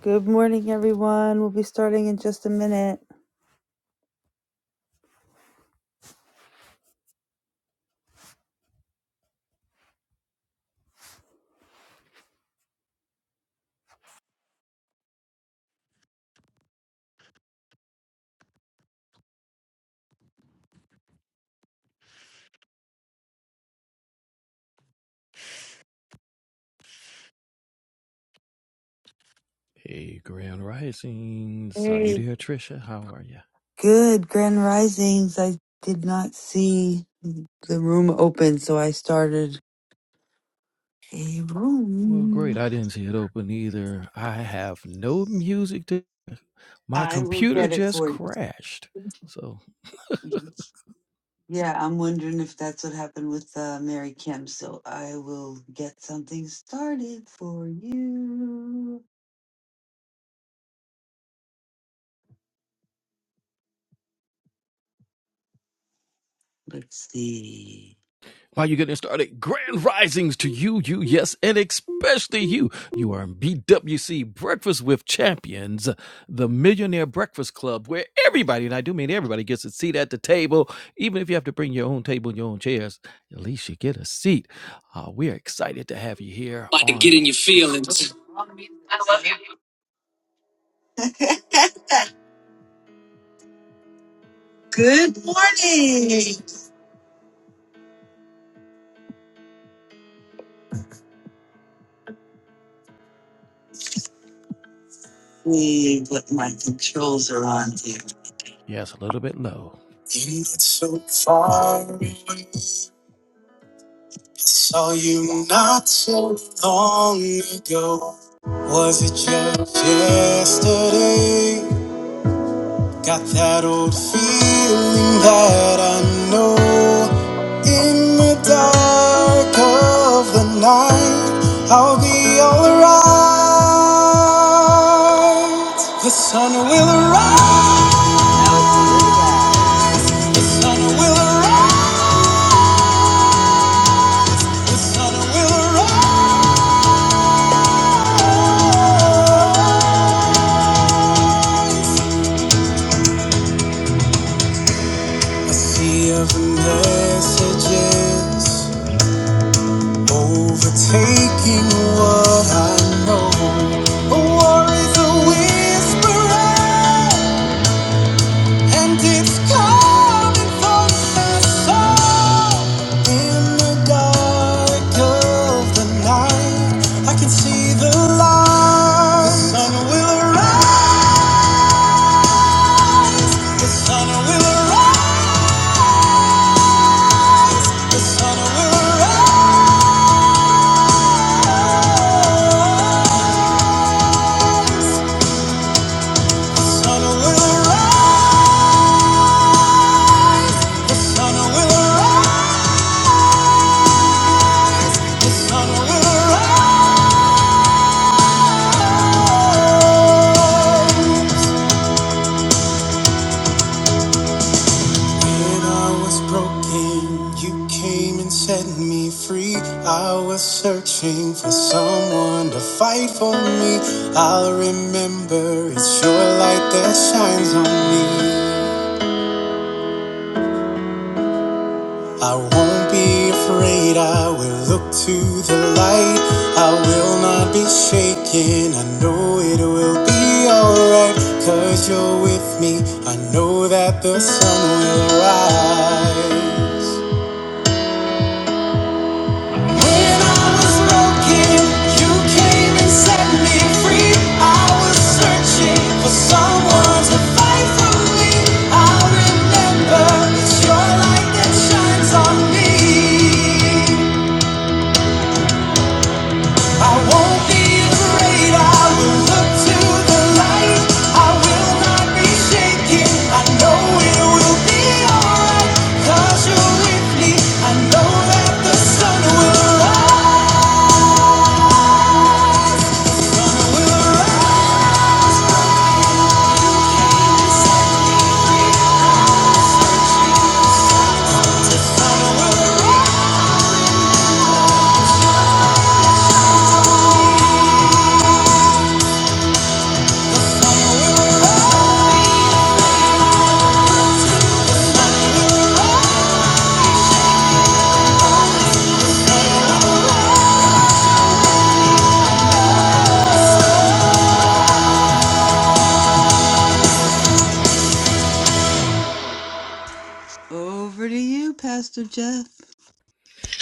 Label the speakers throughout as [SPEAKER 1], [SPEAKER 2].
[SPEAKER 1] Good morning, everyone. We'll be starting in just a minute.
[SPEAKER 2] Hey, Grand Rising. Saw you
[SPEAKER 1] Hey.
[SPEAKER 2] there, Trisha? How are you?
[SPEAKER 1] Good grand risings. I did not see the room open, so I started a
[SPEAKER 2] Well, great.
[SPEAKER 1] room.
[SPEAKER 2] I didn't see it open either. I have no music to. My
[SPEAKER 1] I will
[SPEAKER 2] computer
[SPEAKER 1] get it
[SPEAKER 2] just
[SPEAKER 1] for you.
[SPEAKER 2] crashed. So
[SPEAKER 1] Yeah, I'm wondering if that's what happened with uh, Mary Kim. So I will get something started for you. Let's see.
[SPEAKER 2] While you're getting started, grand risings to you, you, yes, and especially you. You are in BWC Breakfast with Champions, the Millionaire Breakfast Club, where everybody, and I do mean everybody, gets a seat at the table. Even if you have to bring your own table and your own chairs, at least you get a seat. Uh, we are excited to have you here
[SPEAKER 1] About to get
[SPEAKER 2] on
[SPEAKER 1] in your
[SPEAKER 2] this,
[SPEAKER 1] feelings. Good morning. See what my controls are on here.
[SPEAKER 2] yes, a little bit low.
[SPEAKER 1] Didn't get so far away. I saw you not so long ago. Was it just yesterday? Got that old feeling that I know. In the dark of the night, I'll be alright. The sun will rise. The sun will rise. The sun will rise. A sea of messages overtaking what I know. A war is a whisperer, and it's coming from my soul. In the dark of the night, I can see the light. The sun will rise. The sun will arise. The sun will arise. The sun will arise. The sun will arise. The sun will arise. When I was broken, you came and set me free. I was searching for someone to fight for me. I'll remember it's your light that shines on me. I won't be afraid, I will look to the light. I will not be shaken, I know it will be alright. Cause you're with me, I know that the sun will rise. When I was broken, you came and set me free. I was searching for someone to fight for me. I remember it's your light that shines on me. Over to you, Pastor Jeff.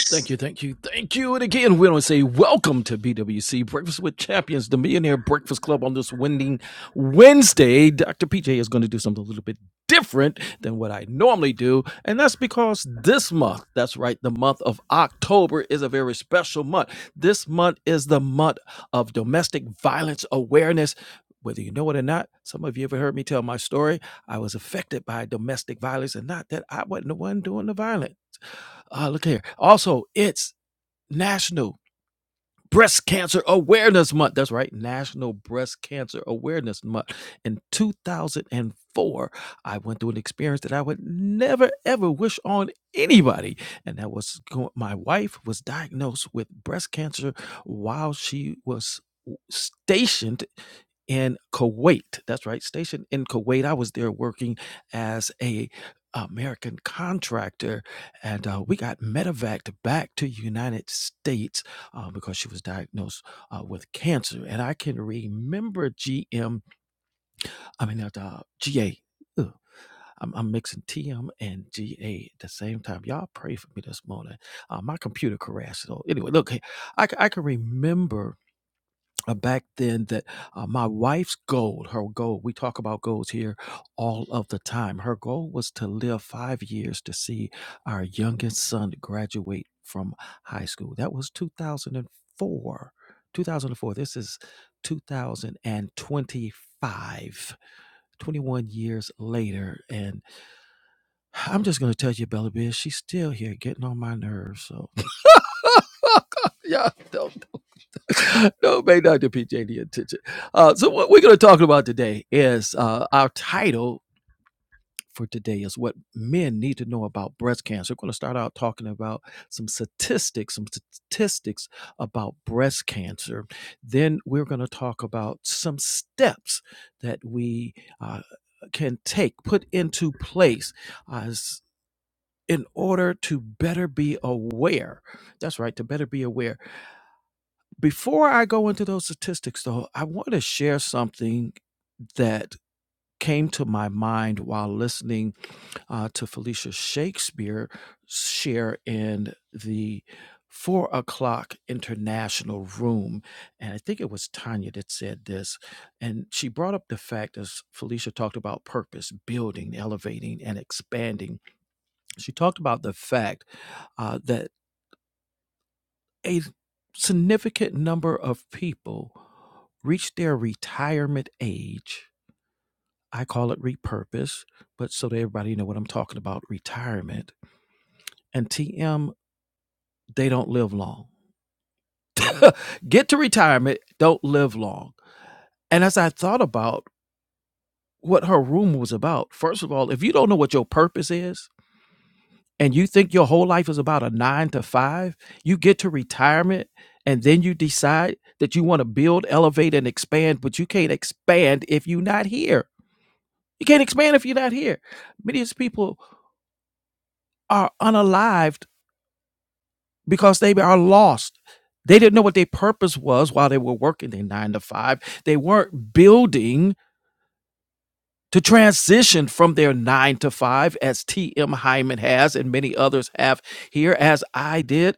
[SPEAKER 2] Thank you, thank you, thank you. And again, we want to say welcome to BWC Breakfast with Champions, the Millionaire Breakfast Club on this winning Wednesday. Dr. PJ is going to do something a little bit different than what I normally do. And that's because this month, that's right, the month of October is a very special month. This month is the month of domestic violence awareness. Whether you know it or not, some of you ever heard me tell my story. I was affected by domestic violence, and not that I wasn't the one doing the violence. Ah, look here. Also, it's National Breast Cancer Awareness Month. That's right, National Breast Cancer Awareness Month. In 2004, I went through an experience that I would never ever wish on anybody, and that was my wife was diagnosed with breast cancer while she was stationed in Kuwait. That's right, stationed in Kuwait. I was there working as a American contractor, and uh, we got medevaced back to United States uh, because she was diagnosed uh, with cancer. And I can remember GM, I mean, not, uh, GA. Ugh. I'm, I'm mixing TM and GA at the same time. Y'all pray for me this morning. Uh, my computer crashed. So anyway, look, i I can remember uh, back then that uh, my wife's goal, her goal, we talk about goals here all of the time. Her goal was to live five years to see our youngest son graduate from high school. That was 2004. 2004. This is 2025, 21 years later. And I'm just going to tell you, Bella Biz, she's still here getting on my nerves. So, yeah, don't. no, it may not to PJ any attention. Uh, so what we're going to talk about today is uh, our title for today is what men need to know about breast cancer. We're going to start out talking about some statistics, some statistics about breast cancer. Then we're going to talk about some steps that we uh, can take, put into place as in order to better be aware. That's right, to better be aware before I go into those statistics, though, I want to share something that came to my mind while listening uh, to Felicia Shakespeare share in the four o'clock international room. And I think it was Tanya that said this. And she brought up the fact, as Felicia talked about purpose, building, elevating, and expanding. She talked about the fact uh, that a significant number of people reach their retirement age. I call it repurpose, but so that everybody know what I'm talking about, retirement. And TM, they don't live long. Get to retirement, don't live long. And as I thought about what her room was about, first of all, if you don't know what your purpose is, and you think your whole life is about a nine to five, you get to retirement and then you decide that you want to build, elevate, and expand, but you can't expand if you're not here. You can't expand if you're not here. Many of these people are unalived because they are lost. They didn't know what their purpose was while they were working their nine to five. They weren't building to transition from their nine to five, as T.M. Hyman has and many others have here, as I did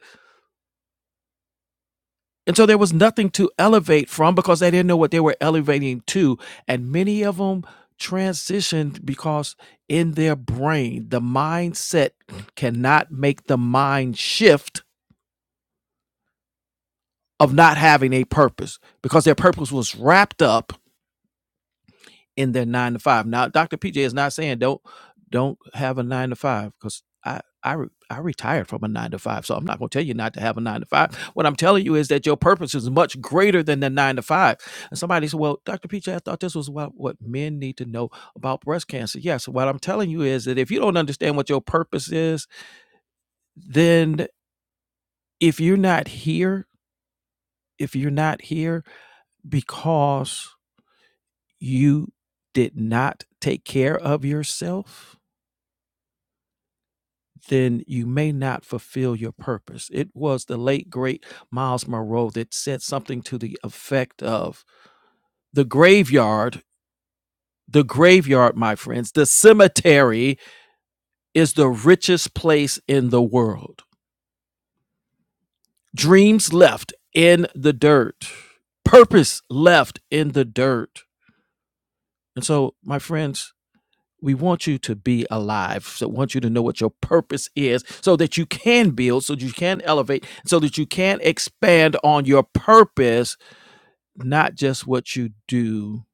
[SPEAKER 2] And so there was nothing to elevate from because they didn't know what they were elevating to. And many of them transitioned because in their brain, the mindset cannot make the mind shift of not having a purpose because their purpose was wrapped up in their nine to five. Now, Dr. PJ is not saying don't don't have a nine to five because I I re- I retired from a nine to five, so I'm not going to tell you not to have a nine to five. What I'm telling you is that your purpose is much greater than the nine to five. And somebody said, "Well, Dr. PJ, I thought this was what what men need to know about breast cancer." Yes, what I'm telling you is that if you don't understand what your purpose is, then if you're not here, if you're not here because you did not take care of yourself then you may not fulfill your purpose. It was the late, great Miles Monroe that said something to the effect of the graveyard, the graveyard, my friends, the cemetery is the richest place in the world. Dreams left in the dirt, purpose left in the dirt. And so, my friends, We want you to be alive. So want you to know what your purpose is so that you can build, so that you can elevate, so that you can expand on your purpose, not just what you do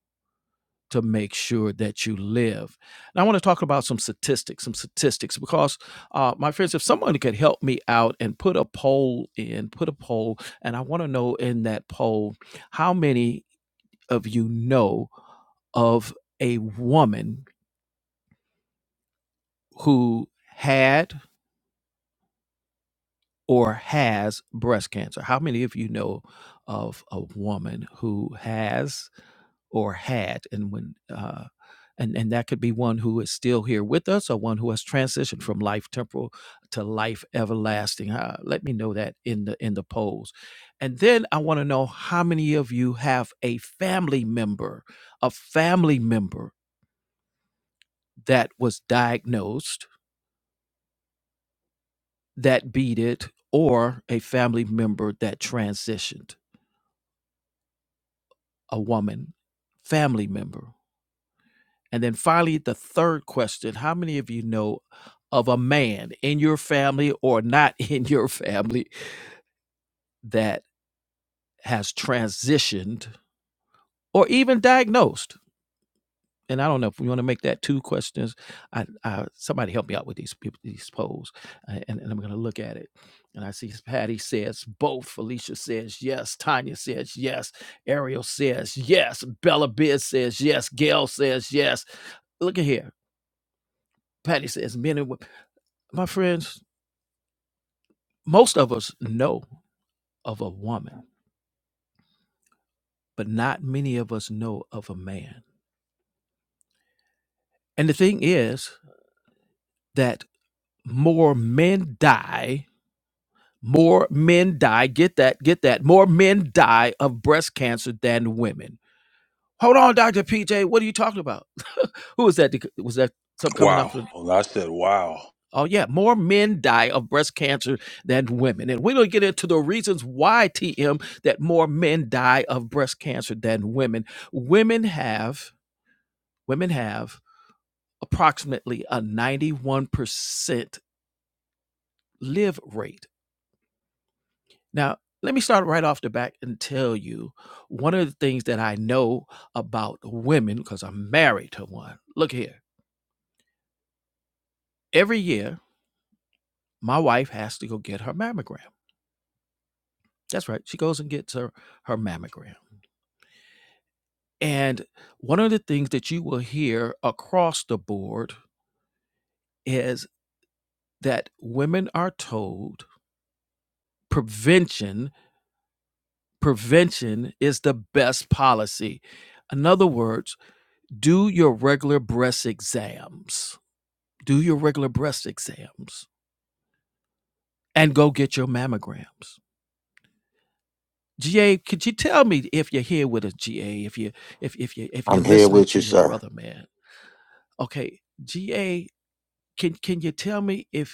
[SPEAKER 2] to make sure that you live. And I want to talk about some statistics, some statistics, because uh, my friends, if someone could help me out and put a poll in, put a poll, and I want to know in that poll, how many of you know of a woman who had or has breast cancer. How many of you know of a woman who has or had, and when, uh, and and that could be one who is still here with us, or one who has transitioned from life temporal to life everlasting. Uh, let me know that in the in the polls, and then I want to know how many of you have a family member, a family member that was diagnosed that beat it, or a family member that transitioned a woman, family member? And then finally, the third question How many of you know of a man in your family or not in your family that has transitioned or even diagnosed? And I don't know if we want to make that two questions. I, I somebody help me out with these peop- these polls, uh, and, and I'm going to look at it. And I see Patty says both. Felicia says yes. Tanya says yes. Ariel says yes. Bella Biz says yes. Gail says yes. Look at here. Patty says, men and women. My friends, most of us know of a woman, but not many of us know of a man. And the thing is that more men die, more men die, get that, get that, more men die of breast cancer than women. Hold on, Dr. PJ, what are you talking about? Who was that? Was that something coming off?
[SPEAKER 3] Wow.
[SPEAKER 2] the?"
[SPEAKER 3] Well, I said, wow.
[SPEAKER 2] Oh, yeah. More men die of breast cancer than women. And we're going to get into the reasons why, TM, that more men die of breast cancer than women. Women have, women have approximately a 91% live rate. Now, let me start right off the back and tell you one of the things that I know about women, because I'm married to one. Look here. Every year, my wife has to go get her mammogram. That's right. She goes and gets her, her mammogram. And one of the things that you will hear across the board is that women are told prevention prevention is the best policy. In other words, do your regular breast exams. Do your regular breast exams and go get your mammograms. GA, could you tell me if you're here with us, GA, if you if if you if you're
[SPEAKER 4] I'm here
[SPEAKER 2] listening
[SPEAKER 4] with
[SPEAKER 2] to
[SPEAKER 4] you,
[SPEAKER 2] your
[SPEAKER 4] sir.
[SPEAKER 2] brother, man. Okay, GA, can can you tell me if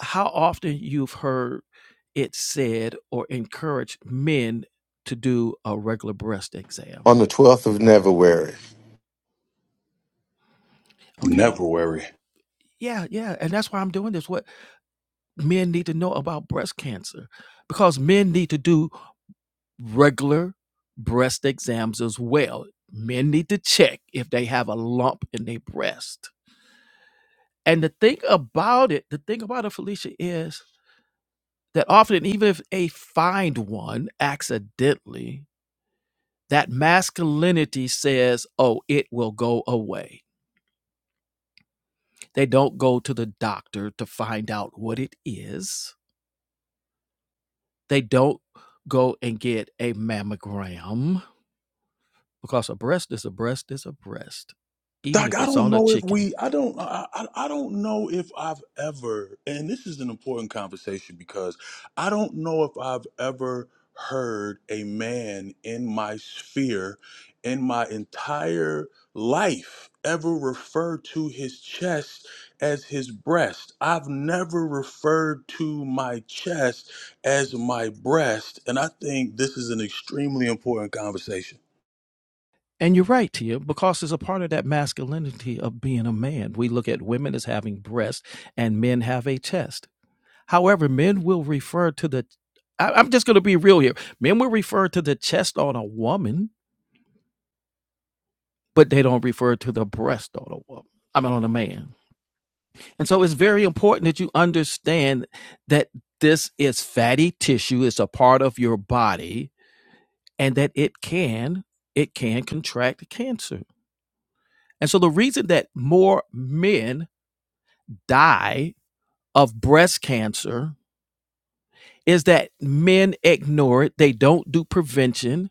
[SPEAKER 2] how often you've heard it said or encouraged men to do a regular breast exam.
[SPEAKER 4] On the 12th of February,
[SPEAKER 3] Never
[SPEAKER 2] Okay.
[SPEAKER 3] worry.
[SPEAKER 2] Yeah, yeah. And that's why I'm doing this. What men need to know about breast cancer because men need to do regular breast exams as well. Men need to check if they have a lump in their breast. And the thing about it, the thing about it, Felicia, is that often, even if they find one accidentally, that masculinity says, oh, it will go away. They don't go to the doctor to find out what it is. They don't go and get a mammogram because a breast is a breast is a breast, even
[SPEAKER 3] Doc,
[SPEAKER 2] if
[SPEAKER 3] I
[SPEAKER 2] it's
[SPEAKER 3] don't
[SPEAKER 2] on a
[SPEAKER 3] know if
[SPEAKER 2] chicken.
[SPEAKER 3] we, I don't, I, I I don't know if I've ever, and this is an important conversation because I don't know if I've ever heard a man in my sphere, in my entire life, ever refer to his chest as his breast. I've never referred to my chest as my breast. And I think this is an extremely important conversation.
[SPEAKER 2] And you're right, Tia, because it's a part of that masculinity of being a man. We look at women as having breasts and men have a chest. However, men will refer to the, I- I'm just going to be real here. Men will refer to the chest on a woman but they don't refer to the breast of the woman. I mean, on the man. And so it's very important that you understand that this is fatty tissue. It's a part of your body and that it can, it can contract cancer. And so the reason that more men die of breast cancer is that men ignore it. They don't do prevention.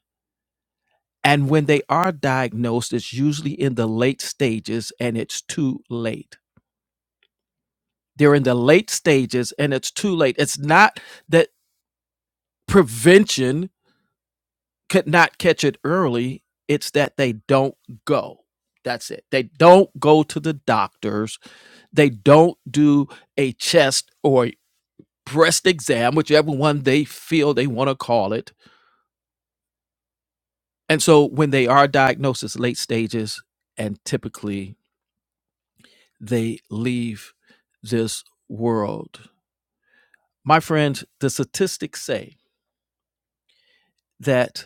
[SPEAKER 2] And when they are diagnosed, it's usually in the late stages and it's too late. They're in the late stages and it's too late. It's not that prevention could not catch it early, it's that they don't go. That's it. They don't go to the doctors. They don't do a chest or a breast exam, whichever one they feel they want to call it. And so when they are diagnosed, it's late stages and typically they leave this world. My friends, the statistics say that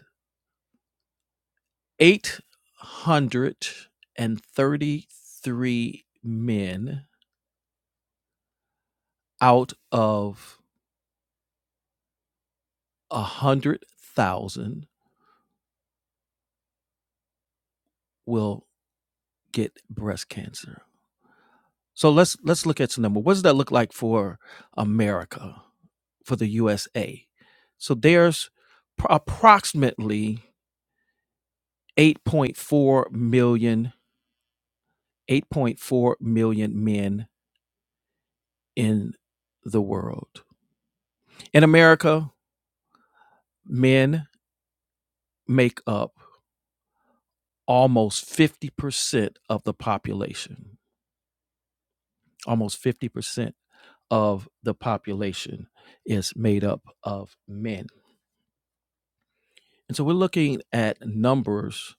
[SPEAKER 2] 833 men out of a 100,000 will get breast cancer. So let's let's look at some number. What does that look like for America, for the USA? So there's pro- approximately eight point four million, eight point four million men in the world. In America, men make up almost 50% of the population, almost 50% of the population is made up of men. And so we're looking at numbers,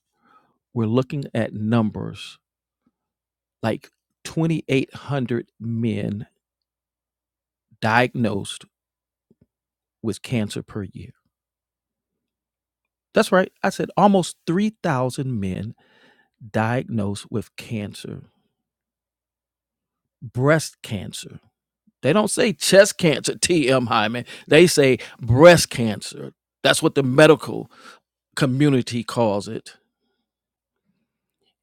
[SPEAKER 2] we're looking at numbers like 2,800 men diagnosed with cancer per year. That's right. I said almost 3,000 men diagnosed with cancer, breast cancer They don't say chest cancer, TM Hyman. They say breast cancer. That's what the medical community calls it.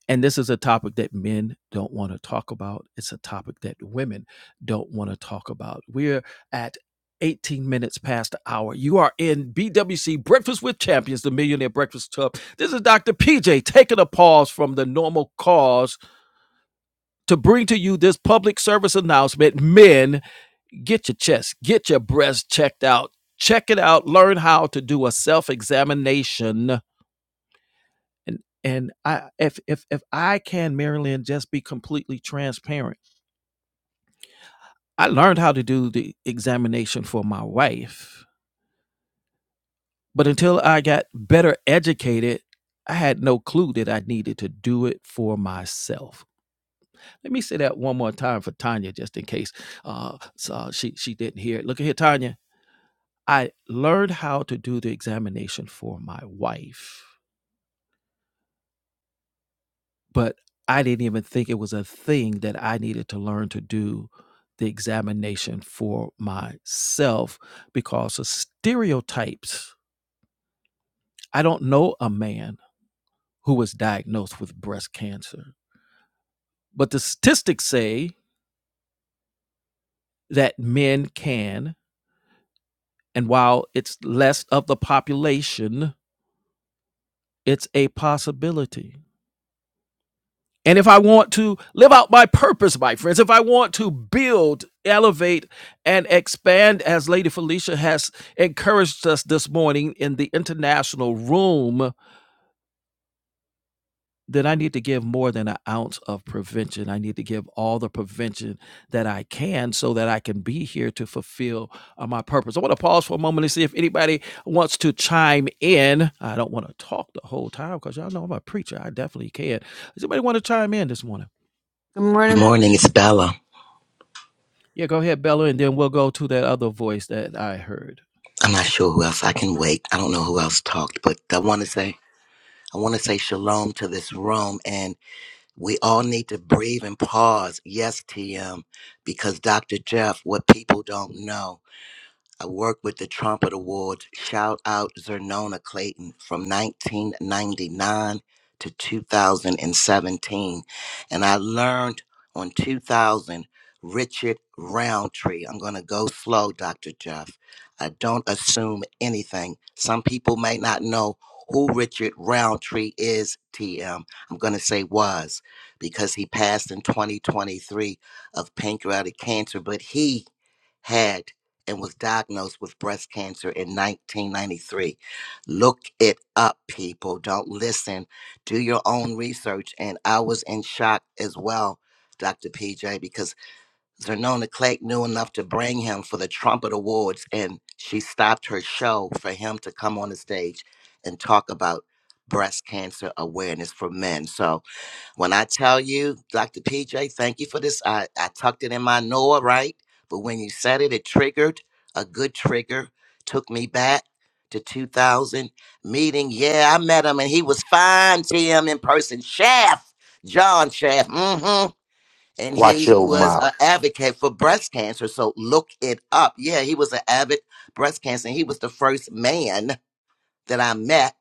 [SPEAKER 2] And this is a topic that men don't want to talk about. It's a topic that women don't want to talk about. We're at 18 minutes past the hour. You are in BWC Breakfast with Champions, the Millionaire Breakfast Club. This is Dr. PJ taking a pause from the normal cause to bring to you this public service announcement. Men Get your chest, get your breast checked out. Check it out. Learn how to do a self examination. And and I if if if I can, Marilyn, just be completely transparent. I learned how to do the examination for my wife, but until I got better educated, I had no clue that I needed to do it for myself. Let me say that one more time for Tanya, just in case uh, so she she didn't hear it. Look at here, Tanya. I learned how to do the examination for my wife, but I didn't even think it was a thing that I needed to learn to do the examination for myself because of stereotypes. I don't know a man who was diagnosed with breast cancer, but the statistics say that men can. And while it's less of the population, it's a possibility. And if I want to live out my purpose, my friends, if I want to build, elevate, and expand, as Lady Felicia has encouraged us this morning in the international room, then I need to give more than an ounce of prevention. I need to give all the prevention that I can so that I can be here to fulfill uh, my purpose. I want to pause for a moment and see if anybody wants to chime in. I don't want to talk the whole time because y'all know I'm a preacher. I definitely can. Does anybody want to chime in this morning?
[SPEAKER 1] Good morning.
[SPEAKER 5] Morning, it's Bella.
[SPEAKER 2] Yeah, go ahead, Bella, and then we'll go to that other voice that I heard.
[SPEAKER 5] I'm not sure who else. I can wait. I don't know who else talked, but I want to say I want to say shalom to this room, and we all need to breathe and pause. Yes, TM, because Dr. Jeff, what people don't know. I worked with the Trumpet Awards. Shout out Zernona Clayton from 1999 to 2017. And seventeen. And I learned on 2000, Richard Roundtree. I'm going to go slow, Dr. Jeff. I don't assume anything. Some people may not know who Richard Roundtree is, TM. I'm going to say was because he passed in 2023 of pancreatic cancer, but he had and was diagnosed with breast cancer in 1993. Look it up, people. Don't listen. Do your own research. And I was in shock as well, Dr. PJ, because Zernona Clegg knew enough to bring him for the Trumpet Awards, and she stopped her show for him to come on the stage and talk about breast cancer awareness for men. So, when I tell you, Dr. PJ, thank you for this. I, I tucked it in my Noah, right? But when you said it, it triggered a good trigger, took me back to 2000 meeting. Yeah, I met him and he was fine, TM in person. Shaft, John Shaft. hmm. And
[SPEAKER 4] watch
[SPEAKER 5] he
[SPEAKER 4] your
[SPEAKER 5] was
[SPEAKER 4] mouth.
[SPEAKER 5] an advocate for breast cancer. So look it up. Yeah, he was an avid breast cancer. And he was the first man that I met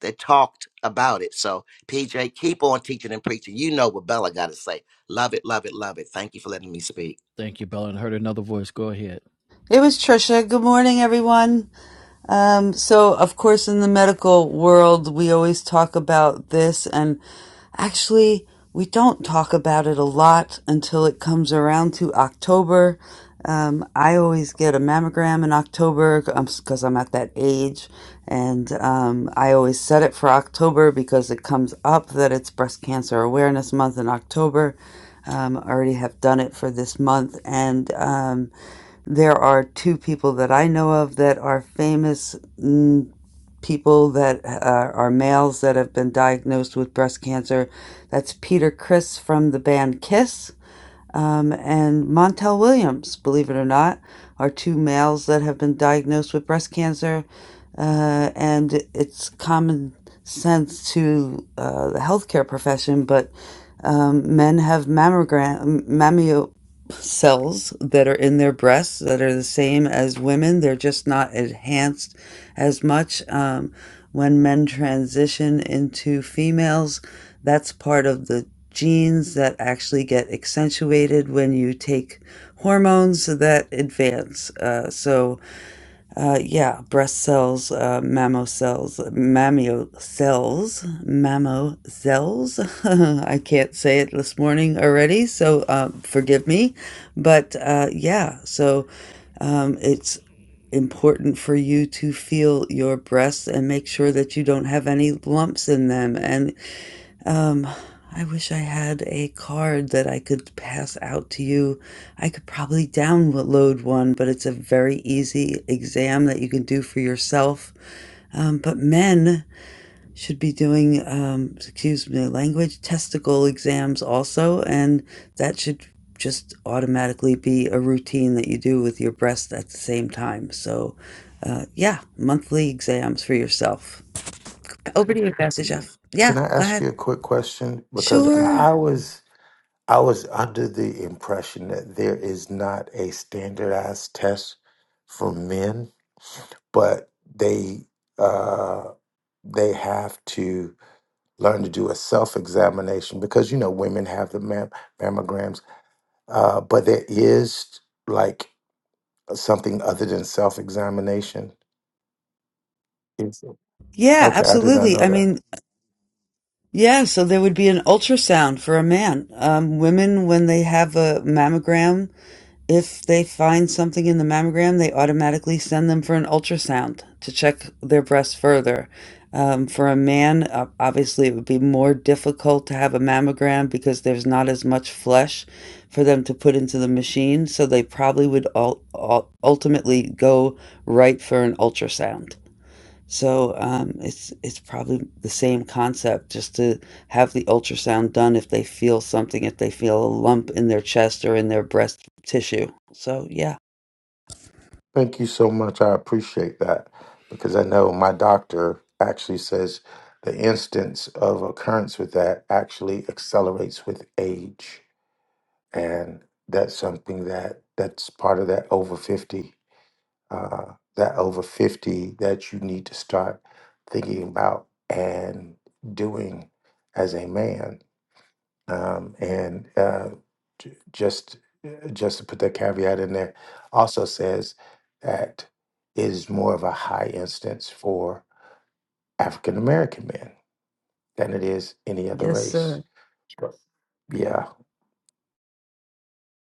[SPEAKER 5] that talked about it. So, PJ, keep on teaching and preaching. You know what Bella got to say. Love it, love it, love it. Thank you for letting me speak.
[SPEAKER 2] Thank you, Bella, and heard another voice. Go ahead.
[SPEAKER 1] It was Trisha. Good morning, everyone. Um, so, of course, in the medical world, we always talk about this, and actually, we don't talk about it a lot until it comes around to October. Um, I always get a mammogram in October because I'm at that age, and um, I always set it for October because it comes up that it's Breast Cancer Awareness Month in October. Um, I already have done it for this month, and um, there are two people that I know of that are famous mm, people that uh, are males that have been diagnosed with breast cancer. That's Peter Chris from the band Kiss um, and Montel Williams, believe it or not, are two males that have been diagnosed with breast cancer. Uh, and it's common sense to uh, the healthcare profession, but um, men have mammogram mammio cells that are in their breasts that are the same as women. They're just not enhanced as much. Um, when men transition into females, that's part of the genes that actually get accentuated when you take hormones that advance. Uh, so uh, yeah, breast cells, uh, mammo cells, mammio cells, mammo cells. I can't say it this morning already, so uh, forgive me. But uh, yeah, so um, it's important for you to feel your breasts and make sure that you don't have any lumps in them and I wish I had a card that I could pass out to you. I could probably download one, but it's a very easy exam that you can do for yourself. Um, but men should be doing, um, excuse me, language testicle exams also, and that should just automatically be a routine that you do with your breast at the same time. So, uh, yeah, monthly exams for yourself. Over to you, Pastor Jeff. Yeah,
[SPEAKER 4] Can I
[SPEAKER 1] go
[SPEAKER 4] ask
[SPEAKER 1] ahead.
[SPEAKER 4] you a quick question? Because
[SPEAKER 1] Sure.
[SPEAKER 4] I was I was under the impression that there is not a standardized test for men, but they uh, they have to learn to do a self examination because you know women have the mam- mammograms, uh, but there is like something other than self examination. Yes, sir.
[SPEAKER 1] Yeah,
[SPEAKER 4] Okay, I did not
[SPEAKER 1] absolutely.
[SPEAKER 4] know
[SPEAKER 1] I
[SPEAKER 4] that.
[SPEAKER 1] mean, yeah, so there would be an ultrasound for a man. Um, women, when they have a mammogram, if they find something in the mammogram, they automatically send them for an ultrasound to check their breasts further. Um, for a man, uh, obviously, it would be more difficult to have a mammogram because there's not as much flesh for them to put into the machine. So they probably would all, ultimately go right for an ultrasound. So um, it's it's probably the same concept, just to have the ultrasound done if they feel something, if they feel a lump in their chest or in their breast tissue. So yeah,
[SPEAKER 4] Thank you so much. I appreciate that because I know my doctor actually says the instance of occurrence with that actually accelerates with age. And that's something that that's part of that over 50, uh, that over 50 that you need to start thinking about and doing as a man um, and uh, j- just just to put that caveat in there, also says that it is more of a high instance for African American men than it is any other
[SPEAKER 1] Yes,
[SPEAKER 4] race.
[SPEAKER 1] sir.
[SPEAKER 4] Sure. Yeah,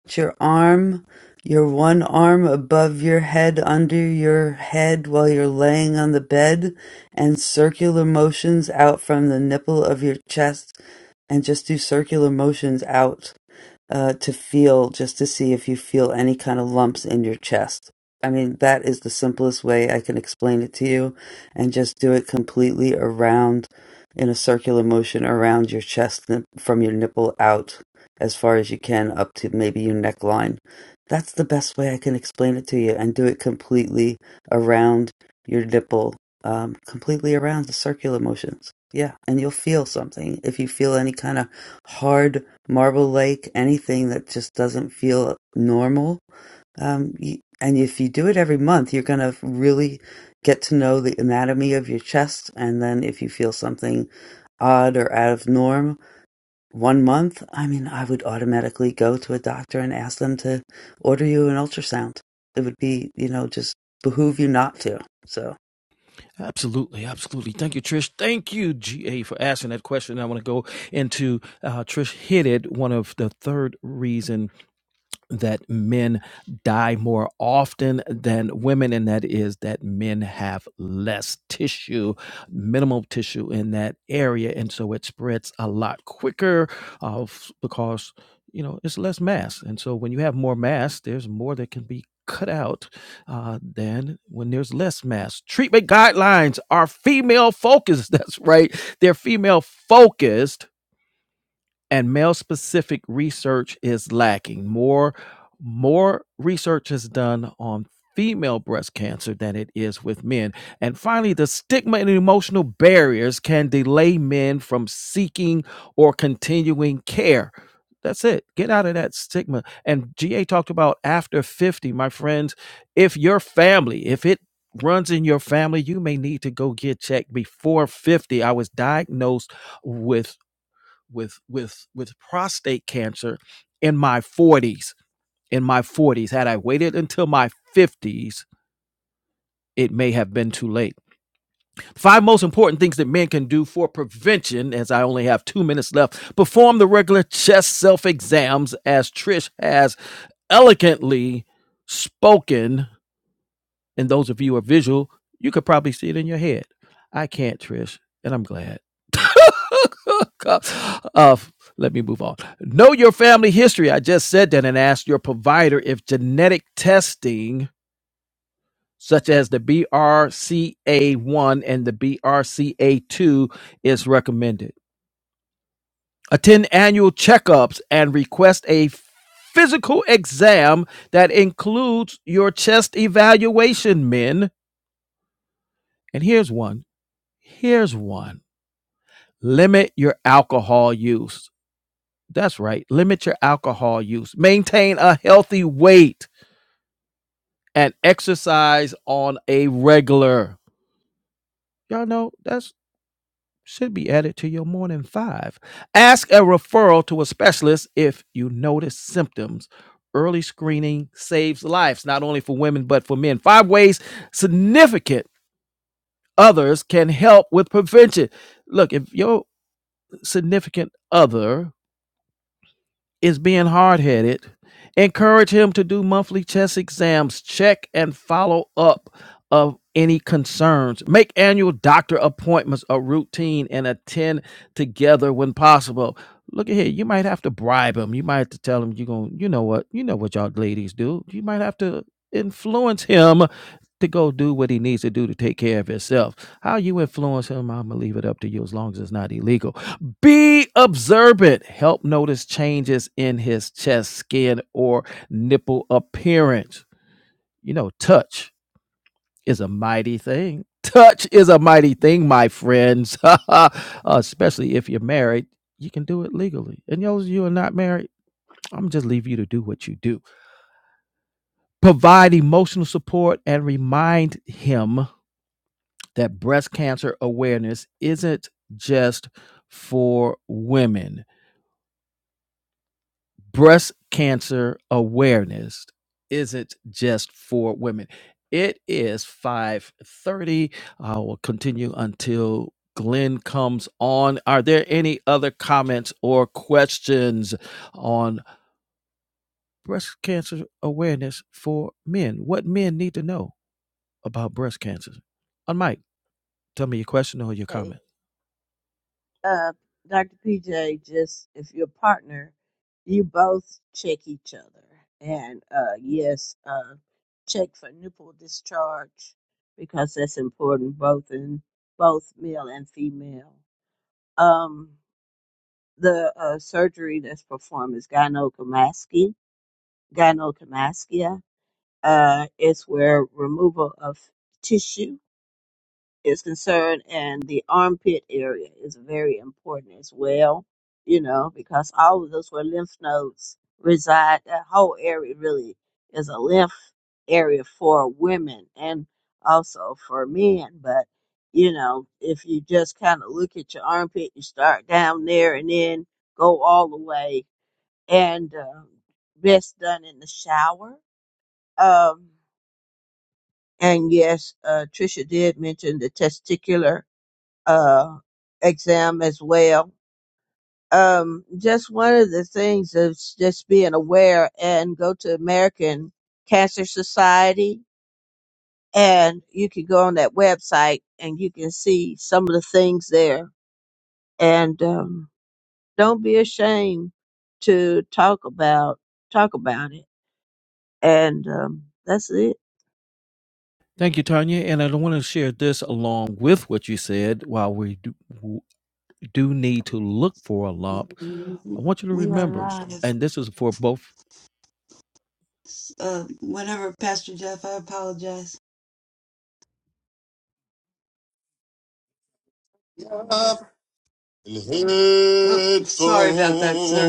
[SPEAKER 1] It's your arm, your one arm above your head, under your head while you're laying on the bed, and circular motions out from the nipple of your chest, and just do circular motions out. uh, to feel just to see if you feel any kind of lumps in your chest. I mean, that is the simplest way I can explain it to you, and just do it completely around in a circular motion around your chest from your nipple out as far as you can up to maybe your neckline. That's the best way I can explain it to you, and do it completely around your nipple, um, completely around the circular motions. Yeah, and you'll feel something if you feel any kind of hard Marble Lake, anything that just doesn't feel normal. Um, y and if you do it every month, you're going to really get to know the anatomy of your chest. And then if you feel something odd or out of norm one month, I mean, I would automatically go to a doctor and ask them to order you an ultrasound. It would be, you know, just behoove you not to. So.
[SPEAKER 2] Absolutely, absolutely. Thank you, Trish. Thank you, GA, for asking that question. I want to go into uh, Trish hit it. One of the third reason that men die more often than women, and that is that men have less tissue, minimal tissue in that area, and so it spreads a lot quicker uh, f- because you know it's less mass, and so when you have more mass, there's more that can be cut out uh, than when there's less mass. Treatment guidelines are female focused. That's right, they're female focused and male specific research is lacking. More more research is done on female breast cancer than it is with men. And finally, the stigma and emotional barriers can delay men from seeking or continuing care. That's it. Get out of that stigma. And GA talked about after 50, my friends, if your family, if it runs in your family, you may need to go get checked before 50. I was diagnosed with with with with prostate cancer in my 40s. In my 40s, had I waited until my 50s, it may have been too late. Five most important things that men can do for prevention, as I only have two minutes left. Perform the regular chest self exams, as Trish has elegantly spoken. And those of you who are visual, you could probably see it in your head. I can't, Trish, and I'm glad. uh, let me move on. Know your family history. I just said that and ask your provider if genetic testing, such as the BRCA1 and the BRCA2, is recommended. Attend annual checkups and request a physical exam that includes your chest evaluation, men. And here's one. Here's one. Limit your alcohol use That's right. Limit your alcohol use. Maintain a healthy weight and exercise on a regular. Y'all know that's should be added to your morning five. Ask a referral to a specialist if you notice symptoms. Early screening saves lives, not only for women, but for men. Five ways significant others can help with prevention. Look, if your significant other is being hard headed. Encourage him to do monthly chest exams, check and follow up of any concerns. Make annual doctor appointments a routine and attend together when possible. Look at here, you might have to bribe him. You might have to tell him you're going, to you know what, you know what y'all ladies do. You might have to influence him to go do what he needs to do to take care of himself. How you influence him, I'm gonna leave it up to you as long as it's not illegal be observant. Help notice changes in his chest, skin, or nipple appearance. You know, touch is a mighty thing. Touch is a mighty thing, my friends. uh, Especially if you're married, you can do it legally. And those of you who are not married, I'm just leave you to do what you do. Provide emotional support and remind him that breast cancer awareness isn't just for women breast cancer awareness isn't just for women. It is 5:30. I will continue until Glenn comes on. Are there any other comments or questions on breast cancer awareness for men? What men need to know about breast cancer? On Mike, tell me your question or your
[SPEAKER 6] Hey,
[SPEAKER 2] comment.
[SPEAKER 6] uh, Dr. PJ, just if you're a partner, you both check each other. And uh, yes, uh, check for nipple discharge because that's important both in both male and female. Um, the uh, surgery that's performed is gynecomastia. Gynecomastia uh, is where removal of tissue is concerned, and the armpit area is very important as well, you know, because all of those where lymph nodes reside, that whole area really is a lymph area for women and also for men. But, you know, if you just kind of look at your armpit, you start down there and then go all the way, and uh, best done in the shower. Um, and yes, uh, Trisha did mention the testicular uh, exam as well. Um, just one of the things is just being aware and go to American Cancer Society and you can go on that website and you can see some of the things there. And um, don't be ashamed to talk about talk about it. And um, that's it.
[SPEAKER 2] Thank you, Tanya. And I want to share this along with what you said while we do. do need to look for a lump, I want you to
[SPEAKER 1] With
[SPEAKER 2] remember, and this is for both.
[SPEAKER 1] uh, whatever, Pastor Jeff, I apologize. Uh, Oh, sorry about that, sir.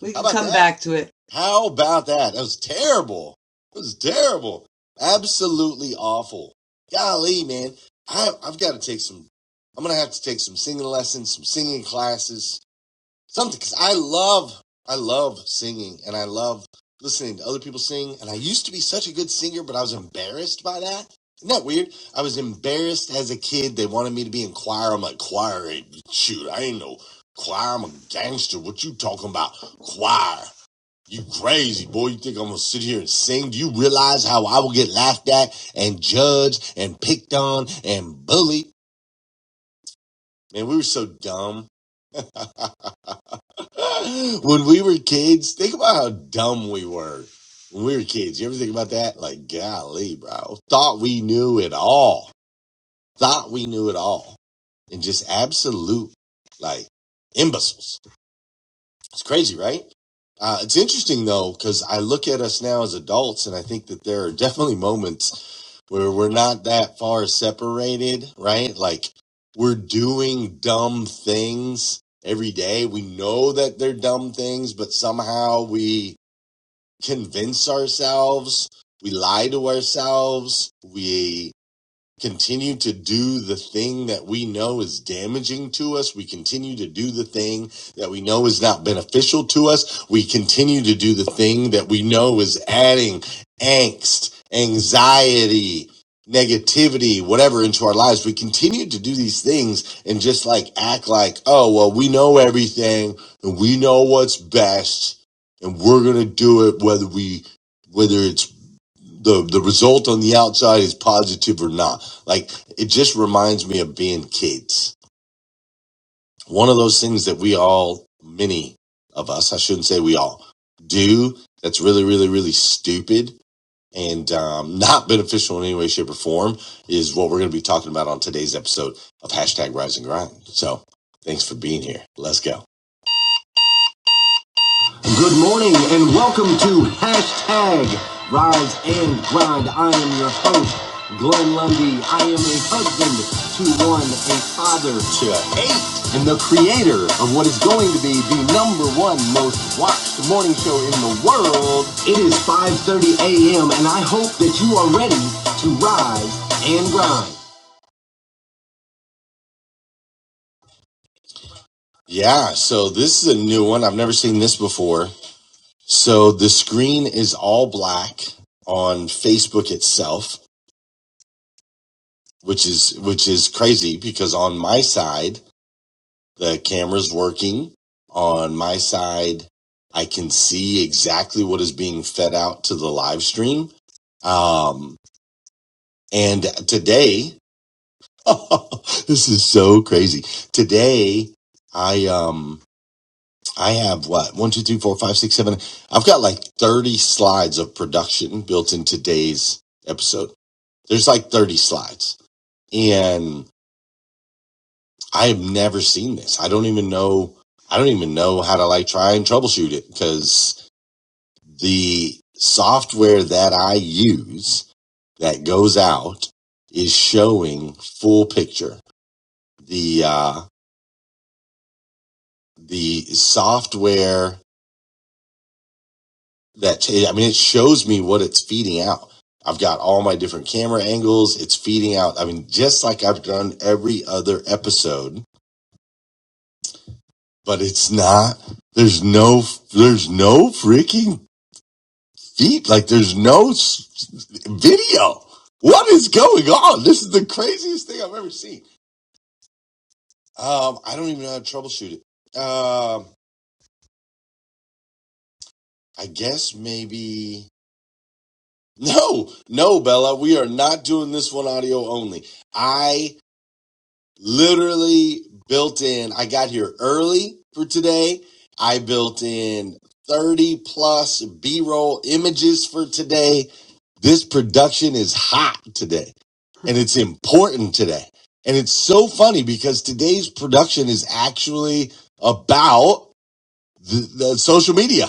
[SPEAKER 1] We can come that? back to it. How about that? That was terrible. That was terrible. Absolutely awful. Golly, man. I, I've got to take some. I'm gonna have to take some singing lessons, some singing classes, something because I love I love singing and I love listening to other people sing and I used to be such a good singer but I was embarrassed by that. Isn't that weird? I was embarrassed as a kid. They wanted me to be in choir. I'm like, choir ain't shoot, I ain't no choir, I'm a gangster. What you talking about? Choir. You crazy boy, you think I'm gonna sit here and sing? Do you realize how I will get laughed at and judged and picked on and bullied? Man, we were so dumb when we were kids, think about how dumb we were when we were kids. You ever think about that? Like, golly, bro. Thought we knew it all. Thought we knew it all. And just absolute, like, imbeciles. It's crazy, right? Uh, it's interesting, though, because I look at us now as adults, and I think that there are definitely moments where we're not that far separated, right? Like we're doing dumb things every day. We know that they're dumb things, but somehow we convince ourselves, we lie to ourselves, we continue to do the thing that we know is damaging to us. We continue to do the thing that we know is not beneficial to us. We continue to do the thing that we know is adding angst, anxiety, negativity, whatever into our lives. We continue to do these things and just like act like, oh, well, we know everything and we know what's best and we're going to do it whether we, whether it's the the result on the outside is positive or not. Like it just reminds me of being kids. One of those things that we all, many of us, I shouldn't say we all, do that's really, really, really stupid and um, not beneficial in any way, shape, or form is what we're going to be talking about on today's episode of hashtag Rise and Grind. So thanks for being here. Let's go. Good morning and welcome to hashtag Rise and Grind. I am your host, Glenn Lundy. I am a husband to one, a father to and the creator of what is going to be the number one most watched morning show in the world. It is 5.30 a.m. and I hope that you are ready to rise and grind. Yeah, so this is a new one. I've never seen this before. So the screen is all black on Facebook itself, which is which is crazy because on my side the camera's working. On my side, I can see exactly what is being fed out to the live stream. Um, and today, oh, this is so crazy. Today, I um I have what one two three four five six seven. I've got like thirty slides of production built in today's episode There's like 30 slides. And I have never seen this. I don't even know. I don't even know how to like try and troubleshoot it because the software that I use that goes out is showing full picture. The, uh, the software that, I mean, it shows me what it's feeding out. I've got all my different camera angles. It's feeding out. I mean, just like I've done every other episode but it's not. There's no, there's no freaking feet. Like there's no s- video. What is going on? This is the craziest thing I've ever seen. Um, I don't even know how to troubleshoot it. Um, I guess maybe no, no, Bella, we are not doing this one audio only. I literally built in. I got here early for today. I built in 30 plus B roll images for today. This production is hot today and it's important today. And it's so funny because today's production is actually about the, the social media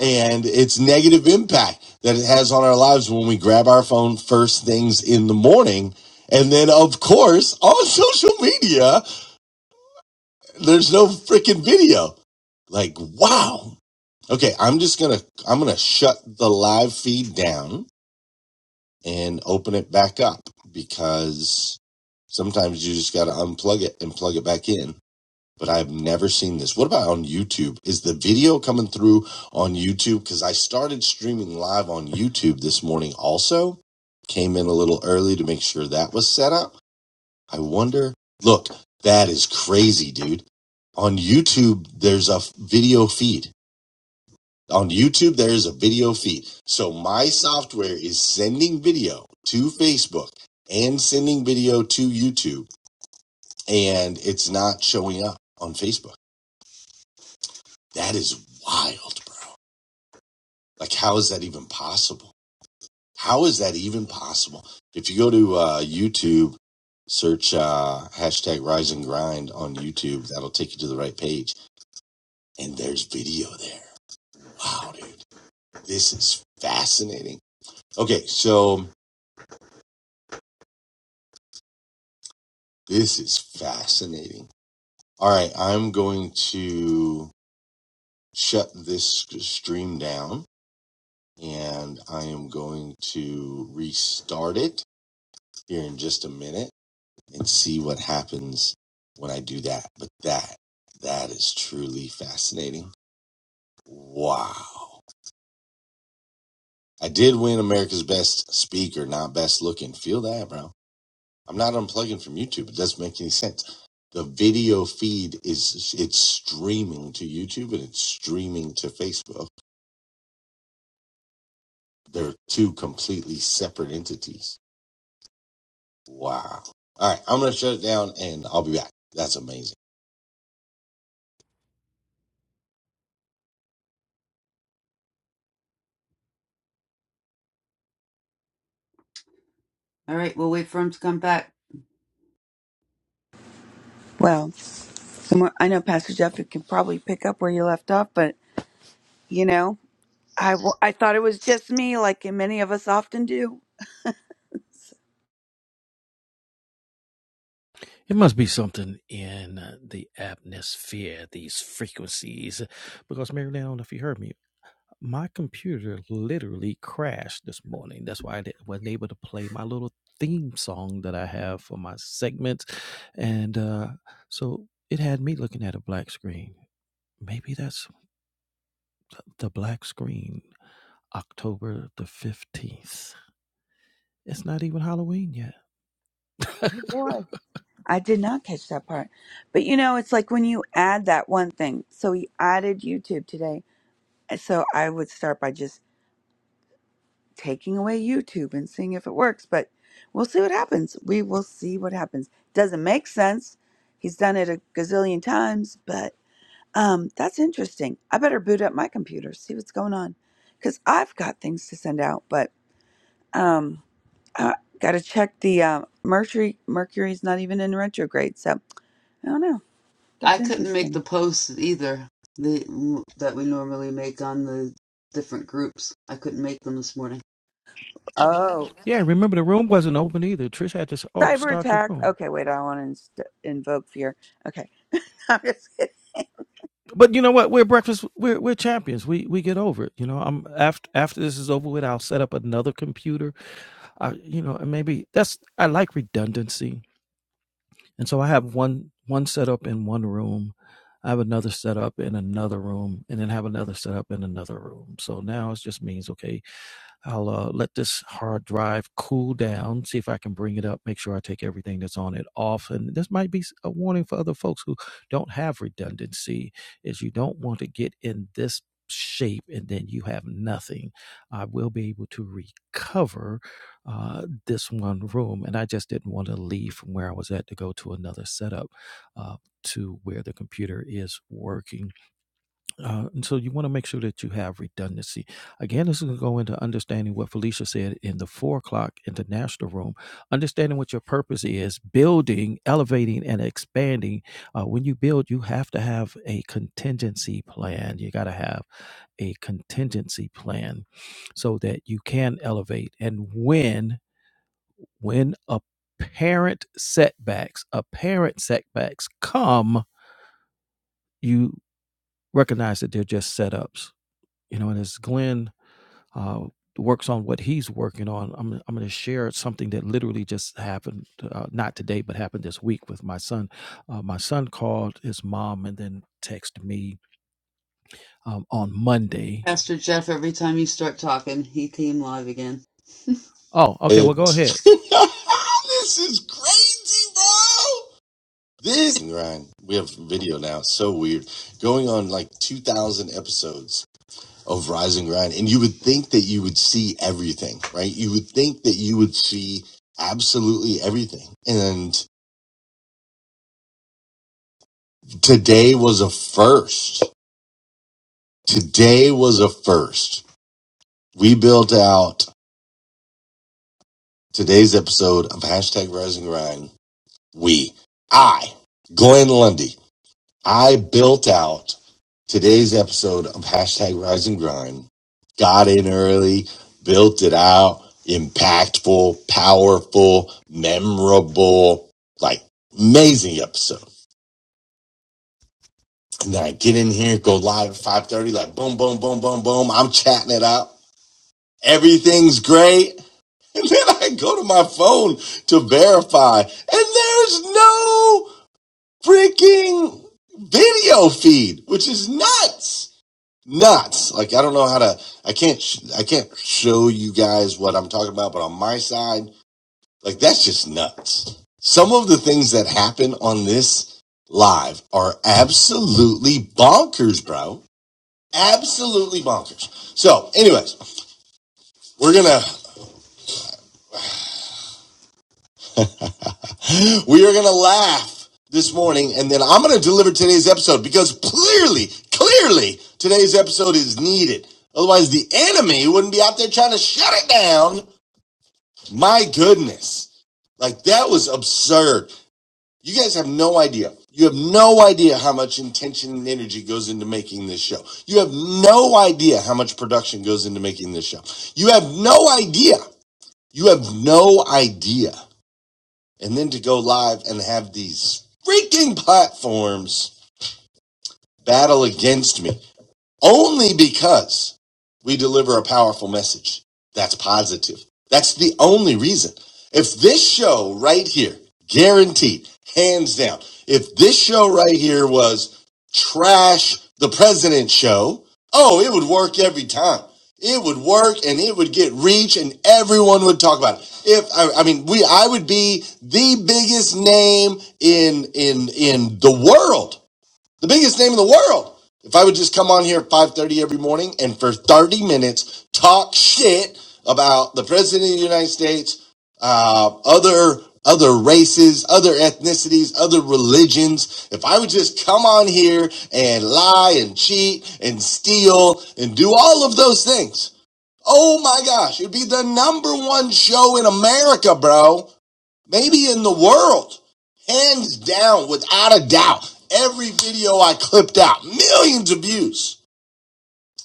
[SPEAKER 1] and its negative impact that it has on our lives when we grab our phone first things in the morning. And then, of course, on social media, there's no freaking video. Like, wow. Okay, I'm just gonna I'm gonna shut the live feed down and open it back up because sometimes you just gotta unplug it and plug it back in but I've never seen this. What about on YouTube? Is the video coming through on YouTube? Because I started streaming live on YouTube this morning also. Came in a little early to make sure that was set up. I wonder. Look, that is crazy, dude. On YouTube, there's a video feed. On YouTube, there is a video feed. So my software is sending video to Facebook and sending video to YouTube, and it's not showing up on Facebook. That is wild, bro. Like, how is that even possible? How is that even possible? If you go to uh, YouTube, search uh, hashtag Rise and Grind on YouTube, that'll take you to the right page, and there's video there. Wow, dude, this is fascinating. Okay, so this is fascinating. All right, I'm going to shut this stream down, and I am going to restart it here in just a minute and see what happens when I do that. But that, that is truly fascinating. Wow. I did win America's Best Speaker, not Best Looking. Feel that, bro. I'm not unplugging from YouTube. It doesn't make any sense. The video feed is it's streaming to YouTube and it's streaming to Facebook. They're two completely separate entities. Wow. All right, I'm gonna shut it down and I'll be back. That's amazing. All right, we'll wait for him to come back.
[SPEAKER 7] Well, and we're- I know Pastor Jeff can probably pick up where you left off, but you know, I, w- I thought it was just me, like many of us often do.
[SPEAKER 2] It must be something in the atmosphere, these frequencies, because Mary Lynn, I don't know if you heard me. My computer literally crashed this morning. That's why I did, wasn't able to play my little theme song that I have for my segment. And uh, so it had me looking at a black screen. Maybe that's the black screen, October the 15th. It's not even Halloween yet.
[SPEAKER 7] Oh boy. I did not catch that part. But you know, it's like when you add that one thing. So he added YouTube today. And So I would start by just taking away YouTube and seeing if it works, but we'll see what happens. We will see what happens. Doesn't make sense. He's done it a gazillion times, but Um, that's interesting. I better boot up my computer, see what's going on, because I've got things to send out. But um, I got to check the um, Mercury. Mercury's not even in retrograde, so I don't know.
[SPEAKER 1] I
[SPEAKER 7] That's
[SPEAKER 1] couldn't make the
[SPEAKER 7] interesting.
[SPEAKER 1] posts either the, that we normally make on the different groups. I couldn't make them this morning.
[SPEAKER 7] Oh,
[SPEAKER 2] Yeah, remember the room wasn't open either. Trish had to s- oh,
[SPEAKER 7] cyber
[SPEAKER 2] start the
[SPEAKER 7] attack.
[SPEAKER 2] room.
[SPEAKER 7] Okay, wait. I want to inst- invoke fear. Okay, I'm just kidding.
[SPEAKER 2] But you know what? We're breakfast. We're we're champions. We we get over it. You know, I'm after after this is over with. I'll set up another computer. I you know, and maybe that's I like redundancy. And so I have one one setup in one room. I have another setup in another room, and then have another setup in another room. So now it just means okay, I'll uh, let this hard drive cool down, see if I can bring it up, make sure I take everything that's on it off. And this might be a warning for other folks who don't have redundancy is you don't want to get in this shape and then you have nothing. I will be able to recover uh, this one room. And I just didn't want to leave from where I was at to go to another setup uh, to where the computer is working uh, and so you want to make sure that you have redundancy. Again, this is going to go into understanding what Felicia said in the four o'clock international room, understanding what your purpose is, building, elevating, and expanding. Uh, when you build, you have to have a contingency plan. You got to have a contingency plan so that you can elevate. And when, when apparent setbacks, apparent setbacks come, you recognize that they're just setups. You know, and as Glenn uh, works on what he's working on. I'm I'm going to share something that literally just happened, uh, not today, but happened this week with my son. Uh, my son called his mom and then texted me um, on Monday.
[SPEAKER 1] Pastor Jeff, every time you start talking, he came live again.
[SPEAKER 2] Oh, okay. Well, go ahead.
[SPEAKER 1] this is crazy, bro. This Ryan, we have video now. It's so weird. Going on like two thousand episodes of Rise and Grind, and you would think that you would see everything, right? You would think that you would see absolutely everything, and. Today was a first. Today was a first. We built out today's episode of hashtag Rise and Grind. We, I, Glenn Lundy, I built out today's episode of hashtag Rise and Grind. Got in early, built it out, impactful, powerful, memorable, like amazing episode. And then I get in here, go live at 5.30, like boom, boom, boom, boom, boom. I'm chatting it up. everything's great. And then I go to my phone to verify, and there's no freaking video feed, which is nuts. Nuts. Like I don't know how to. I can't. I can't show you guys what I'm talking about. But on my side, like that's just nuts. Some of the things that happen on this live are absolutely bonkers, bro. Absolutely bonkers. So, anyways, we're gonna We are going to laugh this morning, and then I'm going to deliver today's episode because clearly, clearly, today's episode is needed. Otherwise, the enemy wouldn't be out there trying to shut it down. My goodness. Like, that was absurd. You guys have no idea. You have no idea how much intention and energy goes into making this show. You have no idea how much production goes into making this show. You have no idea. You have no idea and then to go live and have these freaking platforms battle against me only because we deliver a powerful message that's positive. That's the only reason. If this show right here, guaranteed, hands down, if this show right here was trash the president show, oh, it would work every time. It would work and it would get reach and everyone would talk about it. If I, I mean we I would be the biggest name in in in the world the biggest name in the world. If I would just come on here at 5:30 every morning and for 30 minutes talk shit about the president of the United States, uh, other other races, other ethnicities, other religions, if I would just come on here and lie and cheat and steal and do all of those things. Oh my gosh, it'd be the number one show in America, bro maybe in the world, hands down, without a doubt. Every video I clipped out, millions of views,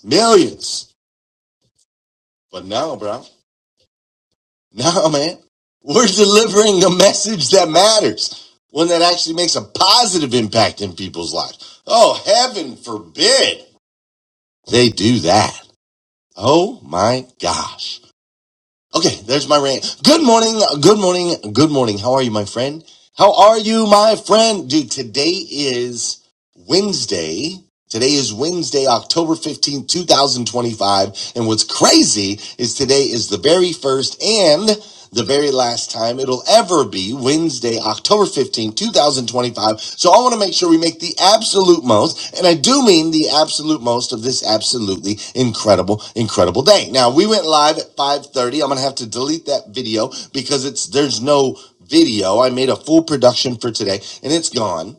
[SPEAKER 1] millions. But now, bro, now, man, we're delivering a message that matters, one that actually makes a positive impact in people's lives. Oh, heaven forbid they do that. Oh my gosh. Okay, there's my rant. Good morning, good morning, good morning. How are you, my friend? How are you, my friend? Dude, today is Wednesday. Today is Wednesday, October fifteenth, 2025. And what's crazy is today is the very first and the very last time it'll ever be Wednesday, October fifteenth, 2025. So I want to make sure we make the absolute most, and I do mean the absolute most of this absolutely incredible, incredible day. Now we went live at 5:30. I'm gonna have to delete that video because it's there's no video. I made a full production for today and it's gone.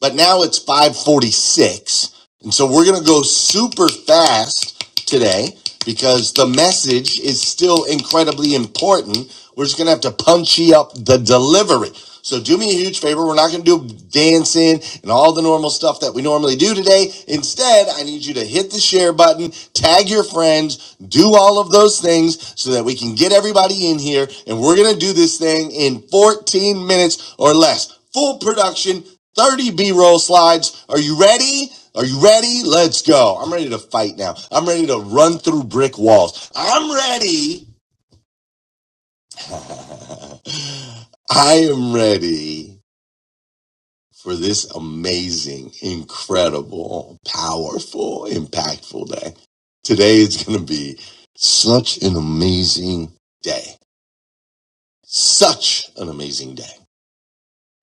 [SPEAKER 1] But now it's 546 and so we're going to go super fast today because the message is still incredibly important. We're just going to have to punchy up the delivery. So do me a huge favor. We're not going to do dancing and all the normal stuff that we normally do today. Instead, I need you to hit the share button, tag your friends, do all of those things so that we can get everybody in here. And we're going to do this thing in 14 minutes or less. Full production, 30 B roll slides. Are you ready? Are you ready? Let's go. I'm ready to fight now. I'm ready to run through brick walls. I'm ready. I am ready for this amazing, incredible, powerful, impactful day. Today is going to be such an amazing day. Such an amazing day.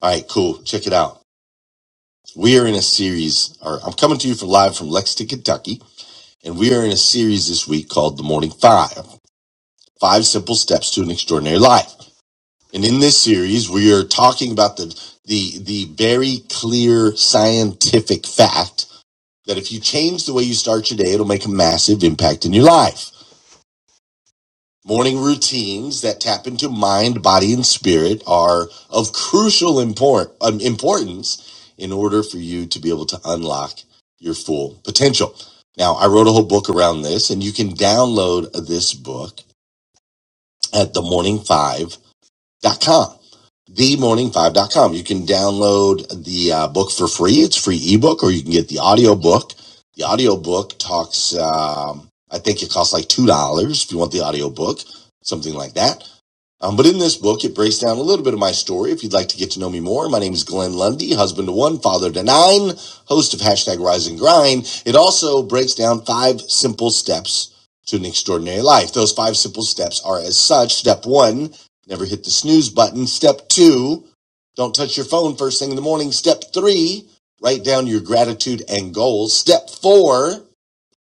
[SPEAKER 1] All right, cool. Check it out. We are in a series, or I'm coming to you from live from Lexington, Kentucky, and we are in a series this week called The Morning Five. five simple steps to an extraordinary life. And in this series, we are talking about the, the, the very clear scientific fact that if you change the way you start your day, it'll make a massive impact in your life. Morning routines that tap into mind, body, and spirit are of crucial import, um, importance in order for you to be able to unlock your full potential. Now, I wrote a whole book around this, and you can download this book at the Morning Five. themorning5.com. Themorning5.com. You can download the uh, book for free. It's a free ebook, or you can get the audio book. The audio book talks, um, I think it costs like $2 if you want the audio book, something like that. Um, but in this book, it breaks down a little bit of my story. If you'd like to get to know me more, my name is Glenn Lundy, husband to one, father to nine, host of hashtag Rise and Grind. It also breaks down five simple steps to an extraordinary life. Those five simple steps are as such. Step one, never hit the snooze button. Step two, don't touch your phone first thing in the morning. Step three, write down your gratitude and goals. Step four,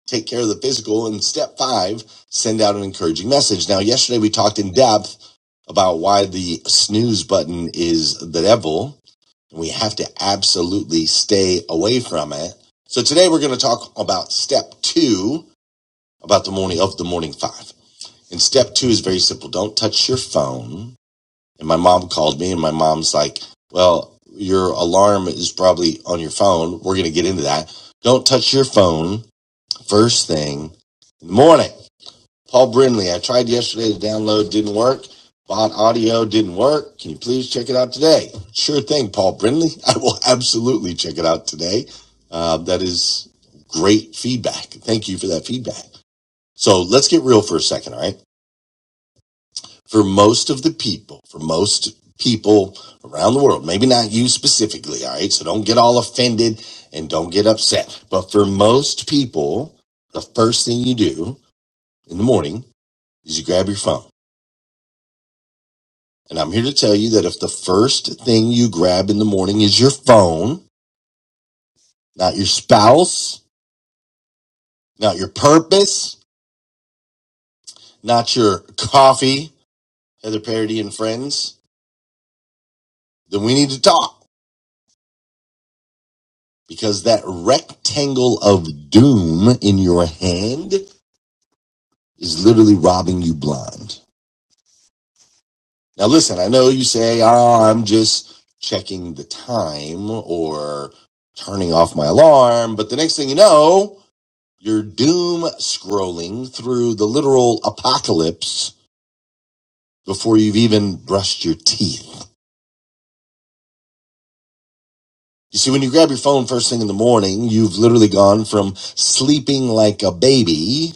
[SPEAKER 1] take care of the physical. And step five, send out an encouraging message. Now, yesterday we talked in depth about why the snooze button is the devil, and we have to absolutely stay away from it. So today we're going to talk about step two about the morning of the morning five. And step two is very simple. Don't touch your phone. And my mom called me and my mom's like, well, your alarm is probably on your phone. We're going to get into that. Don't touch your phone First thing in the morning, Paul Brindley. I tried yesterday to download, didn't work. Bought audio, didn't work. Can you please check it out today? Sure thing, Paul Brindley. I will absolutely check it out today. Uh, that is great feedback. Thank you for that feedback. So let's get real for a second, all right? For most of the people, for most people around the world, maybe not you specifically, all right? So don't get all offended and don't get upset. But for most people, the first thing you do in the morning is you grab your phone. And I'm here to tell you that if the first thing you grab in the morning is your phone, not your spouse, not your purpose, not your coffee, Heather Parody and friends, then we need to talk because that rectangle of doom in your hand is literally robbing you blind. Now, listen, I know you say, oh, I'm just checking the time or turning off my alarm, but the next thing you know, You're doom scrolling through the literal apocalypse before you've even brushed your teeth. You see, when you grab your phone first thing in the morning, you've literally gone from sleeping like a baby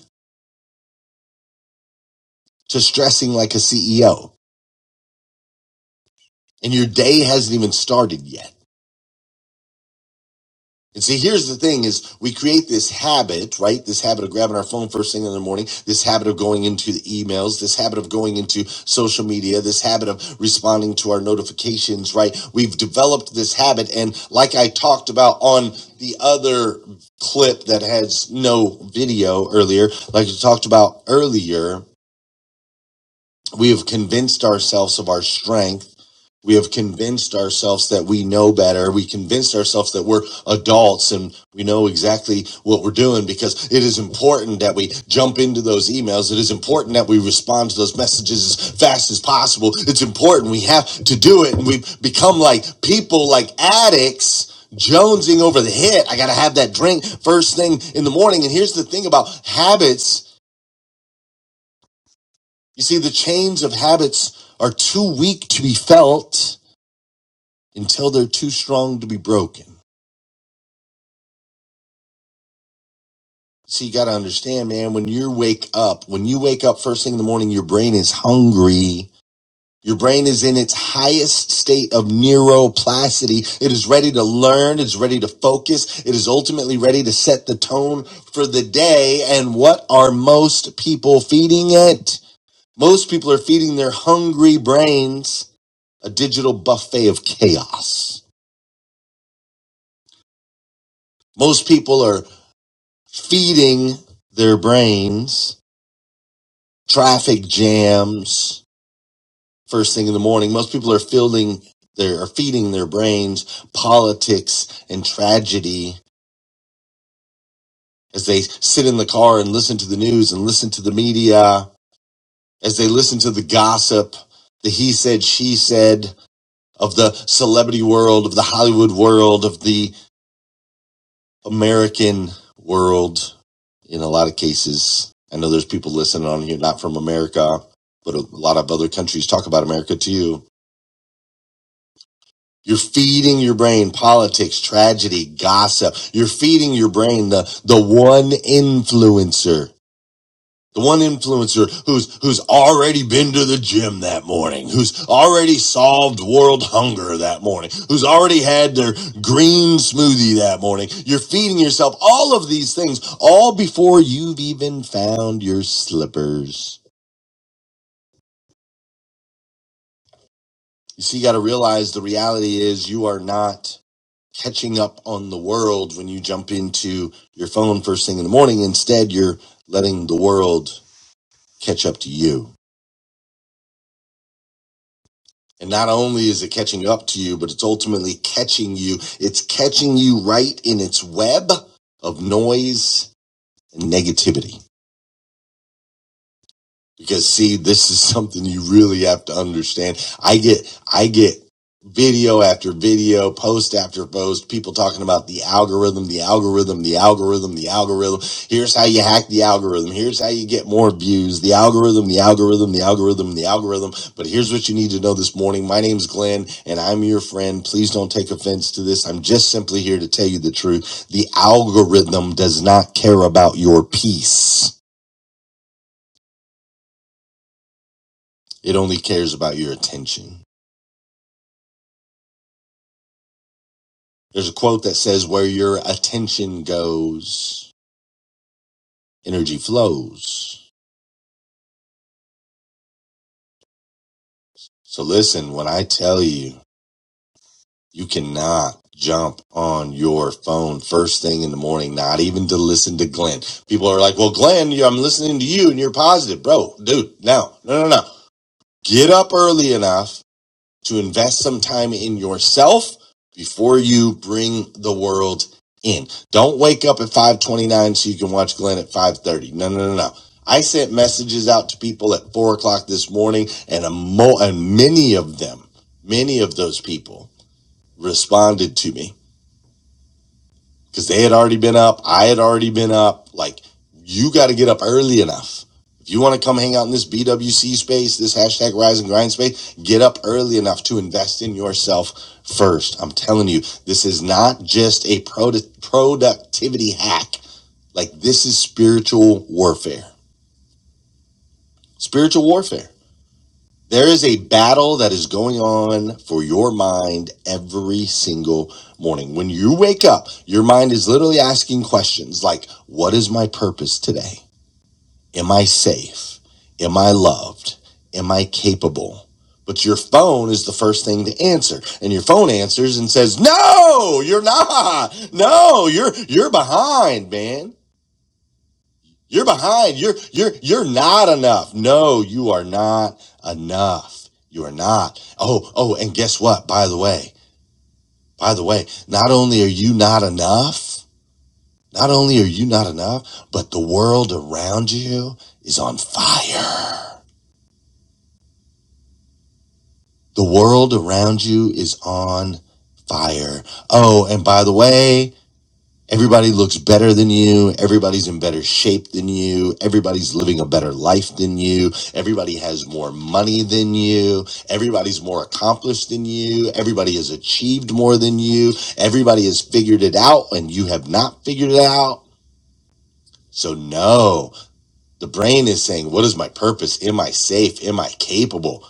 [SPEAKER 1] to stressing like a CEO. And your day hasn't even started yet. And see, here's the thing is we create this habit, right? This habit of grabbing our phone first thing in the morning, this habit of going into the emails, this habit of going into social media, this habit of responding to our notifications, right? We've developed this habit. And like I talked about on the other clip that has no video earlier, like I talked about earlier, we have convinced ourselves of our strength we have convinced ourselves that we know better. We convinced ourselves that we're adults and we know exactly what we're doing because it is important that we jump into those emails. It is important that we respond to those messages as fast as possible. It's important. We have to do it. And we become like people, like addicts. Jonesing over the hit. I got to have that drink first thing in the morning. And here's the thing about habits. You see, the chains of habits are too weak to be felt until they're too strong to be broken. So you got to understand, man, when you wake up, when you wake up first thing in the morning, your brain is hungry. Your brain is in its highest state of neuroplasticity. It is ready to learn. It's ready to focus. It is ultimately ready to set the tone for the day. And what are most people feeding it? Most people are feeding their hungry brains a digital buffet of chaos. Most people are feeding their brains traffic jams first thing in the morning. Most people are fielding their are feeding their brains politics and tragedy as they sit in the car and listen to the news and listen to the media, as they listen to the gossip, the he said, she said of the celebrity world, of the Hollywood world, of the American world. In a lot of cases, I know there's people listening on here, not from America, but a lot of other countries talk about America too You're feeding your brain politics, tragedy, gossip. You're feeding your brain the, the one influencer. The one influencer who's, who's already been to the gym that morning, who's already solved world hunger that morning, who's already had their green smoothie that morning. You're feeding yourself all of these things all before you've even found your slippers. You see, you got to realize the reality is you are not catching up on the world when you jump into your phone first thing in the morning. Instead, you're letting the world catch up to you. And not only is it catching up to you, but it's ultimately catching you. It's catching you right in its web of noise and negativity. Because see, this is something you really have to understand. I get, I get video after video, post after post, people talking about the algorithm, the algorithm, the algorithm, the algorithm. Here's how you hack the algorithm. Here's how you get more views. The algorithm, the algorithm, the algorithm, the algorithm. But here's what you need to know this morning. My name's Glenn and I'm your friend. Please don't take offense to this. I'm just simply here to tell you the truth. The algorithm does not care about your peace. It only cares about your attention. There's a quote that says, Where your attention goes, energy flows. So listen, when I tell you, you cannot jump on your phone first thing in the morning, not even to listen to Glenn. People are like, Well, Glenn, you- I'm listening to you and you're positive. Bro, dude, no, no, no, no. Get up early enough to invest some time in yourself before you bring the world in. Don't wake up at 529 so you can watch Glenn at 530. No, no, no, no. I sent messages out to people at four o'clock this morning and a mo- and many of them, many of those people responded to me because they had already been up. I had already been up. Like, you got to get up early enough. If you want to come hang out in this BWC space, this hashtag rise and grind space, get up early enough to invest in yourself first. I'm telling you, this is not just a produ- productivity hack. Like, this is spiritual warfare. Spiritual warfare. There is a battle that is going on for your mind every single morning. When you wake up, your mind is literally asking questions like, What is my purpose today? Am I safe? Am I loved? Am I capable? But your phone is the first thing to answer. And your phone answers and says, No, you're not. No, you're you're behind, man. You're behind. You're you're you're not enough. No, you are not enough. You are not. Oh, oh, and guess what? By the way, by the way, not only are you not enough, not only are you not enough, but the world around you is on fire. The world around you is on fire. Oh, and by the way, Everybody looks better than you. Everybody's in better shape than you. Everybody's living a better life than you. Everybody has more money than you. Everybody's more accomplished than you. Everybody has achieved more than you. Everybody has figured it out and you have not figured it out. So, no, the brain is saying, What is my purpose? Am I safe? Am I capable?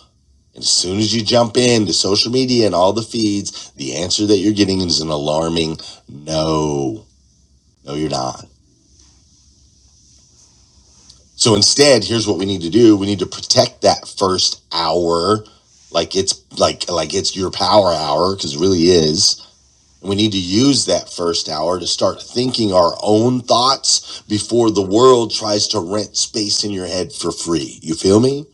[SPEAKER 1] And as soon as you jump into social media and all the feeds, the answer that you're getting is an alarming no. No, you're not. So instead, here's what we need to do. We need to protect that first hour like it's like like it's your power hour cuz it really is. And we need to use that first hour to start thinking our own thoughts before the world tries to rent space in your head for free. You feel me?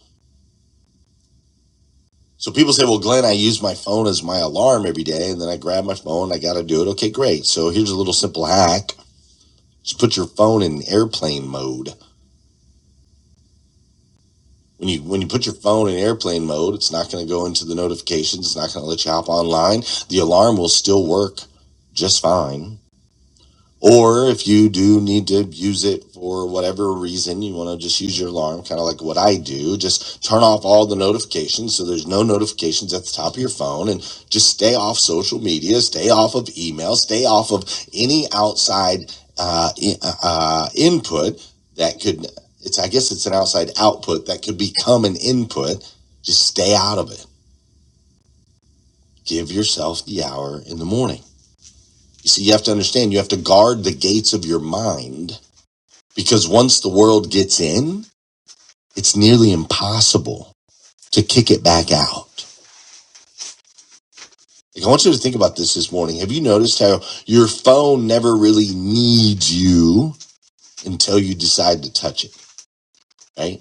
[SPEAKER 1] So people say, "Well, Glenn, I use my phone as my alarm every day and then I grab my phone, I got to do it." Okay, great. So here's a little simple hack. Just put your phone in airplane mode when you when you put your phone in airplane mode, it's not going to go into the notifications. It's not going to let you hop online. The alarm will still work just fine. Or if you do need to use it for whatever reason, you want to just use your alarm, kind of like what I do. Just turn off all the notifications so there's no notifications at the top of your phone and just stay off social media, stay off of email, stay off of any outside uh, uh, uh, input that could, it's, I guess it's an outside output that could become an input. Just stay out of it. Give yourself the hour in the morning. You see, you have to understand, you have to guard the gates of your mind Because once the world gets in, it's nearly impossible to kick it back out. Like, I want you to think about this this morning. Have you noticed how your phone never really needs you until you decide to touch it, right?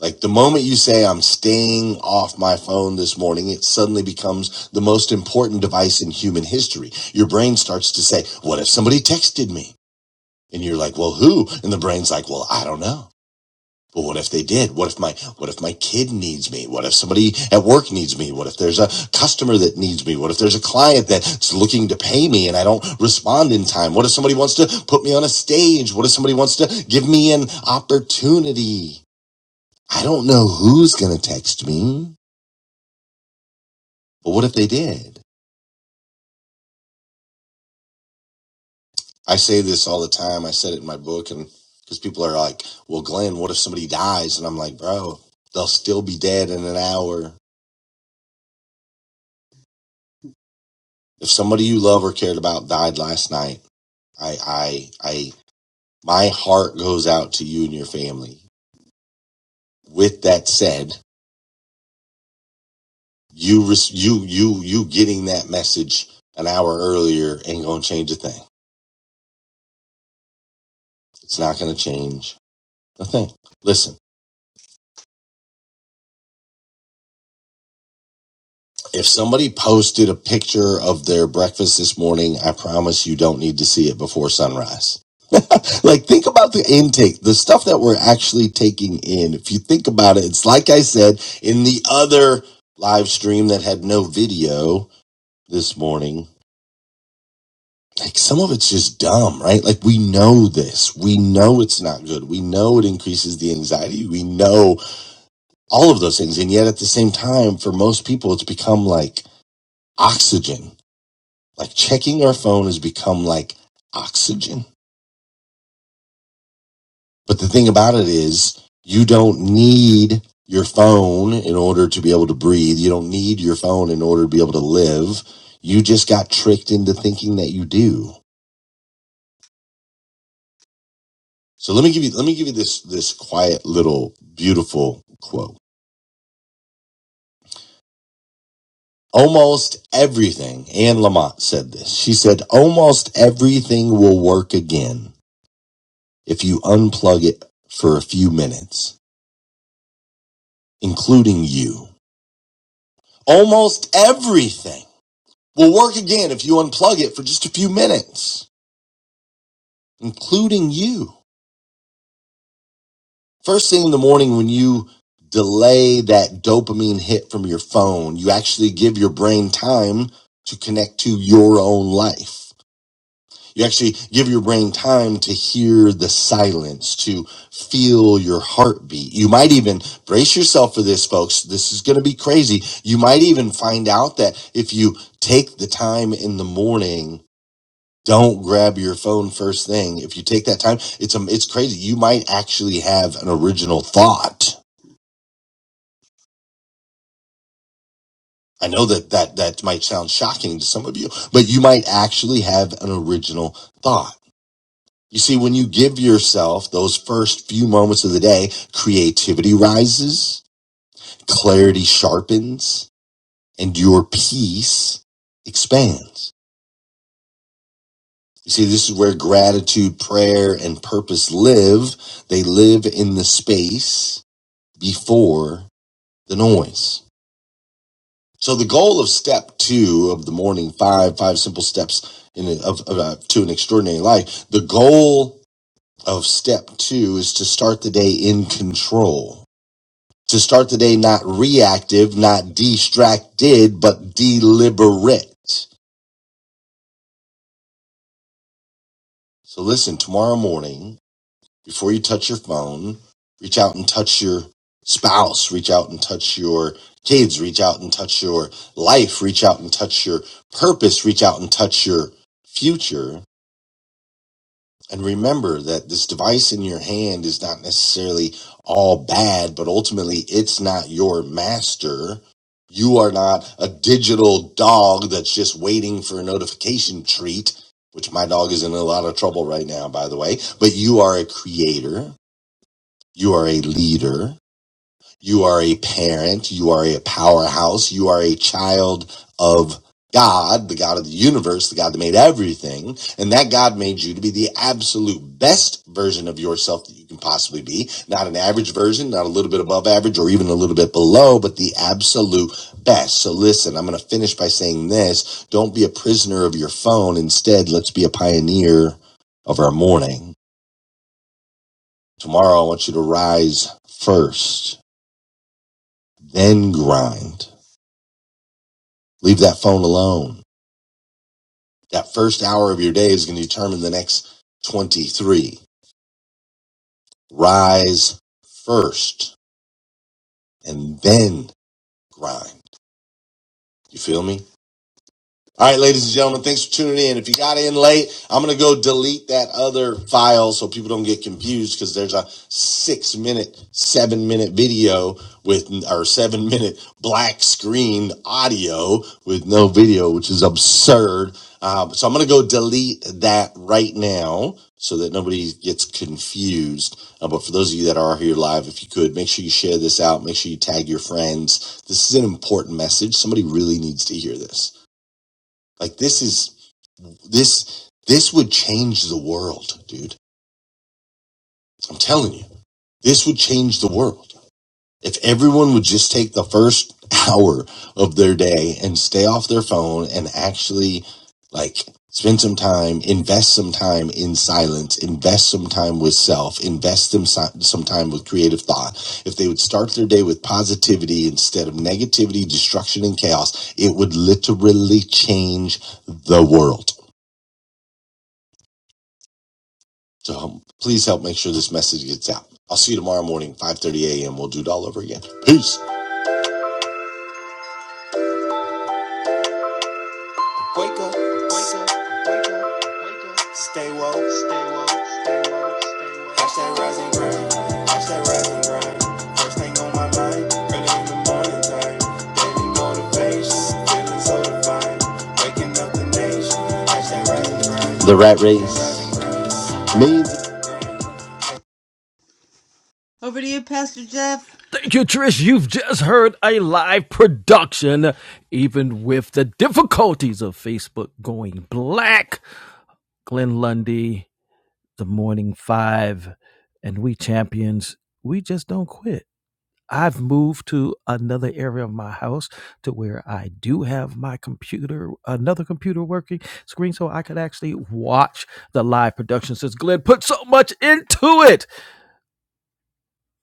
[SPEAKER 1] Like the moment you say, I'm staying off my phone this morning, it suddenly becomes the most important device in human history. Your brain starts to say, What if somebody texted me? And you're like, Well, who? And the brain's like, Well, I don't know. But what if they did? What if my what if my kid needs me? What if somebody at work needs me? What if there's a customer that needs me? What if there's a client that's looking to pay me and I don't respond in time? What if somebody wants to put me on a stage? What if somebody wants to give me an opportunity? I don't know who's going to text me. But what if they did? I say this all the time. I said it in my book and cuz people are like, "Well, Glenn, what if somebody dies?" And I'm like, "Bro, they'll still be dead in an hour." If somebody you love or cared about died last night, I, I, I, my heart goes out to you and your family. With that said, you, you, you, you getting that message an hour earlier ain't going to change a thing. It's not going to change a thing. Listen, if somebody posted a picture of their breakfast this morning, I promise you don't need to see it before sunrise like think about the intake the stuff that we're actually taking in if you think about it it's like i said in the other live stream that had no video this morning like some of it's just dumb right like we know this we know it's not good we know it increases the anxiety we know all of those things and yet at the same time for most people it's become like oxygen like checking our phone has become like oxygen But the thing about it is, you don't need your phone in order to be able to breathe. You don't need your phone in order to be able to live. You just got tricked into thinking that you do. So let me give you let me give you this this quiet little beautiful quote. Almost everything, Anne Lamott said this. She said, almost everything will work again if you unplug it for a few minutes, including you. Almost everything. will work again if you unplug it for just a few minutes, including you. First thing in the morning, when you delay that dopamine hit from your phone, you actually give your brain time to connect to your own life. You actually give your brain time to hear the silence, to feel your heartbeat. You might even brace yourself for this, folks. This is going to be crazy. You might even find out that if you take the time in the morning don't grab your phone first thing. If you take that time, it's um, it's crazy. You might actually have an original thought. I know that that that might sound shocking to some of you, but you might actually have an original thought. You see, when you give yourself those first few moments of the day, creativity rises, clarity sharpens, and your peace expands. You see, this is where gratitude, prayer, and purpose live. They live in the space before the noise. So the goal of step two of the morning five, five simple steps in a, of, of, uh, to an extraordinary life. The goal of step two is to start the day in control, to start the day not reactive, not distracted, but deliberate. So listen, tomorrow morning, Before you touch your phone, reach out and touch your spouse, reach out and touch your kids, reach out and touch your life, reach out and touch your purpose, reach out and touch your future. And remember that this device in your hand is not necessarily all bad, but ultimately it's not your master. You are not a digital dog that's just waiting for a notification treat, which my dog is in a lot of trouble right now, by the way. But you are a creator. You are a leader. You are a parent. You are a powerhouse. You are a child of God, the God of the universe, the God that made everything. And that God made you to be the absolute best version of yourself that you can possibly be. Not an average version, not a little bit above average or even a little bit below, but the absolute best. So listen, I'm going to finish by saying this. Don't be a prisoner of your phone. Instead, let's be a pioneer of our morning. Tomorrow, I want you to rise first. then grind. Leave that phone alone. That first hour of your day is going to determine the next 23. Rise first and then grind. You feel me? All right, ladies and gentlemen, thanks for tuning in. If you got in late, I'm going to go delete that other file so people don't get confused because there's a six minute, seven minute video with, or seven minute black screen audio with no video, which is absurd. Uh, so I'm going to go delete that right now so that nobody gets confused. Uh, but for those of you that are here live, if you could, make sure you share this out. Make sure you tag your friends. This is an important message. Somebody really needs to hear this. Like this is this this would change the world, dude. I'm telling you. This would change the world. If everyone would just take the first hour of their day and stay off their phone and actually like spend some time, invest some time in silence, invest some time with self, invest them si- some time with creative thought. If they would start their day with positivity instead of negativity, destruction and chaos, it would literally change the world. So um, please help make sure this message gets out. I'll see you tomorrow morning, 5.30 a.m. We'll do it all over again. Peace. Wake up, wake up, wake up, wake up. Stay woke. Watch that rise and grind. Watch that rise and grind. First thing on my mind, early in the morning time. Daily motivation, feeling so divine. Waking up the nation. Watch that rise and grind. The rat race. Me. Over to you, Pastor Jeff.
[SPEAKER 2] Thank you, Trish. You've just heard a live production, even with the difficulties of Facebook going black. Glenn Lundy the morning five and we champions we just don't quit i've moved to another area of my house to where i do have my computer another computer working screen so i could actually watch the live production since glenn put so much into it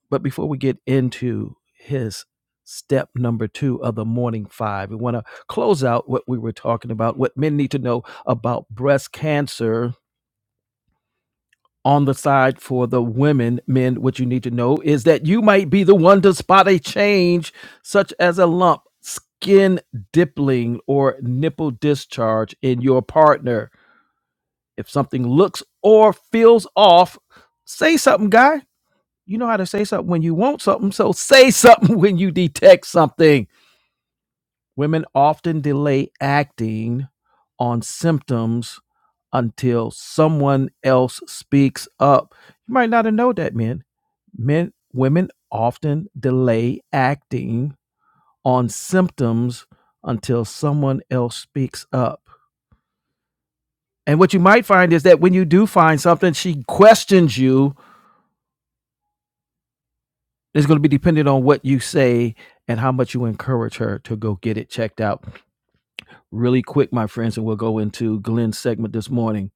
[SPEAKER 2] but before we get into his step number two of the morning five we want to close out what we were talking about what men need to know about breast cancer on the side for the women, men, what you need to know is that you might be the one to spot a change, such as a lump, skin dippling, or nipple discharge in your partner. If something looks or feels off, say something, guy. You know how to say something when you want something, so say something when you detect something. Women often delay acting on symptoms until someone else speaks up. You might not have known that, men. Men, women often delay acting on symptoms until someone else speaks up. And what you might find is that when you do find something, she questions you. It's going to be dependent on what you say and how much you encourage her to go get it checked out. Really quick, my friends, and we'll go into Glenn's segment this morning.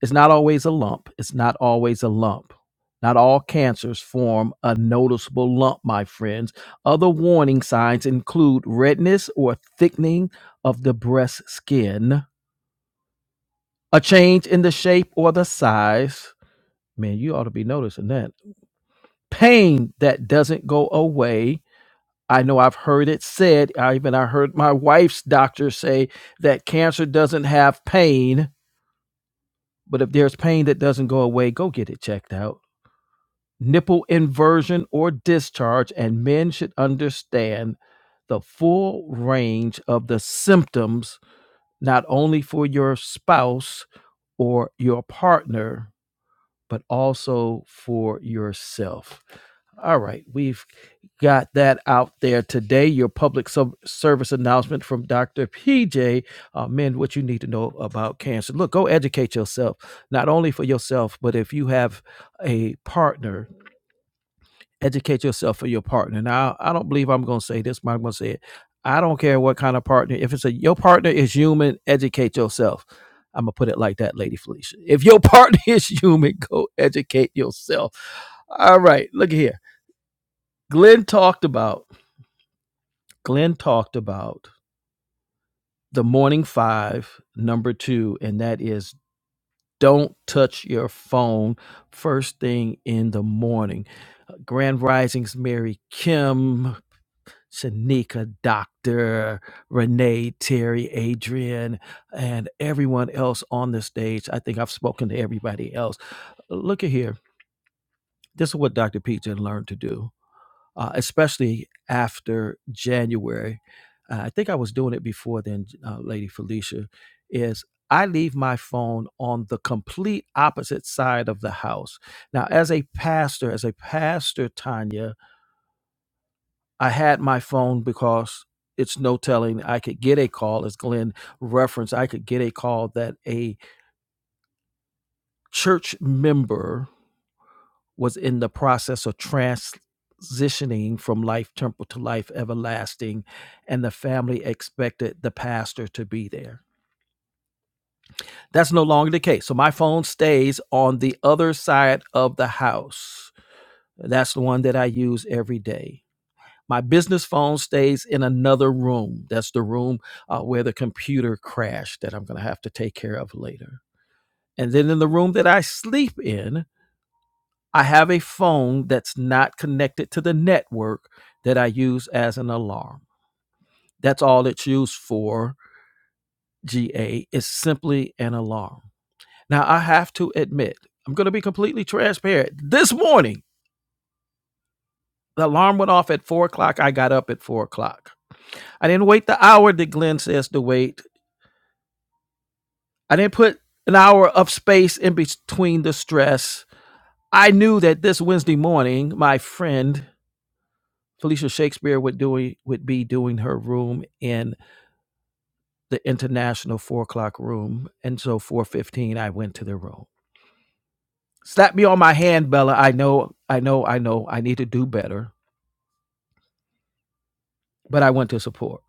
[SPEAKER 2] It's not always a lump. It's not always a lump. Not all cancers form a noticeable lump, my friends. Other warning signs include redness or thickening of the breast skin, a change in the shape or the size. Man, you ought to be noticing that. Pain that doesn't go away. I know I've heard it said, I even I heard my wife's doctor say that cancer doesn't have pain, but if there's pain that doesn't go away, go get it checked out nipple inversion or discharge, and men should understand the full range of the symptoms, not only for your spouse or your partner, but also for yourself. All right, we've got that out there today. Your public sub- service announcement from Dr. PJ uh, Men, what you need to know about cancer. Look, go educate yourself, not only for yourself, but if you have a partner educate yourself for your partner. Now, I don't believe I'm going to say this, but I'm going to say it. I don't care what kind of partner. If it's a your partner is human, educate yourself. I'm gonna put it like that, Lady Felicia. If your partner is human, go educate yourself. All right, look here. Glenn talked about Glenn talked about the morning five, number two, and that is don't touch your phone first thing in the morning. Grand Risings, Mary Kim. Shanika, Dr. Renee, Terry, Adrian, and everyone else on the stage. I think I've spoken to everybody else. Look at here. This is what Dr. Peter learned to do, uh, especially after January. Uh, I think I was doing it before then, uh, Lady Felicia, is I leave my phone on the complete opposite side of the house. Now, as a pastor, as a pastor, Tanya, I had my phone because it's no telling I could get a call, as Glenn referenced, I could get a call that a church member was in the process of transitioning from life temporal to life everlasting, and the family expected the pastor to be there. That's no longer the case. So my phone stays on the other side of the house. That's the one that I use every day. My business phone stays in another room. That's the room uh, where the computer crashed that I'm going to have to take care of later. And then in the room that I sleep in, I have a phone that's not connected to the network that I use as an alarm. That's all it's used for, GA, is simply an alarm. Now, I have to admit, I'm going to be completely transparent. This morning, the alarm went off at four o'clock. I got up at four o'clock. I didn't wait the hour that Glenn says to wait. I didn't put an hour of space in between the stress. I knew that this Wednesday morning, my friend Felicia Shakespeare would doing would be doing her room in the international four o'clock room, and so four fifteen, I went to the room. Slap me on my hand, Bella. I know, I know, I know. I need to do better. but I went to support.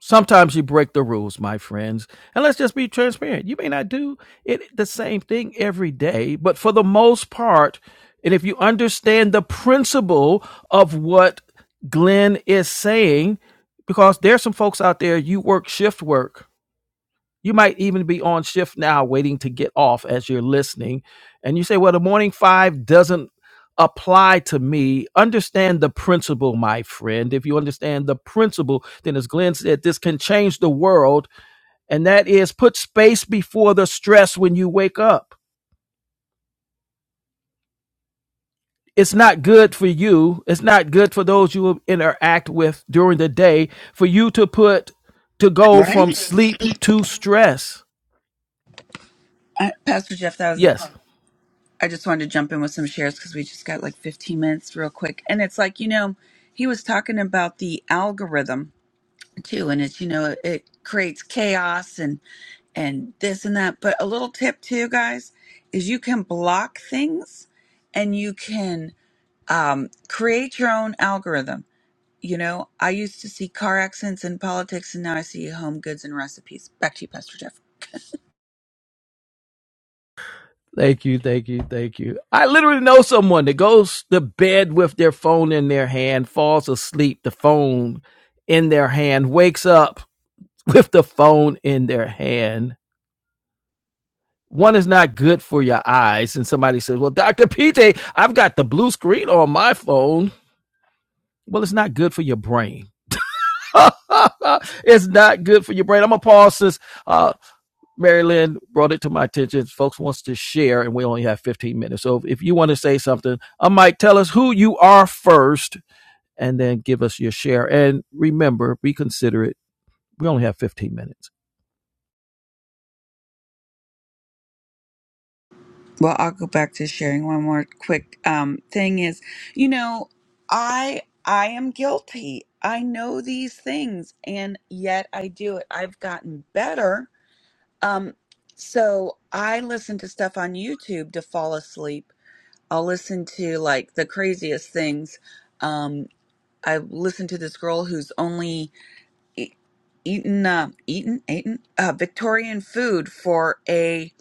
[SPEAKER 2] Sometimes you break the rules, my friends. And let's just be transparent. You may not do it the same thing every day, but for the most part, and if you understand the principle of what Glenn is saying, because there's some folks out there, you work shift work you might even be on shift now waiting to get off as you're listening. And you say, well, the morning five doesn't apply to me. Understand the principle, my friend. If you understand the principle, then as Glenn said, this can change the world. And that is put space before the stress when you wake up. It's not good for you. It's not good for those you will interact with during the day for you to put to go from
[SPEAKER 7] Right?
[SPEAKER 2] sleep to stress.
[SPEAKER 7] Uh, Pastor Jeff, that was the
[SPEAKER 2] Yes.
[SPEAKER 7] pun. I just wanted to jump in with some shares because we just got like 15 minutes real quick, and it's like you know, he was talking about the algorithm too and it's you know it creates chaos and and this and that but a little tip too guys is you can block things and you can um, create your own algorithm you know i used to see car accidents and politics and now i see home goods and recipes back to you pastor jeff
[SPEAKER 2] Thank you, thank you, thank you. I literally know someone that goes to bed with their phone in their hand, falls asleep, the phone in their hand, wakes up with the phone in their hand. One is not good for your eyes. And somebody says, Well, Dr. PJ, I've got the blue screen on my phone. Well, it's not good for your brain. it's not good for your brain. I'm gonna pause this. Uh, Mary Lynn brought it to my attention. Folks wants to share, and we only have 15 minutes. So if you want to say something, I might tell us who you are first, and then give us your share. And remember, be considerate. We only have 15 minutes.
[SPEAKER 7] well i'll go back to sharing one more quick um, thing is you know i i am guilty i know these things and yet i do it i've gotten better Um, so I listen to stuff on YouTube to fall asleep. I'll listen to like the craziest things. Um, I listened to this girl who's only e- eaten, uh, eaten, eaten uh, Victorian food for a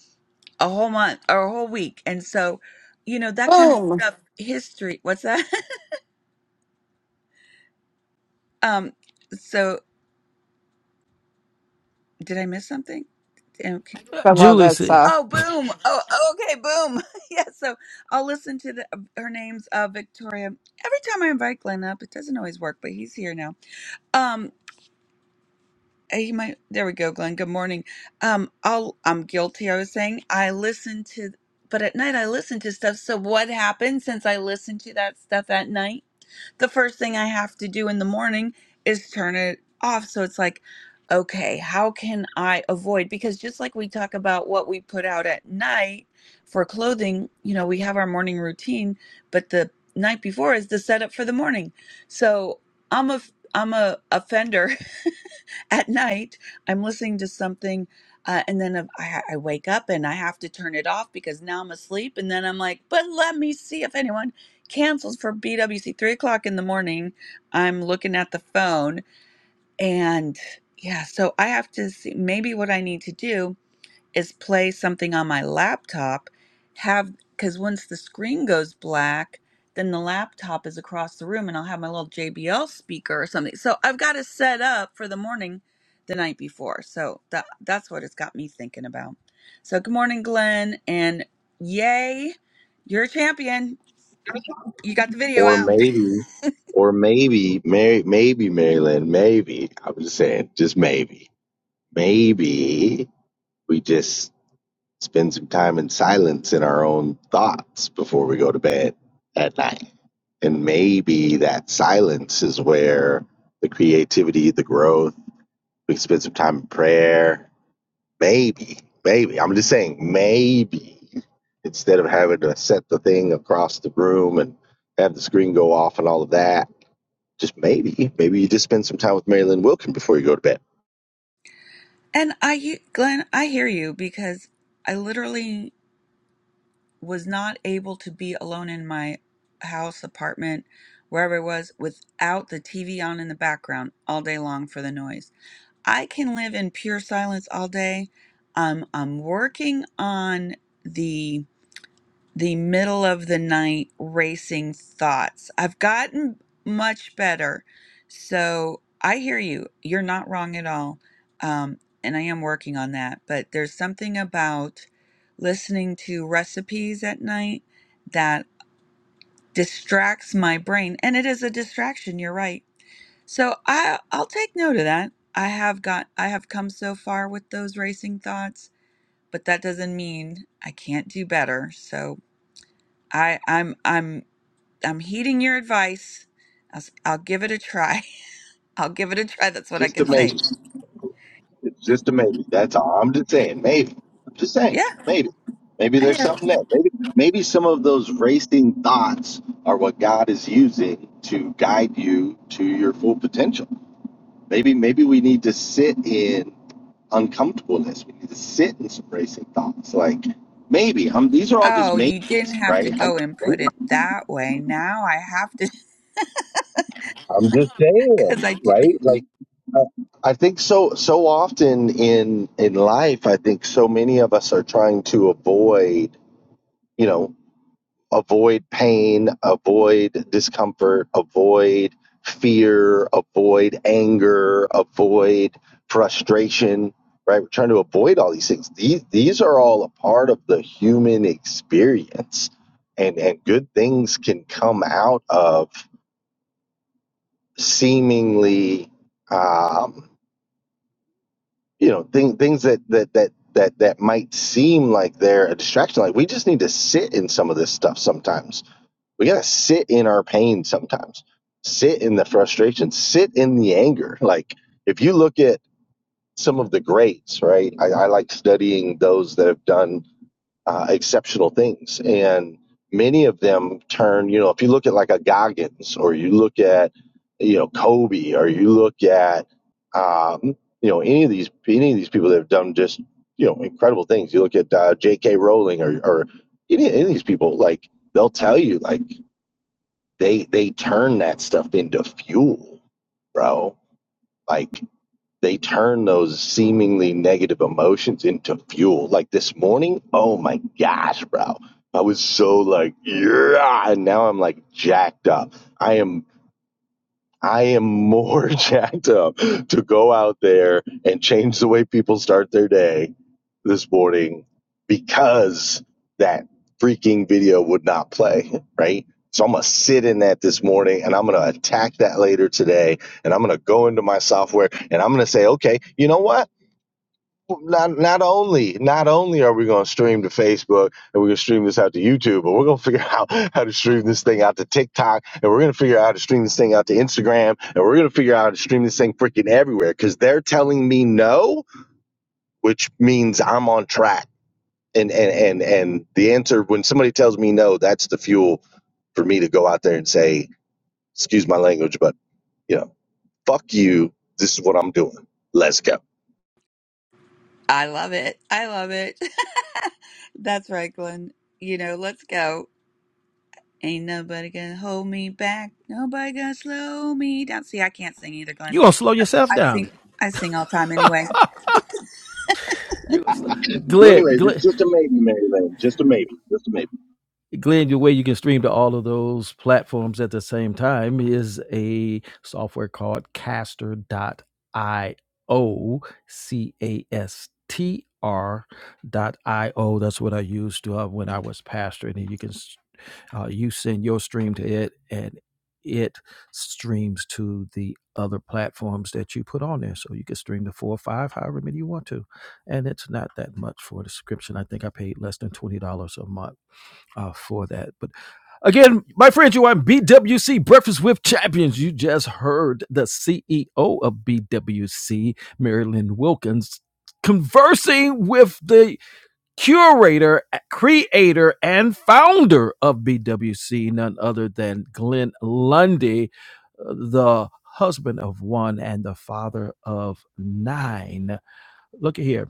[SPEAKER 7] a whole month or a whole week, and so you know that kind of
[SPEAKER 8] Boom.
[SPEAKER 7] stuff. History. What's that? um. So did I miss something?
[SPEAKER 2] Uh,
[SPEAKER 8] I love
[SPEAKER 2] Julie,
[SPEAKER 8] that
[SPEAKER 2] see,
[SPEAKER 8] stuff.
[SPEAKER 7] Oh, boom. Oh, oh, okay, boom. yeah, so I'll listen to the her name's uh Victoria. Every time I invite Glenn up, it doesn't always work, but he's here now. Um uh, he might there we go, Glenn. Good morning. Um I'll I'm guilty, I was saying. I listen to but at night I listen to stuff. So what happened since I listened to that stuff at night? the first thing I have to do in the morning is turn it off. So it's like, okay, how can I avoid? Because just like we talk about what we put out at night for clothing, you know, we have our morning routine, but the night before is the setup for the morning. So I'm a I'm a offender at night i'm listening to something uh, and then I, I I wake up and i have to turn it off because now i'm asleep and then i'm like but let me see if anyone cancels for bwc 3 o'clock in the morning i'm looking at the phone and yeah so i have to see maybe what i need to do is play something on my laptop, have because once the screen goes black, then the laptop is across the room and I'll have my little JBL speaker or something. So I've got to set up for the morning the night before. So that that's what it's got me thinking about. So good morning, Glenn, and yay, you're a champion. You got the video
[SPEAKER 9] Or
[SPEAKER 7] out.
[SPEAKER 9] maybe, or maybe, Mary, maybe Maryland, maybe. I'm just saying, just maybe, maybe we just spend some time in silence in our own thoughts before we go to bed at night. And maybe that silence is where the creativity, the growth, we can spend some time in prayer. Maybe, maybe. I'm just saying, maybe instead of having to set the thing across the room and have the screen go off and all of that just maybe, maybe you just spend some time with Marilyn Wilkin before you go to bed.
[SPEAKER 7] And I Glenn, I hear you because I literally was not able to be alone in my house, apartment, wherever it was, without the TV on in the background all day long for the noise. I can live in pure silence all day. Um, I'm working on the the middle of the night racing thoughts. I've gotten much better. So I hear you. You're not wrong at all. Um, and I am working on that. But there's something about listening to recipes at night that distracts my brain. And it is a distraction. You're right. So I, I'll take note of that. I have got, I have come so far with those racing thoughts, but that doesn't mean I can't do better. So I, I'm, I'm I'm heeding your advice. I'll, s- I'll give it a try. I'll give it a try. That's what I
[SPEAKER 9] Just a
[SPEAKER 7] can
[SPEAKER 9] maybe.
[SPEAKER 7] say.
[SPEAKER 9] It's Just a maybe. That's all I'm just saying. Maybe. I'm just saying.
[SPEAKER 7] Yeah,
[SPEAKER 9] Maybe. Maybe
[SPEAKER 7] I hear.
[SPEAKER 9] there's
[SPEAKER 7] it.
[SPEAKER 9] something there. Maybe maybe some of those racing thoughts are what God is using to guide you to your full potential. Maybe maybe we need to sit in uncomfortableness. We need to sit in some racing thoughts. Like maybe I'm. These are all just
[SPEAKER 7] Oh, you didn't
[SPEAKER 9] maybes,
[SPEAKER 7] have to
[SPEAKER 9] right? I,
[SPEAKER 7] go and put it that way. Now I have to
[SPEAKER 9] I'm just
[SPEAKER 7] because
[SPEAKER 9] saying,
[SPEAKER 7] I do.
[SPEAKER 9] right? Like, uh, I think so. So often in in life, I think so many of us are trying to avoid. You know. avoid pain, avoid discomfort, avoid fear, avoid anger, avoid frustration, right? We're trying to avoid all these things. These these are all a part of the human experience. And and good things can come out of seemingly um you know thing, things that that that that that might seem like they're a distraction like we just need to sit in some of this stuff sometimes we gotta sit in our pain sometimes sit in the frustration sit in the anger like if you look at some of the greats right i, I like studying those that have done uh, exceptional things and many of them turn you know if you look at like a goggins or you look at you know kobe or you look at um, you know any of these any of these people that have done just you know incredible things you look at uh, jk rowling or, or any, any of these people like they'll tell you like they they turn that stuff into fuel, bro. Like they turn those seemingly negative emotions into fuel. Like this morning, oh my gosh, bro. I was so like, yeah, and now I'm like jacked up. I am I am more jacked up to go out there and change the way people start their day this morning because that freaking video would not play, right? So I'm gonna sit in that this morning and I'm gonna attack that later today and I'm gonna go into my software and I'm gonna say, okay, you know what? Not not only not only are we gonna stream to Facebook and we're gonna stream this out to YouTube, but we're gonna figure out how to stream this thing out to TikTok and we're gonna figure out how to stream this thing out to Instagram and we're gonna figure out how to stream this thing freaking everywhere because they're telling me no, which means I'm on track and and and and the answer when somebody tells me no that's the fuel for me to go out there and say excuse my language but you know fuck you this is what i'm doing let's go
[SPEAKER 7] I love it. I love it. That's right, Glenn. You know, let's go. Ain't nobody gonna hold me back. Nobody gonna slow me down. See, I can't sing either, Glenn.
[SPEAKER 2] you gonna slow yourself
[SPEAKER 7] I sing.
[SPEAKER 2] down.
[SPEAKER 7] I sing all the time anyway.
[SPEAKER 2] You gonna slow.
[SPEAKER 9] so anyways
[SPEAKER 2] Glid,
[SPEAKER 9] it's just a maybe mary lane just a maybe just a maybe
[SPEAKER 2] Glenn, the way you can stream to all of those platforms at the same time is a software called caster.io, C A S T R dot I O. That's what I used to uh, when I was pastoring. And you can, s- uh, you send your stream to it and it streams to the other platforms that you put on there. So you can stream to four or five, however many you want to. And it's not that much for the subscription. I think I paid less than $20 a month uh, for that. But again, my friends, you are in BWC Breakfast with Champions. You just heard the CEO of BWC, Marilyn Wilkins, conversing with the curator, creator, and founder of BWC, none other than Glenn Lundy, uh, the husband of one and the father of nine. Look at here.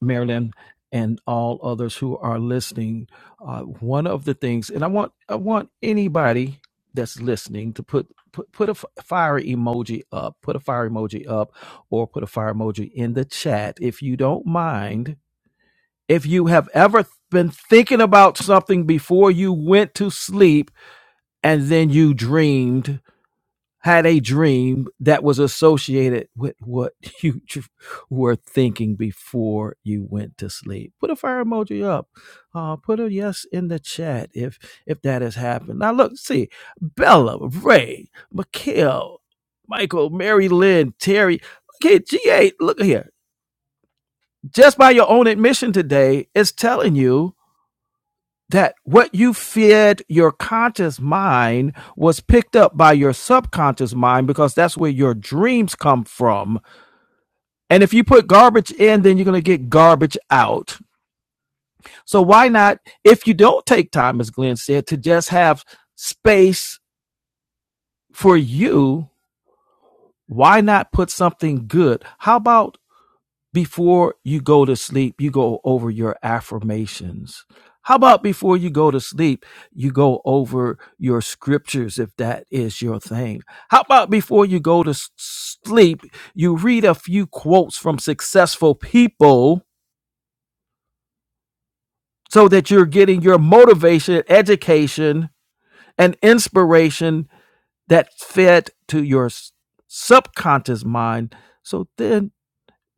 [SPEAKER 2] Marilyn, and all others who are listening, uh, one of the things, and I want I want anybody that's listening to put put put a f- fire emoji up, put a fire emoji up, or put a fire emoji in the chat if you don't mind. If you have ever been thinking about something before you went to sleep and then you dreamed had a dream that was associated with what you were thinking before you went to sleep. Put a fire emoji up. Uh, put a yes in the chat if if that has happened. Now look, see Bella, Ray, Mikhail, Michael, Mary Lynn, Terry. Okay, G8, look here. Just by your own admission today, it's telling you that what you fed your conscious mind was picked up by your subconscious mind because that's where your dreams come from. And if you put garbage in, then you're going to get garbage out. So why not, if you don't take time, as Glenn said, to just have space for you, why not put something good? How about before you go to sleep, you go over your affirmations. How about before you go to sleep, you go over your scriptures if that is your thing? How about before you go to s- sleep, you read a few quotes from successful people so that you're getting your motivation, education, and inspiration that fed to your s- subconscious mind. So then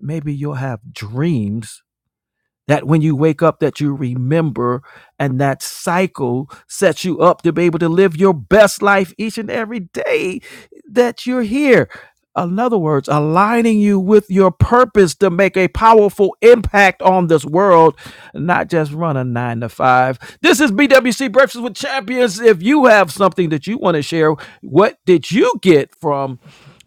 [SPEAKER 2] maybe you'll have dreams that when you wake up that you remember and that cycle sets you up to be able to live your best life each and every day that you're here in other words aligning you with your purpose to make a powerful impact on this world not just run a nine to five this is bwc breakfast with champions if you have something that you want to share what did you get from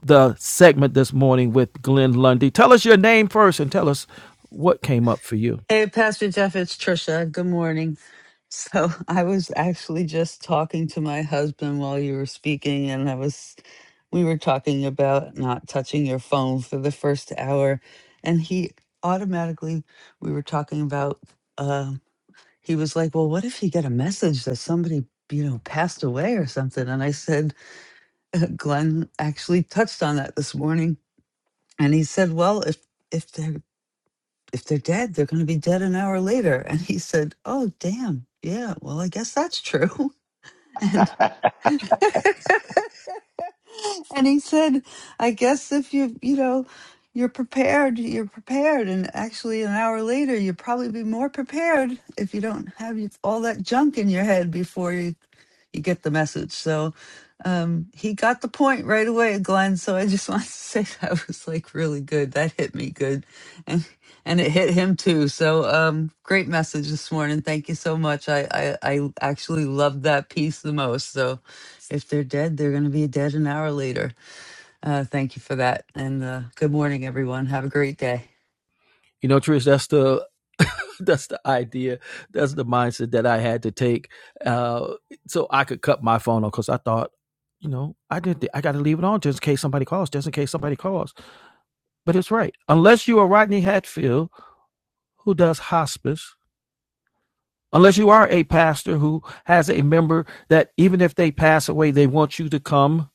[SPEAKER 2] the segment this morning with Glenn Lundy. Tell us your name first and tell us what came up for you.
[SPEAKER 1] Hey, Pastor Jeff, it's Trisha. Good morning. So I was actually just talking to my husband while you were speaking, and I was, we were talking about not touching your phone for the first hour, and he automatically, we were talking about, um, he was like, well, what if you get a message that somebody, you know, passed away or something? And I said, Glenn actually touched on that this morning, and he said, well, if if they're if they're dead, they're going to be dead an hour later. And he said, oh damn, yeah, well, I guess that's true. and and he said, I guess if you, you know, you're prepared, you're prepared. And actually, an hour later, you'll probably be more prepared if you don't have you- all that junk in your head before you, you get the message. So um, he got the point right away, Glenn. So I just wanted to say that was like really good. That hit me good. And and it hit him too. So um, great message this morning. Thank you so much. I, I, I actually loved that piece the most. So if they're dead, they're going to be dead an hour later. Uh, thank you for that. And uh, good morning, everyone. Have a great day. I
[SPEAKER 2] You know, Trish, that's the that's the idea. That's the mindset that I had to take, uh, so I could cut my phone off because I thought, you know, I did. The, I got to leave it on just in case somebody calls. Just in case somebody calls. But it's right. Unless you are Rodney Hatfield, who does hospice, unless you are a pastor who has a member that even if they pass away, they want you to come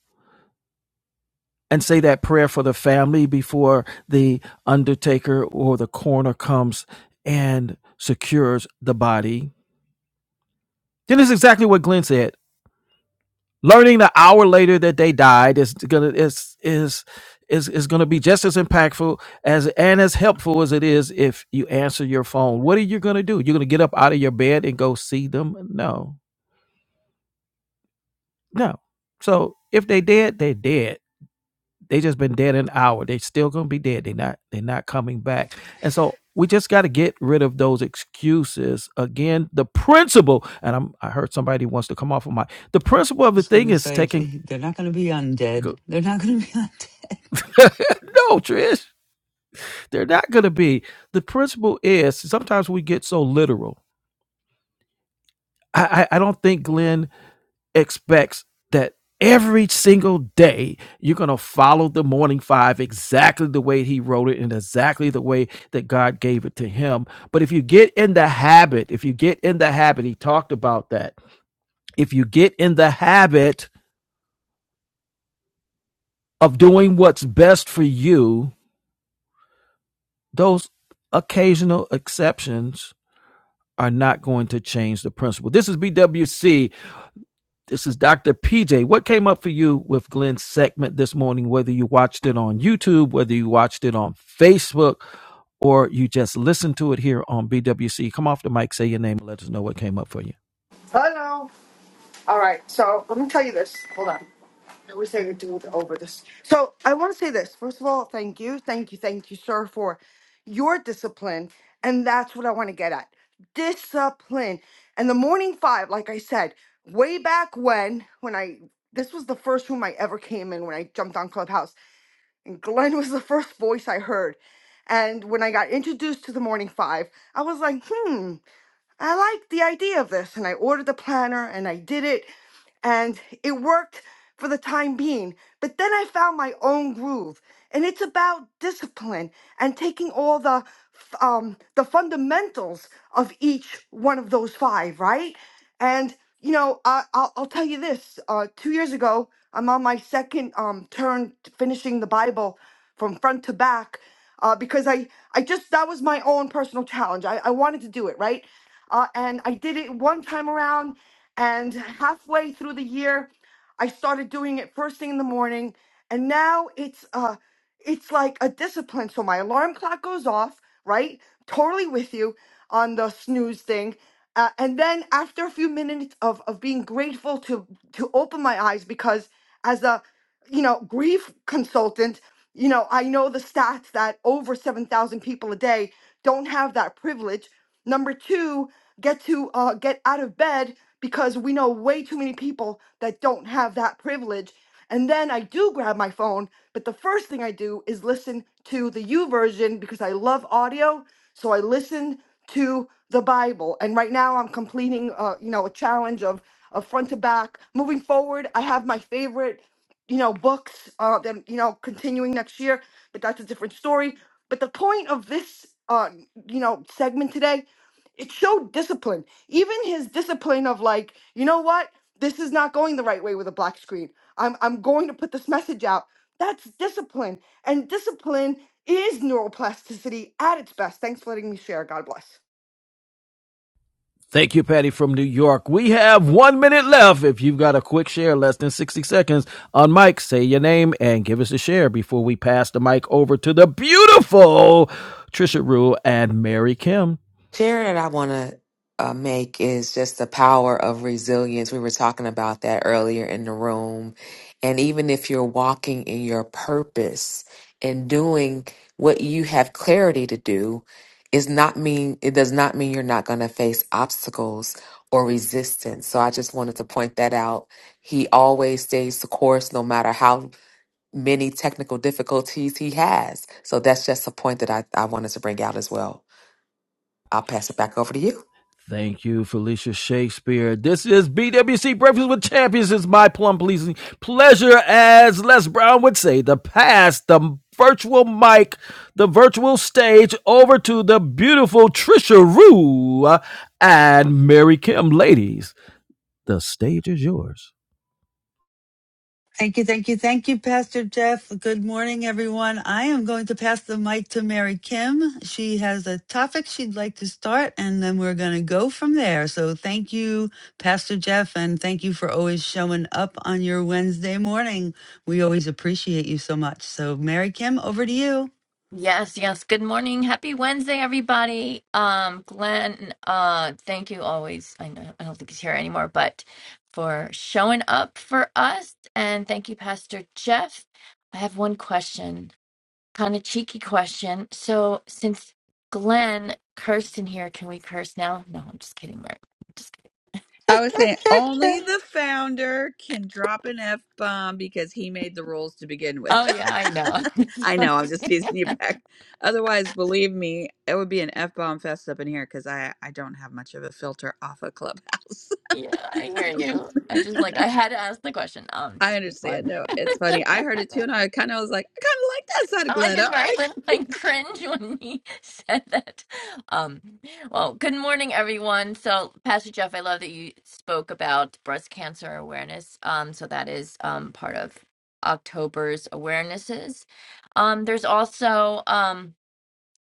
[SPEAKER 2] and say that prayer for the family before the undertaker or the coroner comes and secures the body. Then it's exactly what Glenn said. learning the hour later that they died is gonna is is is is gonna be just as impactful as and as helpful as it is if you answer your phone. What are you gonna do? You're gonna get up out of your bed and go see them? No, no. So if they dead, they dead. They just been dead an hour. They still gonna be dead. They not they are not coming back. And so we just got to get rid of those excuses. Again, the principle, and I'm, I heard somebody wants to come off of my. The principle of the
[SPEAKER 1] was going
[SPEAKER 2] thing
[SPEAKER 1] to
[SPEAKER 2] is
[SPEAKER 1] say,
[SPEAKER 2] taking.
[SPEAKER 1] gee, they're not going to be undead. They're not going to be undead.
[SPEAKER 2] no, Trish, they're not going to be. The principle is sometimes we get so literal. I, I, I don't think Glenn expects that every single day you're going to follow the morning five exactly the way he wrote it and exactly the way that God gave it to him. But if you get in the habit, if you get in the habit, he talked about that. If you get in the habit of doing what's best for you, those occasional exceptions are not going to change the principle. This is BWC. This is Dr. PJ. What came up for you with Glenn's segment this morning, whether you watched it on YouTube, whether you watched it on Facebook, or you just listened to it here on BWC? Come off the mic, say your name, and let us know what came up for you.
[SPEAKER 10] Hello. All right. So let me tell you this. Hold on. I wish I could do it over this. So I want to say this. First of all, thank you, thank you, thank you, sir, for your discipline. And that's what I want to get at discipline. And the morning five, like I said, way back when, when I, this was the first room I ever came in when I jumped on Clubhouse. And Glenn was the first voice I heard. And when I got introduced to the morning five, I was like, hmm. I liked the idea of this, and I ordered the planner and I did it, and it worked for the time being. But then I found my own groove, and it's about discipline and taking all the f- um, the fundamentals of each one of those five, right? And you know, I, I'll, I'll tell you this: uh, two years ago, I'm on my second um, turn t- finishing the Bible from front to back uh, because I I just that was my own personal challenge. I, I wanted to do it right. Uh, and I did it one time around, and halfway through the year, I started doing it first thing in the morning. And now it's uh, it's like a discipline. So my alarm clock goes off, right? Totally with you on the snooze thing. Uh, and then after a few minutes of, of being grateful to to open my eyes because as a you know, grief consultant, you know, I know the stats that over 7,000 people a day don't have that privilege. Number two, get to uh, get out of bed because we know way too many people that don't have that privilege. And then I do grab my phone, but the first thing I do is listen to the U version because I love audio. So I listen to the Bible. And right now I'm completing, uh, you know, a challenge of, of front to back. Moving forward, I have my favorite you know, books, uh, then, you know, continuing next year, but that's a different story. But the point of this, uh, you know, segment today, it showed discipline. Even his discipline of like, you know what, this is not going the right way with a black screen. I'm, I'm going to put this message out. That's discipline. And discipline is neuroplasticity at its best. Thanks for letting me share. God bless.
[SPEAKER 2] Thank you, Patty from New York. We have one minute left. If you've got a quick share, less than 60 seconds on mic, say your name and give us a share before we pass the mic over to the beautiful Trisha Rule and Mary Kim.
[SPEAKER 11] Share that I want to uh, make is just the power of resilience. We were talking about that earlier in the room. And even if you're walking in your purpose and doing what you have clarity to do, is not mean it does not mean you're not going to face obstacles or resistance. So I just wanted to point that out. He always stays the course no matter how many technical difficulties he has. So that's just a point that I, I wanted to bring out as well. I'll pass it back over to you.
[SPEAKER 2] Thank you, Felicia Shakespeare. This is BWC Breakfast with Champions. It's my plum pleasing pleasure, as Les Brown would say, to pass the virtual mic, the virtual stage over to the beautiful Trisha Rue uh, and Mary Kim. Ladies, the stage is yours.
[SPEAKER 1] Thank you, thank you, thank you, Pastor Jeff. Good morning, everyone. I am going to pass the mic to Mary Kim. She has a topic she'd like to start, and then we're going to go from there. So thank you, Pastor Jeff, and thank you for always showing up on your Wednesday morning. We always appreciate you so much. So, Mary Kim, over to you.
[SPEAKER 12] Yes, yes. Good morning. Happy Wednesday, everybody. Um, Glenn, uh, thank you always. I know I don't think he's here anymore, but for showing up for us. And thank you, Pastor Jeff. I have one question, kind of cheeky question. So since Glenn cursed in here, can we curse now? No, I'm just kidding, Mark. Just
[SPEAKER 7] I was saying only the founder can drop an F bomb because he made the rules to begin with.
[SPEAKER 12] Oh yeah, I know.
[SPEAKER 7] I know, I'm just teasing you back. Otherwise, believe me, it would be an F bomb fest up in here because I, I don't have much of a filter off of Clubhouse.
[SPEAKER 12] yeah, I hear you. I just like I had to ask the question. Um,
[SPEAKER 7] I
[SPEAKER 12] just for fun.
[SPEAKER 7] understand. No, it's funny. I heard it too, and I kind of was like, I kind of like that side of
[SPEAKER 12] I
[SPEAKER 7] Glenn.
[SPEAKER 12] did
[SPEAKER 7] All right.
[SPEAKER 12] right with my cringe when he said that. Um, well, good morning, everyone. So, Pastor Jeff, I love that you spoke about breast cancer awareness. Um, so that is um part of October's awarenesses. Um, there's also um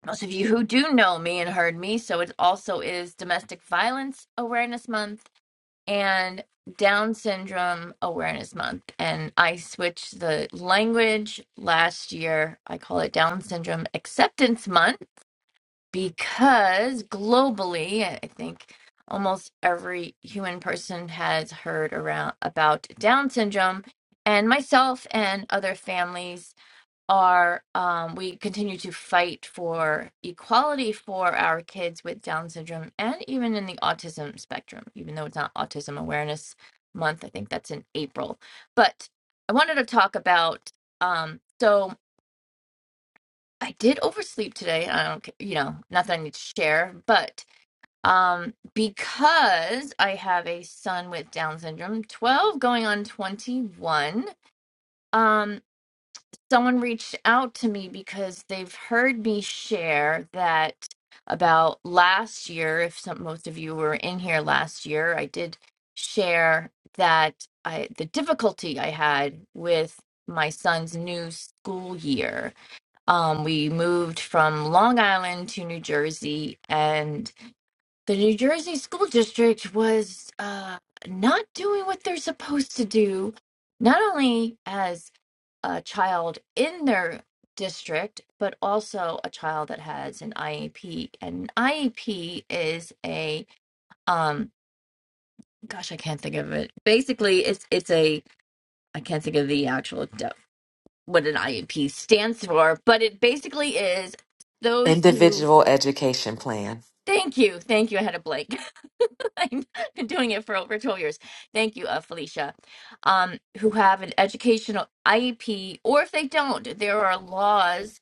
[SPEAKER 12] most of you who do know me and heard me, so it also is Domestic Violence Awareness Month and Down Syndrome Awareness Month. And I switched the language last year. I call it Down Syndrome Acceptance Month because globally, I I think almost every human person has heard around about Down syndrome and myself and other families are um, we continue to fight for equality for our kids with Down syndrome and even in the autism spectrum, even though it's not Autism Awareness Month. I think that's in April. But I wanted to talk about um, so I did oversleep today. I don't, ca- you know, not that I need to share, but um, because I have a son with Down syndrome, 12 going on 21. Um, someone reached out to me because they've heard me share that about last year if some most of you were in here last year i did share that i the difficulty i had with my son's new school year um, we moved from long island to new jersey and the new jersey school district was uh, not doing what they're supposed to do not only as a child in their district, but also a child that has an IEP. And an IEP is a um gosh, I can't think of it. Basically, it's it's a I can't think of the actual de- what an IEP stands for, but it basically is those who
[SPEAKER 11] Individual education plan.
[SPEAKER 12] thank you, thank you. I had a blank. I've been doing it for over 12 years. Thank you, uh, Felicia. Um, who have an educational IEP, or if they don't, there are laws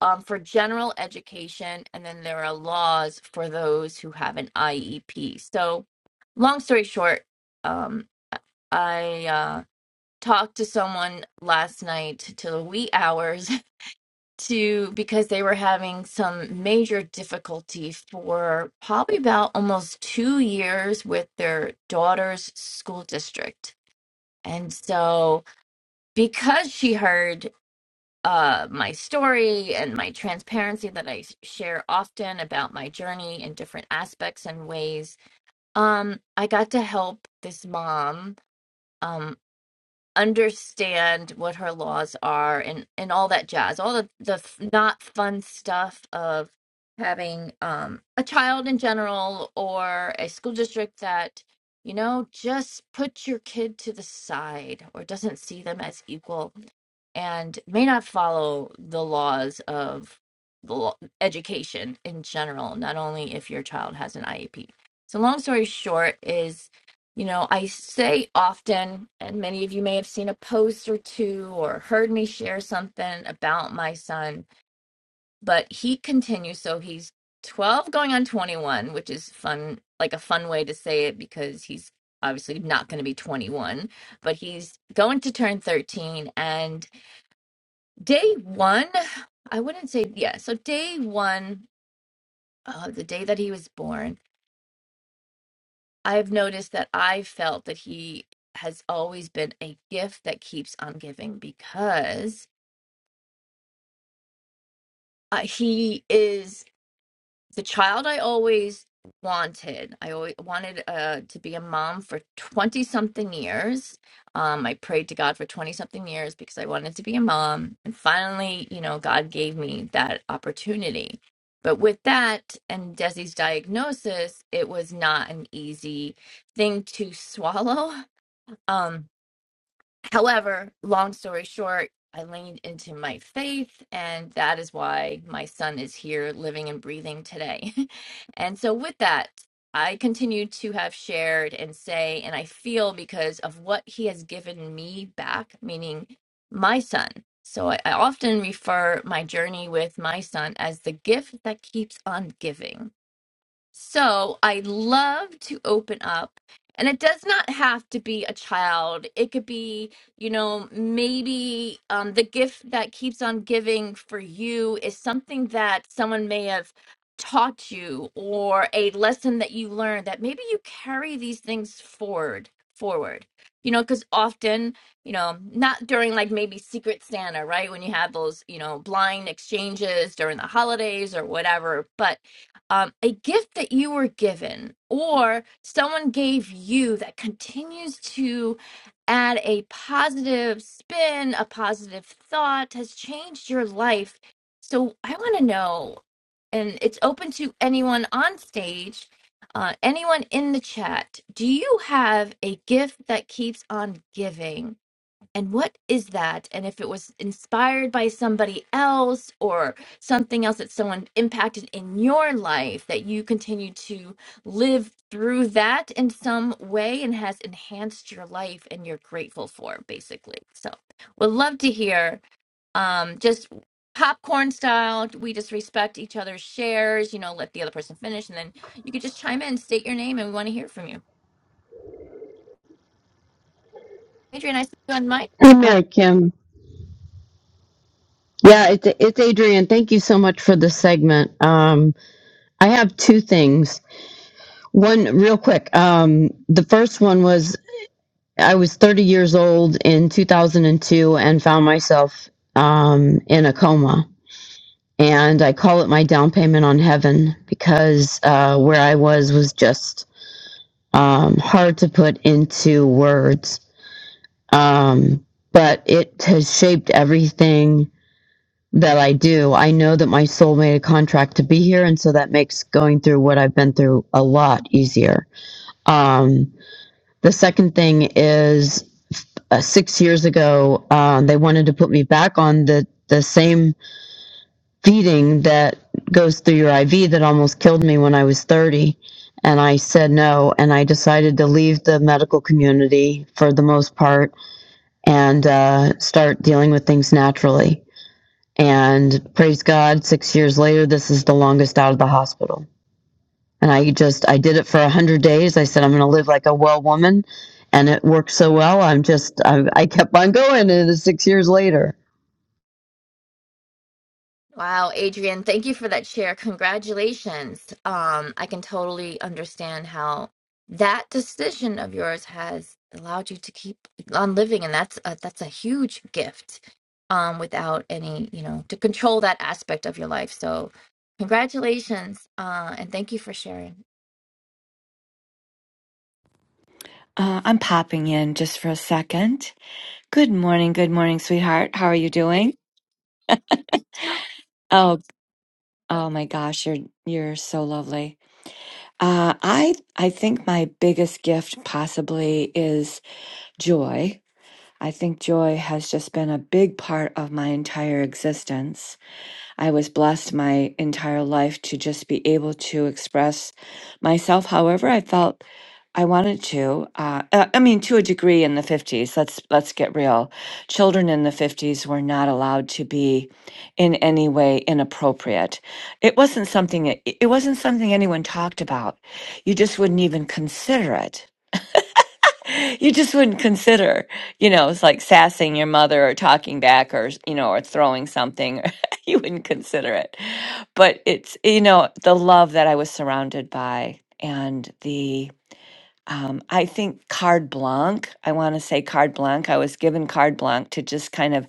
[SPEAKER 12] um, for general education, and then there are laws for those who have an IEP. So, long story short, um, I uh, talked to someone last night till the wee hours to because they were having some major difficulty for probably about almost two years with their daughter's school district. And so, because she heard uh, my story and my transparency that I share often about my journey in different aspects and ways, um, I got to help this mom. Um, understand what her laws are and and all that jazz all the the f- not fun stuff of having um a child in general or a school district that you know just put your kid to the side or doesn't see them as equal and may not follow the laws of the law, education in general, not only if your child has an IEP. So, long story short, is you know, I say often, and many of you may have seen a post or two or heard me share something about my son, but he continues. So, he's 12 going on 21, which is fun, like a fun way to say it because he's obviously not going to be 21, but he's going to turn 13. And Day one, I wouldn't say, yeah. So, day one, uh, the day that he was born, I've noticed that I felt that he has always been a gift that keeps on giving because uh, he is. the child I always wanted. I always wanted uh, to be a mom for 20 something years. Um, I prayed to God for 20 something years because I wanted to be a mom. And finally, you know, God gave me that opportunity. But with that and Desi's diagnosis, it was not an easy thing to swallow. Um, However, long story short, I leaned into my faith, and that is why my son is here living and breathing today. and so, with that, I continue to have shared and say, and I feel because of what he has given me back, meaning my son. So, I, I often refer my journey with my son as the gift that keeps on giving so I love to open up, and it does not have to be a child. It could be, you know, maybe um, the gift that keeps on giving for you is something that someone may have taught you or a lesson that you learned that maybe you carry these things forward, forward. You know, because often, you know, not during like maybe Secret Santa, right? When you have those, you know, blind exchanges during the holidays or whatever, but um, a gift that you were given or someone gave you that continues to add a positive spin, a positive thought has changed your life. So I want to know, and it's open to anyone on stage, uh, anyone in the chat. Do you have a gift that keeps on giving? and what is that and if it was inspired by somebody else or something else that someone impacted in your life that you continue to live through that in some way and has enhanced your life and you're grateful for basically so would love to hear um just popcorn style we just respect each other's shares you know let the other person finish and then you could just chime in state your name and we want to hear from you adrian i see you on mic
[SPEAKER 13] Hey,
[SPEAKER 14] Uh,
[SPEAKER 13] Mary Kim. Yeah, it's it's Adrian. Thank you so much for this segment. Um, I have two things. One, real quick. Um, the first one was I was 30 years old in 2002 and two and found myself um, in a coma. And I call it my down payment on heaven because uh, where I was was just um, hard to put into words. Um, but it has shaped everything that I do. I know that my soul made a contract to be here, and so that makes going through what I've been through a lot easier. Um, the second thing is uh, six years ago, um, they wanted to put me back on the the same feeding that goes through your IV that almost killed me when I was 30. And I said no, and I decided to leave the medical community for the most part and uh, start dealing with things naturally And praise God, six years later, this is the longest out of the hospital. And I just, I did it for a hundred days. I said, I'm going to live like a well woman. And it worked so well. I'm just, I, I kept on going and it's six years later.
[SPEAKER 12] Wow, Adrian, thank you for that share. Congratulations. Um, I can totally understand how that decision of yours has allowed you to keep on living, and that's a, that's a huge gift. Um, without any, you know, to control that aspect of your life. So, congratulations, uh, and thank you for sharing.
[SPEAKER 14] uh, I'm popping in just for a second. Good morning, good morning, sweetheart. How are you doing? Oh, oh my gosh, you're you're so lovely. Uh, I I think my biggest gift possibly is joy. I think joy has just been a big part of my entire existence. I was blessed my entire life to just be able to express myself however I felt I wanted to. Uh, uh, I mean, to a degree in the 50s, let's let's get real. Children in the 50s were not allowed to be in any way inappropriate. It wasn't something it it wasn't something anyone talked about. You just wouldn't even consider it you just wouldn't consider, you know, it's like sassing your mother or talking back or, you know, or throwing something. you wouldn't consider it. But it's, you know, the love that I was surrounded by and the, um, I think card blanc, I want to say card blanc. I was given card blanc to just kind of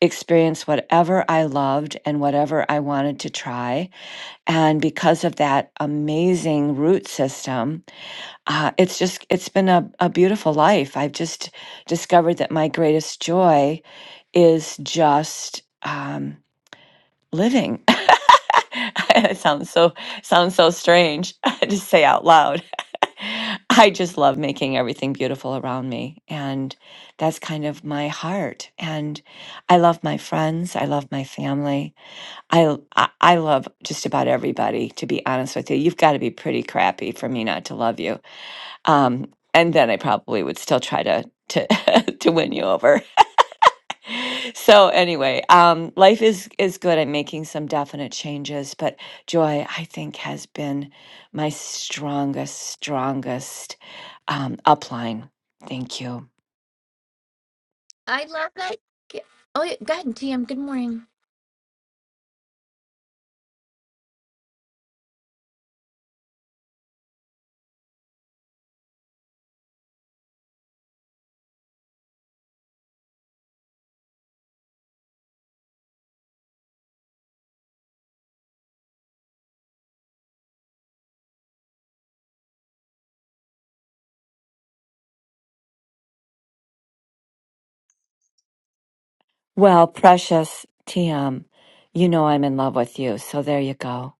[SPEAKER 14] experience whatever I loved and whatever I wanted to try. And because of that amazing root system, uh, it's just it's been a, a beautiful life i've just discovered that my greatest joy is just um, living it sounds so sounds so strange to say out loud i just love making everything beautiful around me and that's kind of my heart and i love my friends i love my family i i, I love just about everybody to be honest with you you've got to be pretty crappy for me not to love you um, and then I probably would still try to to to win you over. So anyway, um, life is is good. I'm making some definite changes, but joy, I think, has been my strongest, strongest um, upline. Thank you.
[SPEAKER 12] I love that. gi- Oh, yeah, go ahead, TM. Good morning.
[SPEAKER 14] Well, precious TM, you know I'm in love with you. So there you go.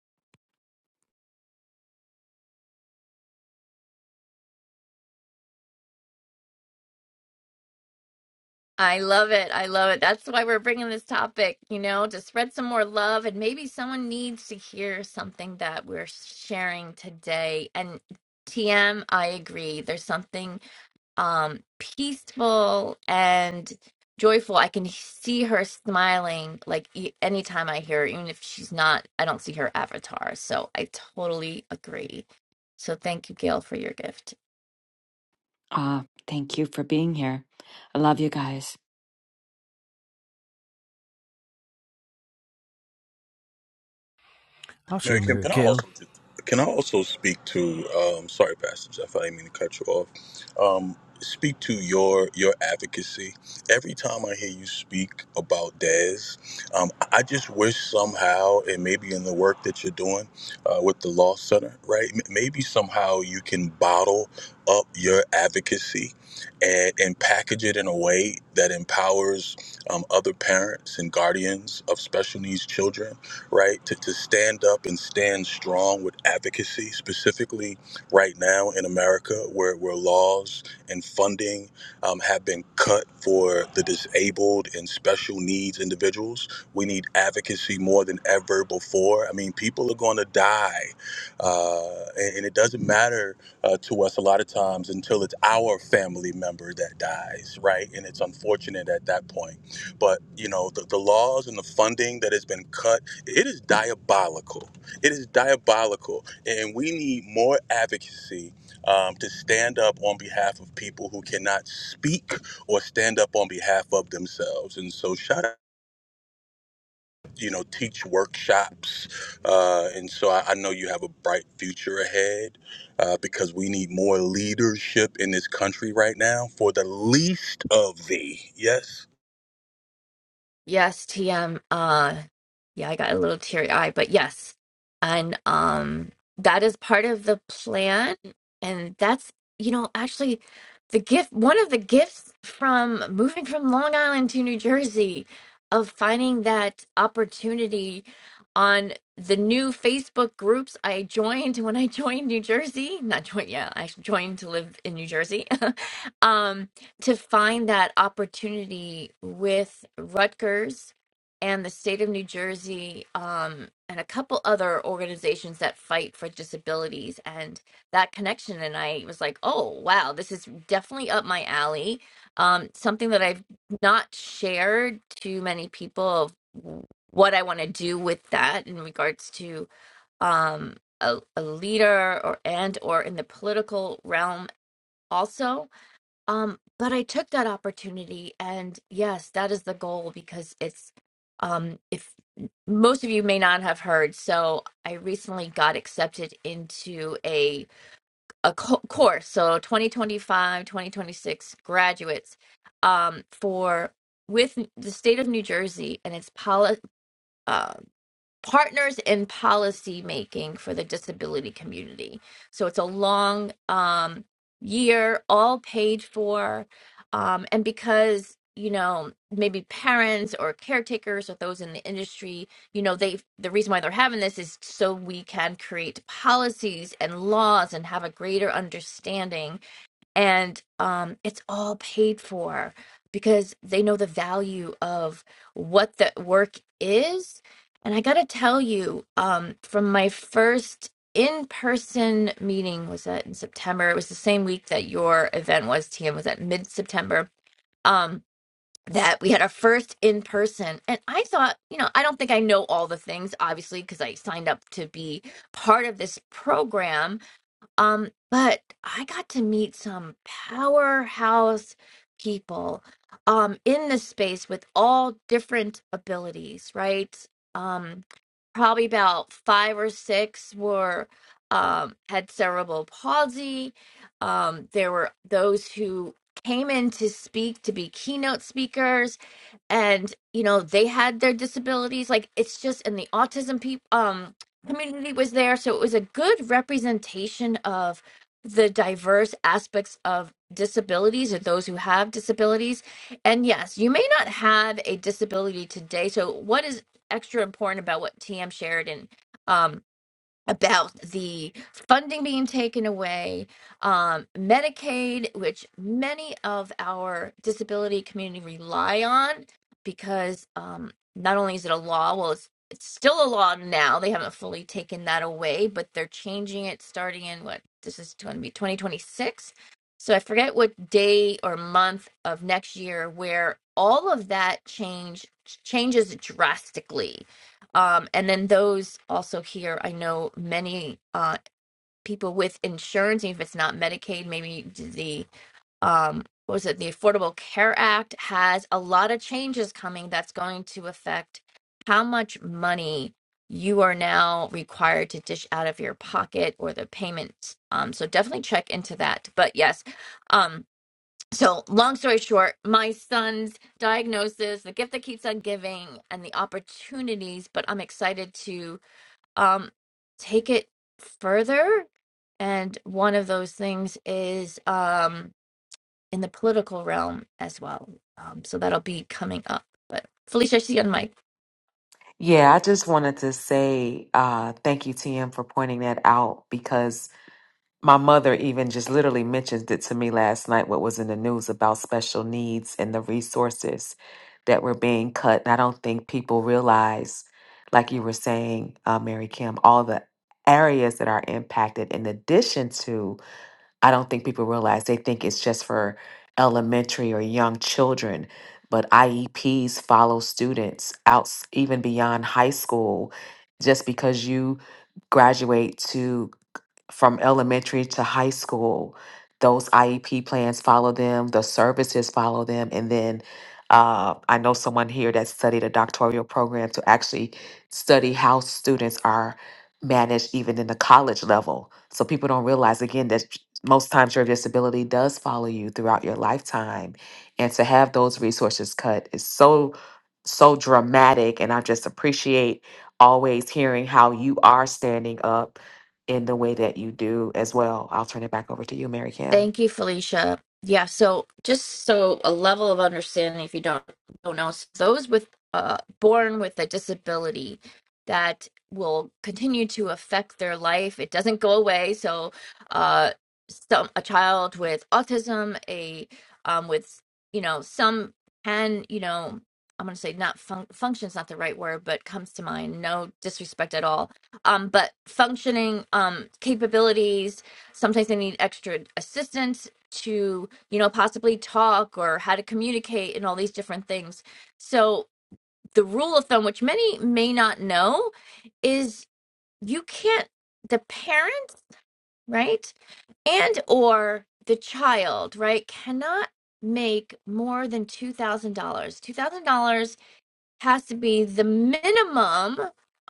[SPEAKER 12] I love it. I love it. That's why we're bringing this topic, you know, to spread some more love. And maybe someone needs to hear something that we're sharing today. And TM, I agree. There's something um, peaceful and joyful. I can see her smiling like e- anytime I hear her, even if she's not, I don't see her avatar. So I totally agree. So thank you, Gail, for your gift.
[SPEAKER 14] Uh, thank you for being here. I love you guys.
[SPEAKER 2] I'll share
[SPEAKER 3] Mary Kim,
[SPEAKER 2] Mary
[SPEAKER 3] can I
[SPEAKER 2] Kim.
[SPEAKER 3] also can I also speak to? Um, sorry, Pastor Jeff, I didn't mean to cut you off. Um, speak to your your advocacy. Every time I hear you speak about Dez, um, I just wish somehow, and maybe in the work that you're doing uh, with the Law Center, right? M- maybe somehow you can bottle up your advocacy and and package it in a way that empowers um, other parents and guardians of special needs children right? To, to stand up and stand strong with advocacy, specifically right now in America, where, where laws and funding um, have been cut for the disabled and special needs individuals. We need advocacy more than ever before. I mean, people are going to die. Uh, and, and it doesn't matter uh, to us a lot of times until it's our family member that dies, right? And it's unfortunate at that point. But, you know, the, the laws and the funding that has been cut it is diabolical. It is diabolical, and we need more advocacy um, to stand up on behalf of people who cannot speak or stand up on behalf of themselves. And so, shout out, you know, teach workshops. Uh, and so, I, I know you have a bright future ahead uh, because we need more leadership in this country right now for the least of thee. Yes
[SPEAKER 12] Yes, TM. Uh, yeah, I got a little teary eye, but yes. And um that is part of the plan. And that's, you know, actually the gift, one of the gifts from moving from Long Island to New Jersey of finding that opportunity on the new Facebook groups I joined when I joined New Jersey. Not joined, yeah, I joined to live in New Jersey. um to find that opportunity with Rutgers and the state of New Jersey um, and a couple other organizations that fight for disabilities and that connection. And I was like, oh, wow, this is definitely up my alley. Um, something that I've not shared to many people of what I want to do with that in regards to um, a, a leader or and or in the political realm also um, but I took that opportunity, and yes, that is the goal because it's um, if most of you may not have heard, so I recently got accepted into a a co course, so 2025, 2026 graduates um, for with the state of New Jersey, and it's policy partners in policy making for the disability community. So it's a long um, year, all paid for. Um, and because, you know, maybe parents or caretakers or those in the industry, you know, they the reason why they're having this is so we can create policies and laws and have a greater understanding and um, it's all paid for because they know the value of what the work is. And I gotta tell you, um, from my first in-person meeting was that in September. It was the same week that your event was, TM, was that mid-September. Um, that we had our first in person. And I thought, you know, I don't think I know all the things, obviously, because I signed up to be part of this program um, but I got to meet some powerhouse people um in this space with all different abilities, right? Um, probably about five or six were um had cerebral palsy. Um, there were those who came in to speak to be keynote speakers and you know they had their disabilities like it's just and the autism people um community was there so it was a good representation of the diverse aspects of disabilities or those who have disabilities and yes you may not have a disability today so what is extra important about what tm shared and um, about the funding being taken away, um, Medicaid, which many of our disability community rely on because um, not only is it a law, well, it's it's still a law now. They haven't fully taken that away, but they're changing it starting in what this is going to be 2026. So I forget what day or month of next year where all of that change changes drastically um, and then those also here, I know many uh, people with insurance, even if it's not Medicaid, maybe the um, what was it, the Affordable Care Act has a lot of changes coming that's going to affect how much money you are now required to dish out of your pocket or the payments. Um, so definitely check into that. But yes, um, so long story short my son's diagnosis the gift that keeps on giving and the opportunities but i'm excited to um take it further and one of those things is um in the political realm as well um so that'll be coming up but felicia I see you on mic.
[SPEAKER 11] Yeah, I just wanted to say uh, thank you, TM, for pointing that out because my mother even just literally mentioned it to me last night what was in the news about special needs and the resources that were being cut and i don't think people realize like you were saying uh, mary kim all the areas that are impacted in addition to i don't think people realize they think it's just for elementary or young children but ieps follow students out s- even beyond high school just because you graduate to from elementary to high school. Those IEP plans follow them, the services follow them, and then uh, I know someone here that studied a doctoral program to actually study how students are managed even in the college level. So people don't realize again that most times your disability does follow you throughout your lifetime. And to have those resources cut is so, so dramatic. And I just appreciate always hearing how you are standing up in the way that you do as well. I'll turn it back over to you, Mary Kim.
[SPEAKER 12] Thank you, Felicia. Yeah, so just so a level of understanding, if you don't don't know, so those with uh, born with a disability that will continue to affect their life. It doesn't go away. So, uh, some a child with autism, a um, with you know some can you know I'm going to say not fun- function's not the right word, but comes to mind. No disrespect at all. Um, but functioning um capabilities Sometimes they need extra assistance to, you know, possibly talk or how to communicate and all these different things. So, the rule of thumb, which many may not know, is you can't, the parent, right? And or the child, right, cannot make more than $2,000. $2,000 has to be the minimum,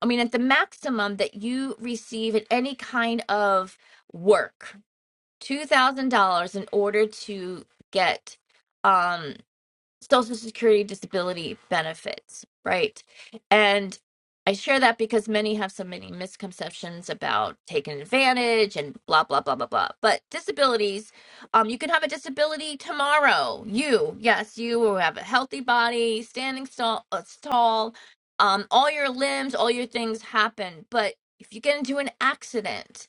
[SPEAKER 12] I mean, at the maximum that you receive in any kind of work, $2,000 in order to get um, Social Security disability benefits, right? And I share that because many have so many misconceptions about taking advantage and blah, blah, blah, blah, blah. But disabilities, um, you can have a disability tomorrow. You, yes, you will have a healthy body, standing tall, uh, tall um, all your limbs, all your things happen. But if you get into an accident,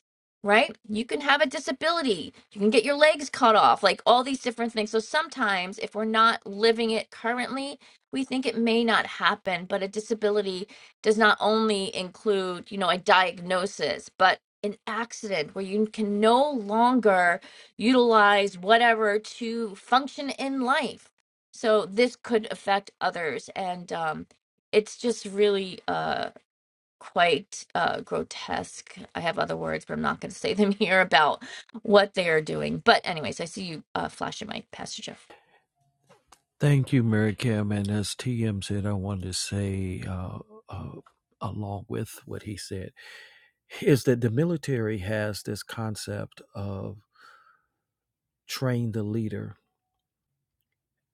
[SPEAKER 12] right? You can have a disability. You can get your legs cut off, like all these different things. So sometimes, if we're not living it currently, we think it may not happen. But a disability does not only include, you know, a diagnosis, but an accident where you can no longer utilize whatever to function in life. So this could affect others. And um, it's just really. uh, quite uh, grotesque. I have other words, but I'm not going to say them here about what they are doing. But, anyways, I see you uh, flashing my Pastor Jeff.
[SPEAKER 2] Thank you, Mary Kim. And as TM said, I wanted to say, uh, uh, along with what he said, is that the military has this concept of train the leader.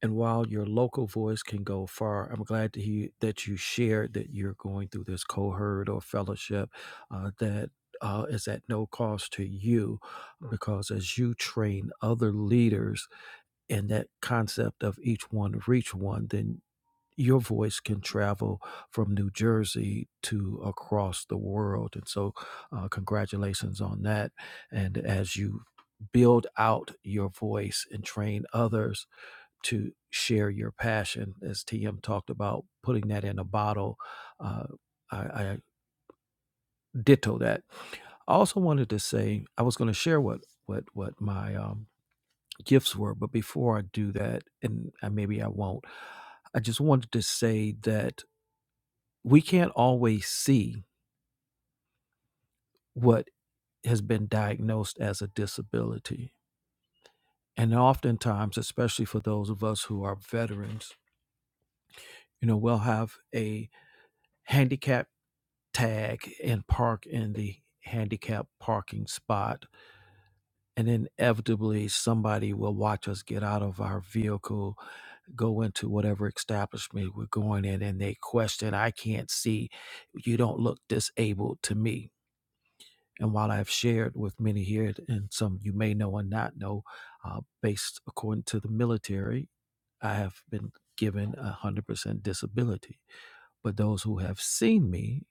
[SPEAKER 2] And while your local voice can go far, I'm glad to hear that you shared that you're going through this cohort or fellowship uh, that uh, is at no cost to you, because as you train other leaders in that concept of each one reach one, then your voice can travel from New Jersey to across the world. And so, uh, congratulations on that. And as you build out your voice and train others to share your passion, as TM talked about, putting that in a bottle. Uh, I, I ditto that. I also wanted to say I was going to share what what what my um, gifts were, but before I do that, and I, maybe I won't, I just wanted to say that we can't always see what has been diagnosed as a disability, and oftentimes, especially for those of us who are veterans, you know, we'll have a handicap tag and park in the handicap parking spot. And inevitably, somebody will watch us get out of our vehicle, go into whatever establishment we're going in, and they question, I can't see. You don't look disabled to me. And while I've shared with many here, and some you may know and not know, uh, based according to the military, I have been given a 100% disability. But those who have seen me,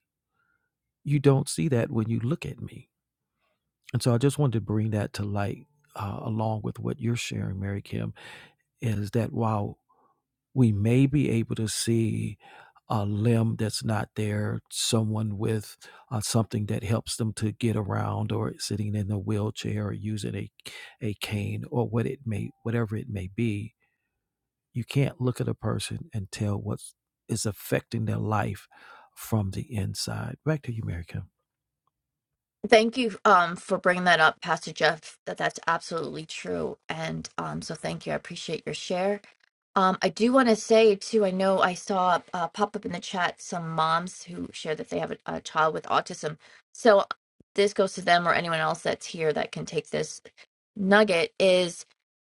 [SPEAKER 2] you don't see that when you look at me And so I just wanted to bring that to light uh, along with what you're sharing, Mary Kim, is that while we may be able to see a limb that's not there, someone with uh, something that helps them to get around or sitting in a wheelchair or using a, a cane or what it may, whatever it may be, you can't look at a person and tell what is affecting their life from the inside. Back to you, Mary Kim.
[SPEAKER 12] Thank you um, for bringing that up, Pastor Jeff. That that's absolutely true, and um, so thank you. I appreciate your share. Um, I do want to say too. I know I saw uh, pop up in the chat some moms who share that they have a, a child with autism. So this goes to them or anyone else that's here that can take this nugget. Is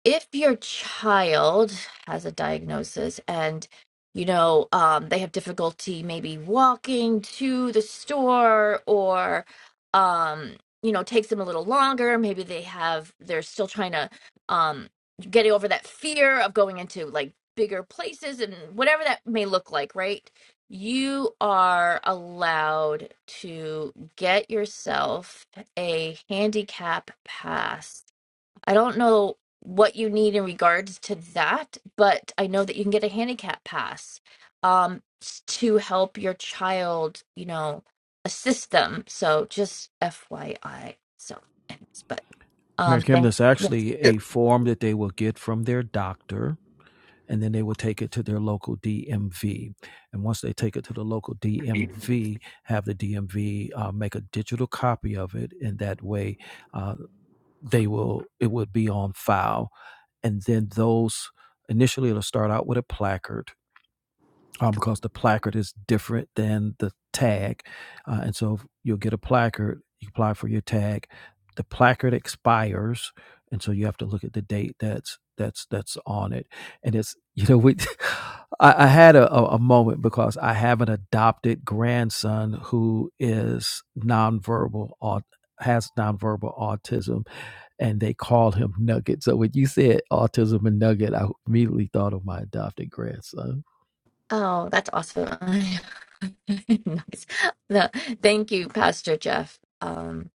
[SPEAKER 12] if your child has a diagnosis and you know um, they have difficulty maybe walking to the store or um, you know takes them a little longer maybe they have they're still trying to um, get over that fear of going into like bigger places and whatever that may look like right you are allowed to get yourself a handicap pass I don't know what you need in regards to that, but I know that you can get a handicap pass um, s- to help your child, you know, assist them. So just FYI. So, anyways, but
[SPEAKER 2] Mary
[SPEAKER 12] um,
[SPEAKER 2] Kim,
[SPEAKER 12] thank
[SPEAKER 2] there's
[SPEAKER 12] yes.
[SPEAKER 2] actually a form that they will get from their doctor and then they would take it to their local DMV. And once they take it to the local
[SPEAKER 15] If
[SPEAKER 2] DMV, have the DMV uh, make a digital copy of it, and that way uh, they will it would be on file. And then those initially it'll start out with a placard uh, because the placard is different than the tag. Uh, and so you'll get a placard, you apply for your tag. The placard expires, and so you have to look at the date that's that's that's on it. And it's you know we, I, I had a a moment because I have an adopted grandson who is nonverbal or has nonverbal autism and they called him Nugget. So when you said autism and Nugget, I immediately thought of my adopted grandson.
[SPEAKER 12] Oh, that's awesome. nice. The, thank you, Pastor Jeff. Um.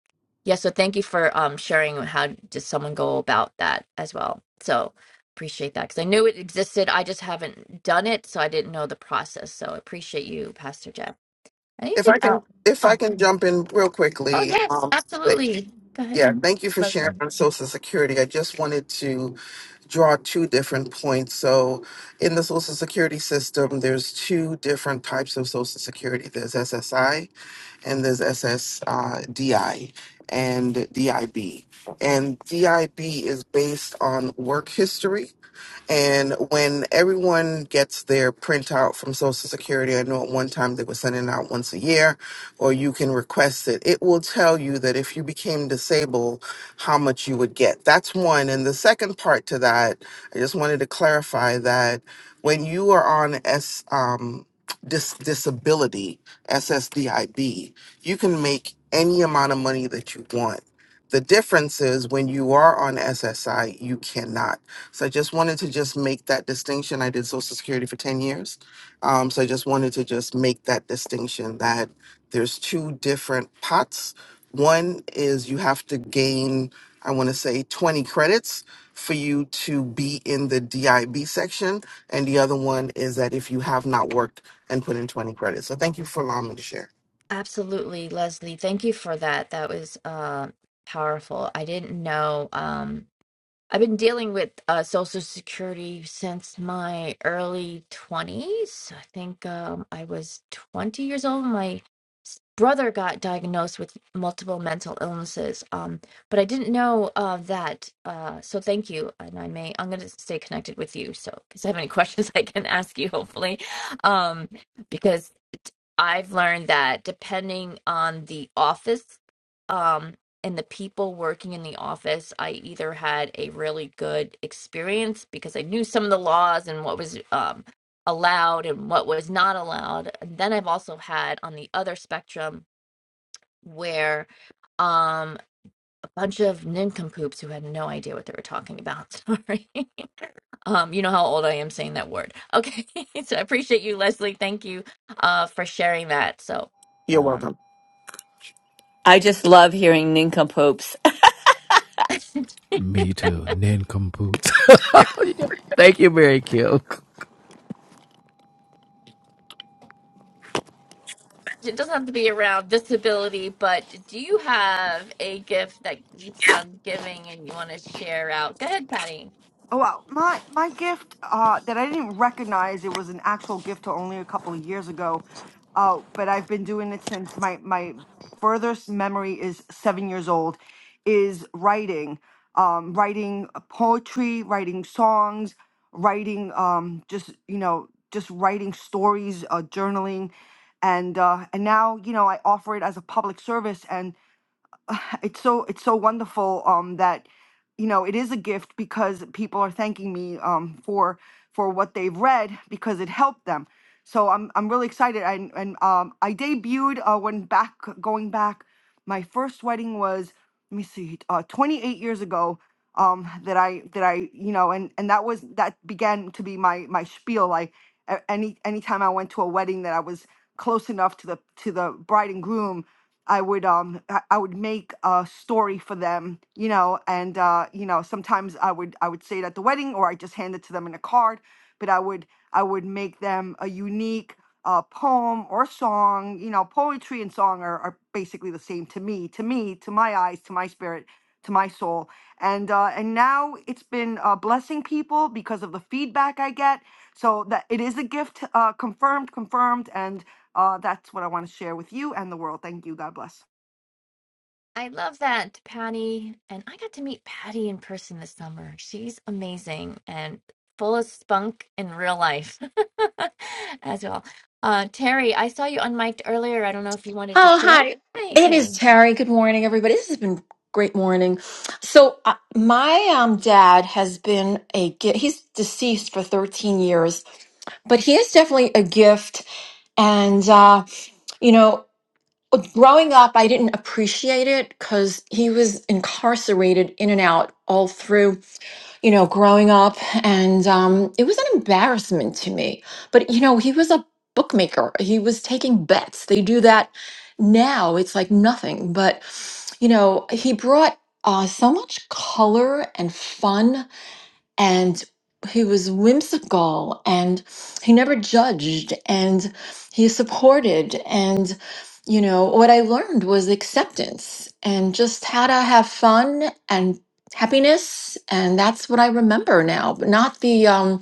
[SPEAKER 12] Yeah, so thank you for um sharing how did someone go about that as well. So appreciate that because I knew it existed. I just haven't done it, so I didn't know the process. So appreciate you, Pastor Jeff. Anything
[SPEAKER 15] I can,
[SPEAKER 12] else?
[SPEAKER 15] if I
[SPEAKER 12] Oh,
[SPEAKER 15] can jump in real
[SPEAKER 12] oh
[SPEAKER 15] quickly,
[SPEAKER 12] yes,
[SPEAKER 15] um, th-
[SPEAKER 12] absolutely. Go ahead,
[SPEAKER 15] yeah, thank you for sharing
[SPEAKER 12] Leslie.
[SPEAKER 15] on Social Security. I just wanted to draw two different points. So, in the Social Security system, there's two different types of Social Security. There's SSI, and there's SSDI and DIB. And DIB is based on work history And when everyone gets their printout from Social Security, I know at one time they were sending out once a year, or you can request it. It will tell you that if you became disabled, how much you would get. That's one. And the second part to that, I just wanted to clarify that when you are on S um, dis- disability SSDIB, you can make any amount of money that you want. The difference is when you are on SSI, you cannot. So I just wanted to just make that distinction. I did Social Security for 10 years. Um, so I just wanted to just make that distinction that there's two different pots. One is you have to gain, I want to say, 20 credits for you to be in the DIB section. And the other one is that if you have not worked and put in 20 credits. So thank you for allowing me to share.
[SPEAKER 12] Absolutely, Leslie. Thank you for that. That was uh powerful. I didn't know. Um, I've been dealing with uh, Social Security since my early 20s. I think um, I was 20 years old. when My s- brother got diagnosed with multiple mental illnesses, um, but I didn't know uh, that. Uh, so thank you, and I may I'm going to stay connected with you. So if I have any questions, I can ask you hopefully, um, because I've learned that depending on the office. Um, and the people working in the office, I either had a really good experience because I knew some of the laws and what was um, allowed and what was not allowed. And then I've also had on the other spectrum where um, a bunch of nincompoops who had no idea what they were talking about. Sorry. um, you know how old I am saying that word. Okay. so I appreciate you, Leslie. Thank you uh, for sharing that. So.
[SPEAKER 15] You're
[SPEAKER 12] Um,
[SPEAKER 15] welcome.
[SPEAKER 14] I just love hearing nincompoops.
[SPEAKER 2] Me too, nincompoops. Thank you, Mary Kim.
[SPEAKER 12] it doesn't have to be around disability, but do you have a gift that keeps on giving and you want to share out? Go ahead, Patty.
[SPEAKER 10] Oh wow, my my gift uh, that I didn't recognize it was an actual gift to only a couple of years ago, uh, but I've been doing it since my my furthest memory is seven years old, is writing, um, writing uh, poetry, writing songs, writing um, just you know just writing stories, uh, journaling, and uh, and now you know I offer it as a public service and it's so it's so wonderful um that you know it is a gift because people are thanking me um for for what they've read because it helped them so i'm i'm really excited and and um i debuted uh when back going back my first wedding was let me see uh 28 years ago um that i that i you know and and that was that began to be my my spiel I. A- Any anytime I went to a wedding that I was close enough to the to the bride and groom, I would um I I would make a story for them, you know, and uh, you know, sometimes I would I would say it at the wedding or I just hand it to them in a card, but I would I would make them a unique uh, poem or song, you know, poetry and song are, are basically the same to me, to me, to my eyes, to my spirit, to my soul. And uh, and now it's been uh, blessing people because of the feedback I get. So that it is a gift, uh, confirmed, confirmed, and uh, that's what I want to share with you and the world. Thank you. God bless.
[SPEAKER 12] I love that, Patty. And I got to meet Patty in person this summer. She's amazing and full of spunk in real life as well. Uh, Terry, I saw you unmiked earlier. I don't know if you wanted to
[SPEAKER 16] Oh,
[SPEAKER 12] share.
[SPEAKER 16] hi.
[SPEAKER 12] Hi,
[SPEAKER 16] It
[SPEAKER 12] Terry.
[SPEAKER 16] is Terry. Good morning, everybody. This has been a great morning. So, uh, my um, dad has been a gift. He's deceased for 13 years, but he is definitely a gift. And, uh, you know, growing up, I didn't appreciate it because he was incarcerated in and out all through you know, growing up. And um, it was an embarrassment to me. But, you know, he was a bookmaker, he was taking bets. They do that now, it's like nothing. But, you know, he brought uh, so much color and fun and he was whimsical and he never judged and he supported and you know what i learned was acceptance and just how to have fun and happiness and that's what i remember now but not the um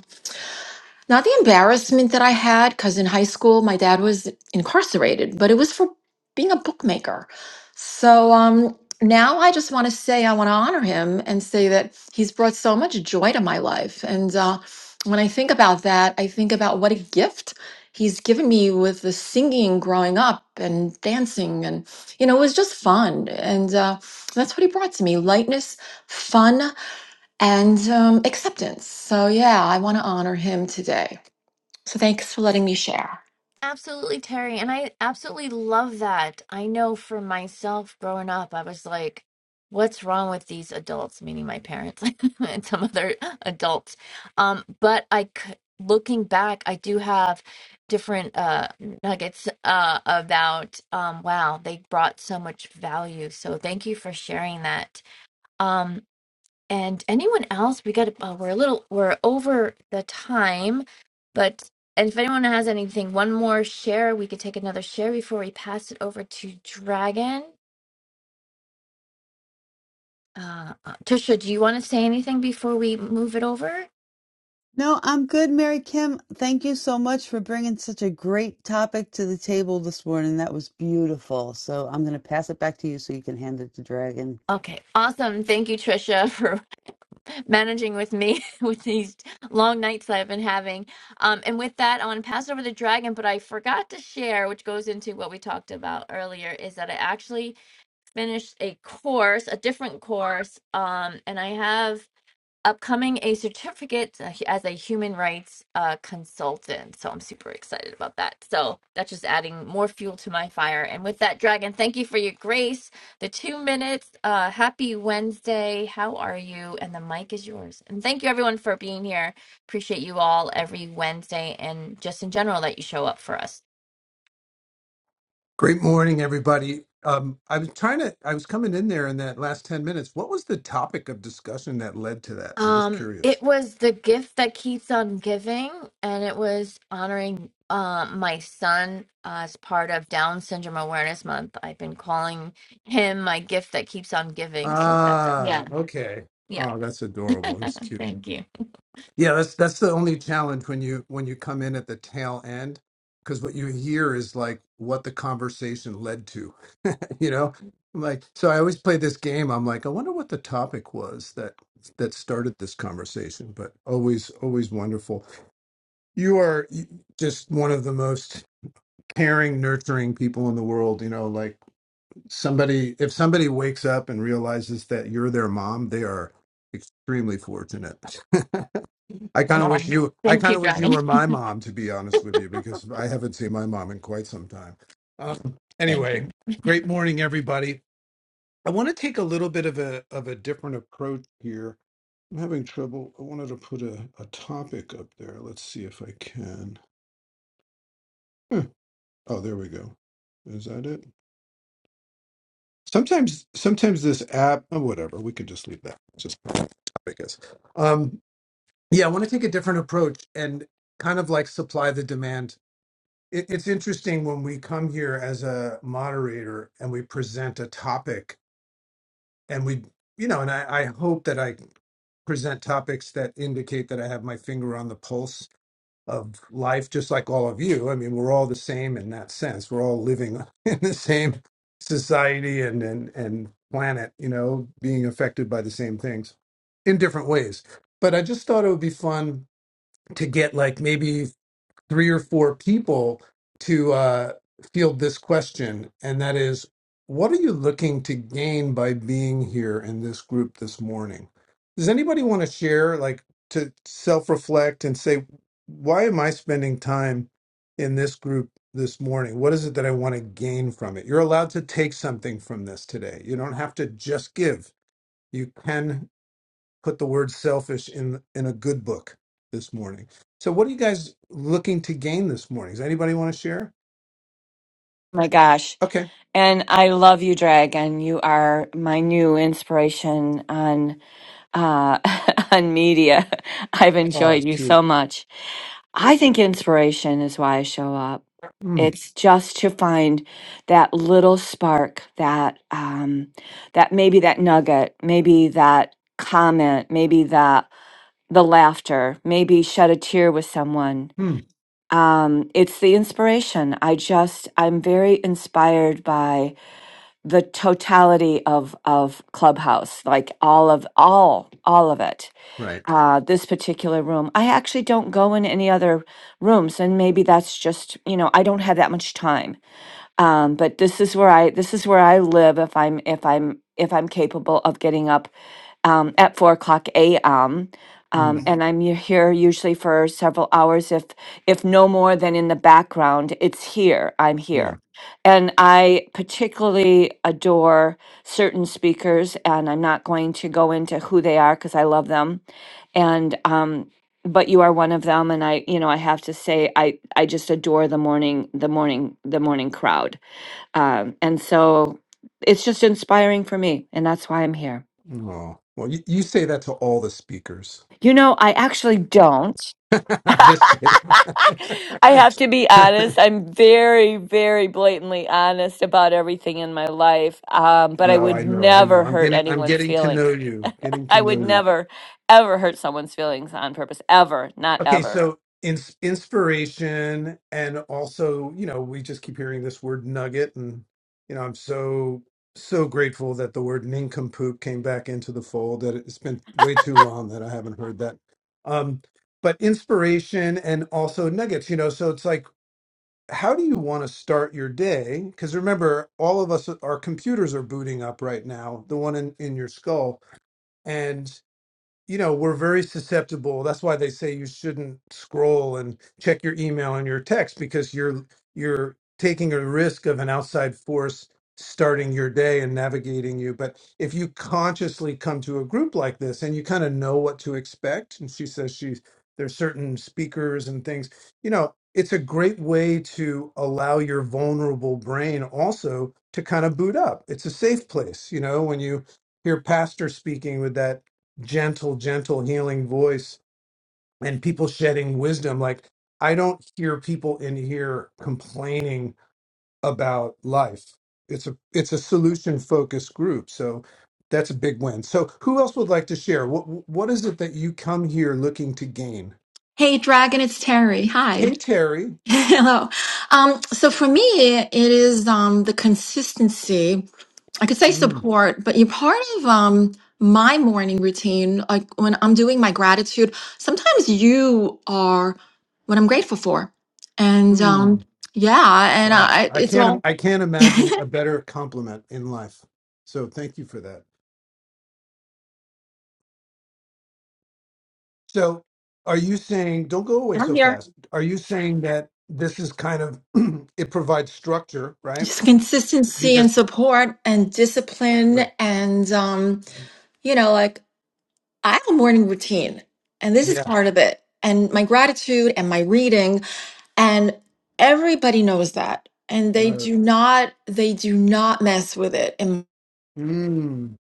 [SPEAKER 16] not the embarrassment that I had, because in high school my dad was incarcerated, but it was for being a bookmaker. So um, now I just want to say I want to honor him and say that he's brought so much joy to my life. And uh, when I think about that, I think about what a gift he's given me with the singing growing up and dancing. And, you know, it was just fun. And uh, that's what he brought to me lightness, fun, and um, acceptance. So, yeah, I want to honor him today. So thanks for letting me share.
[SPEAKER 12] Absolutely, Terry. And I absolutely love that. I know for myself growing up, I was like, what's wrong with these adults, meaning my parents and some other adults. Um, but I c- looking back, I do have different uh nuggets uh about um wow, they brought so much value. So thank you for sharing that. Um, and anyone else? We got uh, we're a little we're over the time, but and if anyone has anything, one more share, we could take another share before we pass it over to Dragon. Uh, uh, Trisha, do you want to say anything before we move it over?
[SPEAKER 1] No, I'm good, Mary Kim. Thank you so much for bringing such a great topic to the table this morning. That was beautiful. So I'm going to pass it back to you so you can hand it to Dragon.
[SPEAKER 12] Okay, awesome. Thank you, Trisha, for managing with me with these long nights I've been having. Um, and with that, I want to pass it over to Dragon, but I forgot to share, which goes into what we talked about earlier, is that I actually finished a course, a different course, um, and I have upcoming a certificate as a human rights uh, consultant. So I'm super excited about that. So that's just adding more fuel to my fire. And with that, Dragon, thank you for your grace. The two minutes. Uh, happy Wednesday. How are you? And the mic is yours. And thank you everyone for being here. Appreciate you all every Wednesday and just in general that you show up for us.
[SPEAKER 17] Great morning, everybody. Um, I was trying to, I was coming in there in that last 10 minutes. What was the topic of discussion that led to that? I'm just
[SPEAKER 12] Um,
[SPEAKER 17] curious.
[SPEAKER 12] it was the gift that keeps on giving, and it was honoring uh, my son as part of Down Syndrome Awareness Month. I've been calling him my gift that keeps on giving. So that's
[SPEAKER 17] Ah,
[SPEAKER 12] yeah,
[SPEAKER 17] okay.
[SPEAKER 12] yeah.
[SPEAKER 17] Oh, that's adorable. That's cute.
[SPEAKER 12] Thank you.
[SPEAKER 17] Yeah, that's that's the only challenge when you when you come in at the tail end, because what you hear is like what the conversation led to, you know? I'm like, so I always play this game. I'm like, I wonder what the topic was that that started this conversation, but always always wonderful. You are just one of the most caring, nurturing people in the world. You know, like somebody, if somebody wakes up and realizes that you're their mom, they are extremely fortunate. I kind of wish
[SPEAKER 12] Um,
[SPEAKER 17] you, I
[SPEAKER 12] thank
[SPEAKER 17] kind
[SPEAKER 12] you,
[SPEAKER 17] of wish you
[SPEAKER 12] Dragon.
[SPEAKER 17] were my mom, to be honest with you, because I haven't seen my mom in quite some time. Um,
[SPEAKER 12] Thank you.
[SPEAKER 17] anyway, great morning, everybody. I want to take a little bit of a of a different approach here. I'm having trouble. I wanted to put a, a topic up there. Let's see if I can. Oh, there we go. Is that it? Sometimes, sometimes this app, oh, whatever, we could just leave that. It's Just not I guess. Um, yeah, I want to take a different approach and kind of like supply the demand. It, it's interesting when we come here as a moderator and we present a topic, and we, you know, and I, I hope that I present topics that indicate that I have my finger on the pulse of life, just like all of you. I mean, we're all the same in that sense. We're all living in the same society and and and planet, you know, being affected by the same things in different ways. But I just thought it would be fun to get like maybe three or four people to uh, field this question, and that is, what are you looking to gain by being here in this group this morning? Does anybody want to share, like, to self reflect and say, why am I spending time in this group this morning? What is it that I want to gain from it? You're allowed to take something from this today. You don't have to just give, you can put the word selfish in in a good book this morning. So what are you guys looking to gain this morning? Does anybody want to share?
[SPEAKER 14] my gosh.
[SPEAKER 17] Okay.
[SPEAKER 14] And I love you, Drag, and you are my new inspiration on uh, on media. I've
[SPEAKER 17] Oh,
[SPEAKER 14] enjoyed you
[SPEAKER 17] cute.
[SPEAKER 14] so much. I think inspiration is why I show up.
[SPEAKER 17] Mm,
[SPEAKER 14] It's just to find that little spark, that um, that maybe that nugget, maybe that comment, maybe that the laughter, maybe shed a tear with someone,
[SPEAKER 17] mm,
[SPEAKER 14] um it's the inspiration i just i'm very inspired by the totality of of clubhouse like all of all all of it
[SPEAKER 17] right.
[SPEAKER 14] uh this particular room i actually don't go in any other rooms and maybe that's just you know i don't have that much time um, but this is where I this is where I live if I'm if I'm if I'm capable of getting up um, at four o'clock a.m. Um, Mhm.
[SPEAKER 17] Mm,
[SPEAKER 14] and I'm u- here usually for several hours, if if no more than in the background. It's here. I'm
[SPEAKER 17] yeah.
[SPEAKER 14] here, and I particularly adore certain speakers, and I'm not going to go into who they are because I love them, and um, but you are one of them, and I you know I have to say I I just adore the morning the morning the morning crowd um, and so it's just inspiring for me, and that's why I'm here.
[SPEAKER 17] Oh, well, you, you say that to all the speakers.
[SPEAKER 14] You know, I actually don't.
[SPEAKER 17] I'm just kidding.
[SPEAKER 14] I have to be honest. I'm very, very blatantly honest about everything in my life. Um, but I
[SPEAKER 17] no,
[SPEAKER 14] would
[SPEAKER 17] I know, I know.
[SPEAKER 14] never
[SPEAKER 17] I'm
[SPEAKER 14] hurt
[SPEAKER 17] getting, I'm
[SPEAKER 14] anyone's
[SPEAKER 17] getting to know
[SPEAKER 14] feelings.
[SPEAKER 17] you, getting to
[SPEAKER 14] I
[SPEAKER 17] know
[SPEAKER 14] would
[SPEAKER 17] you.
[SPEAKER 14] never, ever hurt someone's feelings on purpose. Ever. Not
[SPEAKER 17] Okay,
[SPEAKER 14] ever.
[SPEAKER 17] so ins- inspiration and also, you know, we just keep hearing this word nugget and you know, I'm so so grateful that the word nincompoop came back into the fold that it's been way too long that I haven't heard that. Um but inspiration and also nuggets, you know, so it's like how do you want to start your day? Because remember, all of us, our computers are booting up right now, the one in, in your skull you know we're very susceptible that's why they say you shouldn't scroll and check your email and your text because you're you're taking a risk of an outside force starting your day and navigating you but if you consciously come to a group like this and you kind of know what to expect and she says she's there's certain speakers and things you know it's a great way to allow your vulnerable brain also to kind of boot up it's a safe place you know when you hear pastor speaking with that gentle, gentle healing voice and people shedding wisdom. Like I don't hear people in here complaining about life. It's a it's a solution focused group. So that's a big win. So who else would like to share? What what is it that you come here looking to gain?
[SPEAKER 16] Hey, Dragon, it's Terry. Hi.
[SPEAKER 17] Hey Terry.
[SPEAKER 16] Hello. Um, so for me, it is um, the consistency. I could say
[SPEAKER 17] Mm,
[SPEAKER 16] support, but you're part of um, my morning routine. Like when I'm doing my gratitude, sometimes you are what I'm grateful for. And um,
[SPEAKER 17] mm,
[SPEAKER 16] yeah, and
[SPEAKER 17] wow.
[SPEAKER 16] I,
[SPEAKER 17] I
[SPEAKER 16] it's
[SPEAKER 17] can't im-
[SPEAKER 16] all,
[SPEAKER 17] I can't imagine a better compliment in life. So thank you for that. So are you saying, don't go away
[SPEAKER 16] I'm
[SPEAKER 17] so
[SPEAKER 16] here.
[SPEAKER 17] fast. Are you saying that this is kind of, it provides structure, right?
[SPEAKER 16] Just consistency and
[SPEAKER 17] Because,
[SPEAKER 16] support and discipline
[SPEAKER 17] right.
[SPEAKER 16] and, um, you know, like I have a morning routine, and this is
[SPEAKER 17] Yeah.
[SPEAKER 16] part of it. And my gratitude and my reading, and everybody knows that. And they
[SPEAKER 17] Right.
[SPEAKER 16] do not, they do not mess with it.
[SPEAKER 17] Mm,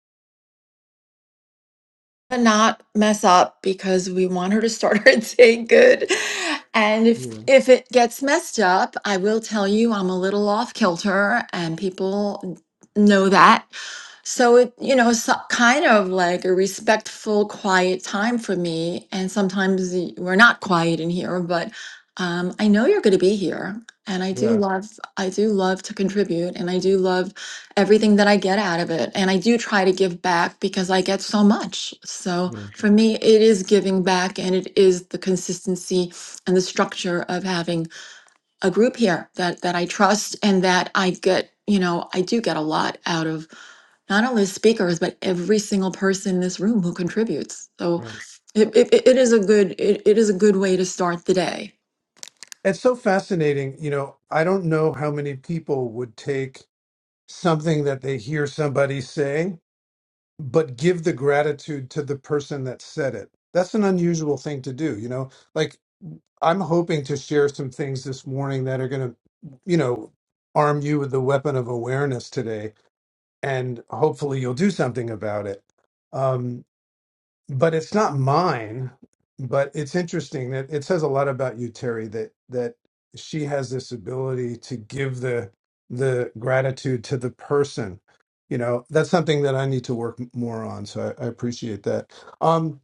[SPEAKER 16] to not mess up because we want her to start her day good. And if
[SPEAKER 17] yeah.
[SPEAKER 16] if it gets messed up, I will tell you I'm a little off kilter, and people know that. So it you know so, kind of like a respectful, quiet time for me. And sometimes y- we're not quiet in here, but um, I know you're going to be here, and I do
[SPEAKER 17] Yeah.
[SPEAKER 16] love I do love to contribute, and I do love everything that I get out of it. And I do try to give back because I get so much. So
[SPEAKER 17] Yeah.
[SPEAKER 16] for me, it is giving back and it is the consistency and the structure of having a group here that, that I trust and that I get, you know, I do get a lot out of not only speakers, but every single person in this room who contributes. So
[SPEAKER 17] Right.
[SPEAKER 16] it, it, it is a good, it, it is a good way to start the day.
[SPEAKER 17] It's so fascinating. You know, I don't know how many people would take something that they hear somebody say, but give the gratitude to the person that said it. That's an unusual thing to do. You know, like I'm hoping to share some things this morning that are going to, you know, arm you with the weapon of awareness today, and hopefully you'll do something about it. Um, but it's not mine. But it's interesting that it says a lot about you, Terry, that that she has this ability to give the the gratitude to the person. You know, that's something that I need to work more on. So I, I appreciate that. Um,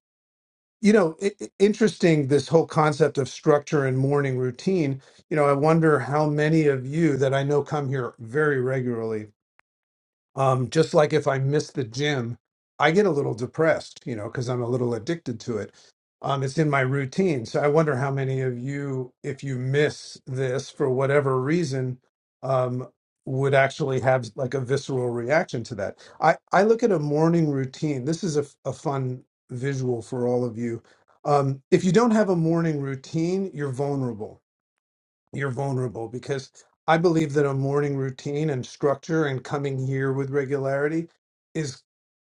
[SPEAKER 17] you know i i- interesting this whole concept of structure and morning routine you know i wonder how many of you that i know come here very regularly um, just like if I miss the gym, I get a little depressed, you know, because I'm a little addicted to it. Um, it's in my routine. So I wonder how many of you, if you miss this for whatever reason, um, would actually have like a visceral reaction to that. I, I look at a morning routine. This is a, f- a fun visual for all of you. Um, if you don't have a morning routine, you're vulnerable you're vulnerable because I believe that a morning routine and structure and coming here with regularity is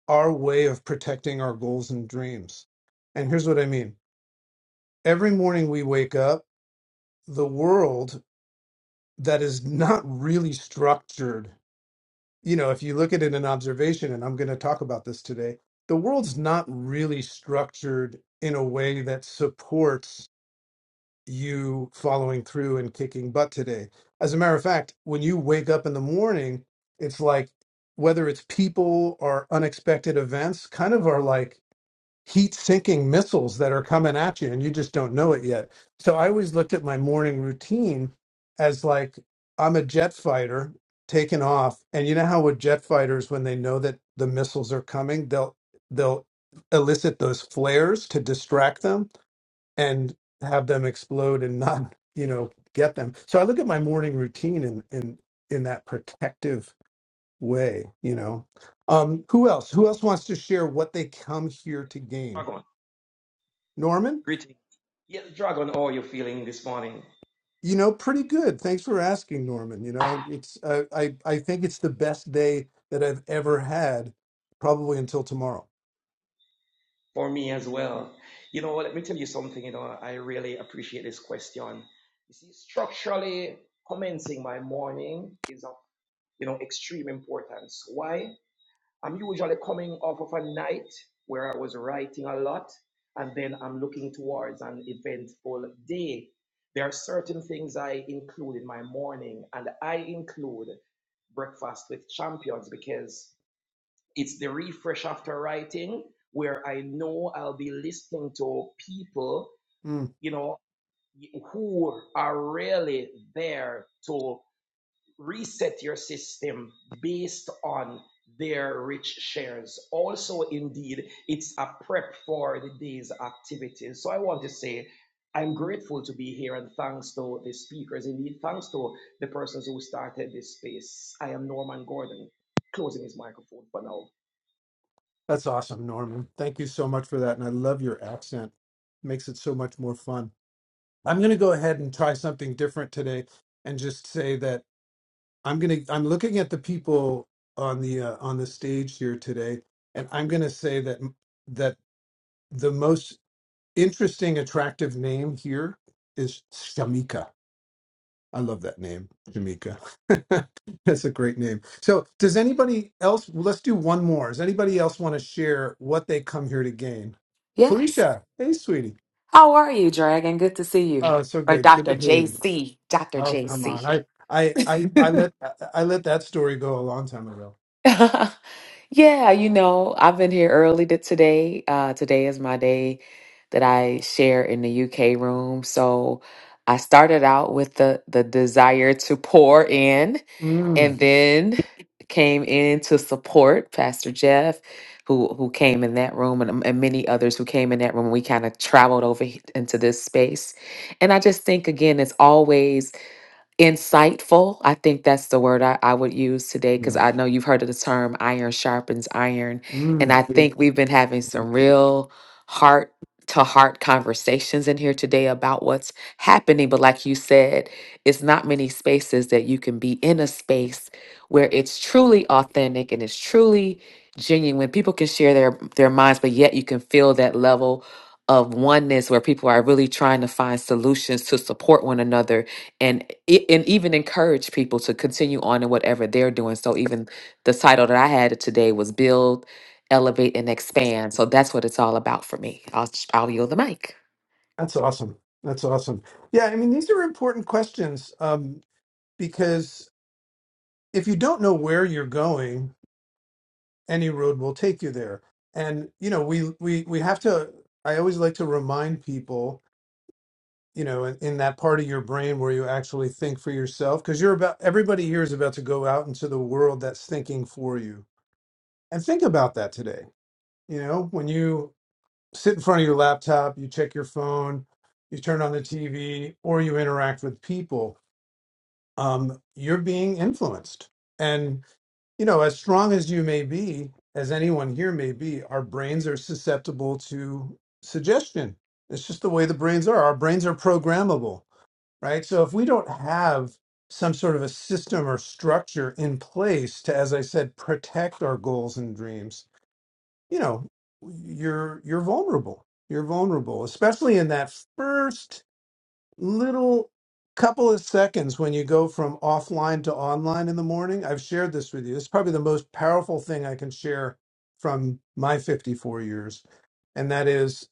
[SPEAKER 17] our way of protecting our goals and dreams. And here's what I mean every morning we wake up, the world that is not really structured, you know, if you look at it in observation, and I'm going to talk about this today, the world's not really structured in a way that supports you following through and kicking butt today. As a matter of fact, when you wake up in the morning, it's like whether it's people or unexpected events, kind of are like heat sinking missiles that are coming at you and you just don't know it yet. So I always looked at my morning routine as like I'm a jet fighter taking off. And you know how with jet fighters, when they know that the missiles are coming, they'll they'll elicit those flares to distract them and have them explode and not you know get them so i look at my morning routine in in in that protective way you know um who else who else wants to share what they come here to gain
[SPEAKER 18] Dragon,
[SPEAKER 17] norman
[SPEAKER 18] greeting. Yes, Dragon, how are you feeling this morning?
[SPEAKER 17] you know pretty good thanks for asking norman you know it's uh, i i think it's the best day that i've ever had probably until tomorrow
[SPEAKER 18] For me as well. You know, let me tell you something, you know, I really appreciate this question. You see, structurally commencing my morning is of, you know, extreme importance. Why? I'm usually coming off of a night where I was writing a lot, and then I'm looking towards an eventful day. There are certain things I include in my morning, and I include breakfast with champions because It's the refresh after writing where I know I'll be listening to people,
[SPEAKER 17] Mm,
[SPEAKER 18] you know, who are really there to reset your system based on their rich shares. Also, indeed, it's a prep for the day's activities. So I want to say I'm grateful to be here and thanks to the speakers. Indeed, thanks to the persons who started this space. I am Norman Gordon, closing his microphone for now.
[SPEAKER 17] that's awesome norman thank you so much for that and i love your accent makes it so much more fun I'm going to go ahead and try something different today, and just say that I'm going to. I'm looking at the people on the uh, on the stage here today, and I'm going to say that that the most interesting, attractive name here is Shamika. I love that name, Shamika. That's a great name. So, does anybody else? well, Let's do one more. Does anybody else want to share what they come here to gain?
[SPEAKER 11] Yes.
[SPEAKER 17] Felicia, hey, sweetie.
[SPEAKER 11] How are you, Dragon? Good to see you.
[SPEAKER 17] Oh, so
[SPEAKER 11] Or
[SPEAKER 17] good. Good
[SPEAKER 11] Dr.
[SPEAKER 17] to hear you.
[SPEAKER 11] JC. Dr.
[SPEAKER 17] Oh, come on.
[SPEAKER 11] JC.
[SPEAKER 17] I, I, I, I let, I let that story go a long time ago.
[SPEAKER 11] Yeah, you know, I've been here early to today. Uh, today is my day that I share in the UK room. So I started out with the the desire to pour in
[SPEAKER 17] Mm,
[SPEAKER 11] and then came in to support Pastor Jeff, who who came in that room, and, and many others who came in that room. We kind of traveled over he- into this space, and I just think again, it's always insightful. I think that's the word I, I would use today because
[SPEAKER 17] yeah.
[SPEAKER 11] I know you've heard of the term iron sharpens iron. And
[SPEAKER 17] mm,
[SPEAKER 11] I
[SPEAKER 17] yeah.
[SPEAKER 11] think we've been having some real heart to heart conversations in here today about what's happening. But like you said, it's not many spaces that you can be in a space where it's truly authentic and it's truly genuine. People can share their, their minds, but yet you can feel that level of oneness where people are really trying to find solutions to support one another and e- and even encourage people to continue on in whatever they're doing. So even the title that I had today was build, elevate, and expand. So that's what it's all about for me. I'll i I'll yield the mic.
[SPEAKER 17] that's awesome. That's awesome. Yeah, I mean, these are important questions um, because if you don't know where you're going, any road will take you there. And you know, we we we have to. I always like to remind people you know in, in that part of your brain where you actually think for yourself because you're about everybody here is about to go out into the world that's thinking for you and think about that today you know when you sit in front of your laptop you check your phone you turn on the tv or you interact with people um, you're being influenced and you know as strong as you may be as anyone here may be our brains are susceptible to suggestion it's just the way the brains are our brains are programmable right? So if we don't have some sort of a system or structure in place to, as I said, protect our goals and dreams, you know, you're you're vulnerable. You're vulnerable, especially in that first little couple of seconds when you go from offline to online in the morning. I've shared this with you. It's probably the most powerful thing I can share from my 54 years, and that is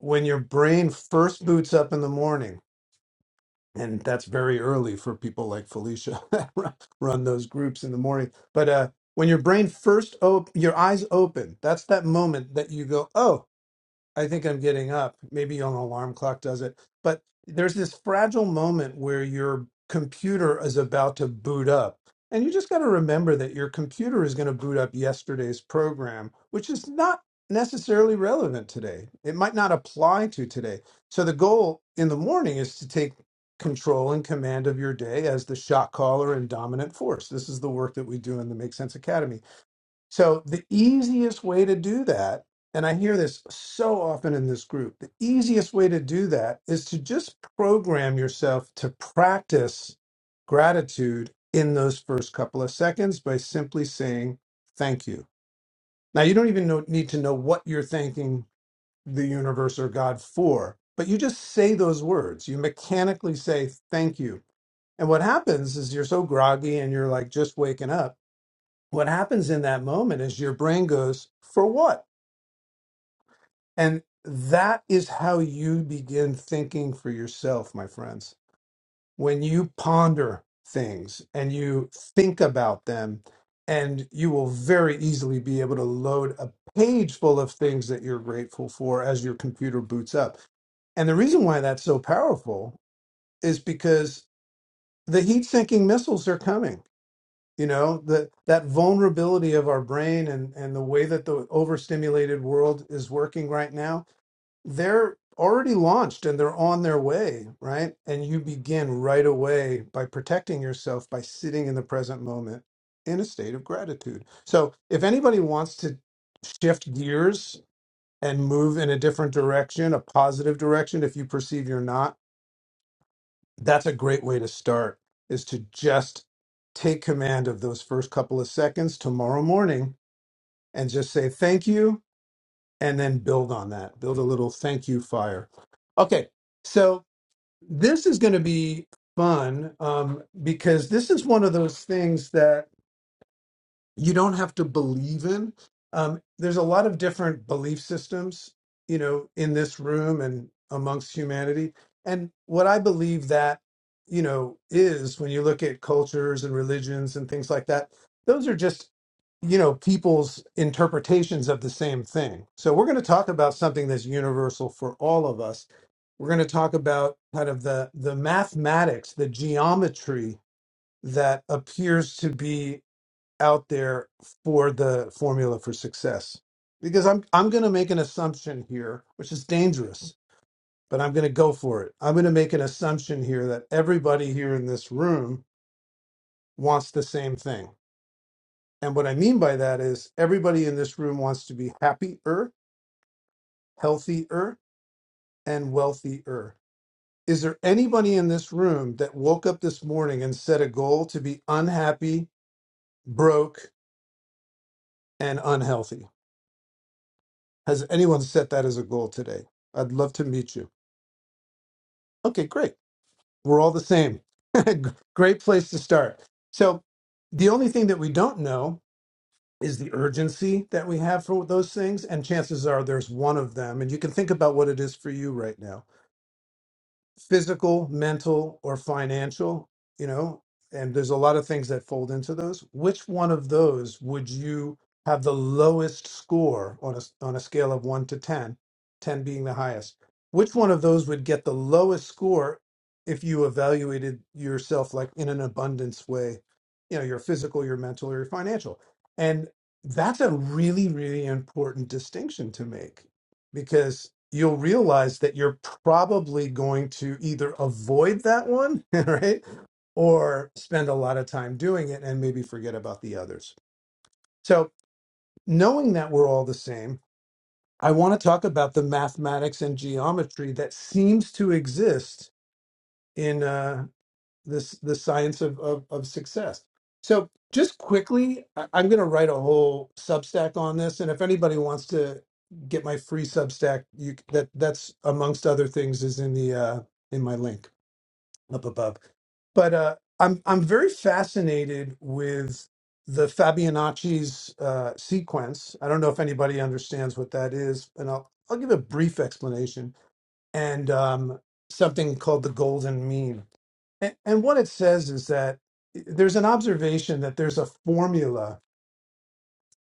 [SPEAKER 17] when your brain first boots up in the morning and that's very early for people like Felicia that run run those groups in the morning. But uh, when your brain first op- your eyes open, that's that moment that you go, "Oh, I think I'm getting up. Maybe an alarm clock does it. But there's this fragile moment where your computer is about to boot up. And you just got to remember that your computer is going to boot up yesterday's program, which is not necessarily relevant today. It might not apply to today. So the goal in the morning is to take control and command of your day as the shot caller and dominant force. This is the work that we do in the Make Sense Academy so the easiest way to do that, and I hear this so often in this group, the easiest way to do that is to just program yourself to practice gratitude in those first couple of seconds by simply saying thank you. Now you don't even know, need to know what you're thanking the universe or God for, but you just say those words. You mechanically say thank you. And what happens is you're so groggy and you're like just waking up what happens in that moment is your brain goes for what and that is how you begin thinking for yourself my friends when you ponder things and you think about them and you will very easily be able to load a page full of things that you're grateful for as your computer boots up and the reason why that's so powerful is because the heat sinking missiles are coming you know that that vulnerability of our brain and and the way that the overstimulated world is working right now they're already launched and they're on their way right and you begin right away by protecting yourself by sitting in the present moment in a state of gratitude so if anybody wants to shift gears and move in a different direction a positive direction if you perceive you're not that's a great way to start is to just take command of those first couple of seconds tomorrow morning and just say thank you and then build on that build a little thank you fire okay so this is going to be fun um, because this is one of those things that you don't have to believe in. Um, there's a lot of different belief systems, you know, in this room and amongst humanity. And what I believe that, you know, is when you look at cultures and religions and things like that, those are just, you know, people's interpretations of the same thing. So we're going to talk about something that's universal for all of us. We're going to talk about kind of the the mathematics, the geometry that appears to be out there for the formula for success because i'm i'm going to make an assumption here which is dangerous but i'm going to go for it i'm going to make an assumption here that everybody here in this room wants the same thing and what i mean by that is everybody in this room wants to be happier healthier and wealthier is there anybody in this room that woke up this morning and set a goal to be unhappy broke and unhealthy Has anyone set that as a goal today? I'd love to meet you. Okay, great. We're all the same. great place to start. So, the only thing that we don't know is the urgency that we have for those things. And chances are there's one of them. And you can think about what it is for you right now physical, mental, or financial, you know, and there's a lot of things that fold into those. Which one of those would you have the lowest score on a on a scale of 1 to 10, 10 being the highest? Which one of those would get the lowest score if you evaluated yourself like in an abundance way, you know, your physical, your mental, or your financial? And that's a really really important distinction to make because you'll realize that you're probably going to either avoid that one, right? Or spend a lot of time doing it and maybe forget about the others. So, knowing that we're all the same, I want to talk about the mathematics and geometry that seems to exist in uh, this the science of, of of success. So just quickly, I- I'm going to write a whole Substack on this, and if anybody wants to get my free Substack, you c- that that's amongst other things is in the uh, in my link up above. But uh, I'm I'm very fascinated with the Fabianacci's uh, sequence. I don't know if anybody understands what that is, and I'll I'll give a brief explanation and um, something called the golden mean and, and what it says is that eh, there's an observation that there's a formula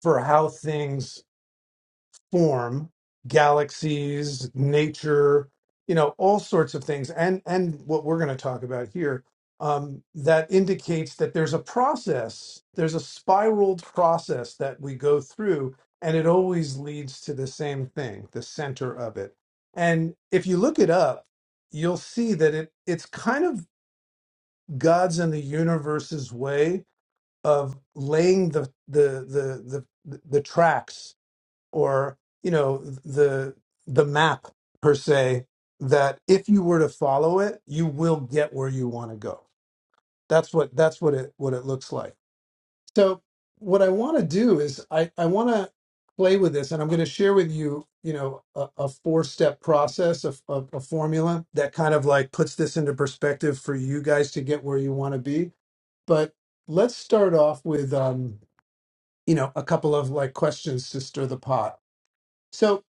[SPEAKER 17] for how things form, galaxies, nature, you know, all sorts of things, and and what we're going to talk about here um, that indicates that there's a process, there's a spiraled process that we go through, and it always leads to the same thing, the center of it. And if you look it up, you'll see that it it's kind of God's and the universe's way of laying the the the the, the tracks or you know the the map per se that if you were to follow it you will get where you want to go that's what that's what it what it looks like so what i want to do is i i want to play with this and i'm going to share with you you know a, a four step process of a, a formula that kind of like puts this into perspective for you guys to get where you want to be but let's start off with um, you know a couple of like questions to stir the pot. So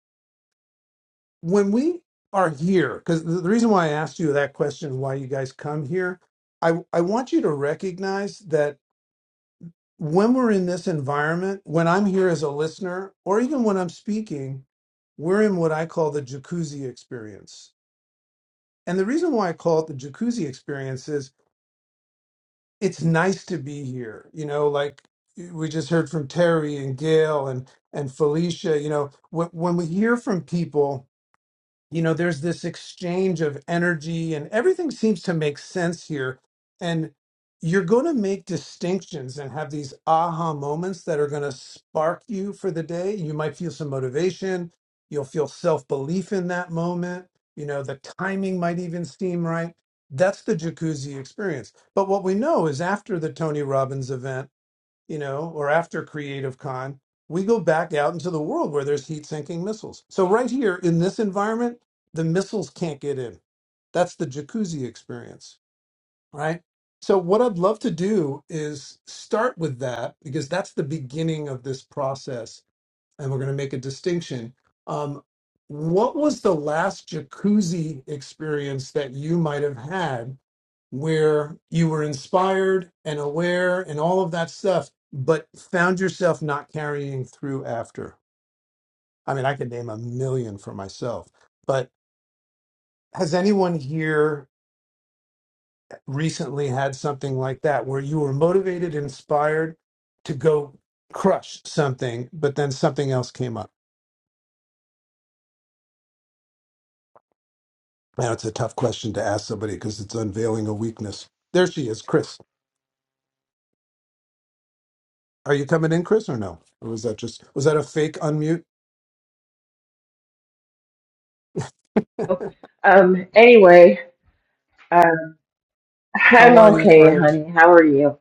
[SPEAKER 17] when we are here, because the the reason why I asked you that question why you guys come here, I I want you to recognize that when we're in this environment, when I'm here as a listener, or even when I'm speaking, we're in what I call the jacuzzi experience. And the reason why I call it the jacuzzi experience is it's nice to be here. You know, like we just heard from Terry and Gail and and Felicia. You know, when when we hear from people you know there's this exchange of energy and everything seems to make sense here and you're going to make distinctions and have these aha moments that are going to spark you for the day you might feel some motivation you'll feel self-belief in that moment you know the timing might even seem right that's the jacuzzi experience but what we know is after the tony robbins event you know, or after Creative Con, we go back out into the world where there's heat sinking missiles. So right here in this environment, the missiles can't get in. That's the jacuzzi experience, right? So what I'd love to do is start with that because that's the beginning of this process, and we're going to make a distinction. Um, what was the last jacuzzi experience that you might have had where you were inspired and aware and all of that stuff, but found yourself not carrying through after? I mean, I could name a million for myself, but has anyone here recently had something like that where you were motivated, inspired to go crush something, but then something else came up? Now, it's a tough question to ask somebody because it's unveiling a weakness. There she is, Chris. Are you coming in, Chris, or no? Or was that just, was that a fake unmute?
[SPEAKER 19] Um, anyway, um,
[SPEAKER 17] How
[SPEAKER 19] I'm
[SPEAKER 17] are you,
[SPEAKER 19] okay,
[SPEAKER 17] friend?
[SPEAKER 19] honey. How are you?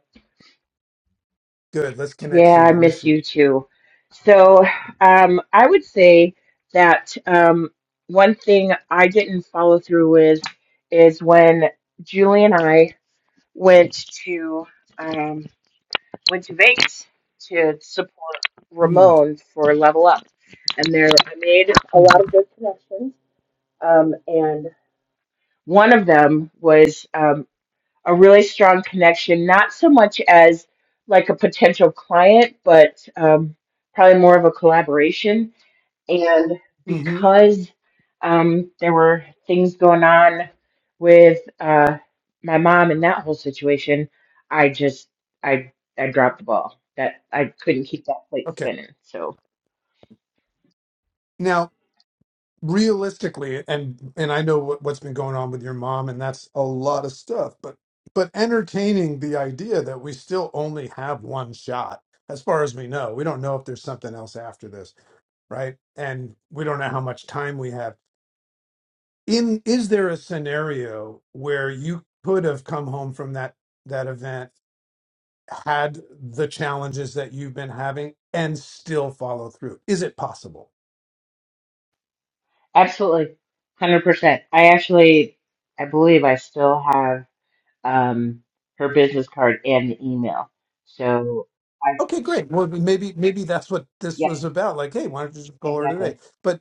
[SPEAKER 17] Good. Let's connect
[SPEAKER 19] Yeah,
[SPEAKER 17] soon.
[SPEAKER 19] I
[SPEAKER 17] I miss
[SPEAKER 19] miss
[SPEAKER 17] you.
[SPEAKER 19] you too. So, um, I would say that um, one thing I didn't follow through with is when Julie and I went to um, went to Vegas to support Ramon for Level Up, and there I made a lot
[SPEAKER 17] Mm-hmm.
[SPEAKER 19] of good connections. Um, and one of them was. um, a really strong connection, not so much as like a potential client, but um, probably more of a collaboration. And
[SPEAKER 17] hmm
[SPEAKER 19] because um, there were things going on with uh, my mom and that whole situation, I just I I dropped the ball. That I couldn't keep that plate
[SPEAKER 17] Okay.
[SPEAKER 19] spinning. So
[SPEAKER 17] Now, realistically, and and I know what, what's been going on with your mom, and that's a lot of stuff. But but entertaining the idea that we still only have one shot, as far as we know, we don't know if there's something else after this, right? And we don't know how much time we have. In is there a scenario where you could have come home from that that event? had the challenges that you've been having and still follow through? Is it possible?
[SPEAKER 19] absolutely, hundred percent. I actually I believe I still have. um, her business card and the email. So I,
[SPEAKER 17] Okay, great. Well, maybe maybe that's what this
[SPEAKER 19] yep,
[SPEAKER 17] was about. Like, hey, why don't you just call her
[SPEAKER 19] exactly.
[SPEAKER 17] today? But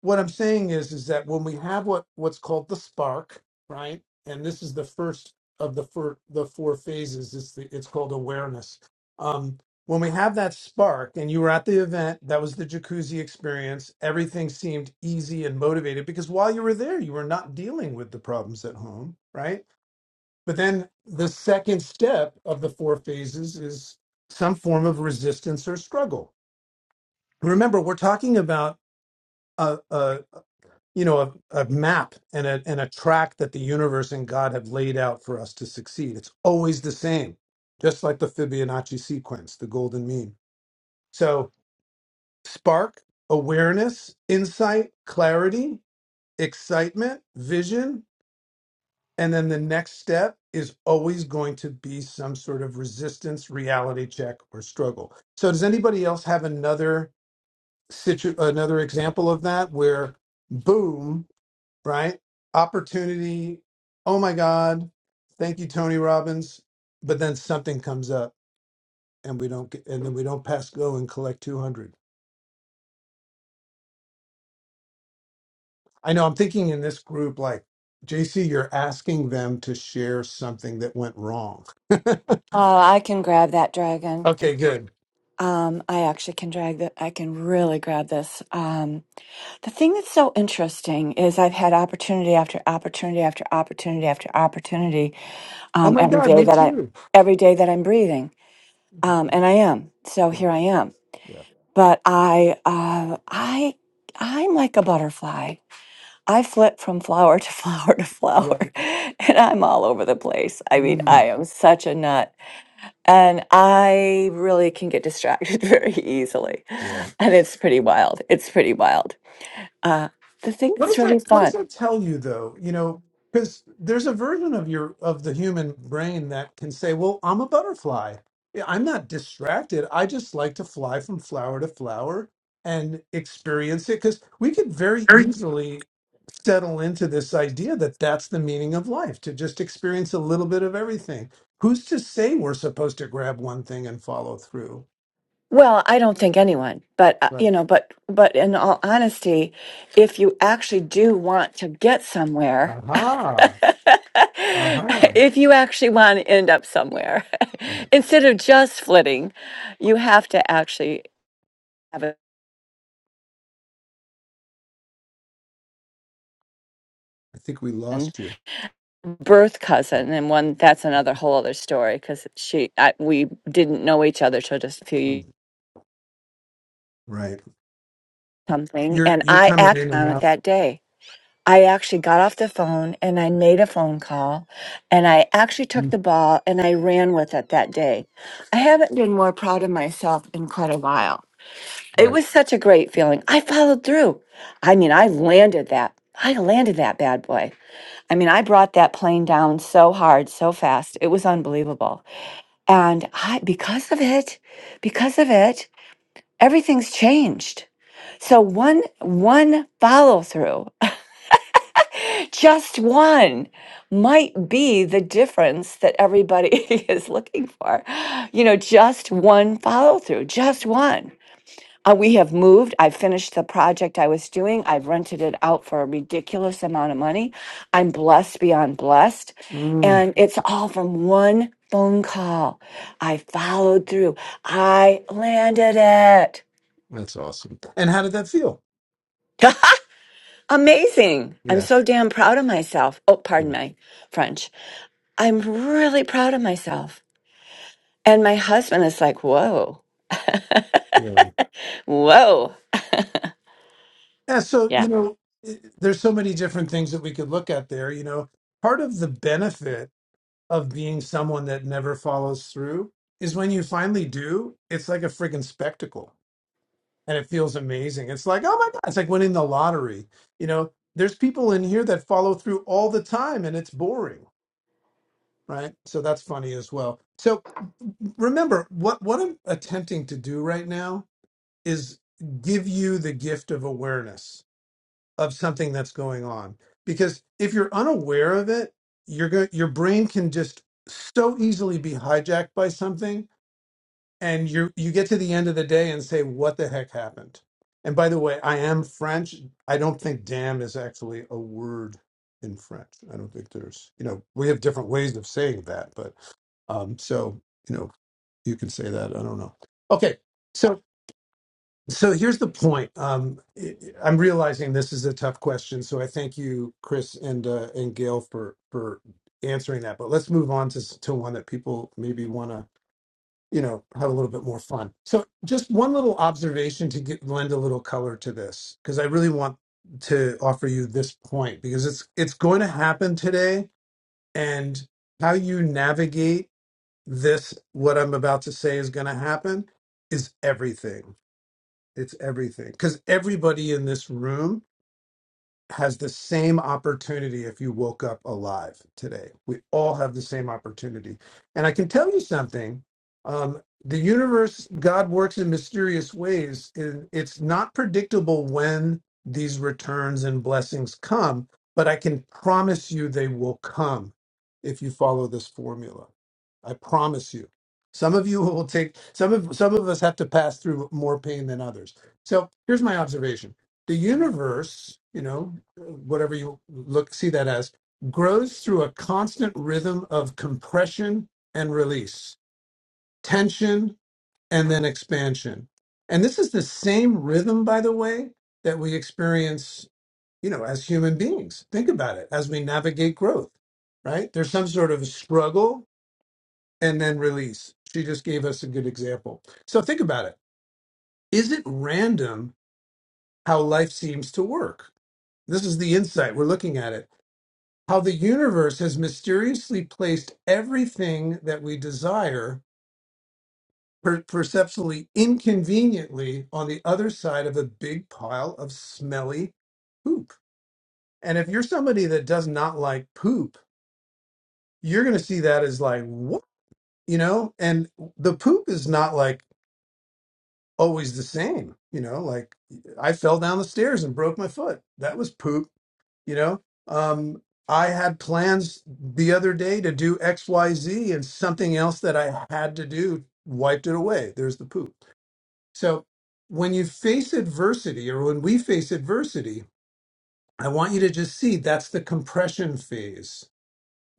[SPEAKER 17] what I'm saying is is that when we have what what's called the spark, right? And this is the first of the four the four phases. It's the, it's called awareness. Um, when we have that spark, and you were at the event, that was the jacuzzi experience. Everything seemed easy and motivated because while you were there, you were not dealing with the problems at home, right? But then the second step of the four phases is some form of resistance or struggle. Remember, we're talking about a a you know a, a map and a and a track that the universe and god have laid out for us to succeed it's always the same just like the fibonacci sequence the golden mean so spark awareness insight clarity excitement vision and then the next step is always going to be some sort of resistance reality check or struggle so does anybody else have another situ another example of that where boom right? Opportunity. Oh my God. Thank you, Tony Robbins. But then something comes up and we don't get, and then we don't pass go and collect 200. I know I'm thinking in this group, like, JC, you're asking them to share something that went wrong.
[SPEAKER 14] Oh, I can grab that dragon.
[SPEAKER 17] okay, good.
[SPEAKER 14] Um, I actually can drag that. I can really grab this. Um, the thing that's so interesting is I've had opportunity after opportunity after opportunity after opportunity
[SPEAKER 17] Oh
[SPEAKER 14] um,
[SPEAKER 17] my
[SPEAKER 14] every
[SPEAKER 17] God,
[SPEAKER 14] day
[SPEAKER 17] me
[SPEAKER 14] that I
[SPEAKER 17] too.
[SPEAKER 14] every day that I'm breathing, um, and I am. So here I am.
[SPEAKER 17] Yeah.
[SPEAKER 14] But I uh, I I'm like a butterfly. I flip from flower to flower to flower,
[SPEAKER 17] Yeah.
[SPEAKER 14] and I'm all over the place. I mean,
[SPEAKER 17] Mm,
[SPEAKER 14] I am such a nut. And I really can get distracted very easily.
[SPEAKER 17] yeah.
[SPEAKER 14] And it's pretty wild. It's pretty wild. Uh, the thing
[SPEAKER 17] what does
[SPEAKER 14] that's really
[SPEAKER 17] that what does
[SPEAKER 14] fun.
[SPEAKER 17] that tell you though you know because there's a version of your of the human brain that can say well i'm a butterfly Yeah, i'm not distracted i just like to fly from flower to flower and experience it because we could very easily settle into this idea that that's the meaning of life to just experience a little bit of everything who's to say we're supposed to grab one thing and follow through
[SPEAKER 14] Well, I don't think anyone, but uh, you
[SPEAKER 17] right
[SPEAKER 14] know, but but in all honesty, if you actually do want to get somewhere,
[SPEAKER 17] aha aha
[SPEAKER 14] if you actually want to end up somewhere,
[SPEAKER 17] right
[SPEAKER 14] instead of just flitting, you have to actually have
[SPEAKER 17] i think we
[SPEAKER 14] it.
[SPEAKER 17] lost you
[SPEAKER 14] birth
[SPEAKER 17] oh.
[SPEAKER 14] cousin and one that's another whole other story because she I, we didn't know each other till just a few
[SPEAKER 17] hmm.
[SPEAKER 14] years
[SPEAKER 17] Right.
[SPEAKER 14] something
[SPEAKER 17] You're
[SPEAKER 14] and
[SPEAKER 17] you're
[SPEAKER 14] i
[SPEAKER 17] coming
[SPEAKER 14] acted
[SPEAKER 17] in and
[SPEAKER 14] on it
[SPEAKER 17] out.
[SPEAKER 14] that day i actually got off the phone and i made a phone call and i actually took
[SPEAKER 17] Mm,
[SPEAKER 14] the ball and i ran with it that day i haven't been more proud of myself in quite a while it
[SPEAKER 17] Right.
[SPEAKER 14] was such a great feeling i followed through i mean i landed that i landed that bad boy i mean i brought that plane down so hard so fast it was unbelievable And I, because of it, because of it, everything's changed. So one, one follow through, just one might be the difference that everybody is looking for. You know, just one follow through, just one. Uh, we have moved. I finished the project I was doing. I've rented it out for a ridiculous amount of money. I'm blessed beyond blessed.
[SPEAKER 17] Mm,
[SPEAKER 14] And it's all from one phone call. I followed through. I landed it.
[SPEAKER 17] that's awesome. And how did that feel?
[SPEAKER 14] Amazing. I'm
[SPEAKER 17] Yeah.
[SPEAKER 14] so damn proud of myself. Oh, pardon
[SPEAKER 17] Yeah.
[SPEAKER 14] my French. I'm really proud of myself. And my husband is like, whoa,
[SPEAKER 17] Yeah.
[SPEAKER 14] whoa.
[SPEAKER 17] Yeah. So you know, i- there's so many different things that we could look at there. You know, part of the benefit of being someone that never follows through is when you finally do, it's like a friggin' spectacle, and it feels amazing. It's like, oh my god, it's like winning the lottery. You know, there's people in here that follow through all the time, and it's boring, right? So that's funny as well. So remember what what I'm attempting to do right now is give you the gift of awareness of something that's going on because if you're unaware of it you're going your brain can just so easily be hijacked by something and you you get to the end of the day and say what the heck happened and by the way I am French I don't think damn is actually a word in French I don't think there's you know we have different ways of saying that but um so you know you can say that. I don't know. Okay, so so here's the point. Um, I- I'm realizing this is a tough question, so I thank you, Chris and uh, and Gail for for answering that. But let's move on to s- to one that people maybe want to you know have a little bit more fun. So just one little observation to get, lend a little color to this, because I really want to offer you this point because it's it's going to happen today, and how you navigate this what i'm about to say is going to happen is everything it's everything because everybody in this room has the same opportunity if you woke up alive today. We all have the same opportunity. And I can tell you something um, the universe, God works in mysterious ways. and It's not predictable when these returns and blessings come, but I can promise you they will come if you follow this formula. I promise you. Some of you will take some of some of us have to pass through more pain than others. So here's my observation the universe, you know, whatever you look see that as grows through a constant rhythm of compression and release tension and then expansion and this is the same rhythm by the way that we experience you know as human beings think about it as we navigate growth right there's some sort of struggle and then release she just gave us a good example so think about it is it random how life seems to work this is the insight we're looking at it how the universe has mysteriously placed everything that we desire per- perceptually inconveniently on the other side of a big pile of smelly poop. And if you're somebody that does not like poop, you're going to see that as like, what? You know, and the poop is not like always the same. You know, like I fell down the stairs and broke my foot. That was poop you know um i had plans the other day to do xyz and something else that i had to do wiped it away there's the poop so when you face adversity or when we face adversity i want you to just see that's the compression phase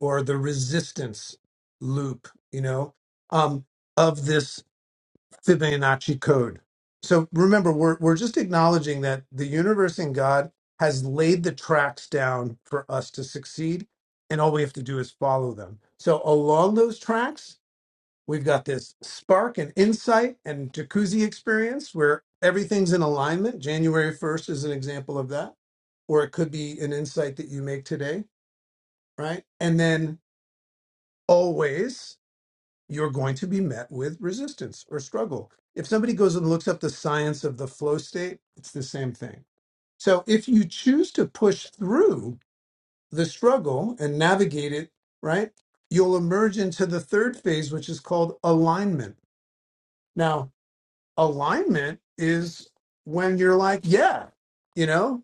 [SPEAKER 17] or the resistance loop you know um of this Fibonacci code. So remember, we're we're just acknowledging that the universe and God has laid the tracks down for us to succeed, and all we have to do is follow them. So along those tracks, we've got this spark and insight and jacuzzi experience where everything's in alignment. January first is an example of that, or it could be an insight that you make today, right? And then always you're going to be met with resistance or struggle. If somebody goes and looks up the science of the flow state, it's the same thing. So if you choose to push through the struggle and navigate it, right, you'll emerge into the third phase, which is called alignment. Now, alignment is when you're like, yeah, you know.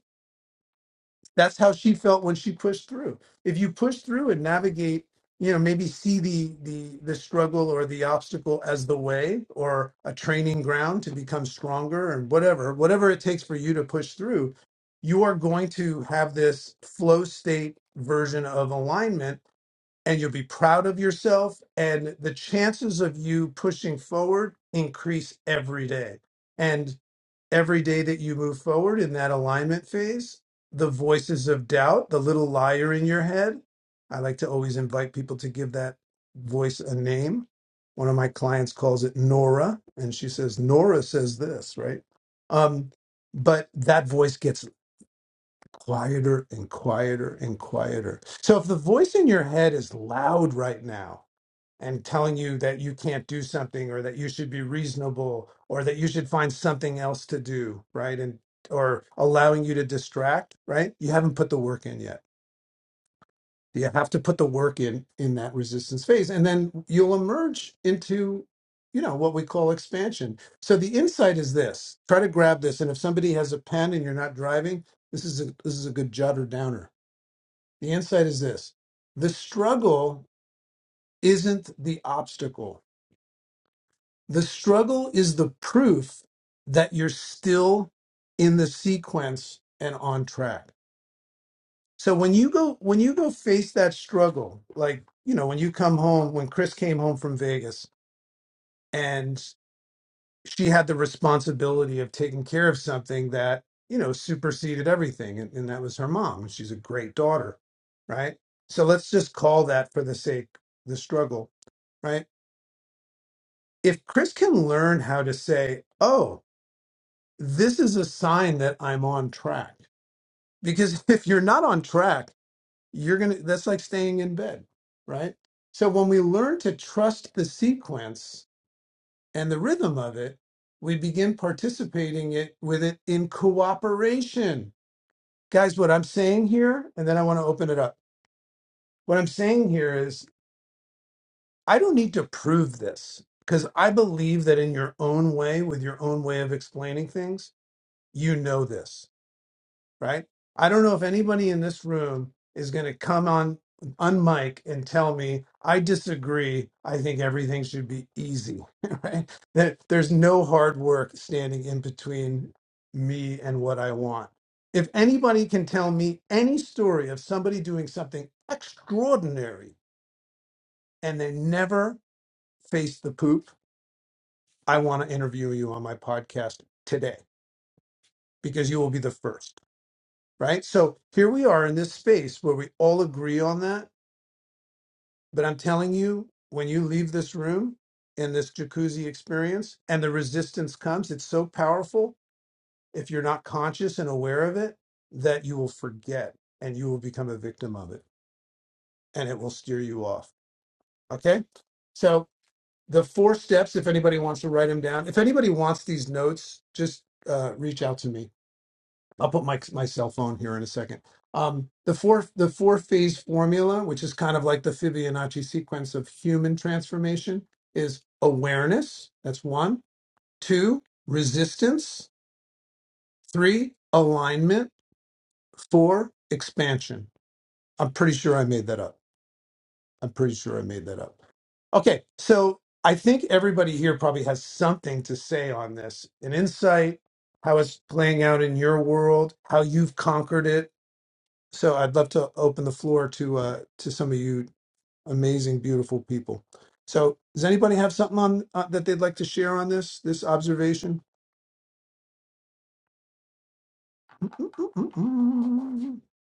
[SPEAKER 17] that's how she felt when she pushed through if you push through and navigate you know maybe see the the the struggle or the obstacle as the way or a training ground to become stronger and whatever whatever it takes for you to push through you are going to have this flow state version of alignment and you'll be proud of yourself and the chances of you pushing forward increase every day And every day that you move forward in that alignment phase, the voices of doubt, the little liar in your head, I like to always invite people to give that voice a name. One of my clients calls it Nora, and she says, Nora says this, right? Um, but that voice gets quieter and quieter and quieter. So if the voice in your head is loud right now, and telling you that you can't do something or that you should be reasonable or that you should find something else to do right and or allowing you to distract right you haven't put the work in yet you have to put the work in in that resistance phase and then you'll emerge into you know what we call expansion so the insight is this try to grab this and if somebody has a pen and you're not driving this is a this is a good jotter downer the insight is this the struggle isn't the obstacle The struggle is the proof that you're still in the sequence and on track. So when you go when you go face that struggle, like you know, when you come home, when Chris came home from Vegas and she had the responsibility of taking care of something that, you know, superseded everything. And, and that was her mom. And she's a great daughter, right? So let's just call that for the sake the struggle, right? If Chris can learn how to say, oh, this is a sign that I'm on track. Because if you're not on track, you're going to, that's like staying in bed, right? So when we learn to trust the sequence and the rhythm of it, we begin participating it with it in cooperation. Guys, what I'm saying here, and then I want to open it up. What I'm saying here is I don't need to prove this because I believe that in your own way, with your own way of explaining things, you know this right? I don't know if anybody in this room is going to come on on mic and tell me I disagree. I think everything should be easy, right? That there's no hard work standing in between me and what I want. If anybody can tell me any story of somebody doing something extraordinary and they never face the poop, I want to interview you on my podcast today because you will be the first. right? So here we are in this space where we all agree on that. But I'm telling you, when you leave this room in this jacuzzi experience and the resistance comes, it's so powerful. If you're not conscious and aware of it, that you will forget and you will become a victim of it and it will steer you off. Okay. So the four steps, if anybody wants to write them down, if anybody wants these notes, just uh, reach out to me. I'll put my my cell phone here in a second. Um, the four the four phase formula, which is kind of like the Fibonacci sequence of human transformation, is awareness. That's one. Two, resistance. Three, alignment. Four, expansion. I'm pretty sure I made that up. I'm pretty sure I made that up. Okay, so I think everybody here probably has something to say on this, an insight, how it's playing out in your world, how you've conquered it So I'd love to open the floor to uh, to some of you amazing, beautiful people. So does anybody have something on uh, that they'd like to share on this this observation?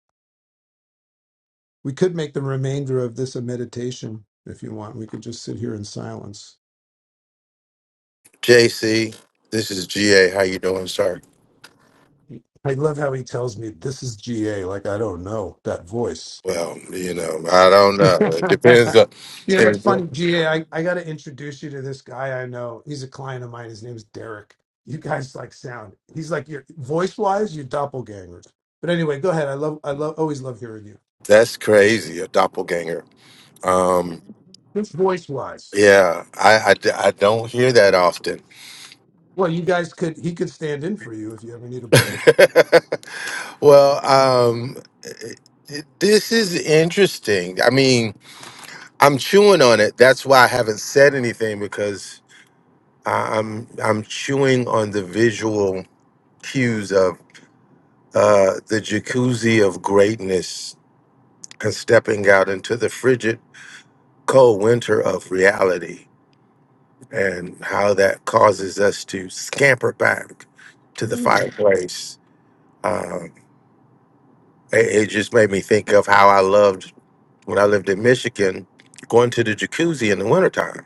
[SPEAKER 17] We could make the remainder of this a meditation if you want. We could just sit here in silence.
[SPEAKER 4] JC, this is GA. How you doing, sir?
[SPEAKER 17] I love how he tells me this is GA. Like I don't know that voice.
[SPEAKER 4] Well, you know, I don't know. It depends on.
[SPEAKER 17] You know,
[SPEAKER 4] there-
[SPEAKER 17] it's funny, GA. I, I got to introduce you to this guy I know. He's a client of mine. His name's Derek. You guys like sound. He's like your voice wise, your doppelgangers. But anyway, go ahead. I love, I love, always love hearing you.
[SPEAKER 4] That's crazy, a doppelganger. Um,
[SPEAKER 17] Just voice wise.
[SPEAKER 4] yeah, I, I, I don't hear that often.
[SPEAKER 17] Well, you guys could, he could stand in for you if you ever need a break.
[SPEAKER 4] Well, um, this is interesting. I mean, I'm chewing on it. That's why I haven't said anything because I- I'm I'm chewing on the visual cues of uh, the jacuzzi of greatness and stepping out into the frigid cold winter of reality and how that causes us to scamper back to the
[SPEAKER 17] Mm.
[SPEAKER 4] fireplace Um, It, it just made me think of how I loved when I lived in Michigan, going to the jacuzzi in the wintertime.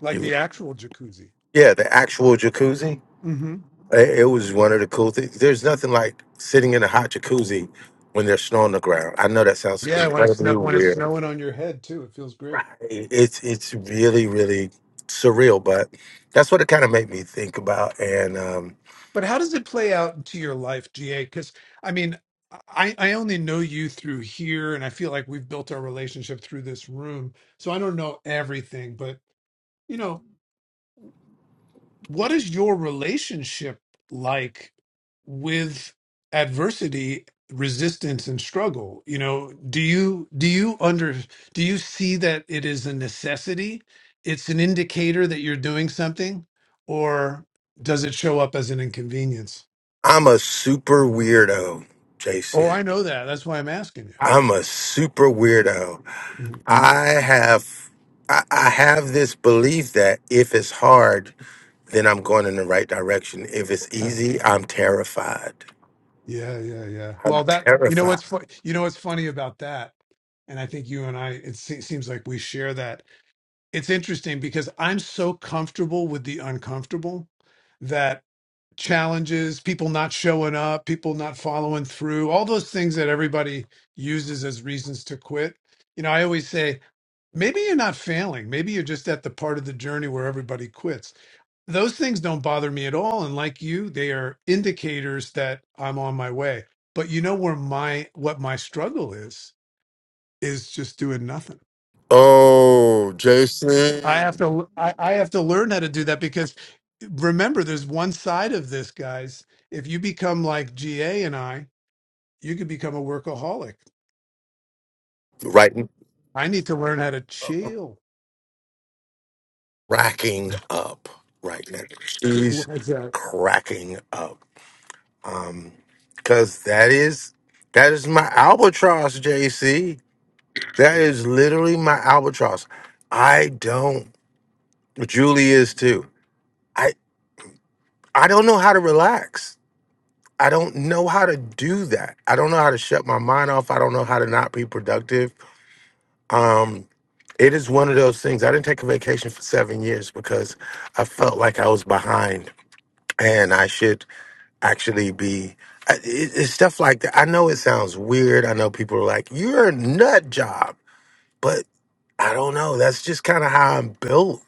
[SPEAKER 17] Like
[SPEAKER 4] You,
[SPEAKER 17] the actual jacuzzi.
[SPEAKER 4] yeah, the actual jacuzzi.
[SPEAKER 17] hmm
[SPEAKER 4] It, it was one of the cool things. There's nothing like sitting in a hot jacuzzi when there's snow on the ground. I know that sounds
[SPEAKER 17] Yeah, when it's snow,
[SPEAKER 4] incredibly
[SPEAKER 17] when it's
[SPEAKER 4] weird.
[SPEAKER 17] snowing on your head too, it feels great.
[SPEAKER 4] Right. It's it's really really surreal, but that's what it kind of made me think about. And um,
[SPEAKER 17] But how does it play out into your life, GA? Because I mean, I, I only know you through here, and I feel like we've built our relationship through this room. So I don't know everything, but you know, what is your relationship like with adversity, resistance, and struggle? You know, do you do you under do you see that it is a necessity? It's an indicator that you're doing something, or does it show up as an inconvenience?
[SPEAKER 4] I'm a super weirdo,
[SPEAKER 17] Oh,
[SPEAKER 4] JC.
[SPEAKER 17] I know that. That's why I'm asking you.
[SPEAKER 4] I'm a super weirdo.
[SPEAKER 17] Mhm.
[SPEAKER 4] I have I, I have this belief that if it's hard, then I'm going in the right direction. If it's
[SPEAKER 17] Uh,
[SPEAKER 4] easy, I'm terrified.
[SPEAKER 17] Yeah, yeah, yeah.
[SPEAKER 4] I'm
[SPEAKER 17] Well, that you know
[SPEAKER 4] terrified.
[SPEAKER 17] what's fu- you know what's funny about that, and I think you and I it se- seems like we share that. It's interesting because I'm so comfortable with the uncomfortable that challenges, people not showing up, people not following through, all those things that everybody uses as reasons to quit. You know, I always say maybe you're not failing, maybe you're just at the part of the journey where everybody quits those things don't bother me at all and like you they are indicators that i'm on my way but you know where my what my struggle is is just doing nothing
[SPEAKER 4] Oh,
[SPEAKER 17] i have
[SPEAKER 4] Jason.
[SPEAKER 17] to i, I have to learn how to do that because remember there's one side of this guys if you become like ga and i you could become a workaholic
[SPEAKER 4] Right
[SPEAKER 17] i need to learn how to chill
[SPEAKER 4] cracking up right now. She's
[SPEAKER 17] why is that
[SPEAKER 4] cracking up. Um because that is that is my albatross, JC. That
[SPEAKER 17] Yeah.
[SPEAKER 4] is literally my albatross. I don't Julie is too. I don't know how to relax. I don't know how to do that. I don't know how to shut my mind off. I don't know how to not be productive. Um, it is one of those things. I didn't take a vacation for seven years because I felt like I was behind and I should actually be. I- It, it's stuff like that. I know it sounds weird. I know people are like, you're a nut job, but I don't know. That's just kind of how I'm built.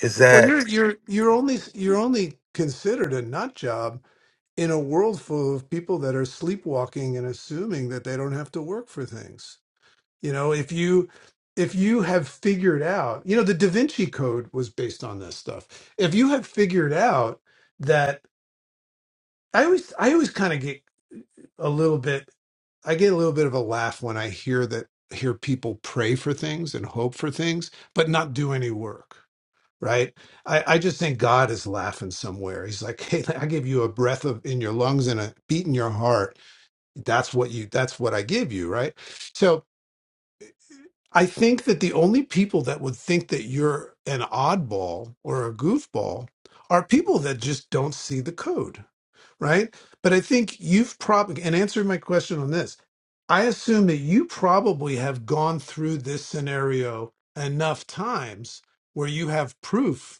[SPEAKER 4] Is
[SPEAKER 17] Well,
[SPEAKER 4] that
[SPEAKER 17] you're you're you're only you're only considered a nut job in a world full of people that are sleepwalking and assuming that they don't have to work for things. You know, if you if you have figured out, you know, the Da Vinci Code was based on this stuff. If you have figured out that I always I always kind of get a little bit I get a little bit of a laugh when I hear that hear people pray for things and hope for things but not do any work right? I, I just think God is laughing somewhere. He's like, hey, I give you a breath of in your lungs and a beat in your heart. That's what you. That's what I give you, right? So I think that the only people that would think that you're an oddball or a goofball are people that just don't see the code, right? But I think you've probably and answer my question on this. I assume that you probably have gone through this scenario enough times where you have proof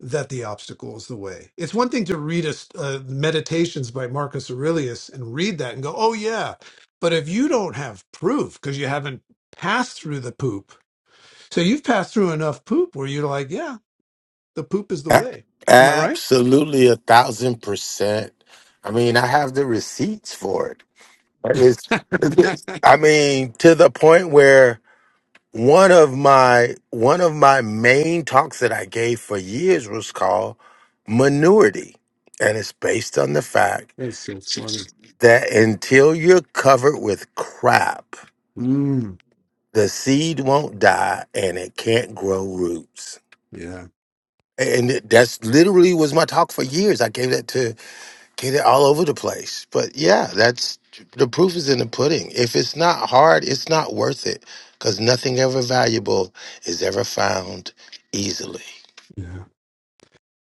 [SPEAKER 17] that the obstacle is the way. It's one thing to read a, uh, meditations by Marcus Aurelius and read that and go, oh, yeah. But if you don't have proof because you haven't passed through the poop, so you've passed through enough poop where you're like, yeah, the poop is the
[SPEAKER 4] A-
[SPEAKER 17] way. Am I right?
[SPEAKER 4] Absolutely a thousand percent. I mean, I have the receipts for it. That is- I mean, to the point where one of my one of my main talks that I gave for years was called Manurity. And it's based on the fact
[SPEAKER 17] That's so funny.
[SPEAKER 4] that until you're covered with crap,
[SPEAKER 17] Mm.
[SPEAKER 4] the seed won't die and it can't grow roots.
[SPEAKER 17] Yeah.
[SPEAKER 4] And it- that's literally was my talk for years. I gave that to Get it all over the place. But yeah, that's the proof is in the pudding. If it's not hard, it's not worth it because nothing ever valuable is ever found easily.
[SPEAKER 17] Yeah.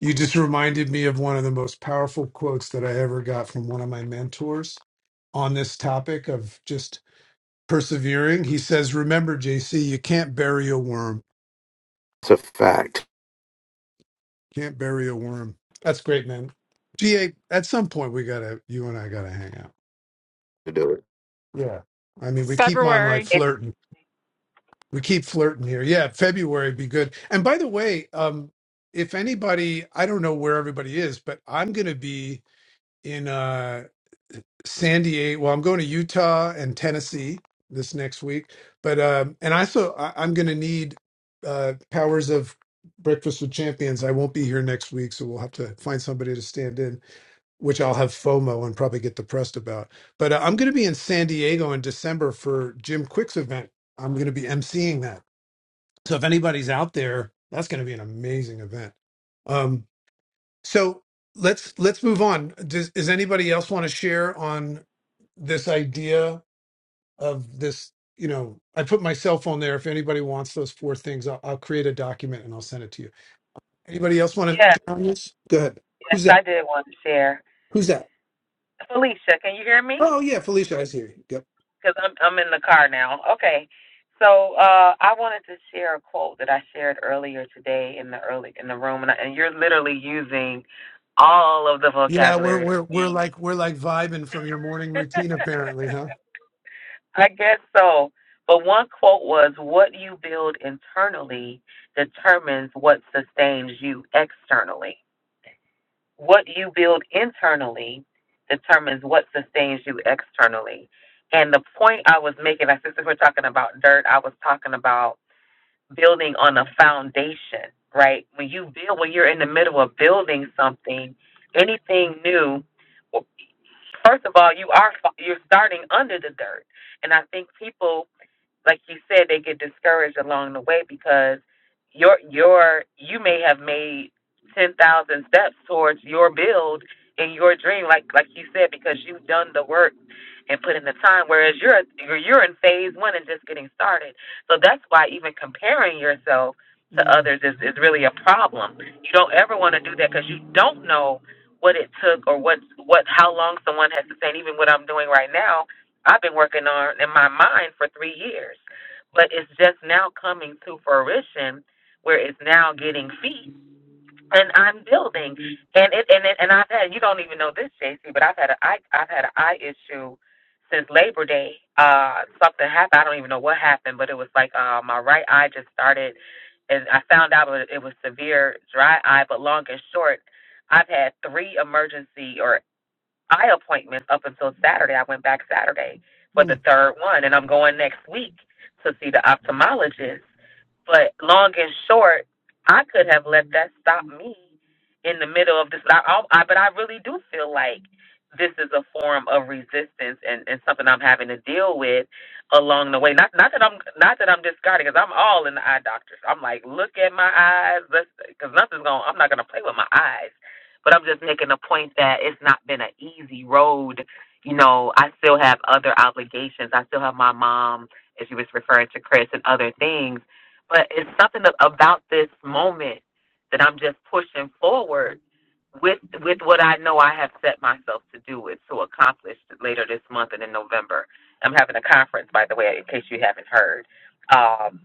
[SPEAKER 17] You just reminded me of one of the most powerful quotes that I ever got from one of my mentors on this topic of just persevering. He says, "Remember, JC, you can't bury a worm.
[SPEAKER 4] It's a fact
[SPEAKER 17] Can't bury a worm." That's great, man. GA, at some point we gotta, you and I gotta hang out.
[SPEAKER 4] to do it.
[SPEAKER 17] Yeah, I mean, we
[SPEAKER 8] Sorry.
[SPEAKER 17] keep on like flirting. We keep flirting here. Yeah, February would be good. And by the way, um, if anybody, I don't know where everybody is, but I'm gonna be in. uh, San Diego. Well, I'm going to Utah and Tennessee this next week, but um, and I so I, I'm going to need uh, powers of Breakfast with Champions. I won't be here next week, so we'll have to find somebody to stand in, which I'll have FOMO and probably get depressed about. But uh, I'm going to be in San Diego in December for Jim Quick's event. I'm going to be emceeing that. So if anybody's out there, that's going to be an amazing event. Um, so let's let's move on. Does, does anybody else want to share on this idea of this? You know, I put my cell phone there. If anybody wants those four things, I'll, I'll create a document and I'll send it to you. Anybody else want to
[SPEAKER 11] Yes,
[SPEAKER 17] share on this? Go ahead.
[SPEAKER 11] yes,
[SPEAKER 17] Who's that?
[SPEAKER 11] I did want to share.
[SPEAKER 17] Who's that?
[SPEAKER 11] Felicia, can you hear me?
[SPEAKER 17] Oh yeah, Felicia, I see you. Yep.
[SPEAKER 11] Because I'm I'm in the car now. Okay, so uh, I wanted to share a quote that I shared earlier today in the early in the room, and, I, and you're literally using all of the
[SPEAKER 17] Yeah, we're
[SPEAKER 11] vocabulary.
[SPEAKER 17] we're we're like we're like vibing from your morning routine, apparently, huh?
[SPEAKER 11] I guess so. But one quote was, "What you build internally determines what sustains you externally. What you build internally determines what sustains you externally." And the point I was making, like since we're talking about dirt, I was talking about building on a foundation, right? When you build, when you're in the middle of building something, anything new, well, first of all, you are you're starting under the dirt, and I think people like you said, they get discouraged along the way because your your you may have made ten thousand steps towards your build and your dream, like like you said, because you've done the work and put in the time. Whereas you're you're you're in phase one and just getting started. So that's why even comparing yourself to
[SPEAKER 17] Mm,
[SPEAKER 11] others is is really a problem. You don't ever want to do that because you don't know what it took or what what how long someone has to say. And even what I'm doing right now I've been working on in my mind for three years, but it's just now coming to fruition where it's now getting feet and I'm building. And it and it, and I've had you don't even know this, JC, but I've had a I I've had an eye issue since Labor Day. Uh, something happened. I don't even know what happened, but it was like uh, my right eye just started, and I found out it was it was severe dry eye. But long and short, I've had three emergency or eye appointments up until Saturday. I went back Saturday for the
[SPEAKER 17] mm,
[SPEAKER 11] third one, and I'm going next week to see the ophthalmologist. But long and short, I could have let that stop me in the middle of this. I, I, I- but I really do feel like this is a form of resistance and, and something I'm having to deal with along the way. Not not that I'm not that I'm discarding, because I'm all in the eye doctors. I'm like, look at my eyes, let's because nothing's going. I'm not going to play with my eyes. But I'm just making a point that it's not been an easy road. You know, I still have other obligations. I still have my mom, as you was referring to Chris, and other things but it's something about this moment that I'm just pushing forward with with what I know I have set myself to do with to accomplish later this month and in November. I'm having a conference, by the way, in case you haven't heard. Um,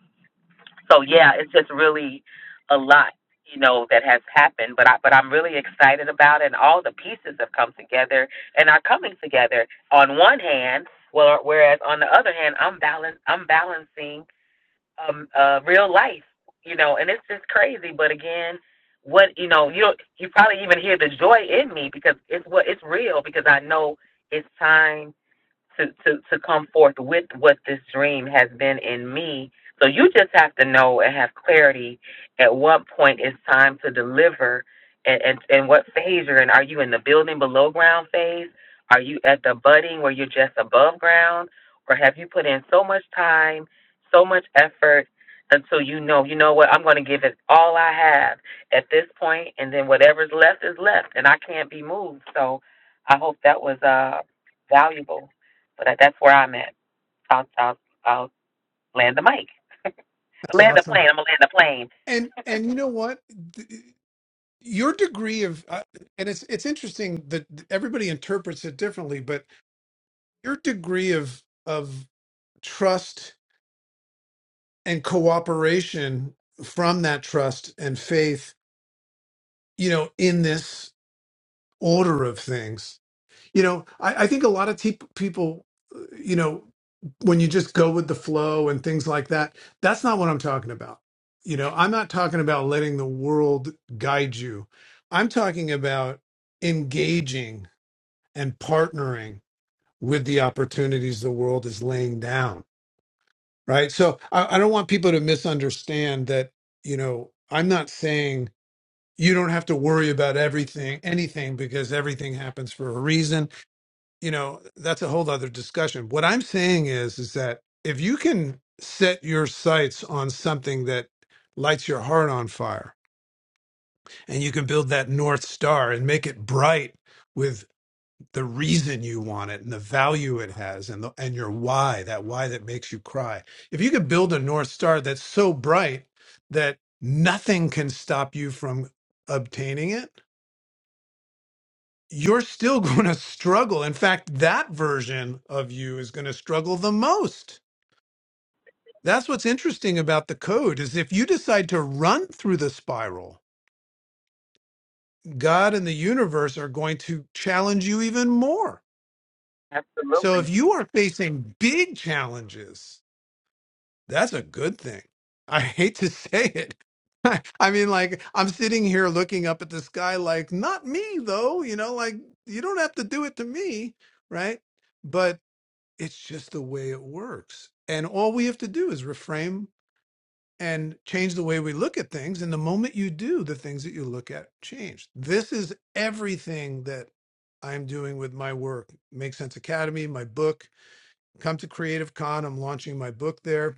[SPEAKER 11] so yeah, it's just really a lot, you know, that has happened. But I but I'm really excited about it. And all the pieces have come together and are coming together. On one hand, well, whereas on the other hand, I'm balance I'm balancing um, uh, real life, you know, and it's just crazy. But again, what you know, you don't, you probably even hear the joy in me because it's what it's real because I know it's time to, to, to come forth with what this dream has been in me. So you just have to know and have clarity at what point it's time to deliver and, and, and what phase you're in. Are you in the building below ground phase? Are you at the budding where you're just above ground? Or have you put in so much time, so much effort until you know, you know what, I'm going to give it all I have at this point, and then whatever's left is left, and I can't be moved. So I hope that was uh, valuable. So that, that's where I'm at. I'll, I'll, I'll land the mic.
[SPEAKER 17] that's
[SPEAKER 11] Land the plane.
[SPEAKER 17] awesome.
[SPEAKER 11] I'm going to land the plane.
[SPEAKER 17] And and you know what? your degree of uh, and it's it's interesting that everybody interprets it differently but your degree of of trust and cooperation from that trust and faith you know in this order of things you know i, I think a lot of te- people uh, you know when you just go with the flow and things like that that's not what i'm talking about you know i'm not talking about letting the world guide you i'm talking about engaging and partnering with the opportunities the world is laying down right so I, I don't want people to misunderstand that you know i'm not saying you don't have to worry about everything anything because everything happens for a reason you know that's a whole other discussion what i'm saying is is that if you can set your sights on something that lights your heart on fire and you can build that north star and make it bright the reason you want it and the value it has and the, and your why that why that makes you cry if you could build a north star that's so bright that nothing can stop you from obtaining it you're still going to struggle in fact that version of you is going to struggle the most that's what's interesting about the code is if you decide to run through the spiral god and the universe are going to challenge you even more so
[SPEAKER 11] Absolutely.
[SPEAKER 17] if you are facing big challenges That's a good thing. I hate to say it. I mean, like, I'm sitting here looking up at the sky, like, not me, though. You know, like, you don't have to do it to me, right? But it's just the way it works. And all we have to do is reframe and change the way we look at things. And the moment you do, the things that you look at change. This is everything that I'm doing with my work. Make Sense Academy, my book. Come to Creative Con. I'm launching my book there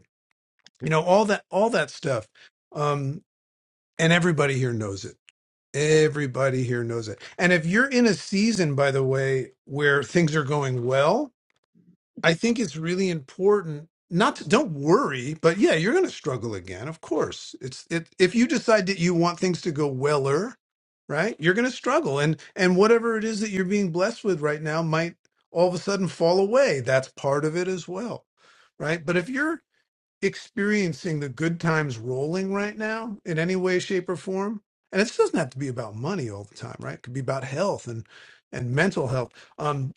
[SPEAKER 17] you know all that all that stuff um and everybody here knows it everybody here knows it and if you're in a season by the way where things are going well i think it's really important not to don't worry but yeah you're going to struggle again of course it's it if you decide that you want things to go weller right you're going to struggle and and whatever it is that you're being blessed with right now might all of a sudden fall away that's part of it as well right but if you're experiencing the good times rolling right now in any way shape or form and it doesn't have to be about money all the time right it could be about health and and mental health um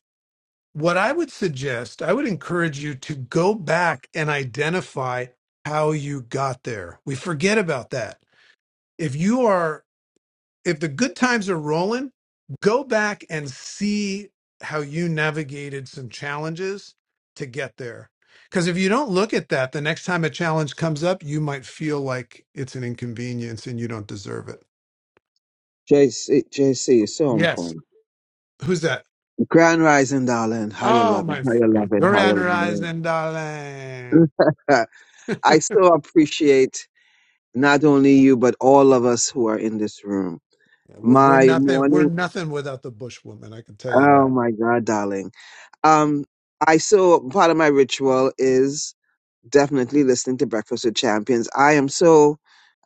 [SPEAKER 17] what i would suggest i would encourage you to go back and identify how you got there we forget about that if you are if the good times are rolling, go back and see how you navigated some challenges to get there. Because if you don't look at that, the next time a challenge comes up, you might feel like it's an inconvenience and you don't deserve it.
[SPEAKER 20] J C J C is so on
[SPEAKER 17] Yes.
[SPEAKER 20] point.
[SPEAKER 17] Who's that?
[SPEAKER 20] Grand Rising, darling. How you
[SPEAKER 17] Oh,
[SPEAKER 20] loving?
[SPEAKER 17] my
[SPEAKER 20] How you
[SPEAKER 17] friend.
[SPEAKER 20] loving?
[SPEAKER 17] We're
[SPEAKER 20] How you
[SPEAKER 17] on the
[SPEAKER 20] loving?
[SPEAKER 17] horizon, darling.
[SPEAKER 20] Uh, I so appreciate not only you, but all of us who are in this room.
[SPEAKER 17] Yeah, We're, we're
[SPEAKER 20] My
[SPEAKER 17] nothing. We're
[SPEAKER 20] morning.
[SPEAKER 17] nothing without the bush woman. I can tell you
[SPEAKER 20] Oh
[SPEAKER 17] that.
[SPEAKER 20] my God, darling. Um, I so part of my ritual is definitely listening to Breakfast with Champions. I am so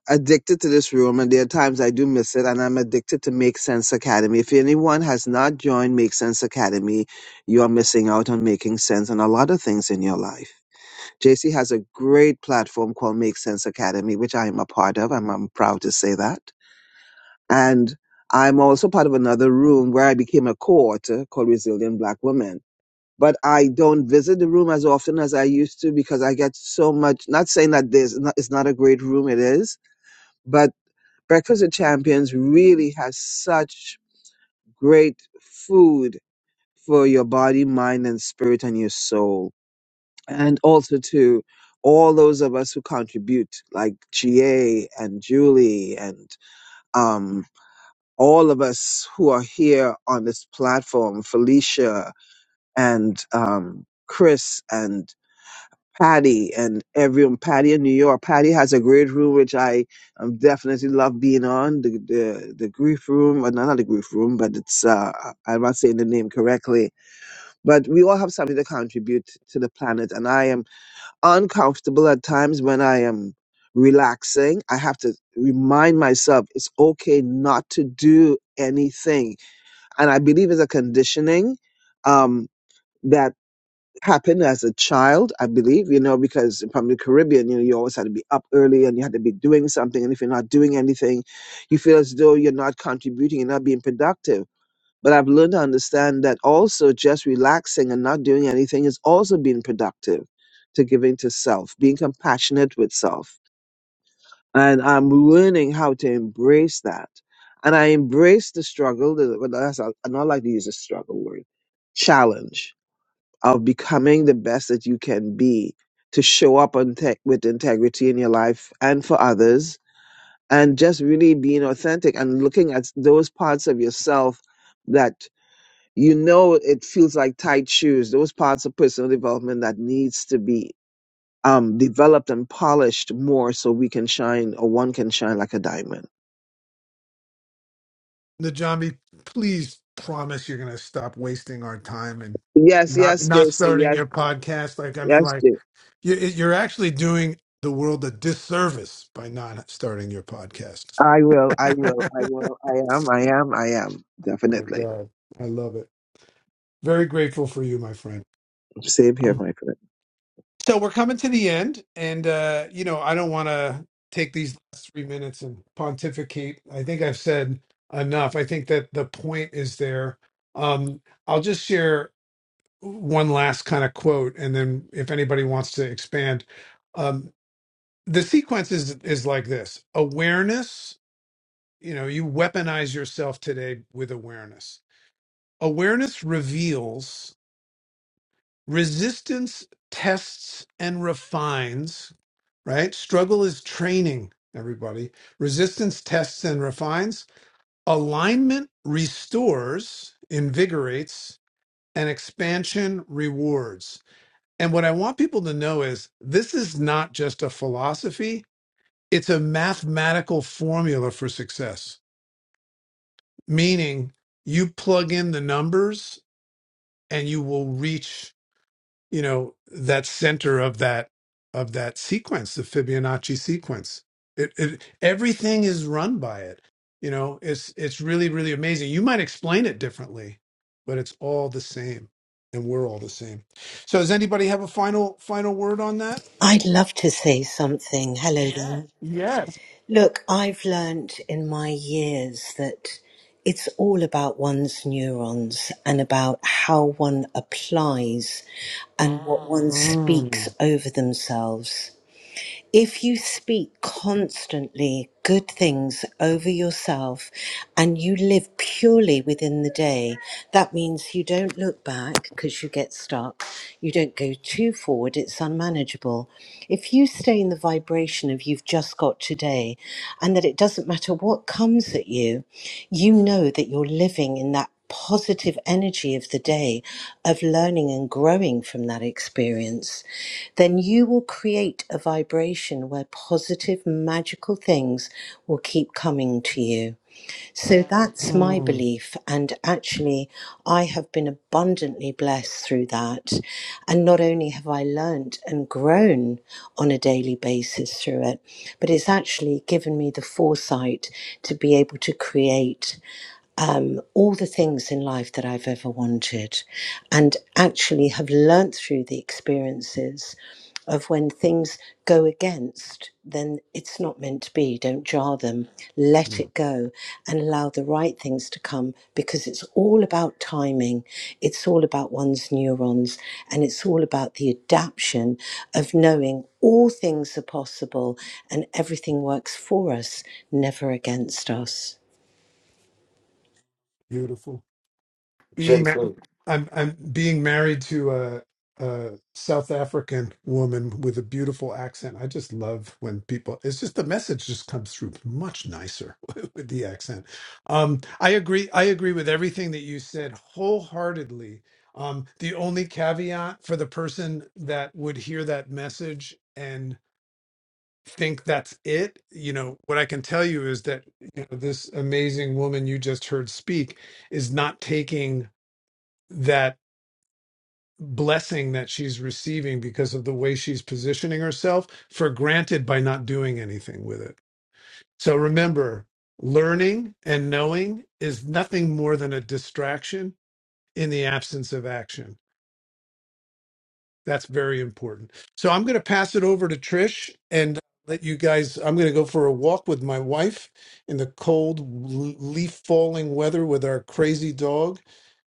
[SPEAKER 20] addicted to this room, and there are times I do miss it, and I'm addicted to Make Sense Academy. If anyone has not joined Make Sense Academy, you are missing out on making sense on a lot of things in your life. JC has a great platform called Make Sense Academy, which I am a part of, and I'm proud to say that. And I'm also part of another room where I became a co-author called Resilient Black Women. But I don't visit the room as often as I used to because I get so much. Not saying that there's not, it's not a great room, it is but. Breakfast with Champions really has such great food for your body, mind, and spirit and your soul. And also to all those of us who contribute, like GA and Julie and um, all of us who are here on this platform, Felicia and um, Chris and Patty and everyone, Patty in New York. Patty has a great room, which I um, definitely love being on. The, the the grief room, or not, not the grief room, but it's, uh, I'm not saying the name correctly. But we all have something to contribute to the planet. And I am uncomfortable at times when I am relaxing. I have to remind myself it's okay not to do anything. And I believe it's a conditioning um, that happened as a child, I believe, you know, because from the Caribbean, you know, you always had to be up early and you had to be doing something. And if you're not doing anything, you feel as though you're not contributing, you're not being productive. But I've learned to understand that also just relaxing and not doing anything is also being productive to giving to self, being compassionate with self. And I'm learning how to embrace that. And I embrace the struggle, the, well, that's, I don't like to use the struggle word, challenge of becoming the best that you can be to show up on te- with integrity in your life and for others and just really being authentic and looking at those parts of yourself that you know it feels like tight shoes those parts of personal development that needs to be um, developed and polished more so we can shine or one can shine like a diamond
[SPEAKER 17] Najami, please promise you're gonna stop wasting our time and
[SPEAKER 20] yes
[SPEAKER 17] not
[SPEAKER 20] yes
[SPEAKER 17] not
[SPEAKER 20] jason
[SPEAKER 17] starting
[SPEAKER 20] yes
[SPEAKER 17] your podcast. Like, I mean,
[SPEAKER 20] yes
[SPEAKER 17] like
[SPEAKER 20] Jay.
[SPEAKER 17] you're you're actually doing the world a disservice by not starting your podcast.
[SPEAKER 20] i will i will
[SPEAKER 17] oh
[SPEAKER 20] i will i am i am i am
[SPEAKER 17] my
[SPEAKER 20] definitely
[SPEAKER 17] god, I love it. Very grateful for you, my friend.
[SPEAKER 20] same here
[SPEAKER 17] Um,
[SPEAKER 20] my friend
[SPEAKER 17] so we're coming to the end, and uh, you know, I don't want to take these last three minutes and pontificate. I think I've said enough. I think that the point is there. Um, I'll just share. one last kind of quote, and then if anybody wants to expand, um, the sequence is is like this: awareness. You know, you weaponize yourself today with awareness. Awareness reveals resistance, tests, and refines. Right? Struggle is training. Everybody, resistance tests and refines. Alignment restores, invigorates, and expansion rewards And what I want people to know is this is not just a philosophy, it's a mathematical formula for success, meaning you plug in the numbers and you will reach, you know, that center of that of that sequence, the Fibonacci sequence. It, it everything is run by it. You know, it's it's really really amazing. You might explain it differently, but it's all the same and we're all the same. So does anybody have a final final word on that?
[SPEAKER 21] I'd love to say something. Hello there.
[SPEAKER 17] Yeah,
[SPEAKER 21] Look, I've learnt in my years that it's all about one's neurons and about how one applies and what one speaks
[SPEAKER 17] Mm,
[SPEAKER 21] over themselves. If you speak constantly good things over yourself and you live purely within the day, that means you don't look back because you get stuck. You don't go too forward, it's unmanageable. If you stay in the vibration of you've just got today and that it doesn't matter what comes at you, you know that you're living in that positive energy of the day of learning and growing from that experience, then you will create a vibration where positive, magical things will keep coming to you. So that's my
[SPEAKER 17] mm,
[SPEAKER 21] belief. And actually, I have been abundantly blessed through that. And not only have I learned and grown on a daily basis through it, but it's actually given me the foresight to be able to create um, all the things in life that I've ever wanted, and actually have learnt through the experiences of when things go against, then it's not meant to be. Don't jar them, let
[SPEAKER 17] mm.
[SPEAKER 21] it go, and allow the right things to come because it's all about timing, it's all about one's neurons, and it's all about the adaption of knowing all things are possible and everything works for us, never against us.
[SPEAKER 17] Beautiful. Being ma-
[SPEAKER 4] Jason.
[SPEAKER 17] I'm I'm being married to a, a South African woman with a beautiful accent. I just love when people. It's just the message just comes through much nicer with the accent. Um, I agree. I agree with everything that you said wholeheartedly. Um, the only caveat for the person that would hear that message think that's it. You know, what I can tell you is that you know, this amazing woman you just heard speak is not taking that blessing that she's receiving because of the way she's positioning herself for granted by not doing anything with it. So remember, learning and knowing is nothing more than a distraction in the absence of action. That's very important. So I'm going to pass it over to Trish and let you guys. I'm going to go for a walk with my wife in the cold, l- leaf falling weather with our crazy dog,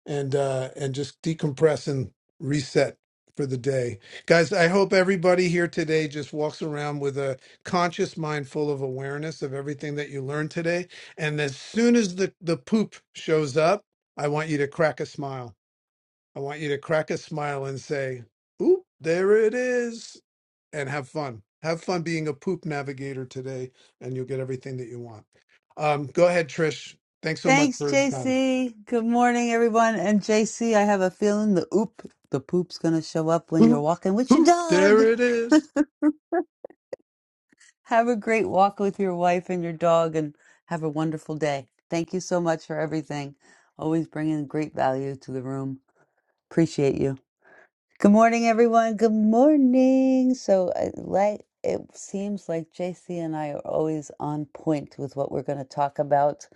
[SPEAKER 17] and uh, and just decompress and reset for the day, guys. I hope everybody here today just walks around with a conscious mind full of awareness of everything that you learned today. And as soon as the the poop shows up, I want you to crack a smile I want you to crack a smile and say, oop, there it is. And have fun. Have fun being a poop navigator today, and you'll get everything that you want. Um, go ahead, Trish. Thanks so much
[SPEAKER 1] Thanks,
[SPEAKER 17] for your time.
[SPEAKER 1] JC. Good morning, everyone. And JC, I have a feeling the oop, the poop's going to show up when you're
[SPEAKER 17] Poop,
[SPEAKER 1] walking with your
[SPEAKER 17] poop,
[SPEAKER 1] dog.
[SPEAKER 17] there it is.
[SPEAKER 1] Have a great walk with your wife and your dog and have a wonderful day. Thank you so much for everything. Always bringing great value to the room. Appreciate you. Good morning, everyone. Good morning. So, I like it seems like JC and I are always on point with what we're going to talk about,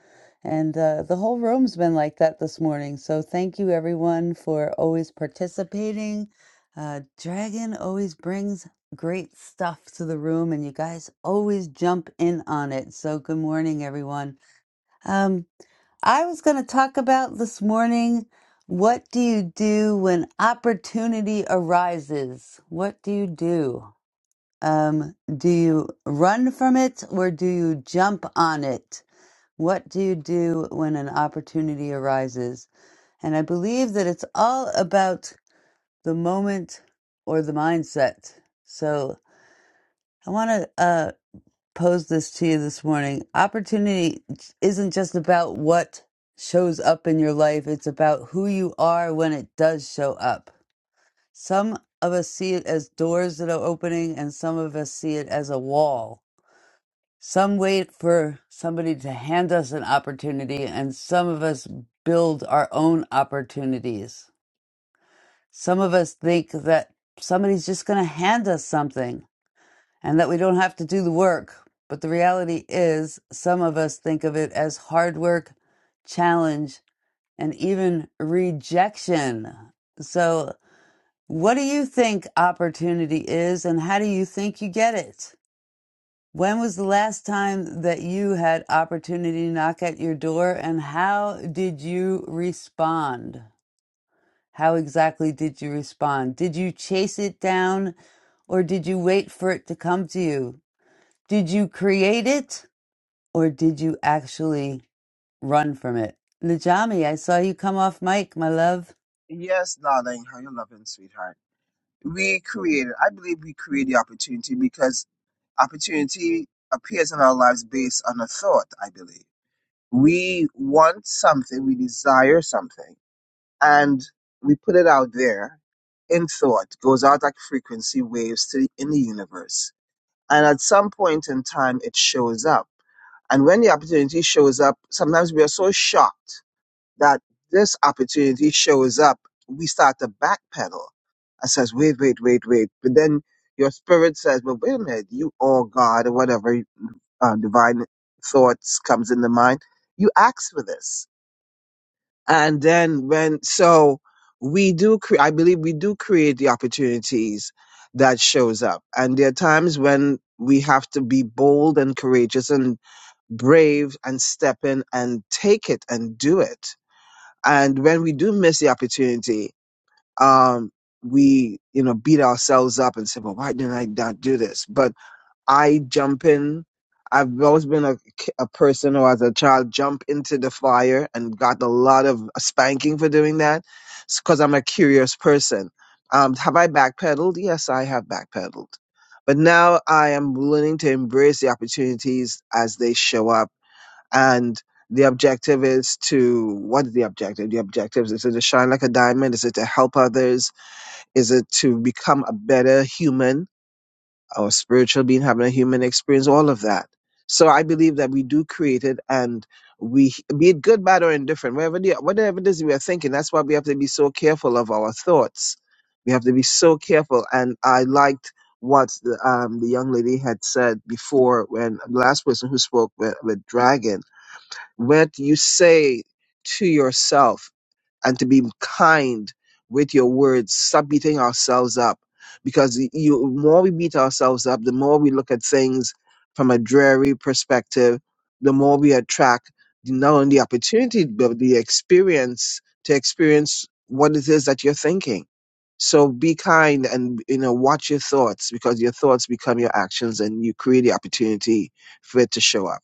[SPEAKER 1] and uh, the whole room's been like that this morning. So, thank you, everyone, for always participating. Uh, Dragon always brings great stuff to the room, and you guys always jump in on it. So, good morning, everyone. Um, I was going to talk about this morning what do you do when opportunity arises? What do you do? Um, do you run from it or do you jump on it? What do you do when an opportunity arises? And I believe that it's all about the moment or the mindset. So I want to. uh, pose this to you this morning. Opportunity isn't just about what shows up in your life, it's about who you are when it does show up. Some of us see it as doors that are opening, and some of us see it as a wall. Some wait for somebody to hand us an opportunity, and some of us build our own opportunities. Some of us think that somebody's just going to hand us something and that we don't have to do the work. But the reality is, some of us think of it as hard work, challenge, and even rejection. So, what do you think opportunity is, and how do you think you get it? When was the last time that you had opportunity knock at your door, and how did you respond? How exactly did you respond? Did you chase it down, or did you wait for it to come to you? Did you create it or did you actually run from it? Najami, I saw you come off mic, my love.
[SPEAKER 20] Yes, darling, how you loving, sweetheart. We created, I believe we create the opportunity because opportunity appears in our lives based on a thought, I believe. We want something, we desire something, and we put it out there in thought, goes out like frequency waves to, in the universe. And at some point in time, it shows up. And when the opportunity shows up, sometimes we are so shocked that this opportunity shows up, we start to backpedal. I says, wait, wait, wait, wait. But then your spirit says, well, wait a minute, you or God or whatever uh, divine thoughts comes in the mind, you ask for this. And then when, so we do, cre- I believe we do create the opportunities that shows up. And there are times when we have to be bold and courageous and brave and step in and take it and do it and when we do miss the opportunity, um, we, you know, beat ourselves up and say, well, why didn't I not do this? But I jump in. I've always been a, ki- a person who, as a child, jumped into the fire and got a lot of spanking for doing that because I'm a curious person. Um, have I backpedaled? Yes, I have backpedaled. But now I am learning to embrace the opportunities as they show up and the objective is to what is the objective the objective is it to shine like a diamond is it to help others is it to become a better human or spiritual being having a human experience all of that so i believe that we do create it and we be it good bad or indifferent whatever the, whatever it is we are thinking that's why we have to be so careful of our thoughts we have to be so careful and i liked what the, um, the young lady had said before when the last person who spoke with, with dragon what you say to yourself and to be kind with your words. Stop beating ourselves up because you more we beat ourselves up, the more we look at things from a dreary perspective, the more we attract not only the opportunity but the experience to experience what it is that you're thinking. So be kind and you know watch your thoughts because your thoughts become your actions and you create the opportunity for it to show up.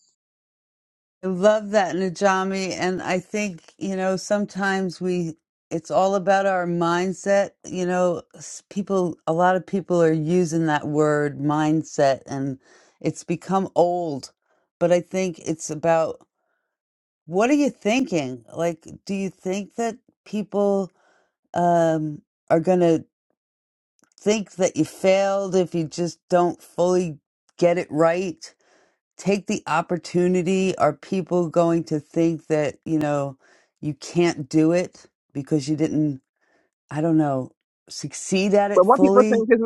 [SPEAKER 1] I love that, Najami. And I think, you know, sometimes we, it's all about our mindset. You know, s- people, a lot of people are using that word mindset and it's become old. But I think it's about what are you thinking? Like, do you think that people, um, are going to think that you failed if you just don't fully get it right. Take the opportunity. Are people going to think that, you know, you can't do it because you didn't, I don't know, succeed at it
[SPEAKER 20] But what people
[SPEAKER 1] fully?
[SPEAKER 20] think is,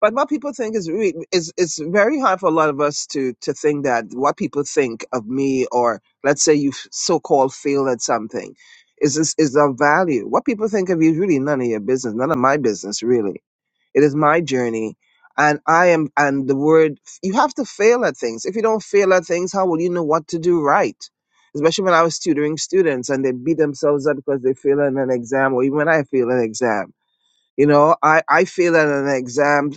[SPEAKER 20] but what people think is really is it's very hard for a lot of us to to think that what people think of me or let's say you so called failed at something is is is of value. What people think of you is really none of your business, none of my business really. It is my journey. And I am, and the word, you have to fail at things. If you don't fail at things, how will you know what to do right? Especially when I was tutoring students and they beat themselves up because they fail in an exam or even when I fail an exam you know, I, I failed at an exam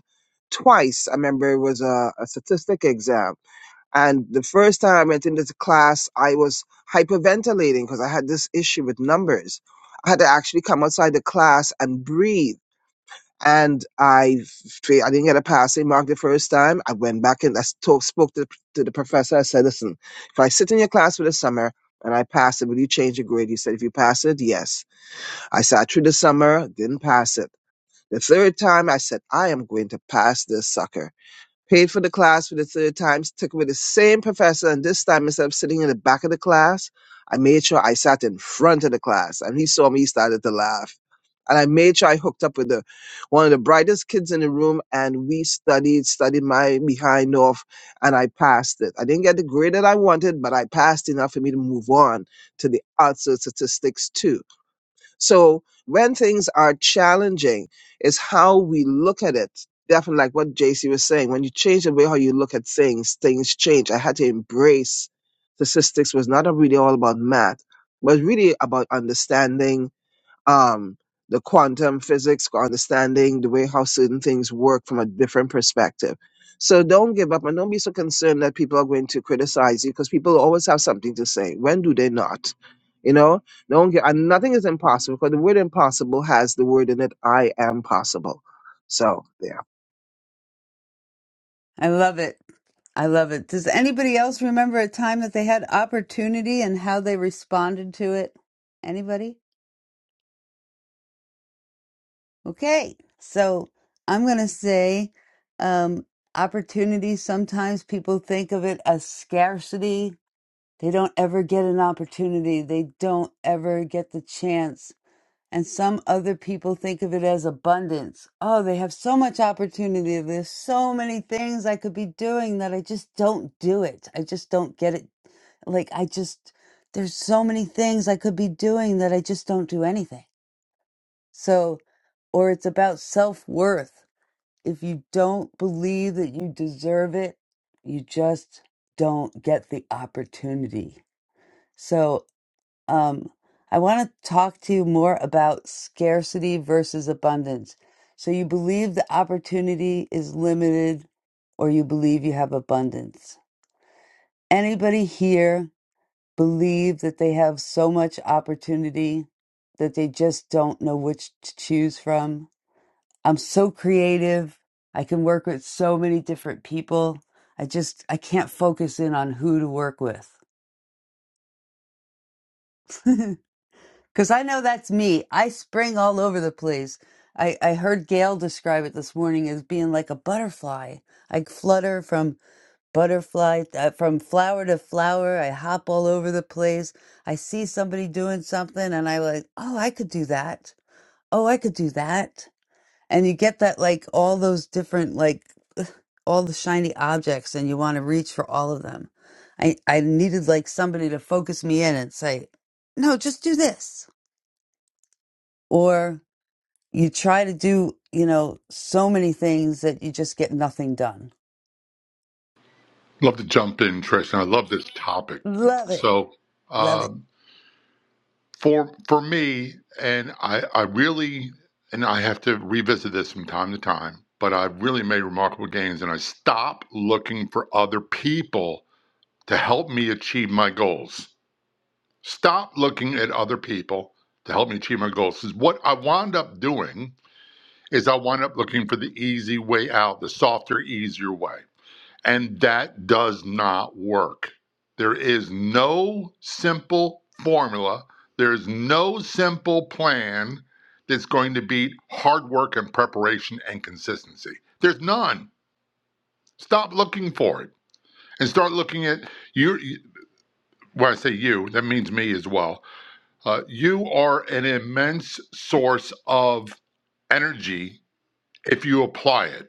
[SPEAKER 20] twice. I remember it was a, a statistic exam. And the first time I went into the class, I was hyperventilating because I had this issue with numbers. I had to actually come outside the class and breathe. And I, fa- I didn't get a passing mark the first time. I went back and I spoke, spoke to, the, to the professor. I said, listen, if I sit in your class for the summer and I pass it, will you change your grade? He said, if you pass it, yes. I sat through the summer, didn't pass it. The third time I said, I am going to pass this sucker. Paid for the class for the third time, took it with the same professor, and this time instead of sitting in the back of the class, I made sure I sat in front of the class. And he saw me, he started to laugh. And I made sure I hooked up with the one of the brightest kids in the room, and we studied, studied my behind off, and I passed it. I didn't get the grade that I wanted, but I passed enough for me to move on to the arts and statistics too. So when things are challenging, it's how we look at it. Definitely like what JC was saying, when you change the way how you look at things, things change. I had to embrace statistics was not really all about math, but really about understanding um, the quantum physics understanding, the way how certain things work from a different perspective. So don't give up and don't be so concerned that people are going to criticize you because people always have something to say. When do they not? You know, don't get, and nothing is impossible because the word impossible has the word in it, I am possible. So there.
[SPEAKER 1] I love it. I love it. Does anybody else remember a time that they had opportunity and how they responded to it? Anybody? Okay. So I'm going to say um, opportunity. Sometimes people think of it as scarcity. They don't ever get an opportunity, they don't ever get the chance. and some other people think of it as abundance. Oh, they have so much opportunity. There's so many things I could be doing that I just don't do it. I just don't get it. Like, I just, there's so many things I could be doing that I just don't do anything. So, or it's about self worth. If you don't believe that you deserve it, you just don't get the opportunity. So. Um, I want to talk to you more about scarcity versus abundance. So, you believe the opportunity is limited, or you believe you have abundance? Anybody here believe that they have so much opportunity that they just don't know which to choose from? I'm so creative. I can work with so many different people. I just I can't focus in on who to work with. Because I know that's me. I spring all over the place. I, I heard Gail describe it this morning as being like a butterfly. I flutter from butterfly, uh, from flower to flower. I hop all over the place. I see somebody doing something and I like, oh, I could do that. Oh, I could do that. And you get that, like all those different, like all the shiny objects and you want to reach for all of them. I, I needed like somebody to focus me in and say, no, just do this. Or You try to do, you know, so many things that you just get nothing done.
[SPEAKER 22] Love to jump in, Trish, and I love this topic.
[SPEAKER 1] Love it.
[SPEAKER 22] So,
[SPEAKER 1] Love
[SPEAKER 22] uh,
[SPEAKER 1] it.
[SPEAKER 22] for for me, and I, I really, and I have to revisit this from time to time, but I've really made remarkable gains, and I stop looking for other people to help me achieve my goals. Stop looking at other people to help me achieve my goals. 'Cause what I wound up doing is I wound up looking for the easy way out, the softer, easier way And that does not work. There is no simple formula, there is no simple plan that's going to beat hard work and preparation and consistency. There's none. Stop looking for it and start looking at you. When I say you, that means me as well. Uh, you are an immense source of energy if you apply it.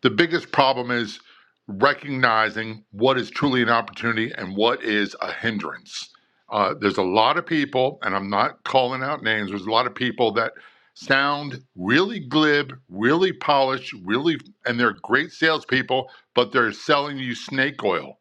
[SPEAKER 22] The biggest problem is recognizing what is truly an opportunity and what is a hindrance. Uh, there's a lot of people, and I'm not calling out names, there's a lot of people that sound really glib, really polished, really, and they're great salespeople, but they're selling you snake oil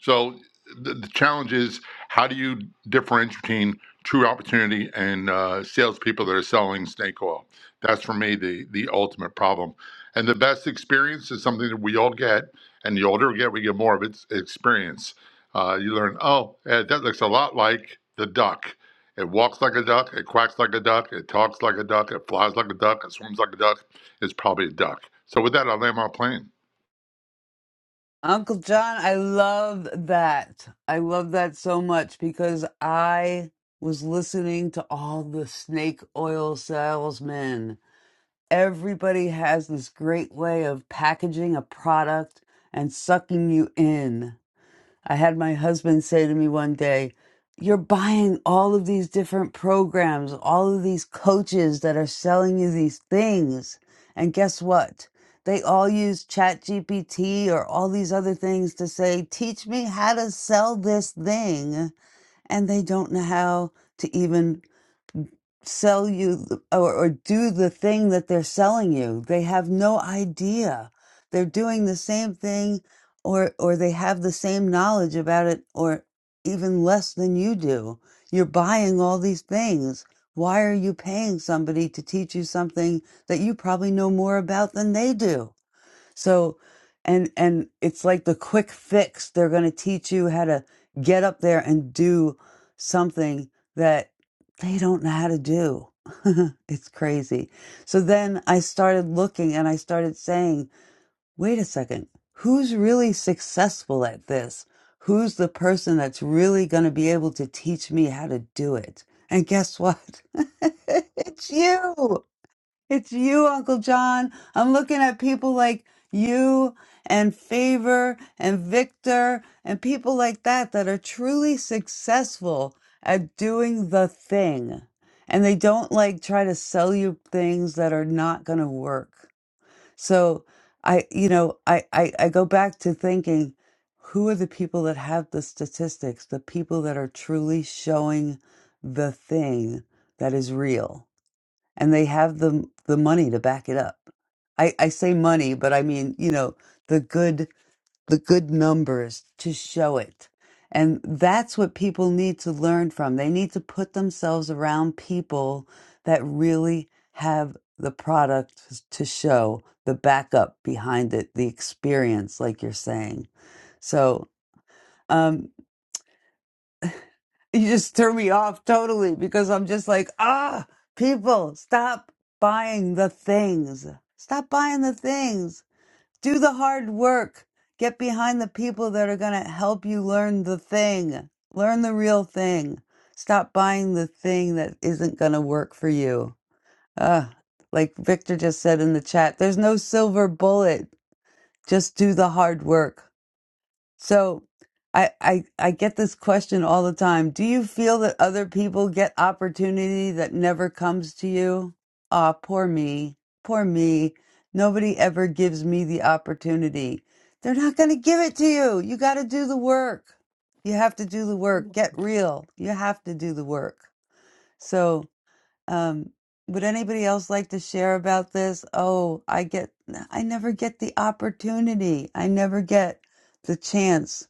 [SPEAKER 22] so the, the challenge is how do you differentiate between true opportunity and uh, salespeople that are selling snake oil? That's for me the the ultimate problem. And the best experience is something that we all get, and the older we get, we get more of its experience. Uh, you learn, oh, eh, that looks a lot like the duck. It walks like a duck. It quacks like a duck. It talks like a duck. It flies like a duck. It swims like a duck. It's probably a duck. So with that, I land my plane.
[SPEAKER 1] Uncle John, I love that. I love that so much because I was listening to all the snake oil salesmen. Everybody has this great way of packaging a product and sucking you in. I had my husband say to me one day, You're buying all of these different programs, all of these coaches that are selling you these things. And guess what? They all use ChatGPT or all these other things to say, 'Teach me how to sell this thing. And they don't know how to even sell you th- or, or do the thing that they're selling you. They have no idea. They're doing the same thing or or they have the same knowledge about it or even less than you do. You're buying all these things. Why are you paying somebody to teach you something that you probably know more about than they do? So, and and it's like the quick fix. They're going to teach you how to get up there and do something that they don't know how to do. it's crazy. So then I started looking and I started saying, "Wait a second. Who's really successful at this? Who's the person that's really going to be able to teach me how to do it?" And guess what? it's you. It's you, Uncle John. I'm looking at people like you and Favor and Victor and people like that that are truly successful at doing the thing. And they don't like try to sell you things that are not going to work. So I, you know, I, I, I go back to thinking who are the people that have the statistics, the people that are truly showing the thing that is real? and they have the the money to back it up. I, I say money, but I mean, you know, the good the good numbers to show it. And that's what people need to learn from. They need to put themselves around people that really have the product to show, the backup behind it, the experience, like you're saying. So, um, you just threw me off totally because I'm just like, ah, people, stop buying the things. Stop buying the things. Do the hard work. Get behind the people that are going to help you learn the thing. Learn the real thing. Stop buying the thing that isn't going to work for you. Ah, like Victor just said in the chat, there's no silver bullet. Just do the hard work. So I, I I get this question all the time. Do you feel that other people get opportunity that never comes to you? Ah, poor me. Poor me. Nobody ever gives me the opportunity. They're not going to give it to you. You got to do the work. You have to do the work. Get real. You have to do the work. So, um would anybody else like to share about this? Oh, I get I never get the opportunity. I never get the chance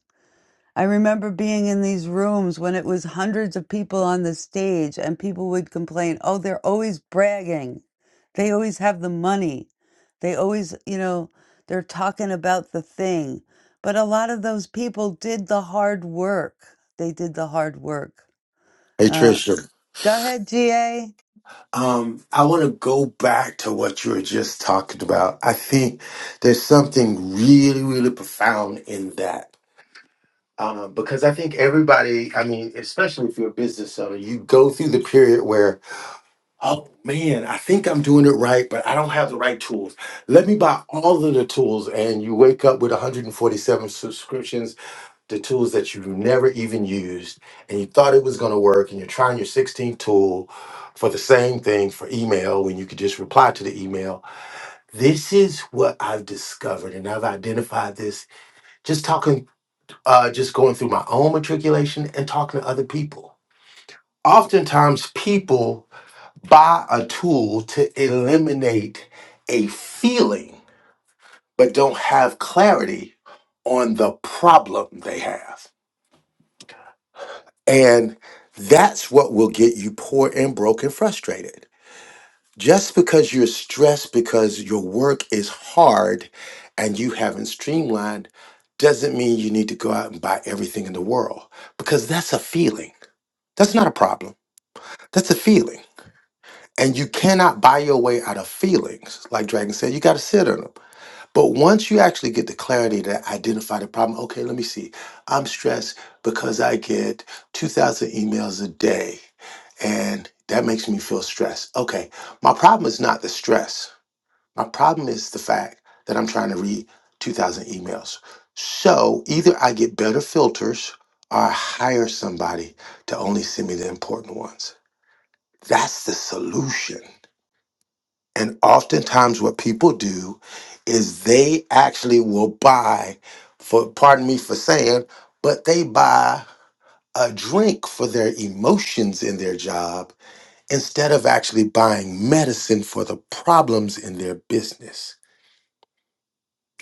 [SPEAKER 1] I remember being in these rooms when it was hundreds of people on the stage, and people would complain, oh, they're always bragging. They always have the money. They always, you know, they're talking about the thing. But a lot of those people did the hard work. They did the hard work.
[SPEAKER 4] Hey,
[SPEAKER 1] Uh,
[SPEAKER 4] Trisha.
[SPEAKER 1] go ahead, GA.
[SPEAKER 4] Um, I want to go back to what you were just talking about. I think there's something really, really profound in that. Um, because I think everybody, I mean, especially if you're a business owner, you go through the period where. Oh man, I think I'm doing it right, but I don't have the right tools. Let me buy all of the tools, and you wake up with 147 subscriptions to tools that you never even used, and you thought it was going to work, and you're trying your 16th tool for the same thing for email when you could just reply to the email. This is what I've discovered, and I've identified this just talking, uh, just going through my own matriculation and talking to other people. Oftentimes, people buy a tool to eliminate a feeling, but don't have clarity on the problem they have. And that's what will get you poor and broke and frustrated. Just because you're stressed because your work is hard and you haven't streamlined doesn't mean you need to go out and buy everything in the world because that's a feeling. That's not a problem. That's a feeling. And you cannot buy your way out of feelings. Like Dragon said, you got to sit on them. But once you actually get the clarity to identify the problem, okay, let me see. I'm stressed because I get 2,000 emails a day, and that makes me feel stressed. Okay, my problem is not the stress. My problem is the fact that I'm trying to read 2,000 emails. So either I get better filters or I hire somebody to only send me the important ones. That's the solution. And oftentimes, what people do is they actually will buy, for pardon me for saying, but they buy a drink for their emotions in their job instead of actually buying medicine for the problems in their business.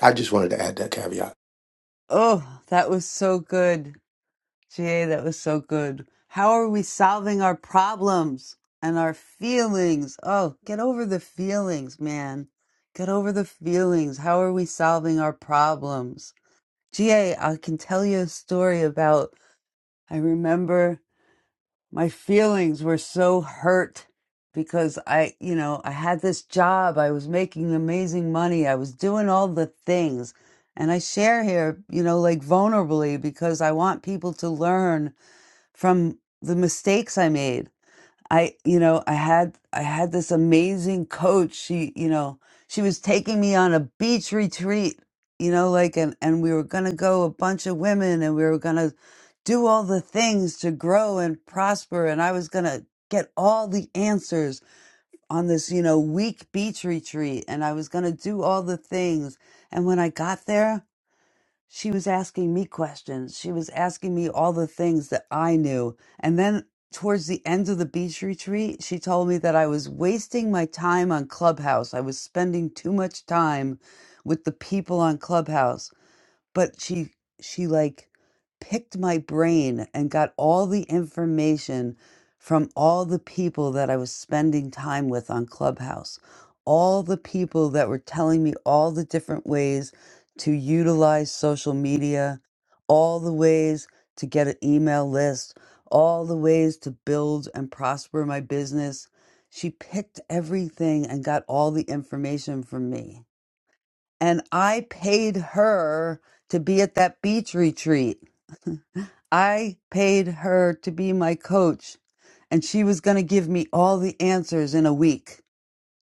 [SPEAKER 4] I just wanted to add that caveat.
[SPEAKER 1] Oh, that was so good. GA, that was so good. How are we solving our problems and our feelings? Oh, get over the feelings, man. Get over the feelings. How are we solving our problems? GA, I can tell you a story about I remember my feelings were so hurt because I, you know, I had this job. I was making amazing money. I was doing all the things. And I share here, you know, like vulnerably because I want people to learn from the mistakes I made. I, you know, I had I had this amazing coach. She, you know, she was taking me on a beach retreat, you know, like and and we were going to go a bunch of women and we were going to do all the things to grow and prosper and I was going to get all the answers on this, you know, week beach retreat and I was going to do all the things. And when I got there, she was asking me questions. She was asking me all the things that I knew. And then towards the end of the beach retreat, she told me that I was wasting my time on Clubhouse. I was spending too much time with the people on Clubhouse but she she like picked my brain and got all the information from all the people that I was spending time with on Clubhouse. All the people that were telling me all the different ways to utilize social media, all the ways to get an email list, all the ways to build and prosper my business. She picked everything and got all the information from me and I paid her to be at that beach retreat. I paid her to be my coach, and she was going to give me all the answers in a week,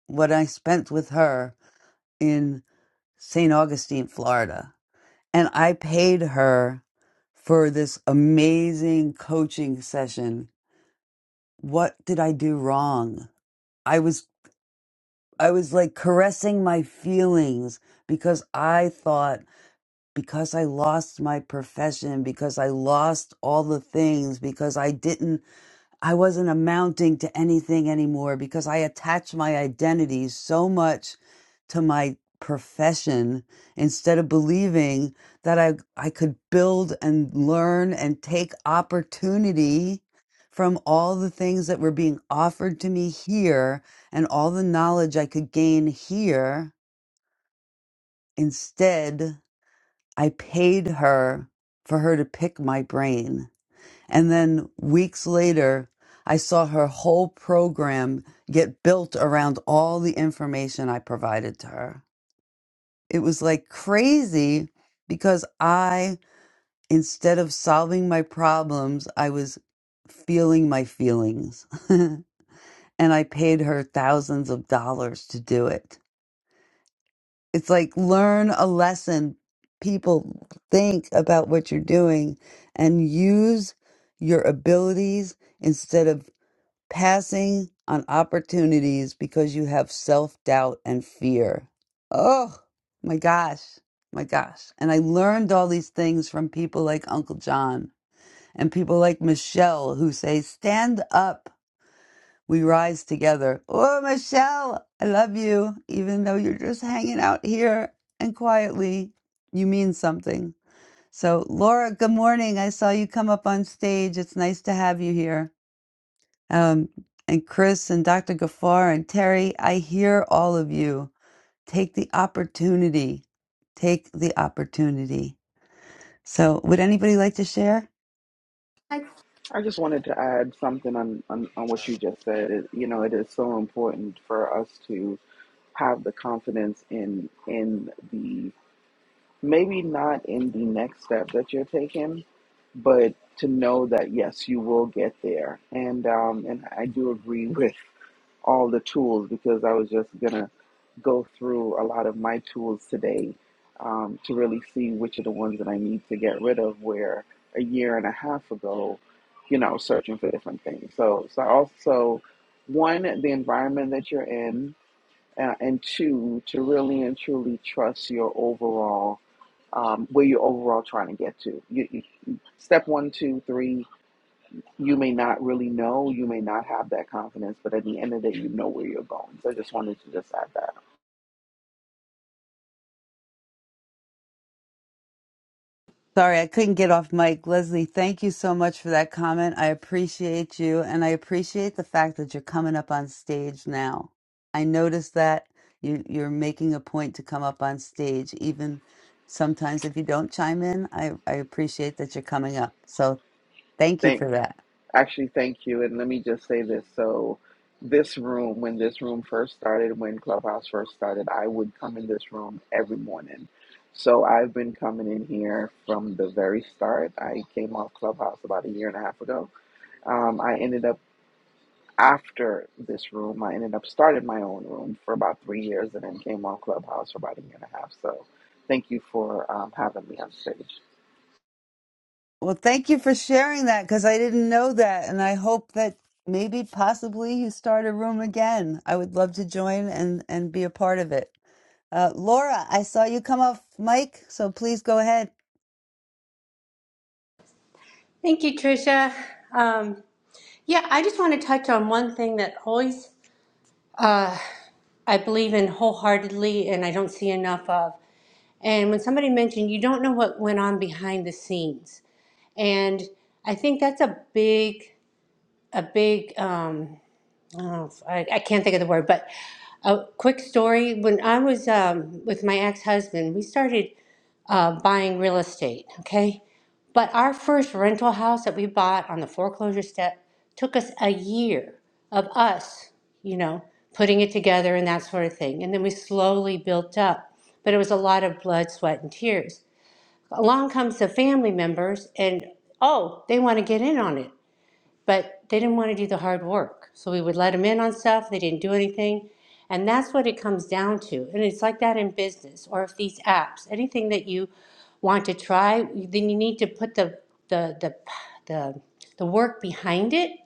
[SPEAKER 1] what I spent with her in St. Augustine, Florida. And I paid her for this amazing coaching session. What did I do wrong? I was I was like caressing my feelings because I thought because I lost my profession, because I lost all the things, because I didn't, I wasn't amounting to anything anymore, because I attached my identity so much to my profession instead of believing that I, I could build and learn and take opportunity from all the things that were being offered to me here and all the knowledge I could gain here instead I paid her for her to pick my brain. And then weeks later, I saw her whole program get built around all the information I provided to her. It was like crazy because I, instead of solving my problems, I was feeling my feelings. and I paid her thousands of dollars to do it. It's like learn a lesson. People think about what you're doing and use your abilities instead of passing on opportunities because you have self doubt and fear. Oh my gosh. My gosh. And I learned all these things from people like Uncle John and people like Michelle who say, stand up we rise together. Oh, Michelle, I love you. Even though you're just hanging out here and quietly, you mean something. So, Laura, good morning. I saw you come up on stage. It's nice to have you here. Um, and Chris and Dr. Gafar and Terry, I hear all of you. Take the opportunity. Take the opportunity. So, would anybody like to share?
[SPEAKER 23] Hi.
[SPEAKER 15] I just wanted to add something on, on, on what you just said. It, you know, it is so important for us to have the confidence in in the maybe not in the next step that you're taking, but to know that yes, you will get there. And um, and I do agree with all the tools because I was just going to go through a lot of my tools today um, to really see which are the ones that I need to get rid of. Where a year and a half ago, you know, searching for different things. So, so also one the environment that you're in, uh, and two to really and truly trust your overall um, where you're overall trying to get to. You, you, step one, two, three you may not really know, you may not have that confidence, but at the end of the day, you know where you're going. So I just wanted to just add that.
[SPEAKER 1] Sorry, I couldn't get off mic. Leslie, thank you so much for that comment. I appreciate you, and I appreciate the fact that you're coming up on stage now. I noticed that you, you're making a point to come up on stage, even sometimes if you don't chime in. I, I appreciate that you're coming up. So thank you
[SPEAKER 15] Thank,
[SPEAKER 1] for that.
[SPEAKER 15] actually, thank you. And let me just say this. So, this room, when this room first started, when Clubhouse first started, I would come in this room every morning. So I've been coming in here from the very start. I came off Clubhouse about a year and a half ago. Um, I ended up after this room, I ended up started my own room for about three years, and then came on Clubhouse for about a year and a half. So, thank you for um, having me on stage.
[SPEAKER 1] Well, thank you for sharing that because I didn't know that. And I hope that maybe possibly you start a room again. I would love to join and, and be a part of it. Uh, Laura, I saw you come off mic, so please go ahead.
[SPEAKER 23] Thank you, Tricia. Um, yeah, I just want to touch on one thing that always uh, I believe in wholeheartedly and I don't see enough of. And when somebody mentioned you don't know what went on behind the scenes, and I think that's a big, a big. Um, oh, I, I can't think of the word, but a quick story. When I was um, with my ex husband, we started uh, buying real estate, okay? But our first rental house that we bought on the foreclosure step took us a year of us, you know, putting it together and that sort of thing. And then we slowly built up, but it was a lot of blood, sweat, and tears. Along comes the family members, and oh, they want to get in on it but they didn't want to do the hard work. So we would let them in on stuff, they didn't do anything. And that's what it comes down to. And it's like that in business or if these apps, anything that you want to try, then you need to put the the the the, the work behind it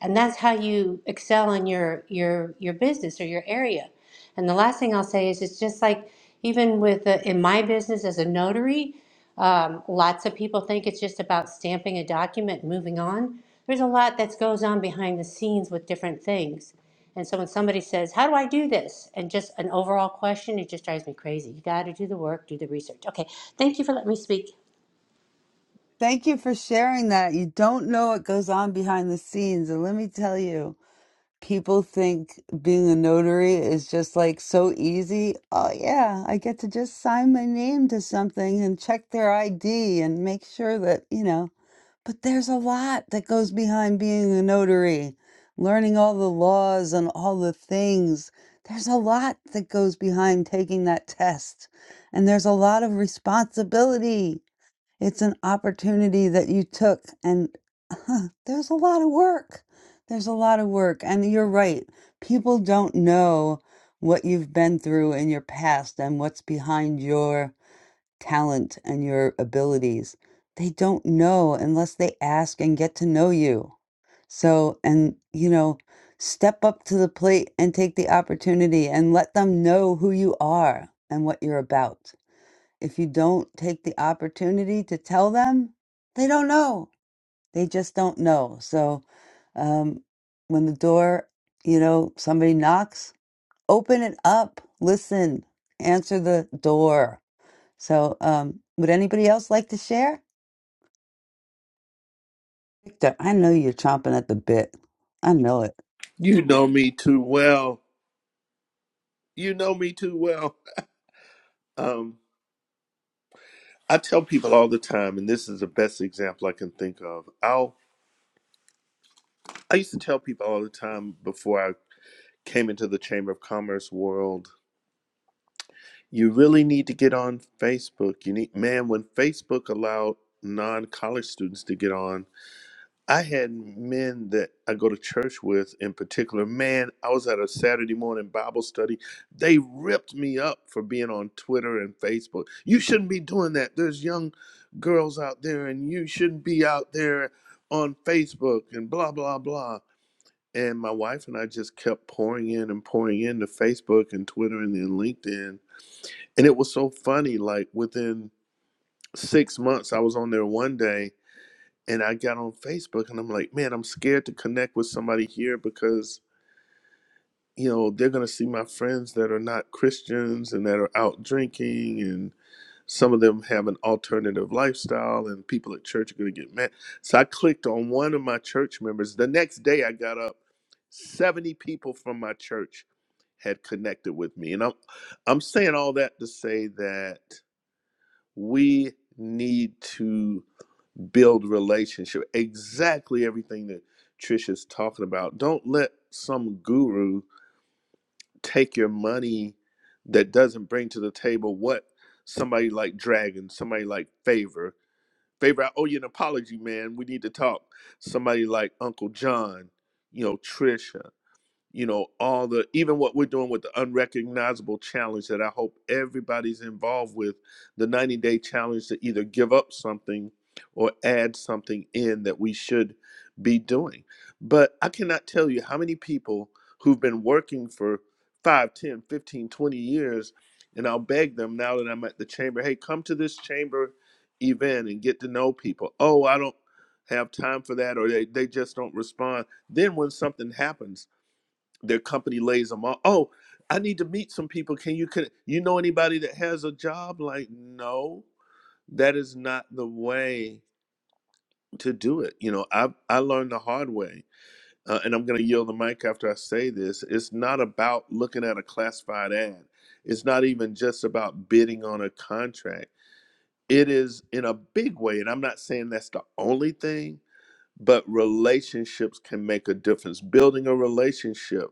[SPEAKER 23] and that's how you excel in your your your business or your area and the last thing i'll say is it's just like even with uh in my business as a notary um, lots of people think it's just about stamping a document and moving on there's a lot that goes on behind the scenes with different things and so when somebody says how do i do this and just an overall question it just drives me crazy you got to do the work do the research okay thank you for letting me speak
[SPEAKER 1] Thank you for sharing that. You don't know what goes on behind the scenes. And let me tell you. people think being a notary is just like so easy. Oh, yeah, I get to just sign my name to something and check their ID and make sure that, you know, but there's a lot that goes behind being a notary, learning all the laws and all the things. There's a lot that goes behind taking that test, and there's a lot of responsibility. It's an opportunity that you took, and huh, there's a lot of work. There's a lot of work. And you're right. People don't know what you've been through in your past and what's behind your talent and your abilities. They don't know unless they ask and get to know you. So, and you know, step up to the plate and take the opportunity and let them know who you are and what you're about. If you don't take the opportunity to tell them, they don't know. They just don't know. So um, when the door, you know, somebody knocks, open it up, listen, answer the door. So um, would anybody else like to share? Victor, I know you're chomping at the bit. I know it.
[SPEAKER 24] You know me too well. You know me too well. Um, I tell people all the time, and this is the best example I can think of. I'll I used to tell people all the time before I came into the Chamber of Commerce world, you really need to get on Facebook. You need man, when Facebook allowed non college students to get on, I had men that I go to church with in particular. Man, I was at a Saturday morning Bible study. They ripped me up for being on Twitter and Facebook. You shouldn't be doing that. There's young girls out there, and you shouldn't be out there on Facebook and blah, blah, blah. And my wife and I just kept pouring in and pouring into Facebook and Twitter and then LinkedIn. And it was so funny. Like within six months, I was on there one day and I got on Facebook and I'm like, man, I'm scared to connect with somebody here because you know they're gonna see my friends that are not Christians and that are out drinking and some of them have an alternative lifestyle and people at church are gonna get mad. So I clicked on one of my church members. The next day I got up, 70 people from my church had connected with me. And I'm I'm saying all that to say that we need to build relationship. Exactly everything that Trisha's talking about. Don't let some guru take your money that doesn't bring to the table what somebody like Dragon, somebody like Favor, Favor, I owe you an apology, man. We need to talk. Somebody like Uncle John, you know, Trisha you know all the even what we're doing with the unrecognizable challenge that i hope everybody's involved with the 90 day challenge to either give up something or add something in that we should be doing but i cannot tell you how many people who've been working for 5, 10, 15, twenty years and i'll beg them now that i'm at the chamber hey come to this chamber event and get to know people oh i don't have time for that or they, they just don't respond then when something happens their company lays them off. Oh, I need to meet some people. Can you can you know anybody that has a job? Like, no, that is not the way to do it. You know, I I learned the hard way, uh, and I'm going to yield the mic after I say this. It's not about looking at a classified ad. It's not even just about bidding on a contract. It is in a big way, and I'm not saying that's the only thing, but relationships can make a difference. Building a relationship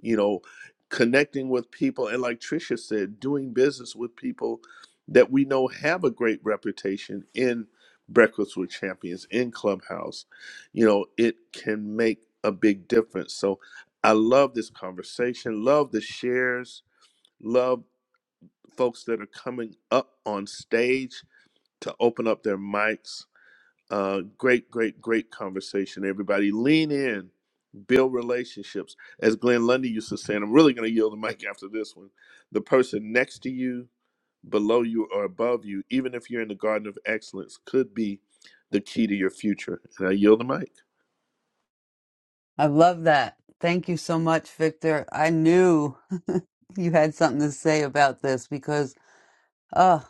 [SPEAKER 24] you know, connecting with people. And like Tricia said, doing business with people that we know have a great reputation in Breakfast with Champions, in Clubhouse, you know, it can make a big difference. So I love this conversation, love the shares, love folks that are coming up on stage to open up their mics uh, great, great, great conversation, everybody. Lean in, build relationships. As Glenn Lundy used to say, and I'm really going to yield the mic after this one the person next to you, below you, or above you, even if you're in the garden of excellence, could be the key to your future. And I yield the mic.
[SPEAKER 1] I love that. Thank you so much, Victor. I knew you had something to say about this because, oh,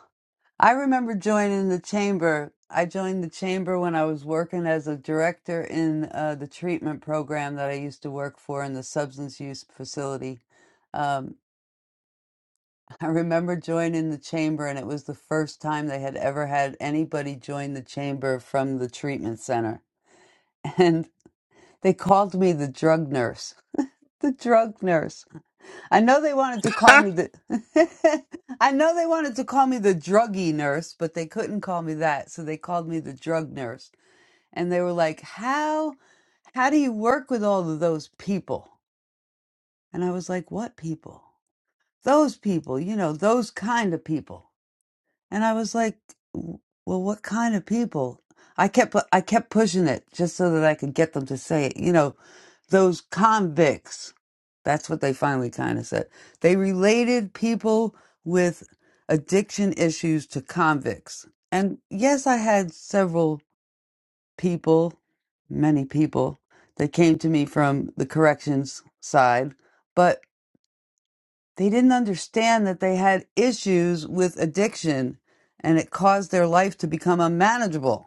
[SPEAKER 1] I remember joining the chamber. I joined the chamber when I was working as a director in uh, the treatment program that I used to work for in the substance use facility. Um, I remember joining the chamber, and it was the first time they had ever had anybody join the chamber from the treatment center. And they called me the drug nurse. the drug nurse. I know they wanted to call me the I know they wanted to call me the druggy nurse, but they couldn't call me that, so they called me the drug nurse. And they were like, "How how do you work with all of those people?" And I was like, "What people?" "Those people, you know, those kind of people." And I was like, "W- "Well, what kind of people?" I kept pu- I kept pushing it just so that I could get them to say it. You know, those convicts. That's what they finally kind of said. They related people with addiction issues to convicts. And yes, I had several people, many people, that came to me from the corrections side, but they didn't understand that they had issues with addiction and it caused their life to become unmanageable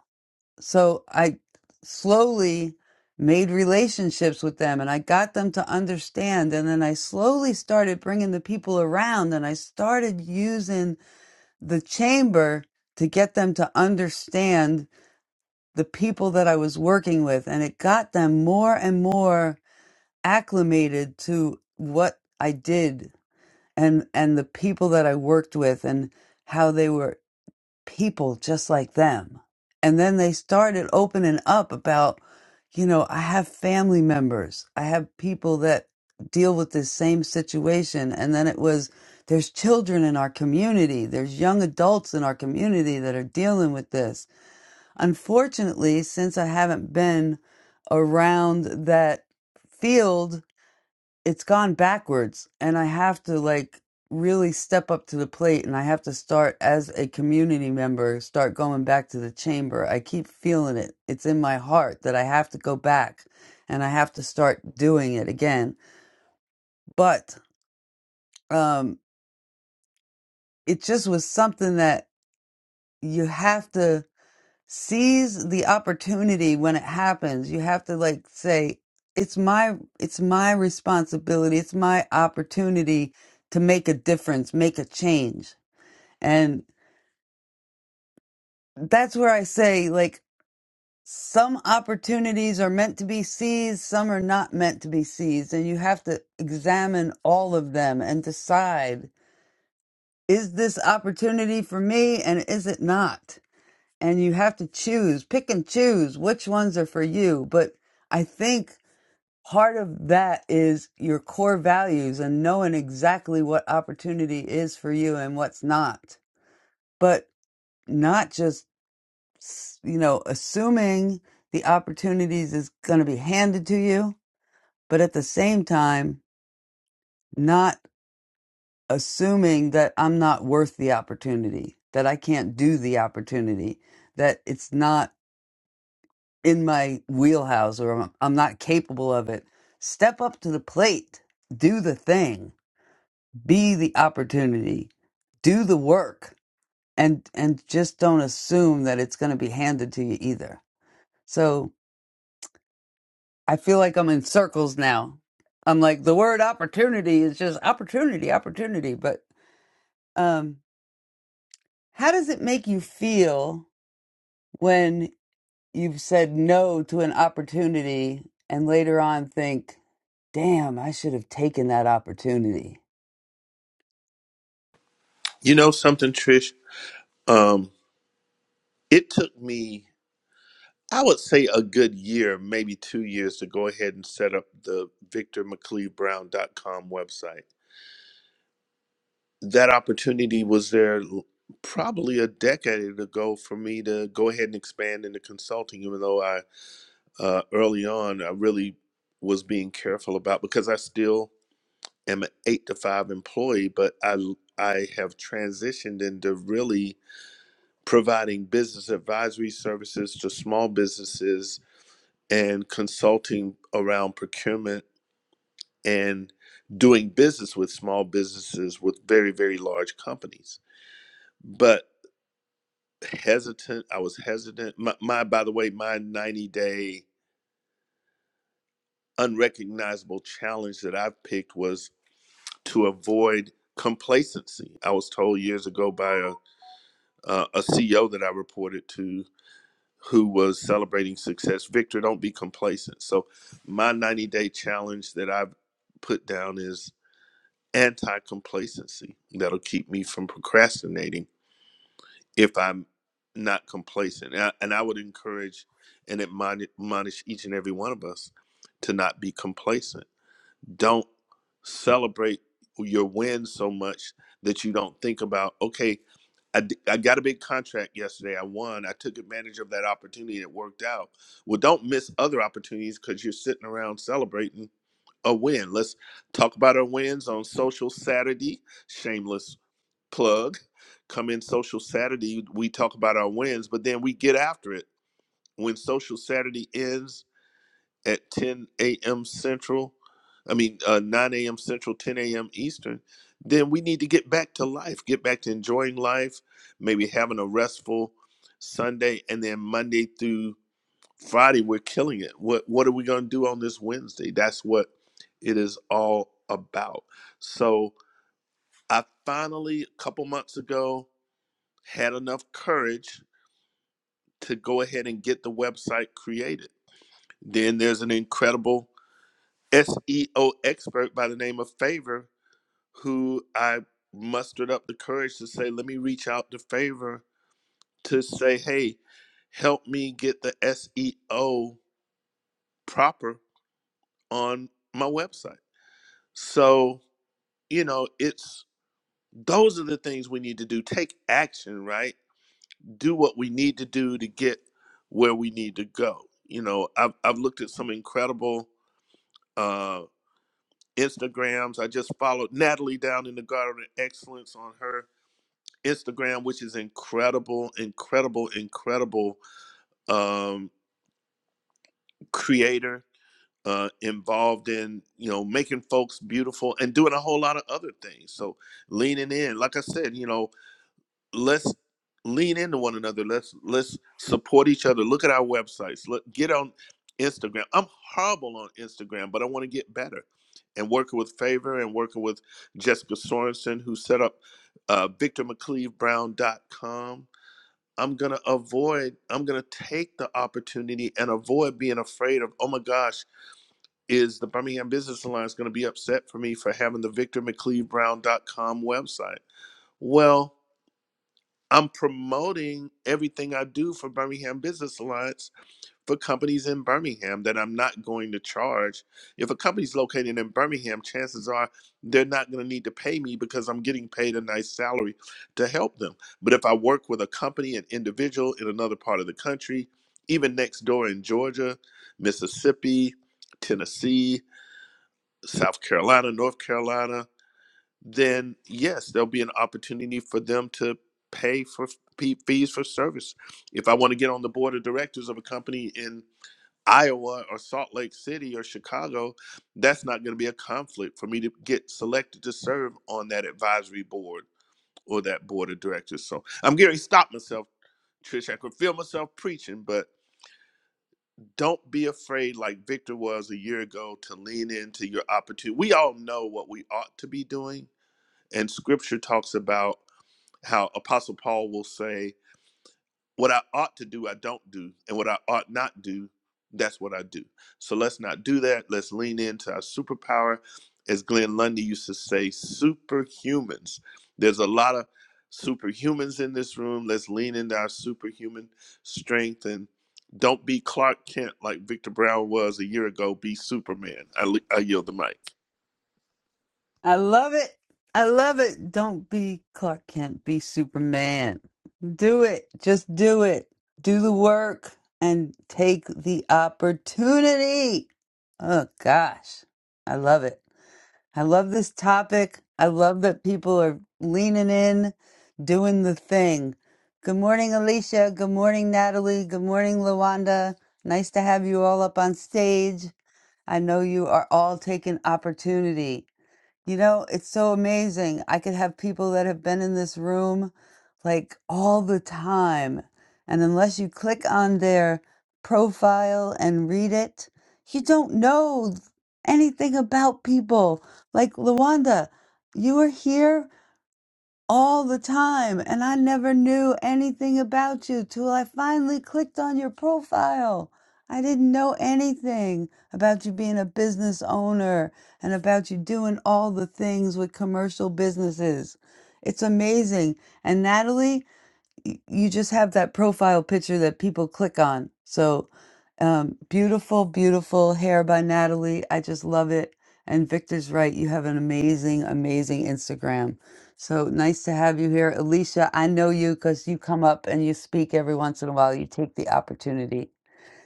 [SPEAKER 1] so I slowly made relationships with them and I got them to understand. And then I slowly started bringing the people around and I started using the chamber to get them to understand the people that I was working with. And it got them more and more acclimated to what I did and, and the people that I worked with and how they were people just like them. And then they started opening up about, you know, I have family members, I have people that deal with this same situation. And then it was, there's children in our community, there's young adults in our community that are dealing with this. Unfortunately, since I haven't been around that field, it's gone backwards and i have to like really step up to the plate and i have to start as a community member start going back to the chamber i keep feeling it it's in my heart that i have to go back and i have to start doing it again but um it just was something that you have to seize the opportunity when it happens. You have to like say, it's my it's my responsibility, it's my opportunity to make a difference, make a change. And that's where I say like some opportunities are meant to be seized, some are not meant to be seized, and you have to examine all of them and decide is this opportunity for me and is it not? and you have to choose, pick and choose which ones are for you. But I think part of that is your core values and knowing exactly what opportunity is for you and what's not. But not just, you know, assuming the opportunities is going to be handed to you, but at the same time, not assuming that I'm not worth the opportunity, that I can't do the opportunity, that it's not in my wheelhouse or I'm, I'm not capable of it. Step up to the plate, do the thing, be the opportunity, do the work, and and just don't assume that it's going to be handed to you either. So I feel like I'm in circles now. I'm like the word opportunity is just opportunity, opportunity. But um, how does it make you feel? when? you've said no to an opportunity and later on think, damn, I should have taken that opportunity.
[SPEAKER 24] you know something, Trish? Um, it took me, I would say, a good year, maybe two years, to go ahead and set up the victormcleavebrown.com website that opportunity was there l- probably a decade ago for me to go ahead and expand into consulting, even though I uh, early on I really was being careful about because I still am an eight to five employee, but I l- I have transitioned into really providing business advisory services to small businesses and consulting around procurement and doing business with small businesses with very very large companies. But hesitant. I was hesitant. My, my by the way, my 90 day unrecognizable challenge that I've picked was to avoid complacency. I was told years ago by a uh, a CEO that I reported to who was celebrating success, Victor, don't be complacent. So my 90 day challenge that I've put down is anti complacency. That'll keep me from procrastinating if I'm not complacent. And I, and I would encourage and admoni- admonish each and every one of us to not be complacent. Don't celebrate your win so much that you don't think about, okay, I, d- I got a big contract yesterday. I won. I took advantage of that opportunity. It worked out. Well, don't miss other opportunities because you're sitting around celebrating a win. Let's talk about our wins on social Saturday. Shameless plug come in social saturday we talk about our wins but then we get after it when social saturday ends at 10 a.m central i mean uh, 9 a.m central 10 a.m eastern then we need to get back to life get back to enjoying life maybe having a restful sunday and then monday through friday we're killing it what what are we going to do on this wednesday that's what it is all about so i finally a couple months ago had enough courage to go ahead and get the website created. Then there's an incredible SEO expert by the name of Favor who I mustered up the courage to say, let me reach out to Favor to say, hey, help me get the SEO proper on my website. So, you know, it's those are the things we need to do. Take action, right? do what we need to do to get where we need to go. You know, I've I've looked at some incredible uh, Instagrams. I just followed Natalie down in the Garden of Excellence on her Instagram, which is incredible, incredible, incredible um, creator uh, involved in you know making folks beautiful and doing a whole lot of other things. So leaning in, like I said, you know, let's lean into one another. Let's let's support each other. Look at our websites. Look, get on Instagram. I'm horrible on Instagram, but I want to get better. And working with Favor and working with Jessica Sorensen, who set up uh, VictorMcCleaveBrown.com. I'm gonna avoid. I'm gonna take the opportunity and avoid being afraid of. Oh my gosh, is the Birmingham Business Alliance gonna be upset for me for having the VictorMcCleaveBrown.com website? Well, I'm promoting everything I do for Birmingham Business Alliance for companies in Birmingham that I'm not going to charge. If a company's located in Birmingham, chances are they're not going to need to pay me because I'm getting paid a nice salary to help them. But if I work with a company, an individual in another part of the country, even next door in Georgia, Mississippi, Tennessee, South Carolina, North Carolina, then yes, there'll be an opportunity for them to pay for fee- fees for service. If I want to get on the board of directors of a company in Iowa or Salt Lake City or Chicago, that's not going to be a conflict for me to get selected to serve on that advisory board or that board of directors. So I'm getting to stop myself, Trish. I could feel myself preaching, but don't be afraid, like Victor was a year ago, to lean into your opportunity. We all know what we ought to be doing and scripture talks about how Apostle Paul will say, What I ought to do, I don't do, and what I ought not do, that's what I do. So let's not do that. Let's lean into our superpower. As Glenn Lundy used to say, superhumans. There's a lot of superhumans in this room. Let's lean into our superhuman strength and don't be Clark Kent like Victor Brown was a year ago. Be Superman. I, I yield the mic.
[SPEAKER 1] I love it. I love it. Don't be Clark Kent, be Superman. Do it. Just do it. Do the work and take the opportunity. Oh gosh. I love it. I love this topic. I love that people are leaning in, doing the thing. Good morning, Alicia. Good morning, Natalie. Good morning, Lawanda. Nice to have you all up on stage. I know you are all taking opportunity. You know, it's so amazing. I could have people that have been in this room like all the time. And unless you click on their profile and read it, you don't know anything about people. Like Lawanda, you were here all the time, and I never knew anything about you till I finally clicked on your profile. I didn't know anything about you being a business owner and about you doing all the things with commercial businesses. It's amazing. And Natalie, y- you just have that profile picture that people click on. So um, beautiful, beautiful hair by Natalie. I just love it. And Victor's right. You have an amazing, amazing Instagram. So nice to have you here. Alicia, I know you because you come up and you speak every once in a while. You take the opportunity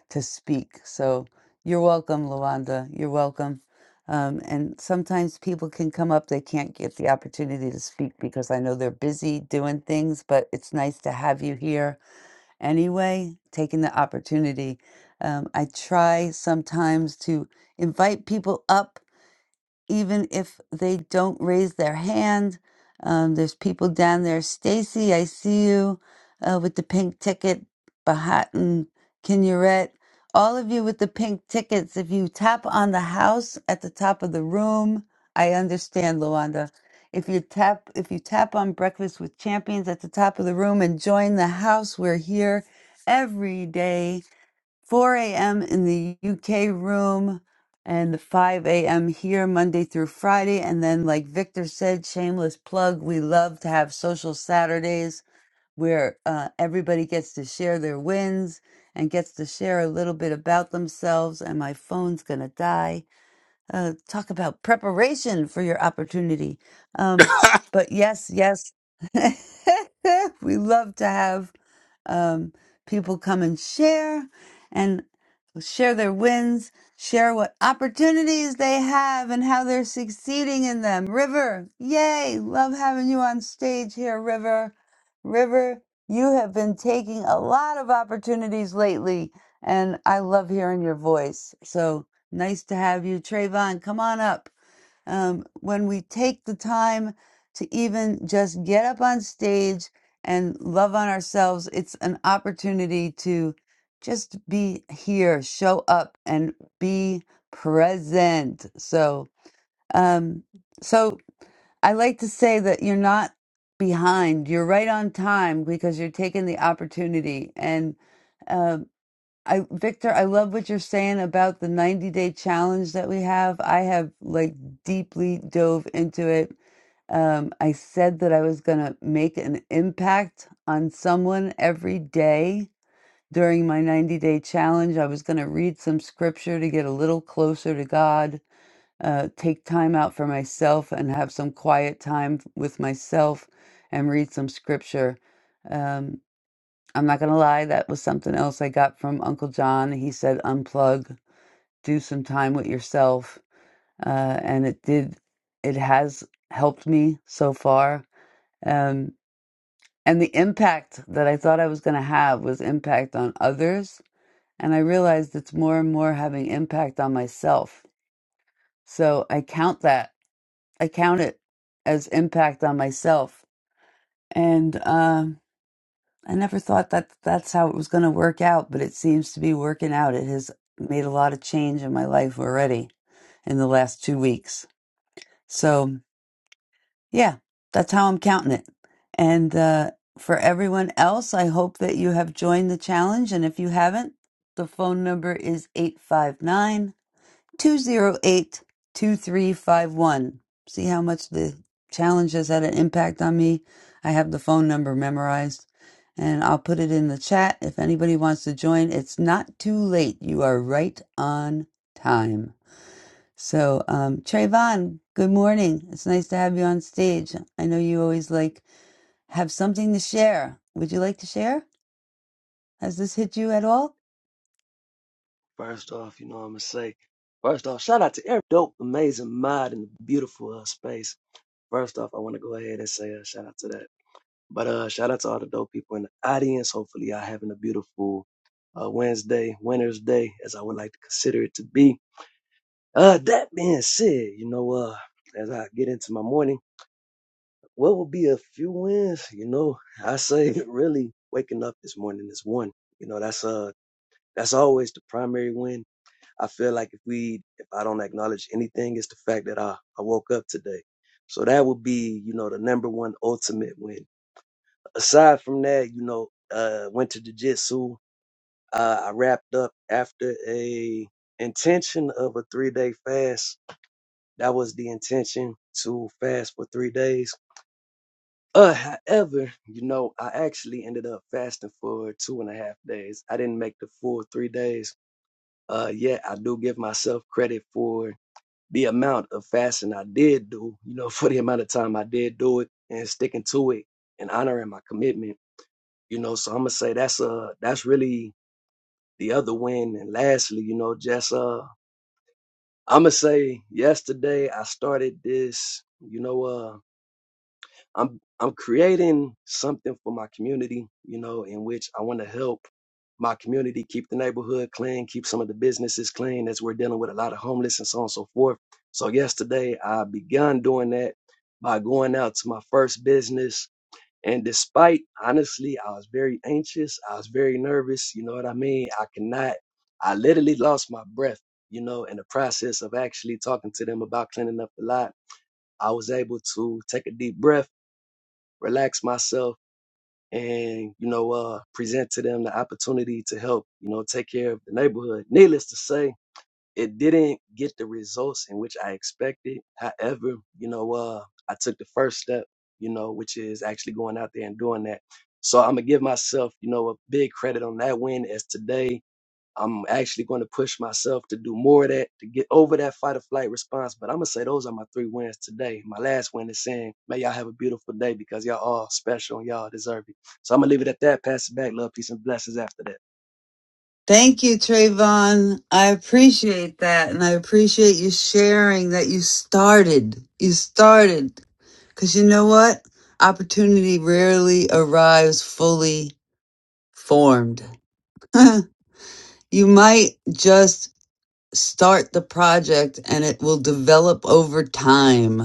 [SPEAKER 1] to speak. So you're welcome, Lawanda. You're welcome. Um, and sometimes people can come up, they can't get the opportunity to speak because I know they're busy doing things, but it's nice to have you here anyway, taking the opportunity. Um, I try sometimes to invite people up even if they don't raise their hand. Um, there's people down there. Stacy, I see you uh, with the pink ticket. Bahatan, Kinneret, all of you with the pink tickets. If you tap on the house at the top of the room, I understand, Luanda. If you tap, if you tap on Breakfast with Champions at the top of the room and join the house, we're here every day 4 a.m. in the UK room and the 5 a.m. here Monday through Friday. And then, like Victor said, shameless plug, we love to have social Saturdays where uh, everybody gets to share their wins and gets to share a little bit about themselves. And my phone's going to die uh, talk about preparation for your opportunity. Um, but yes, yes, we love to have um, people come and share and share their wins, share what opportunities they have and how they're succeeding in them. River, yay! Love having you on stage here, River. River, you have been taking a lot of opportunities lately, and I love hearing your voice. So, Nice to have you. Trayvon, come on up. Um, when we take the time to even just get up on stage and love on ourselves, it's an opportunity to just be here, show up, and be present. So, um, so I like to say that you're not behind, you're right on time because you're taking the opportunity. And uh, I Victor, I love what you're saying about the 90 day challenge that we have. I have like deeply dove into it. Um, I said that I was gonna make an impact on someone every day during my 90 day challenge. I was gonna read some scripture to get a little closer to God, uh, take time out for myself and have some quiet time with myself and read some scripture. Um, I'm not gonna lie, that was something else I got from Uncle John. He said, unplug, do some time with yourself. Uh, and it did, it has helped me so far. Um, and the impact that I thought I was gonna have was impact on others. And I realized it's more and more having impact on myself. So I count that, I count it as impact on myself. And, um, I never thought that that's how it was going to work out, but it seems to be working out. It has made a lot of change in my life already in the last two weeks. So, yeah, that's how I'm counting it. And uh, for everyone else, I hope that you have joined the challenge. And if you haven't, the phone number is 859 208 2351. See how much the challenge has had an impact on me? I have the phone number memorized and I'll put it in the chat if anybody wants to join. It's not too late. You are right on time. So, um, Trayvon, good morning. It's nice to have you on stage. I know you always like have something to share. Would you like to share? Has this hit you at all?
[SPEAKER 25] First off, you know what I'm gonna say. First off, shout out to every dope, amazing mod in the beautiful uh, space. First off, I want to go ahead and say a shout out to that. But uh, shout out to all the dope people in the audience. Hopefully, y'all having a beautiful uh, Wednesday, Winter's Day, as I would like to consider it to be. Uh, that being said, you know, uh, as I get into my morning, what will be a few wins? You know, I say really waking up this morning is one. You know, that's uh, that's always the primary win I feel like if we, if I don't acknowledge anything, it's the fact that I, I woke up today. So that would be, you know, the number one ultimate win. Aside from that, you know, uh, went to jujitsu. Uh, I wrapped up after a intention of a three day fast. That was the intention to fast for three days. Uh, however, you know, I actually ended up fasting for two and a half days. I didn't make the full three days. Uh, yet I do give myself credit for the amount of fasting I did do, you know, for the amount of time I did do it and sticking to it and honoring my commitment, you know. So I'm gonna say that's uh that's really the other win. And lastly, you know, just uh I'm gonna say yesterday I started this, you know, uh I'm I'm creating something for my community, you know, in which I want to help my community keep the neighborhood clean, keep some of the businesses clean as we're dealing with a lot of homeless and so on and so forth. So yesterday I began doing that by going out to my first business. And despite honestly, I was very anxious. I was very nervous. You know what I mean? I cannot, I literally lost my breath, you know, in the process of actually talking to them about cleaning up the lot. I was able to take a deep breath relax myself and you know uh present to them the opportunity to help you know take care of the neighborhood needless to say it didn't get the results in which i expected however you know uh i took the first step you know which is actually going out there and doing that so i'm gonna give myself you know a big credit on that win as today I'm actually going to push myself to do more of that to get over that fight or flight response. But I'm gonna say those are my three wins today. My last win is saying, "May y'all have a beautiful day because y'all are special and y'all deserve it." So I'm gonna leave it at that. Pass it back. Love, peace, and blessings after that.
[SPEAKER 1] Thank you, Trayvon. I appreciate that. And I appreciate you sharing that you started. You started. Because you know what? Opportunity rarely arrives fully formed. you might just start the project and it will develop over time.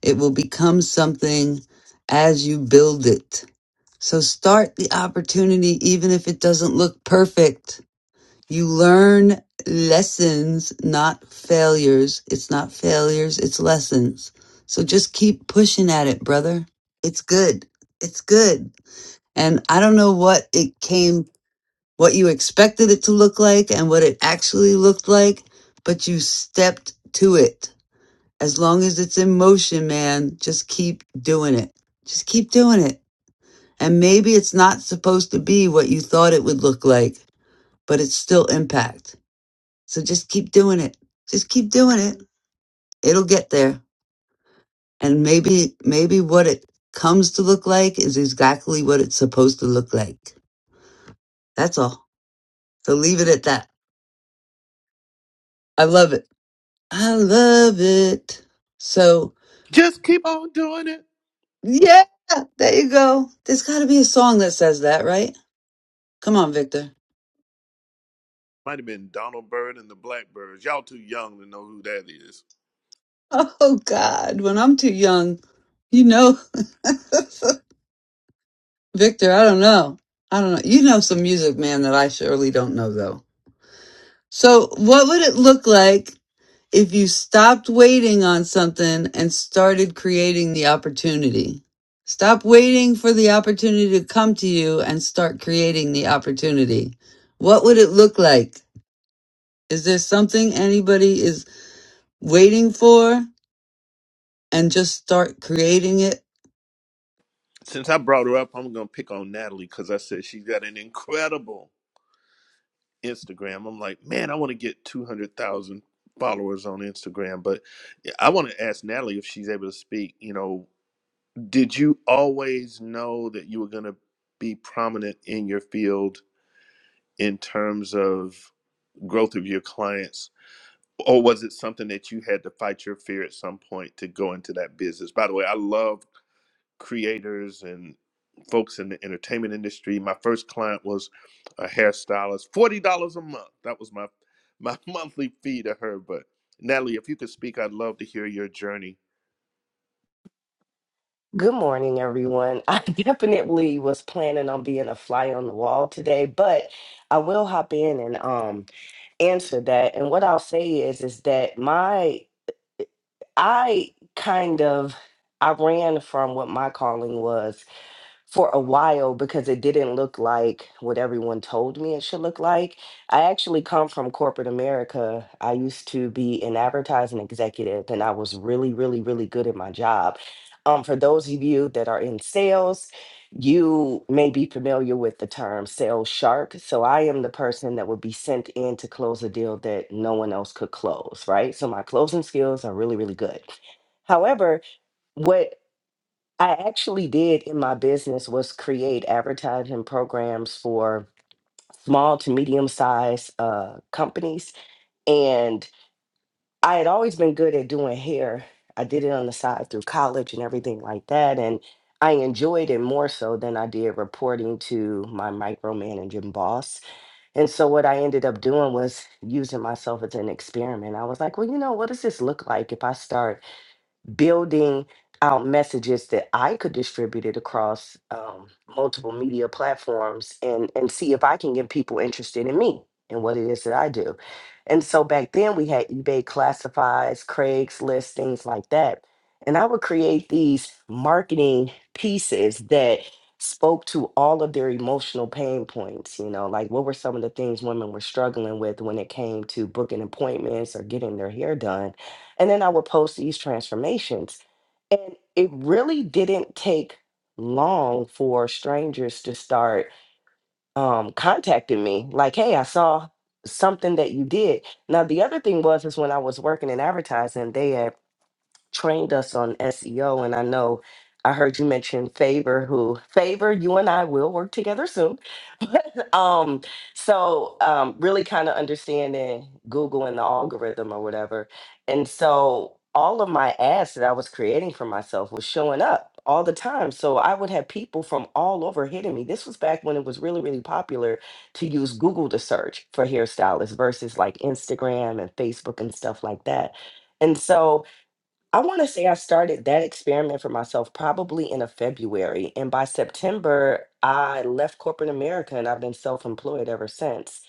[SPEAKER 1] It will become something as you build it. So start the opportunity, even if it doesn't look perfect you learn lessons, not failures. It's not failures, it's lessons. So just keep pushing at it, brother. It's good. It's good. And I don't know what it came, what you expected it to look like and what it actually looked like, but you stepped to it. As long as it's in motion, man, just keep doing it. Just keep doing it. And maybe it's not supposed to be what you thought it would look like, but it's still impact so just keep doing it. Just keep doing it. It'll get there. And maybe, maybe what it comes to look like is exactly what it's supposed to look like. That's all. So leave it at that. I love it. I love it. So
[SPEAKER 24] Just keep on doing it.
[SPEAKER 1] yeah, there you go. There's gotta be a song that says that, right? Come on, Victor.
[SPEAKER 24] Might have been Donald Byrd and the Blackbirds. Y'all too young to know who that is.
[SPEAKER 1] Oh God, when I'm too young, you know, Victor, I don't know. I don't know. You know some music, man, that I surely don't know though. So, what would it look like if you stopped waiting on something and started creating the opportunity? Stop waiting for the opportunity to come to you and start creating the opportunity. What would it look like? Is there something anybody is waiting for? and just start creating it.
[SPEAKER 24] Since I brought her up, I'm gonna pick on Natalie because I said she's got an incredible Instagram. I'm like, man, I want to get two hundred thousand followers on Instagram, but yeah, I want to ask Natalie if she's able to speak. You know, did you always know that you were gonna be prominent in your field in terms of growth of your clients? Or was it something that you had to fight your fear at some point to go into that business? By the way, I love creators and folks in the entertainment industry. My first client was a hairstylist, forty dollars a month. That was my my monthly fee to her. But Natalie, if you could speak, I'd love to hear your journey.
[SPEAKER 26] Good morning, everyone. I definitely was planning on being a fly on the wall today, but I will hop in and um answer that. And what I'll say is is that my I kind of I ran from what my calling was for a while because it didn't look like what everyone told me it should look like. I actually come from corporate America. I used to be an advertising executive and I was really, really, really good at my job. Um, for those of you that are in sales, you may be familiar with the term sales shark. So I am the person that would be sent in to close a deal that no one else could close, right? So my closing skills are really, really good. However, what I actually did in my business was create advertising programs for small to medium sized uh, companies. And I had always been good at doing hair. I did it on the side through college and everything like that. And I enjoyed it more so than I did reporting to my micromanaging boss. And so what I ended up doing was using myself as an experiment. I was like, well, you know, what does this look like if I start? building out messages that I could distribute it across um, multiple media platforms and and see if I can get people interested in me and what it is that I do. And so back then we had eBay classifieds, Craigslist, things like that. And I would create these marketing pieces that spoke to all of their emotional pain points, you know, like what were some of the things women were struggling with when it came to booking appointments or getting their hair done and then I would post these transformations. And it really didn't take long for strangers to start um, contacting me, like, hey, I saw something that you did. Now, the other thing was, is when I was working in advertising, they had trained us on SEO. And I know I heard you mention Favor, who Favor, you and I will work together soon. um, so um, really kind of understanding Google and the algorithm or whatever. And so all of my ads that I was creating for myself was showing up all the time. So I would have people from all over hitting me. This was back when it was really, really popular to use Google to search for hairstylists versus like Instagram and Facebook and stuff like that. And so I want to say I started that experiment for myself probably in a February. And by September, I left corporate America and I've been self employed ever since.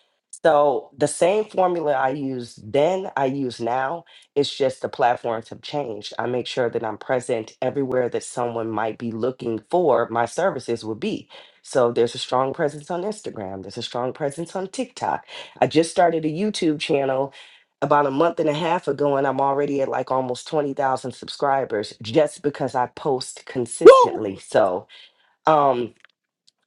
[SPEAKER 26] So the same formula I used then, I use now. It's just the platforms have changed. I make sure that I'm present everywhere that someone might be looking for my services would be. So there's a strong presence on Instagram, there's a strong presence on TikTok. I just started a YouTube channel about a month and a half ago and I'm already at like almost 20,000 subscribers just because I post consistently.
[SPEAKER 24] Woo,
[SPEAKER 26] So, um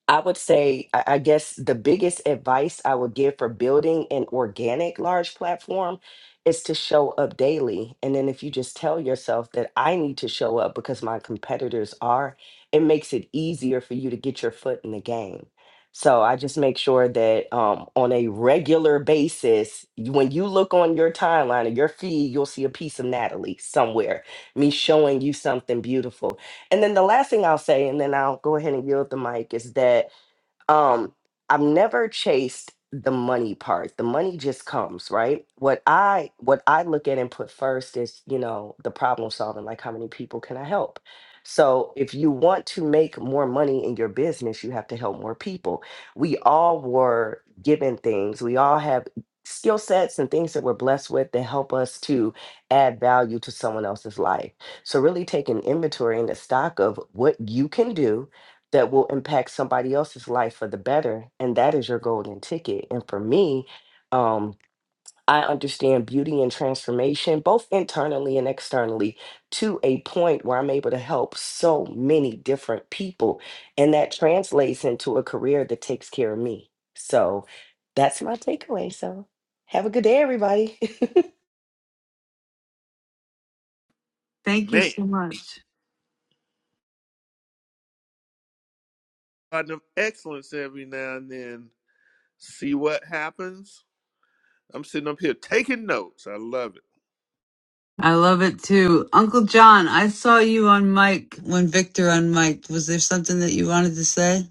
[SPEAKER 26] I would say, I I guess the biggest advice I would give for building an organic large platform is to show up daily. And then if you just tell yourself that I need to show up because my competitors are, it makes it easier for you to get your foot in the game. So I just make sure that um, on a regular basis, you- when you look on your timeline or your feed, you'll see a piece of Natalie somewhere, me showing you something beautiful and then the last thing I'll say, and then I'll go ahead and yield the mic, is that um i've never chased the money part the money just comes right what i what i look at and put first is you know the problem solving like how many people can i help so if you want to make more money in your business you have to help more people we all were given things we all have skill sets and things that we're blessed with that help us to add value to someone else's life so really take an inventory and a stock of what you can do that will impact somebody else's life for the better and that is your golden ticket and for me um I understand beauty and transformation both internally and externally to a point where I'm able to help so many different people and that translates into a career that takes care of me. So that's my takeaway. So have a good day everybody. I
[SPEAKER 24] man!
[SPEAKER 1] Much.
[SPEAKER 24] Garden of excellence every now and then. See what happens. I'm sitting up here taking notes. I love it.
[SPEAKER 1] I love it too. Uncle John, I saw you on mic when Victor on mic. Was there something that you wanted to say?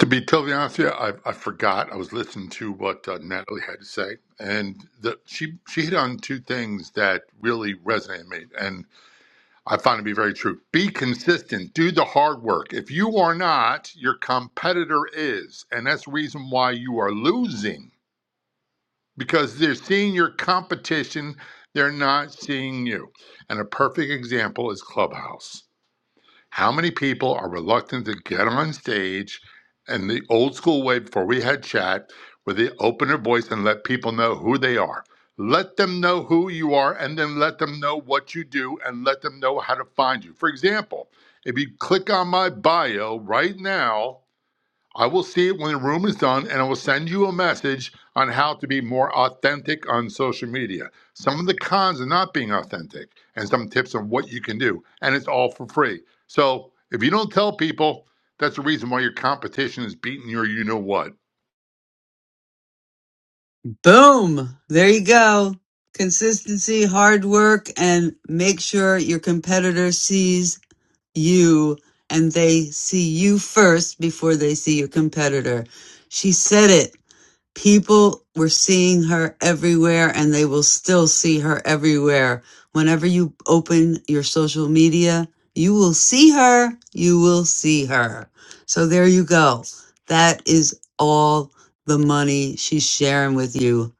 [SPEAKER 22] To be totally honest with you, I, I forgot. I was listening to what uh, Natalie had to say, and the, she she hit on two things that really resonated with me, and I found to be very true. Be consistent. Do the hard work. If you are not, your competitor is, and that's the reason why you are losing because they're seeing your competition. They're not seeing you. And a perfect example is Clubhouse. How many people are reluctant to get on stage in the old school way before we had chat, where they open their voice and let people know who they are? Let them know who you are and then let them know what you do and let them know how to find you. For example, if you click on my bio right now, I will see it when the room is done, and I will send you a message on how to be more authentic on social media. Some of the cons of not being authentic, and some tips on what you can do, and it's all for free. So if you don't tell people, that's the reason why your competition is beating your you know what.
[SPEAKER 1] Boom! There you go. Consistency, hard work, and make sure your competitor sees you and they see you first before they see your competitor. She said it. People were seeing her everywhere and they will still see her everywhere. Whenever you open your social media, you will see her. You will see her. So there you go. That is all the money she's sharing with you.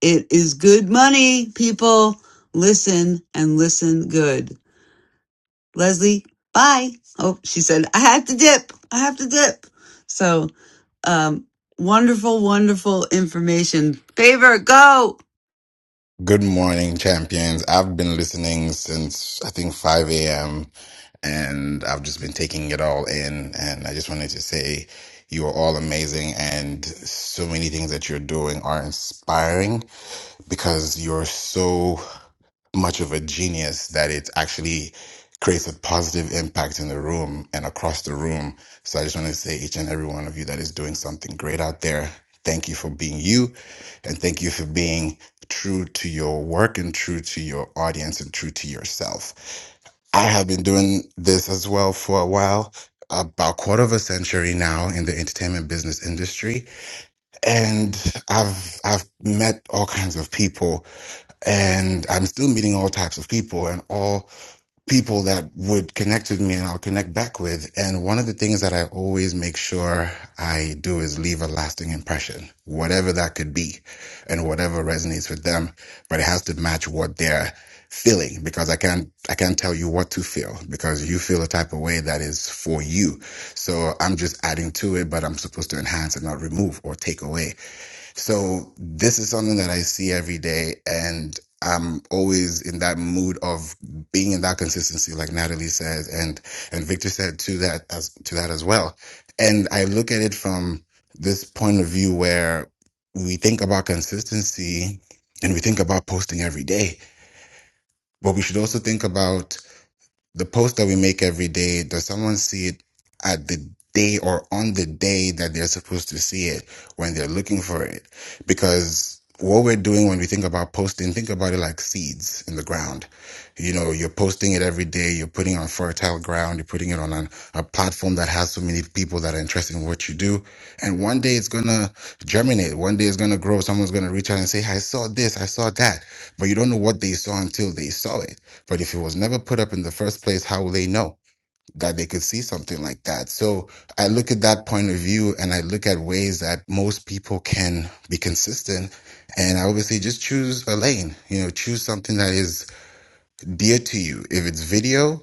[SPEAKER 1] It is good money, people. Listen and listen good. Leslie, bye. Oh, she said, I had to dip. I have to dip. So, um, wonderful, wonderful information. Favor, go.
[SPEAKER 27] Good morning, champions. I've been listening since I think 5 a.m. and I've just been taking it all in. And I just wanted to say you are all amazing and so many things that you're doing are inspiring because you're so much of a genius that it actually creates a positive impact in the room and across the room. So I just want to say each and every one of you that is doing something great out there. Thank you for being you and thank you for being true to your work and true to your audience and true to yourself. I have been doing this as well for a while, about quarter of a century now in the entertainment business industry. And I've I've met all kinds of people and I'm still meeting all types of people and all people that would connect with me and I'll connect back with. And one of the things that I always make sure I do is leave a lasting impression, whatever that could be and whatever resonates with them, but it has to match what they're feeling because I can't, I can't tell you what to feel because you feel a type of way that is for you. So I'm just adding to it, but I'm supposed to enhance and not remove or take away. So this is something that I see every day, and I'm always in that mood of being in that consistency, like Natalie says, and and Victor said to that as to that as well. And I look at it from this point of view where we think about consistency and we think about posting every day, but we should also think about the post that we make every day, does someone see it at the day or on the day that they're supposed to see it when they're looking for it? Because what we're doing when we think about posting, think about it like seeds in the ground. You know, you're posting it every day, you're putting it on fertile ground, you're putting it on an a platform that has so many people that are interested in what you do. And one day it's gonna germinate. One day it's gonna grow. Someone's gonna reach out and say, I saw this, I saw that. But you don't know what they saw until they saw it. But if it was never put up in the first place, how will they know? That they could see something like that. So I look at that point of view and I look at ways that most people can be consistent. And I obviously just choose a lane, you know, choose something that is dear to you. If it's video,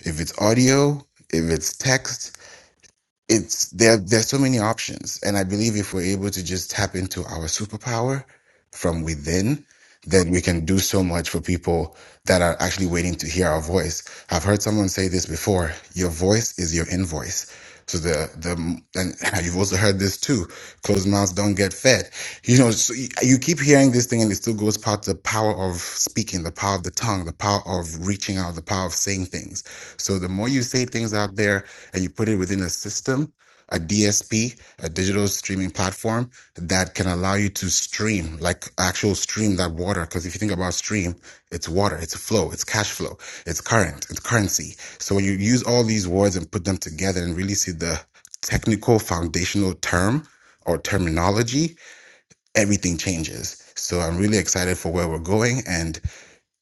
[SPEAKER 27] if it's audio, if it's text, it's there there's so many options and i believe if we're able to just tap into our superpower from within then we can do so much for people that are actually waiting to hear our voice i've heard someone say this before your voice is your invoice so the the and you've also heard this too closed mouths don't get fed you know so you you keep hearing this thing and it still goes past the power of speaking the power of the tongue the power of reaching out, the power of saying things. So the more you say things out there and you put it within a system, a DSP, a digital streaming platform that can allow you to stream, like actual stream that water. Because if you think about stream, it's water, it's flow, it's cash flow, it's current, it's currency. So when you use all these words and put them together and really see the technical foundational term or terminology, everything changes. So I'm really excited for where we're going. And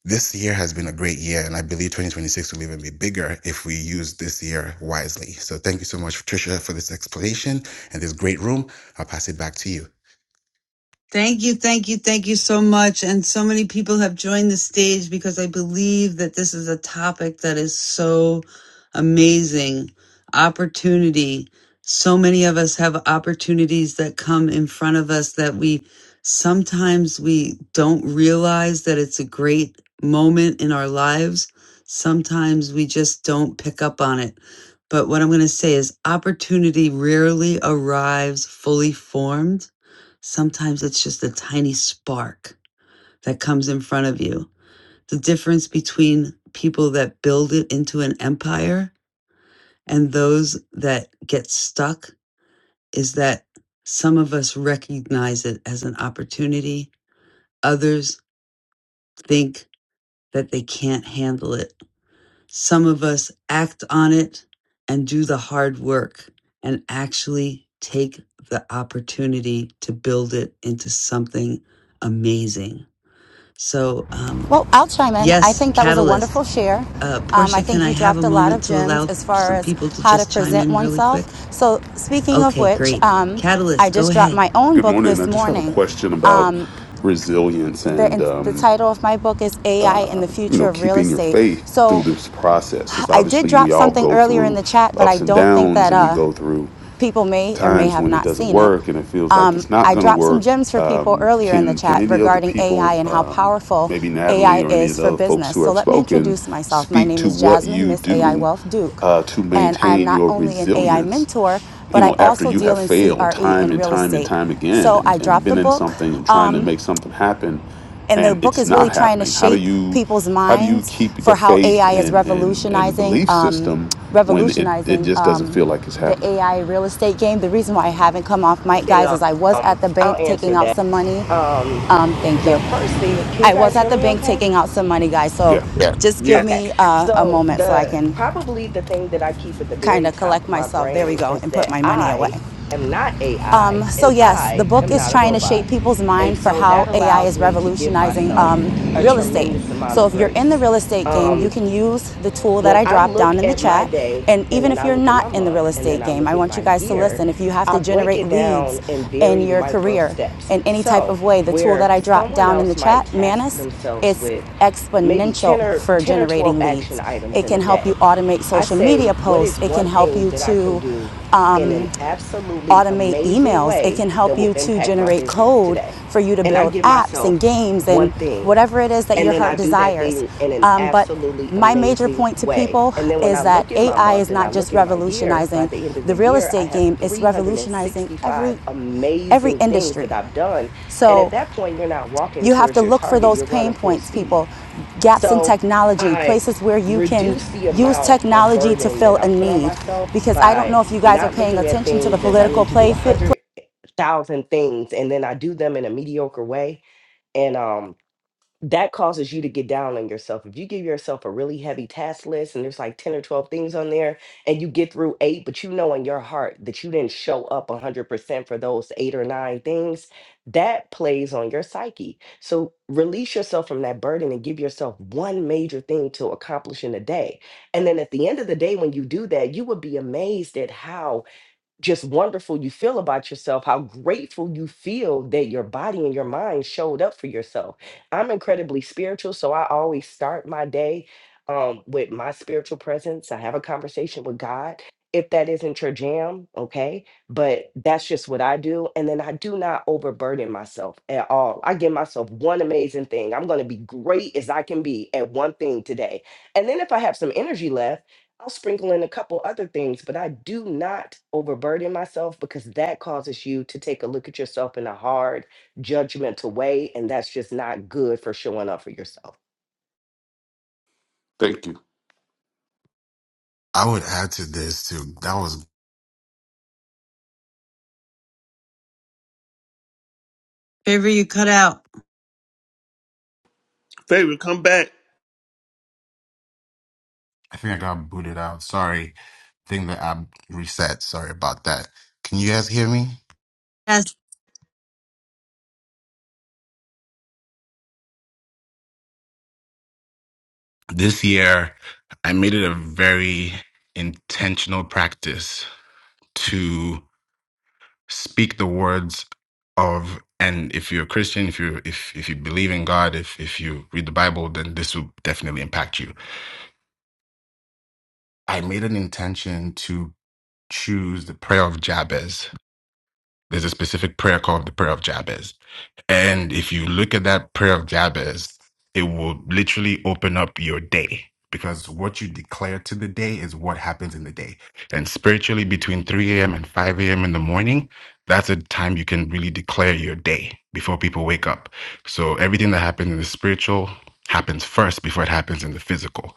[SPEAKER 27] this year has been a great year, and I believe 2026 will even be bigger if we use this year wisely. So thank you so much, Tricia, for this explanation and this great room. I'll pass it back to you.
[SPEAKER 1] Thank you, thank you, thank you so much. And so many people have joined the stage because I believe that this is a topic that is so amazing. Opportunity. So many of us have opportunities that come in front of us that we sometimes we don't realize that it's a great moment in our lives. Sometimes we just don't pick up on it. But what I'm going to say is opportunity rarely arrives fully formed Sometimes it's just a tiny spark that comes in front of you. The difference between people that build it into an empire and those that get stuck is that some of us recognize it as an opportunity, others think that they can't handle it. Some of us act on it and do the hard work and actually take the opportunity to build it into something amazing So, um,
[SPEAKER 28] Well, I'll chime in. I
[SPEAKER 1] yes,
[SPEAKER 28] think that was a
[SPEAKER 1] Catalyst.
[SPEAKER 28] wonderful share.
[SPEAKER 1] Uh,
[SPEAKER 28] Um, I
[SPEAKER 1] Portia, can
[SPEAKER 28] think
[SPEAKER 1] I
[SPEAKER 28] you
[SPEAKER 1] have a
[SPEAKER 28] dropped a lot
[SPEAKER 1] moment
[SPEAKER 28] of
[SPEAKER 1] to
[SPEAKER 28] gems
[SPEAKER 1] allow
[SPEAKER 28] as far
[SPEAKER 1] some
[SPEAKER 28] as
[SPEAKER 1] people to
[SPEAKER 28] how to
[SPEAKER 1] just chime
[SPEAKER 28] present
[SPEAKER 1] in really quick?
[SPEAKER 28] oneself. So, speaking of
[SPEAKER 1] Okay,
[SPEAKER 28] which,
[SPEAKER 1] great.
[SPEAKER 28] um, I
[SPEAKER 1] Catalyst, go
[SPEAKER 28] just dropped
[SPEAKER 1] ahead.
[SPEAKER 28] my own
[SPEAKER 29] Good
[SPEAKER 28] book
[SPEAKER 29] morning. I
[SPEAKER 28] this
[SPEAKER 29] just have a
[SPEAKER 28] morning.
[SPEAKER 29] question about
[SPEAKER 28] Um,
[SPEAKER 29] resilience and
[SPEAKER 28] the, the
[SPEAKER 29] um,
[SPEAKER 28] title of my book is AI
[SPEAKER 29] uh,
[SPEAKER 28] and the
[SPEAKER 29] you
[SPEAKER 28] Future
[SPEAKER 29] know
[SPEAKER 28] of Real
[SPEAKER 29] keeping your
[SPEAKER 28] Estate.
[SPEAKER 29] faith through
[SPEAKER 28] So,
[SPEAKER 29] this process because
[SPEAKER 28] I did
[SPEAKER 29] obviously we
[SPEAKER 28] drop
[SPEAKER 29] all
[SPEAKER 28] something
[SPEAKER 29] go
[SPEAKER 28] earlier in
[SPEAKER 29] through
[SPEAKER 28] the chat, but I
[SPEAKER 29] ups and
[SPEAKER 28] don't think
[SPEAKER 29] downs
[SPEAKER 28] that
[SPEAKER 29] and we
[SPEAKER 28] uh,
[SPEAKER 29] go through
[SPEAKER 28] people may or may
[SPEAKER 29] times
[SPEAKER 28] have
[SPEAKER 29] when it
[SPEAKER 28] not
[SPEAKER 29] doesn't
[SPEAKER 28] seen it.
[SPEAKER 29] work and it feels like
[SPEAKER 28] Um,
[SPEAKER 29] it's not
[SPEAKER 28] I
[SPEAKER 29] going to
[SPEAKER 28] dropped some
[SPEAKER 29] work.
[SPEAKER 28] gems for people
[SPEAKER 29] Um,
[SPEAKER 28] earlier in the
[SPEAKER 29] can can
[SPEAKER 28] chat
[SPEAKER 29] any of the
[SPEAKER 28] regarding AI
[SPEAKER 29] people,
[SPEAKER 28] and how
[SPEAKER 29] um,
[SPEAKER 28] powerful
[SPEAKER 29] maybe Natalie
[SPEAKER 28] AI
[SPEAKER 29] or any of
[SPEAKER 28] is
[SPEAKER 29] the
[SPEAKER 28] for
[SPEAKER 29] other folks
[SPEAKER 28] business.
[SPEAKER 29] who
[SPEAKER 28] So
[SPEAKER 29] have
[SPEAKER 28] let me
[SPEAKER 29] spoken,
[SPEAKER 28] introduce myself. My
[SPEAKER 29] speak
[SPEAKER 28] name
[SPEAKER 29] to
[SPEAKER 28] is
[SPEAKER 29] what
[SPEAKER 28] Jasmine
[SPEAKER 29] you
[SPEAKER 28] Miss AI
[SPEAKER 29] do
[SPEAKER 28] Wealth Duke,
[SPEAKER 29] uh, to
[SPEAKER 28] and I'm
[SPEAKER 29] maintain
[SPEAKER 28] not
[SPEAKER 29] your
[SPEAKER 28] only an AI
[SPEAKER 29] resilience
[SPEAKER 28] mentor,
[SPEAKER 29] you
[SPEAKER 28] but I
[SPEAKER 29] know after
[SPEAKER 28] also
[SPEAKER 29] you have
[SPEAKER 28] deal in
[SPEAKER 29] failed
[SPEAKER 28] CRE
[SPEAKER 29] time
[SPEAKER 28] in
[SPEAKER 29] and
[SPEAKER 28] real
[SPEAKER 29] time and
[SPEAKER 28] estate.
[SPEAKER 29] time again
[SPEAKER 28] So I
[SPEAKER 29] and, and
[SPEAKER 28] dropped a
[SPEAKER 29] been in
[SPEAKER 28] book.
[SPEAKER 29] something and trying to
[SPEAKER 28] Um,
[SPEAKER 29] make something happen
[SPEAKER 28] and the
[SPEAKER 29] and
[SPEAKER 28] book
[SPEAKER 29] it's
[SPEAKER 28] is really
[SPEAKER 29] not
[SPEAKER 28] trying to
[SPEAKER 29] happening how do
[SPEAKER 28] shape
[SPEAKER 29] you
[SPEAKER 28] people's
[SPEAKER 29] how do you
[SPEAKER 28] minds
[SPEAKER 29] keep the
[SPEAKER 28] for how
[SPEAKER 29] faith
[SPEAKER 28] AI is
[SPEAKER 29] and and and
[SPEAKER 28] revolutionizing,
[SPEAKER 29] belief
[SPEAKER 28] um,
[SPEAKER 29] system when it it
[SPEAKER 28] revolutionizing
[SPEAKER 29] just doesn't
[SPEAKER 28] um,
[SPEAKER 29] feel like it's
[SPEAKER 28] the
[SPEAKER 29] happening
[SPEAKER 28] AI real estate game. The reason why I haven't come off mic, guys,
[SPEAKER 26] can
[SPEAKER 28] is I was
[SPEAKER 26] um
[SPEAKER 28] at the bank
[SPEAKER 26] I'll
[SPEAKER 28] taking
[SPEAKER 26] answer
[SPEAKER 28] out
[SPEAKER 26] that.
[SPEAKER 28] some money.
[SPEAKER 26] Um
[SPEAKER 28] Um, thank you.
[SPEAKER 26] the first thing, can you
[SPEAKER 28] I was
[SPEAKER 26] guys
[SPEAKER 28] at
[SPEAKER 26] hear
[SPEAKER 28] the
[SPEAKER 26] me
[SPEAKER 28] bank
[SPEAKER 26] okay?
[SPEAKER 28] taking out some money, guys. So
[SPEAKER 29] yeah
[SPEAKER 27] Yeah.
[SPEAKER 28] just give
[SPEAKER 24] Yes.
[SPEAKER 26] Okay.
[SPEAKER 28] me uh, a
[SPEAKER 26] So
[SPEAKER 28] moment so I
[SPEAKER 26] the
[SPEAKER 28] can
[SPEAKER 26] probably the thing that I keep at the
[SPEAKER 28] kind
[SPEAKER 26] very
[SPEAKER 28] of
[SPEAKER 26] top
[SPEAKER 28] collect
[SPEAKER 26] of my
[SPEAKER 28] myself. There we
[SPEAKER 26] brain
[SPEAKER 28] go,
[SPEAKER 26] is
[SPEAKER 28] and put
[SPEAKER 26] that
[SPEAKER 28] my money
[SPEAKER 26] I
[SPEAKER 28] away.
[SPEAKER 26] am not
[SPEAKER 28] Um,
[SPEAKER 26] AI
[SPEAKER 28] so
[SPEAKER 26] and
[SPEAKER 28] yes, the
[SPEAKER 26] I
[SPEAKER 28] book
[SPEAKER 26] am
[SPEAKER 28] is
[SPEAKER 26] not a
[SPEAKER 28] trying to
[SPEAKER 26] robot.
[SPEAKER 28] shape people's
[SPEAKER 26] And
[SPEAKER 28] mind for
[SPEAKER 26] so
[SPEAKER 28] how
[SPEAKER 26] that
[SPEAKER 28] AI
[SPEAKER 26] allows
[SPEAKER 28] is
[SPEAKER 26] me to give
[SPEAKER 28] revolutionizing
[SPEAKER 26] myself
[SPEAKER 28] um,
[SPEAKER 26] a
[SPEAKER 28] real estate.
[SPEAKER 26] tremendous amount
[SPEAKER 28] So
[SPEAKER 26] of
[SPEAKER 28] if you're in the
[SPEAKER 26] grace.
[SPEAKER 28] real estate game, you
[SPEAKER 26] Um
[SPEAKER 28] can use the tool that
[SPEAKER 26] when
[SPEAKER 28] I
[SPEAKER 26] I
[SPEAKER 28] dropped
[SPEAKER 26] look
[SPEAKER 28] down in the
[SPEAKER 26] at my
[SPEAKER 28] chat.
[SPEAKER 26] day
[SPEAKER 28] And
[SPEAKER 26] and
[SPEAKER 28] even
[SPEAKER 26] then
[SPEAKER 28] if
[SPEAKER 26] I
[SPEAKER 28] you're
[SPEAKER 26] look at
[SPEAKER 28] not
[SPEAKER 26] my
[SPEAKER 28] in the
[SPEAKER 26] month
[SPEAKER 28] real
[SPEAKER 26] and then
[SPEAKER 28] estate
[SPEAKER 26] I
[SPEAKER 28] game,
[SPEAKER 26] look
[SPEAKER 28] I
[SPEAKER 26] at
[SPEAKER 28] want
[SPEAKER 26] my
[SPEAKER 28] you guys to
[SPEAKER 26] year,
[SPEAKER 28] listen. If you have
[SPEAKER 26] I
[SPEAKER 28] to
[SPEAKER 26] break
[SPEAKER 28] generate
[SPEAKER 26] it down
[SPEAKER 28] leads
[SPEAKER 26] in
[SPEAKER 28] in
[SPEAKER 26] very
[SPEAKER 28] your
[SPEAKER 26] micro
[SPEAKER 28] career
[SPEAKER 26] steps.
[SPEAKER 28] in any type
[SPEAKER 26] So,
[SPEAKER 28] of way, the tool that
[SPEAKER 26] where
[SPEAKER 28] I dropped
[SPEAKER 26] someone
[SPEAKER 28] down in
[SPEAKER 26] else
[SPEAKER 28] the
[SPEAKER 26] might
[SPEAKER 28] chat,
[SPEAKER 26] task
[SPEAKER 28] Manus,
[SPEAKER 26] themselves
[SPEAKER 28] is
[SPEAKER 26] with maybe
[SPEAKER 28] exponential
[SPEAKER 26] 10 or
[SPEAKER 28] for
[SPEAKER 26] 10 or 12
[SPEAKER 28] generating
[SPEAKER 26] action
[SPEAKER 28] leads.
[SPEAKER 26] items
[SPEAKER 28] It
[SPEAKER 26] in a
[SPEAKER 28] can help you
[SPEAKER 26] day,
[SPEAKER 28] automate
[SPEAKER 26] I
[SPEAKER 28] social
[SPEAKER 26] say,
[SPEAKER 28] media
[SPEAKER 26] what
[SPEAKER 28] posts.
[SPEAKER 26] is
[SPEAKER 28] It can
[SPEAKER 26] one
[SPEAKER 28] help you
[SPEAKER 26] thing that I can
[SPEAKER 28] to
[SPEAKER 26] do
[SPEAKER 28] um,
[SPEAKER 26] in an absolutely
[SPEAKER 28] automate
[SPEAKER 26] amazing
[SPEAKER 28] emails. It
[SPEAKER 26] way
[SPEAKER 28] can help
[SPEAKER 26] that will
[SPEAKER 28] you to
[SPEAKER 26] impact my
[SPEAKER 28] generate
[SPEAKER 26] business
[SPEAKER 28] code
[SPEAKER 26] today?
[SPEAKER 28] for you to
[SPEAKER 26] And I
[SPEAKER 28] build
[SPEAKER 26] give
[SPEAKER 28] apps and
[SPEAKER 26] myself
[SPEAKER 28] games and
[SPEAKER 26] one thing
[SPEAKER 28] whatever it is that
[SPEAKER 26] and
[SPEAKER 28] your
[SPEAKER 26] then I
[SPEAKER 28] heart
[SPEAKER 26] do that
[SPEAKER 28] desires.
[SPEAKER 26] thing in an
[SPEAKER 28] Um, but
[SPEAKER 26] absolutely
[SPEAKER 28] my major
[SPEAKER 26] amazing
[SPEAKER 28] point to
[SPEAKER 26] way.
[SPEAKER 28] people
[SPEAKER 26] And then when I
[SPEAKER 28] is that
[SPEAKER 26] look at my
[SPEAKER 28] AI is
[SPEAKER 26] month and I
[SPEAKER 28] not
[SPEAKER 26] look
[SPEAKER 28] just
[SPEAKER 26] at my year, by
[SPEAKER 28] revolutionizing
[SPEAKER 26] the end of
[SPEAKER 28] the
[SPEAKER 26] the
[SPEAKER 28] real
[SPEAKER 26] year, I
[SPEAKER 28] estate
[SPEAKER 26] have
[SPEAKER 28] game, it's revolutionizing
[SPEAKER 26] 365
[SPEAKER 28] every every
[SPEAKER 26] amazing things
[SPEAKER 28] industry.
[SPEAKER 26] that I've done. And at
[SPEAKER 28] So
[SPEAKER 26] that point, you're not walking
[SPEAKER 28] you have
[SPEAKER 26] towards
[SPEAKER 28] to
[SPEAKER 26] your
[SPEAKER 28] look for
[SPEAKER 26] target,
[SPEAKER 28] those
[SPEAKER 26] you're
[SPEAKER 28] pain
[SPEAKER 26] running full
[SPEAKER 28] points,
[SPEAKER 26] speed.
[SPEAKER 28] people, gaps in
[SPEAKER 26] So
[SPEAKER 28] technology,
[SPEAKER 26] I
[SPEAKER 28] places where you can
[SPEAKER 26] reduce the
[SPEAKER 28] use
[SPEAKER 26] amount of
[SPEAKER 28] technology to
[SPEAKER 26] burden that
[SPEAKER 28] fill
[SPEAKER 26] I
[SPEAKER 28] a
[SPEAKER 26] put on
[SPEAKER 28] need.
[SPEAKER 26] myself
[SPEAKER 28] Because I don't
[SPEAKER 26] by
[SPEAKER 28] know if you guys are
[SPEAKER 26] not
[SPEAKER 28] paying
[SPEAKER 26] looking at
[SPEAKER 28] attention to the
[SPEAKER 26] things as I
[SPEAKER 28] political
[SPEAKER 26] need to do
[SPEAKER 28] play,
[SPEAKER 26] 100,000 things and then I do them in a mediocre way. And um, that causes you to get down on yourself. If you give yourself a really heavy task list and there's like 10 or 12 things on there and you get through eight, but you know in your heart that you didn't show up 100% for those eight or nine things, that plays on your psyche. So release yourself from that burden and give yourself one major thing to accomplish in a day. And then at the end of the day, when you do that, you would be amazed at how just wonderful you feel about yourself, how grateful you feel that your body and your mind showed up for yourself. I'm incredibly spiritual, so I always start my day um, with my spiritual presence. I have a conversation with God. If that isn't your jam, okay, but that's just what I do. And then I do not overburden myself at all. I give myself one amazing thing. I'm going to be great as I can be at one thing today. And then if I have some energy left, I'll sprinkle in a couple other things, but I do not overburden myself because that causes you to take a look at yourself in a hard, judgmental way. And that's just not good for showing up for yourself.
[SPEAKER 29] thank you
[SPEAKER 27] I would add to this too. That was
[SPEAKER 1] Favor you cut out.
[SPEAKER 24] Favor, come back.
[SPEAKER 27] I think I got booted out. Sorry. I think the app reset. Sorry about that. Can you guys hear me?
[SPEAKER 1] Yes.
[SPEAKER 27] This year I made it a very intentional practice speak the words of and if you're a christian if you if if you believe in god if if you read the bible then this will definitely impact you i made an intention to choose the prayer of jabez There's a specific prayer called the prayer of Jabez. And if you look at that prayer of Jabez, it will literally open up your day because what you declare to the day is what happens in the day. And spiritually, between 3 a.m. and 5 a.m. in the morning, that's a time you can really declare your day before people wake up. So everything that happens in the spiritual happens first before it happens in the physical.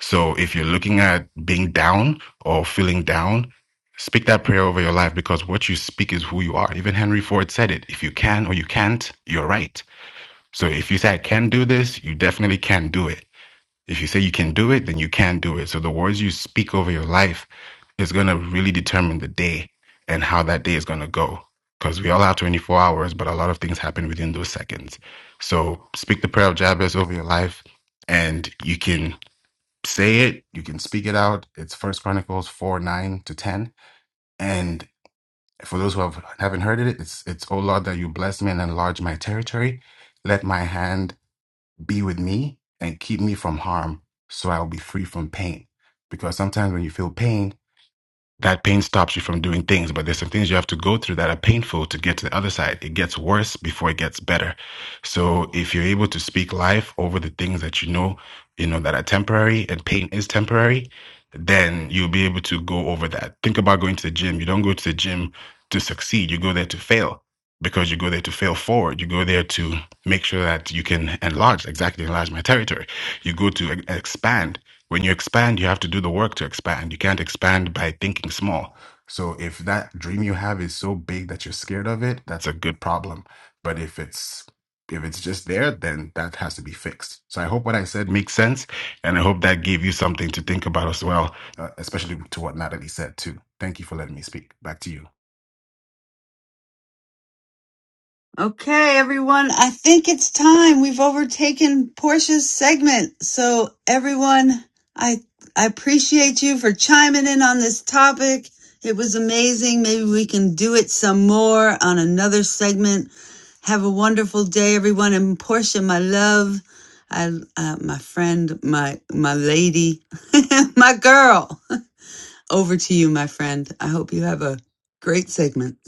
[SPEAKER 27] So if you're looking at being down or feeling down, speak that prayer over your life because what you speak is who you are. Even Henry Ford said it. If you can or you can't, you're right. So if you say I can do this, you definitely can do it. If you say you can do it, then you can do it. So the words you speak over your life is going to really determine the day and how that day is going to go. Because we all have 24 hours, but a lot of things happen within those seconds. So speak the prayer of Jabez over your life and you can say it you can speak it out it's first chronicles 4 9 to 10 and for those who have, haven't heard it it's it's oh lord that you bless me and enlarge my territory let my hand be with me and keep me from harm so i'll be free from pain because sometimes when you feel pain that pain stops you from doing things, but there's some things you have to go through that are painful to get to the other side. It gets worse before it gets better. So if you're able to speak life over the things that you know, you know, that are temporary and pain is temporary, then you'll be able to go over that. Think about going to the gym. You don't go to the gym to succeed. You go there to fail because you go there to fail forward. You go there to make sure that you can enlarge, exactly enlarge my territory. You go to e- expand when you expand, you have to do the work to expand. You can't expand by thinking small. So if that dream you have is so big that you're scared of it, that's a good problem. But if it's if it's just there, then that has to be fixed. So I hope what I said makes sense, and I hope that gave you something to think about as well, uh, especially to what Natalie said too. Thank you for letting me speak. Back to you.
[SPEAKER 1] Okay, everyone, I think it's time. We've overtaken Portia's segment. So everyone, I, I appreciate you for chiming in on this topic. It was amazing. Maybe we can do it some more on another segment. Have a wonderful day, everyone. And Portia, my love, I, uh, my friend, my, my lady, my girl. Over to you, my friend. I hope you have a great segment.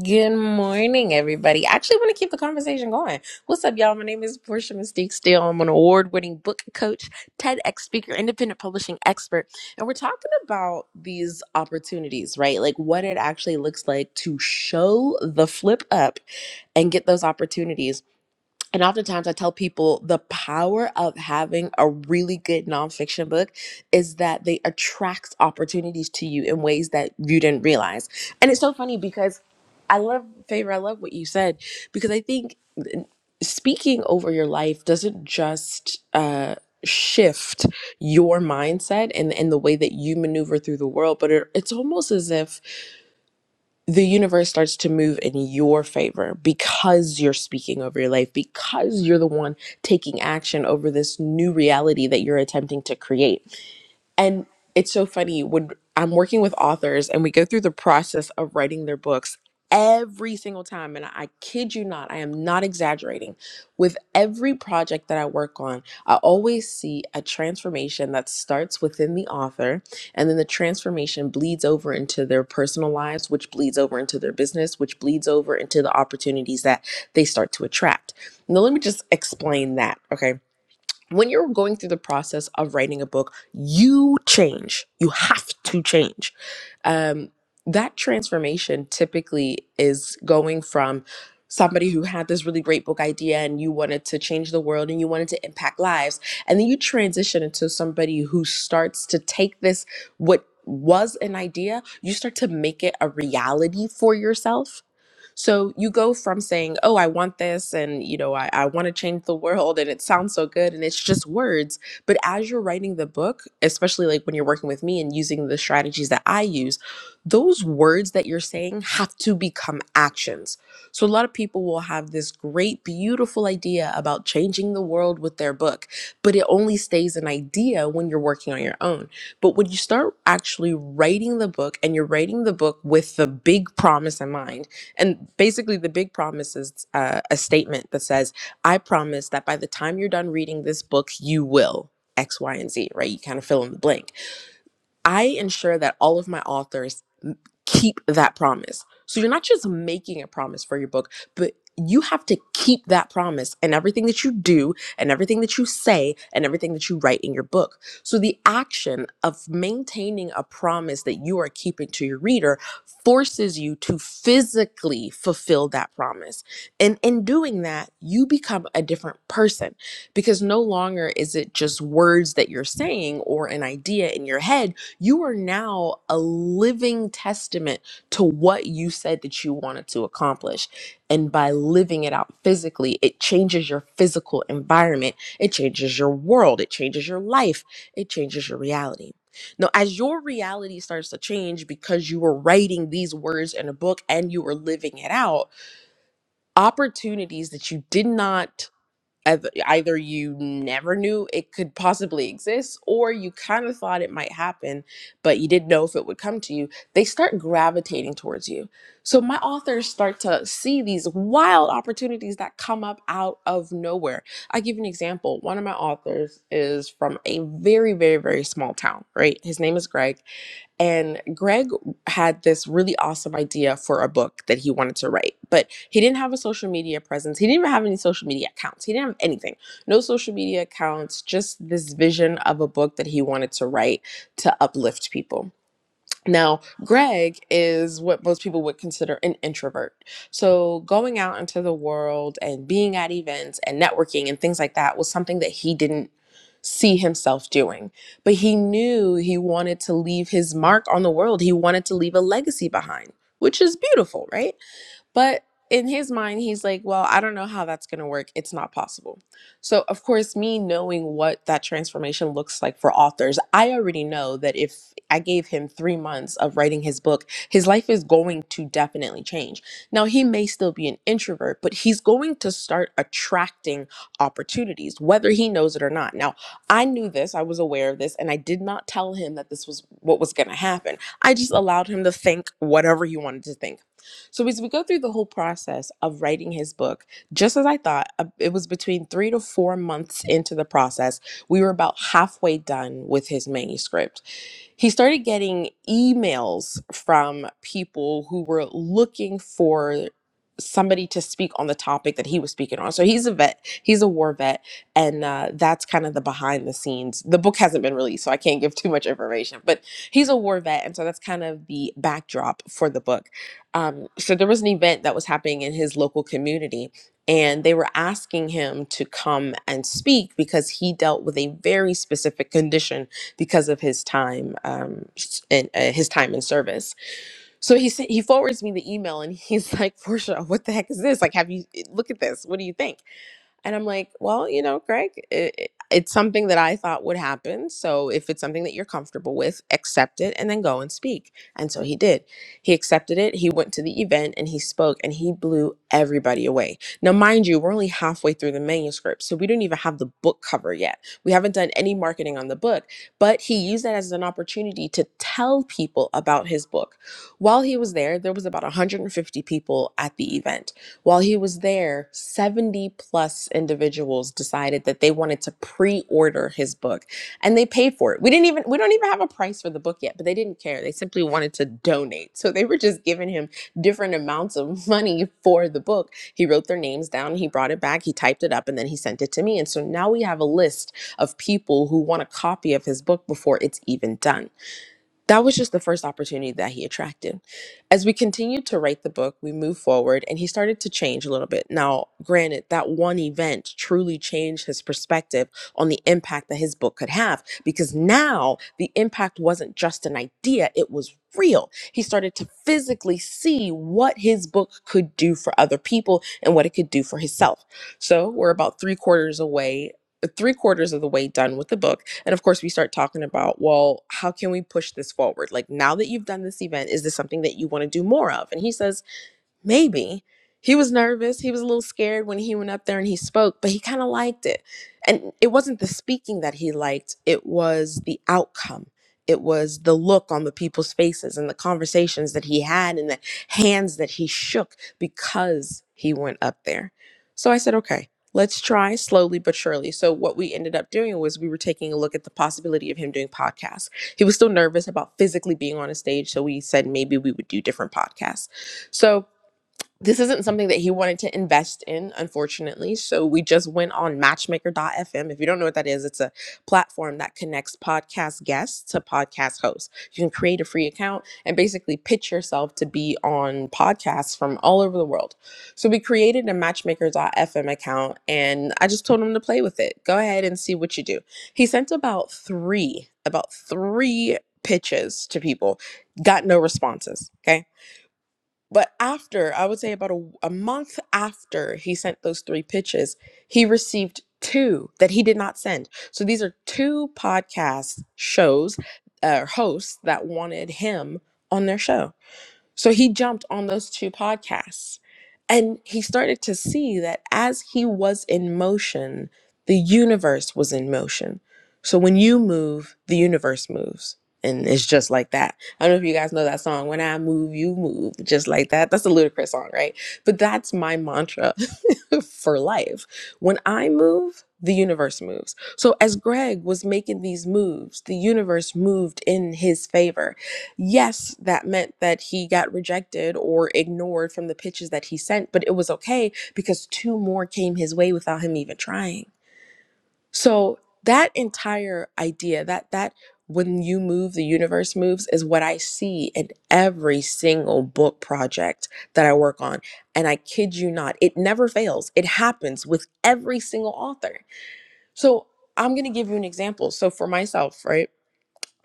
[SPEAKER 30] Good morning, everybody. I actually want to keep the conversation going. What's up, y'all? My name is Portia Mystique Steele. I'm an award winning book coach, TEDx speaker, independent publishing expert. And we're talking about these opportunities, right? Like what it actually looks like to show the flip up and get those opportunities. And oftentimes, I tell people the power of having a really good nonfiction book is that they attract opportunities to you in ways that you didn't realize. And it's so funny because I love, favor, I love what you said because I think speaking over your life doesn't just, uh, shift your mindset and, and the way that you maneuver through the world but it, it's almost as if the universe starts to move in your favor because you're speaking over your life, because you're the one taking action over this new reality that you're attempting to create. And it's so funny when I'm working with authors and we go through the process of writing their books every single time. And I kid you not, I am not exaggerating. With every project that I work on, I always see a transformation that starts within the author and then the transformation bleeds over into their personal lives, which bleeds over into their business, which bleeds over into the opportunities that they start to attract. Now, let me just explain that. Okay when you're going through the process of writing a book, you change. You have to change. Um, that transformation typically is going from somebody who had this really great book idea and you wanted to change the world and you wanted to impact lives. And then you transition into somebody who starts to take this, what was an idea, you start to make it a reality for yourself so you go from saying, Oh, I want this and you know, I, I want to change the world and it sounds so good and it's just words. But as you're writing the book, especially like when you're working with me and using the strategies that I use, those words that you're saying have to become actions. So a lot of people will have this great, beautiful idea about changing the world with their book, but it only stays an idea when you're working on your own. But when you start actually writing the book and you're writing the book with the big promise in mind, and basically, the big promise is uh, a statement that says, I promise that by the time you're done reading this book, you will X, Y, and Z, right? You kind of fill in the blank. I ensure that all of my authors keep that promise. So you're not just making a promise for your book, but you have to keep that promise and everything that you do and everything that you say and everything that you write in your book. So the action of maintaining a promise that you are keeping to your reader forces you to physically fulfill that promise. And in doing that, you become a different person because no longer is it just words that you're saying or an idea in your head you are now a living testament to what you said that you wanted to accomplish. And by living it out physically, it changes your physical environment, it changes your world, it changes your life, it changes your reality. Now, as your reality starts to change because you were writing these words in a book and you were living it out, opportunities that you did not eith- either you never knew it could possibly exist or you kind of thought it might happen but you didn't know if it would come to you they start gravitating towards you so my authors start to see these wild opportunities that come up out of nowhere i give you an example one of my authors is from a very very very small town right his name is greg and Greg had this really awesome idea for a book that he wanted to write, but he didn't have a social media presence. He didn't even have any social media accounts. He didn't have anything, no social media accounts, just this vision of a book that he wanted to write to uplift people. Now, Greg is what most people would consider an introvert. So, going out into the world and being at events and networking and things like that was something that he didn't see himself doing. But he knew he wanted to leave his mark on the world, he wanted to leave a legacy behind, which is beautiful, right? But in his mind, he's like, well, I don't know how that's going to work. It's not possible. So, of course, me knowing what that transformation looks like for authors, I already know that if I gave him three months of writing his book, his life is going to definitely change. Now, he may still be an introvert, but he's going to start attracting opportunities, whether he knows it or not. Now, I knew this, I was aware of this, and I did not tell him that this was what was going to happen. I just allowed him to think whatever he wanted to think. So as we go through the whole process of writing his book, just as I thought, uh, it was between three to four months into the process. We were about halfway done with his manuscript. He started getting emails from people who were looking for somebody to speak on the topic that he was speaking on. So he's a vet, he's a war vet, and uh, that's kind of the behind the scenes. The book hasn't been released, so I can't give too much information, but he's a war vet, and so that's kind of the backdrop for the book um, so there was an event that was happening in his local community and they were asking him to come and speak because he dealt with a very specific condition because of his time um, s- and uh, his time in service so he sa- he forwards me the email and he's like portia what the heck is this like have you look at this what do you think and I'm like, well, you know, Greg, it, it- it's something that I thought would happen. So if it's something that you're comfortable with, accept it and then go and speak. And so he did. He accepted it. He went to the event and he spoke and he blew everybody away. Now, mind you, we're only halfway through the manuscript. So we don't even have the book cover yet. We haven't done any marketing on the book, but he used that as an opportunity to tell people about his book. While he was there, there was about 150 people at the event while he was there, 70 plus individuals decided that they wanted to pre-order his book and they paid for it. We didn't even we don't even have a price for the book yet, but they didn't care. They simply wanted to donate. So they were just giving him different amounts of money for the book. He wrote their names down, he brought it back, he typed it up and then he sent it to me. And so now we have a list of people who want a copy of his book before it's even done that was just the first opportunity that he attracted. As we continued to write the book, we moved forward and he started to change a little bit. Now, granted, that one event truly changed his perspective on the impact that his book could have because now the impact wasn't just an idea, it was real. He started to physically see what his book could do for other people and what it could do for himself. So, we're about three quarters away. Three quarters of the way done with the book and of course, we start talking about, well, how can we push this forward? Like, now that you've done this event, is this something that you want to do more of? And he says, Maybe. He was nervous. He was a little scared when he went up there and he spoke, but he kind of liked it. And it wasn't the speaking that he liked, it was the outcome. It was the look on the people's faces and the conversations that he had and the hands that he shook because he went up there. So I said, okay, let's try slowly but surely. So what we ended up doing was we were taking a look at the possibility of him doing podcasts. He was still nervous about physically being on a stage. So we said maybe we would do different podcasts. So this isn't something that he wanted to invest in, unfortunately. So we just went on matchmaker.fm. If you don't know what that is, it's a platform that connects podcast guests to podcast hosts. You can create a free account and basically pitch yourself to be on podcasts from all over the world. So we created a matchmaker.fm account and I just told him to play with it. Go ahead and see what you do. He sent about three, about three pitches to people, got no responses. Okay but after, I would say about a, a month after he sent those three pitches, he received two that he did not send. So these are two podcast shows, uh, hosts that wanted him on their show so he jumped on those two podcasts and he started to see that as he was in motion, the universe was in motion. So when you move, the universe moves. And it's just like that. I don't know if you guys know that song, When I Move, You Move, just like that. That's a ludicrous song, right? But that's my mantra for life. When I move, the universe moves. So as Greg was making these moves, the universe moved in his favor Yes, that meant that he got rejected or ignored from the pitches that he sent, but it was okay because two more came his way without him even trying. So that entire idea that that when you move the universe moves is what I see in every single book project that I work on and I kid you not it never fails it happens with every single author. So I'm going to give you an example. So for myself, right?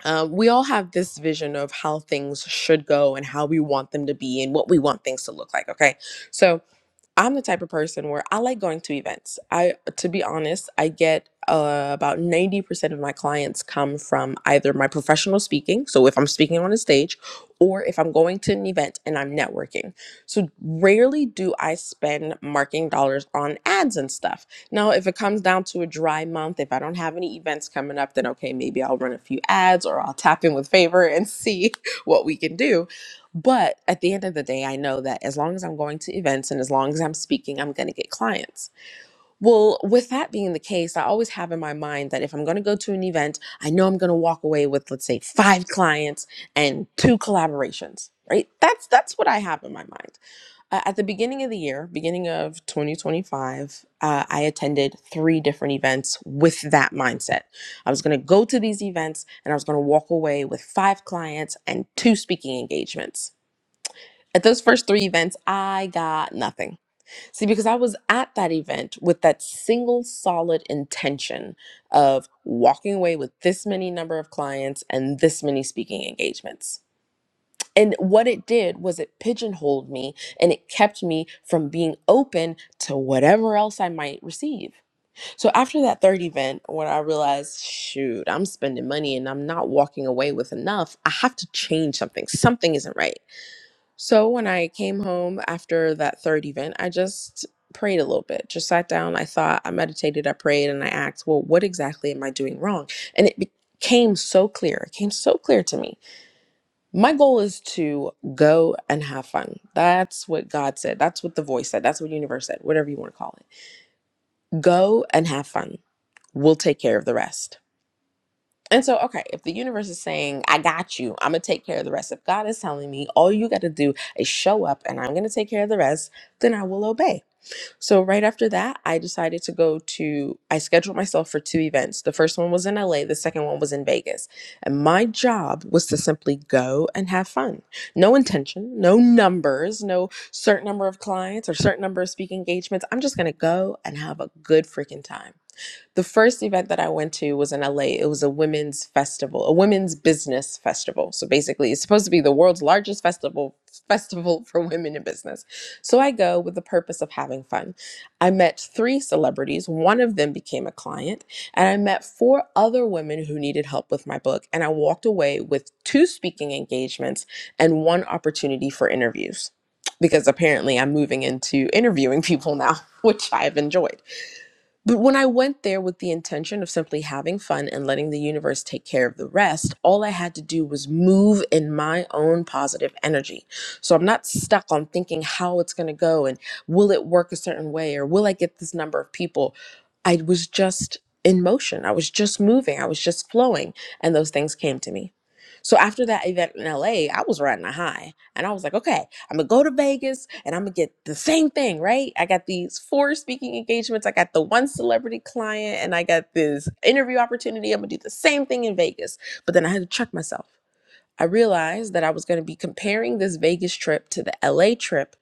[SPEAKER 30] uh, we all have this vision of how things should go and how we want them to be and what we want things to look like. Okay. So, I'm the type of person where I like going to events. I, to be honest, I get uh, about 90% of my clients come from either my professional speaking, so if I'm speaking on a stage, or if I'm going to an event and I'm networking. So rarely do I spend marketing dollars on ads and stuff. Now, if it comes down to a dry month, if I don't have any events coming up, then okay, maybe I'll run a few ads or I'll tap in with favor and see what we can do but at the end of the day, I know that as long as I'm going to events and as long as I'm speaking, I'm going to get clients. Well, with that being the case, I always have in my mind that if I'm going to go to an event, I know I'm going to walk away with let's say 5 clients and 2 collaborations, right? That's that's what I have in my mind. Uh, at the beginning of the year, beginning of 2025, uh, I attended three different events with that mindset. I was going to go to these events and I was going to walk away with five clients and two speaking engagements at those first three events, I got nothing. See, because I was at that event with that single solid intention of walking away with this many number of clients and this many speaking engagements. And what it did was it pigeonholed me and it kept me from being open to whatever else I might receive. So after that third event, when I realized, shoot, I'm spending money and I'm not walking away with enough, I have to change something. Something isn't right. So when I came home after that third event, I just prayed a little bit. Just sat down, I thought, I meditated, I prayed, and I asked, well, what exactly am I doing wrong? And it became so clear. It came so clear to me. My goal is to go and have fun. That's what God said. That's what the voice said. That's what universe said, whatever you want to call it. Go and have fun. We'll take care of the rest. And so, okay, if the universe is saying, I got you, I'm going to take care of the rest. If God is telling me, all you got to do is show up and I'm going to take care of the rest, then I will obey. So, right after that, I decided to go to, I scheduled myself for two events. The first one was in LA, the second one was in Vegas. And my job was to simply go and have fun. No intention, no numbers, no certain number of clients or certain number of speaking engagements. I'm just going to go and have a good freaking time. The first event that I went to was in LA. It was a women's festival, a women's business festival. So basically, it's supposed to be the world's largest festival festival for women in business. So I go with the purpose of having fun. I met three celebrities, one of them became a client, and I met four other women who needed help with my book, and I walked away with two speaking engagements and one opportunity for interviews. Because apparently I'm moving into interviewing people now, which I've enjoyed. But when I went there with the intention of simply having fun and letting the universe take care of the rest, all I had to do was move in my own positive energy. So I'm not stuck on thinking how it's going to go and will it work a certain way or will I get this number of people. I was just in motion. I was just moving. I was just flowing. And those things came to me. So after that event in LA, I was riding a high and I was like, okay, I'm gonna go to Vegas and I'm gonna get the same thing, right? I got these four speaking engagements, I got the one celebrity client, and I got this interview opportunity. I'm gonna do the same thing in Vegas. But then I had to check myself. I realized that I was gonna be comparing this Vegas trip to the LA trip.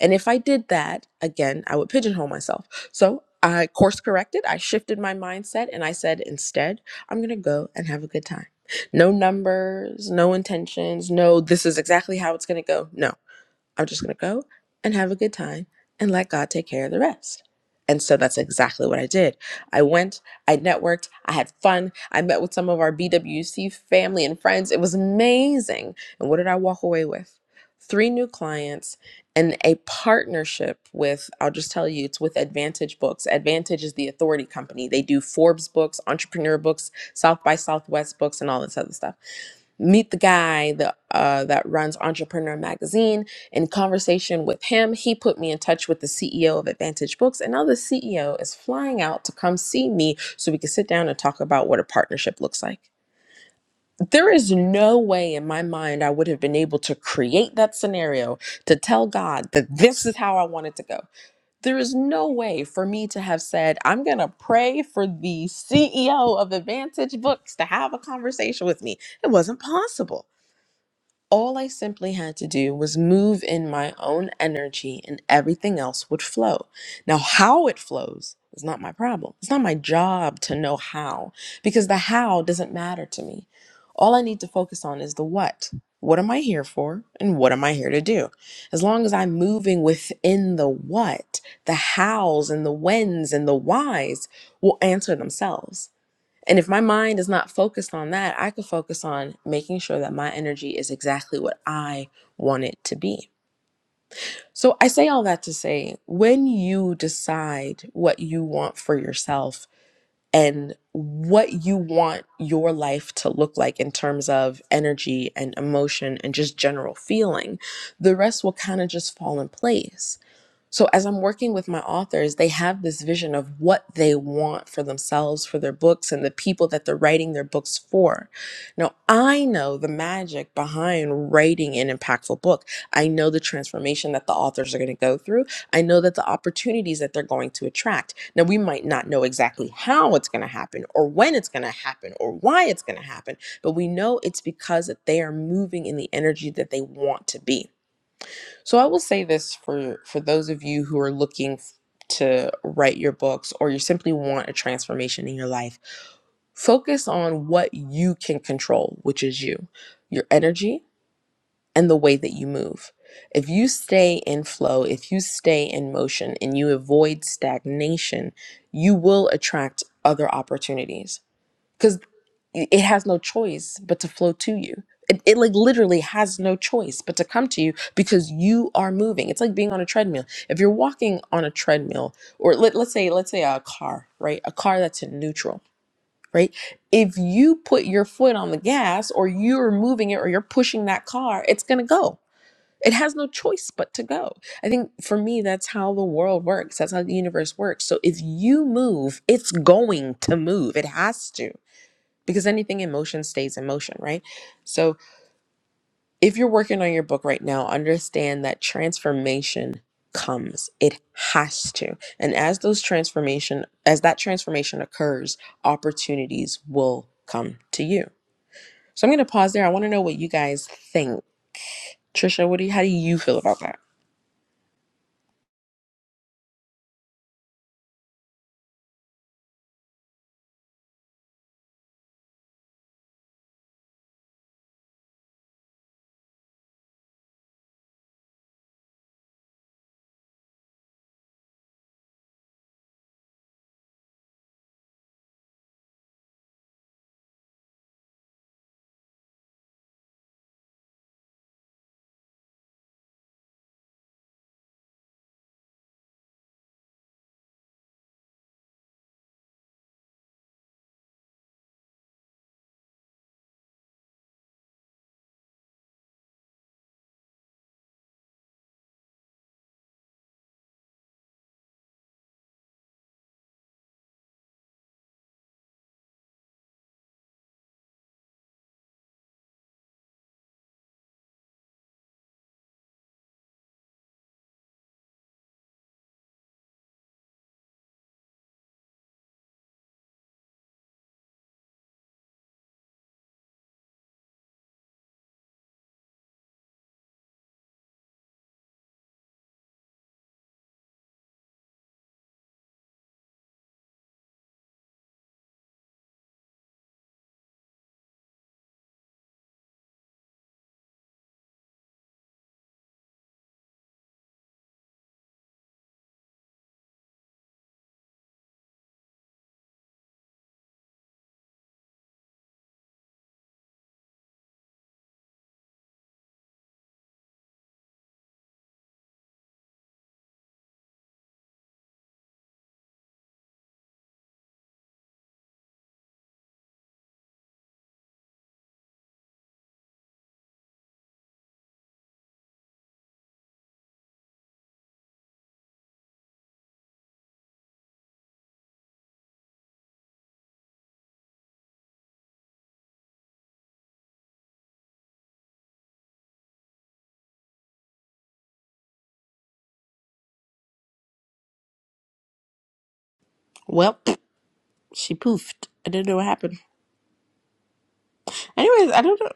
[SPEAKER 30] And if I did that, again, I would pigeonhole myself. So I course corrected, I shifted my mindset, and I said, instead, I'm gonna go and have a good time. No numbers, no intentions, no, this is exactly how it's gonna go. No. I'm just going to go and have a good time and let God take care of the rest. And so that's exactly what I did. I went, I networked, I had fun, I met with some of our BWC family and friends. It was amazing. And what did I walk away with? Three new clients and a partnership with, I'll just tell you, it's with Advantage Books. Advantage is the authority company. They do Forbes books, entrepreneur books, South by Southwest books, and all this other stuff meet the guy that uh, that runs Entrepreneur Magazine. In conversation with him, he put me in touch with the CEO of Advantage Books, and now the CEO is flying out to come see me so we can sit down and talk about what a partnership looks like. There is no way in my mind I would have been able to create that scenario to tell God that this is how I want it to go. There is no way for me to have said, I'm going to pray for the CEO of Advantage Books to have a conversation with me. It wasn't possible all I simply had to do was move in my own energy and everything else would flow. Now, how it flows is not my problem. It's not my job to know how because the how doesn't matter to me. All I need to focus on is the what. What am I here for and what am I here to do? As long as I'm moving within the what, the hows and the whens and the whys will answer themselves. And if my mind is not focused on that, I could focus on making sure that my energy is exactly what I want it to be. So I say all that to say when you decide what you want for yourself and what you want your life to look like in terms of energy and emotion and just general feeling, the rest will kind of just fall in place so, as I'm working with my authors, they have this vision of what they want for themselves, for their books, and the people that they're writing their books for. Now, I know the magic behind writing an impactful book. I know the transformation that the authors are going to go through. I know that the opportunities that they're going to attract. Now, we might not know exactly how it's going to happen, or when it's going to happen, or why it's going to happen, but we know it's because that they are moving in the energy that they want to be. So I will say this for for those of you who are looking f- to write your books or you simply want a transformation in your life, focus on what you can control, which is you, your energy and the way that you move. If you stay in flow, if you stay in motion and you avoid stagnation, you will attract other opportunities. Because y- it has no choice but to flow to you. It, it like literally has no choice but to come to you because you are moving. It's like being on a treadmill. If you're walking on a treadmill, or let, let's say let's say a car, right? A car that's in neutral, right? If you put your foot on the gas, or you're moving it, or you're pushing that car, it's gonna go. It has no choice but to go. I think for me, that's how the world works. That's how the universe works. So if you move, it's going to move. It has to because anything in motion stays in motion, right? So if you're working on your book right now, understand that transformation comes. It has to. And as those transformation as that transformation occurs, opportunities will come to you. So I'm going to pause there. I want to know what you guys think. Trisha, what do you, how do you feel about that? Well, she poofed. I didn't know what happened. Anyways, I don't know.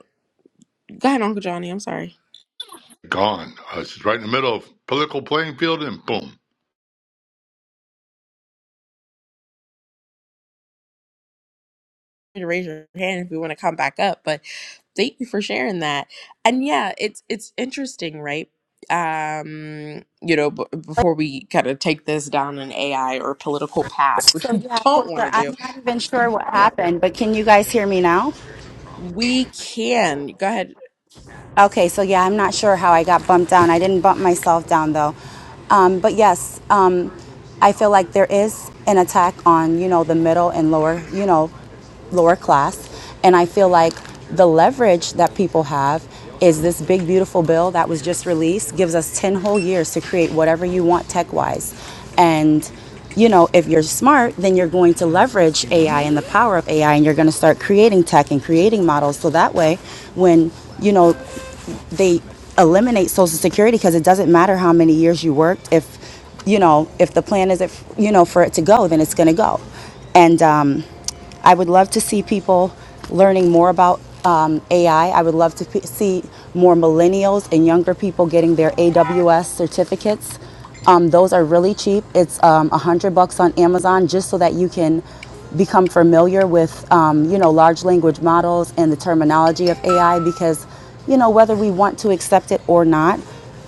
[SPEAKER 30] Go ahead, Uncle Johnny. I'm sorry.
[SPEAKER 22] Gone. Uh, It's right in the middle of political playing field, and boom.
[SPEAKER 30] to raise your hand if we want to come back up but thank you for sharing that and yeah it's it's interesting right um you know b- before we kind of take this down an ai or political path which
[SPEAKER 28] So
[SPEAKER 30] we
[SPEAKER 28] yeah,
[SPEAKER 30] don't
[SPEAKER 28] for
[SPEAKER 30] want
[SPEAKER 28] sure.
[SPEAKER 30] to
[SPEAKER 28] I'm
[SPEAKER 30] do
[SPEAKER 28] not even sure what happened, but can you guys hear me now?
[SPEAKER 30] we can go ahead
[SPEAKER 28] Okay, so yeah, I'm not sure how I got bumped down. I didn't bump myself down though. Um, but yes, um, I feel like there is an attack on you know the middle and lower you know lower class, and I feel like the leverage that people have is this big beautiful bill that was just released gives us 10 whole years to create whatever you want tech wise and you know, if you're smart, then you're going to leverage AI and the power of AI, and you're going to start creating tech and creating models. So that way, when you know they eliminate Social Security because it doesn't matter how many years you worked. If you know, if the plan is if you know for it to go, then it's going to go. And um, I would love to see people learning more about um, AI. I I would love to p- see more millennials and younger people getting their AWS certificates. Um, those are really cheap. It's um, a hundred bucks on Amazon just so that you can become familiar with um, you know large language models and the terminology of AI because you know whether we want to accept it or not,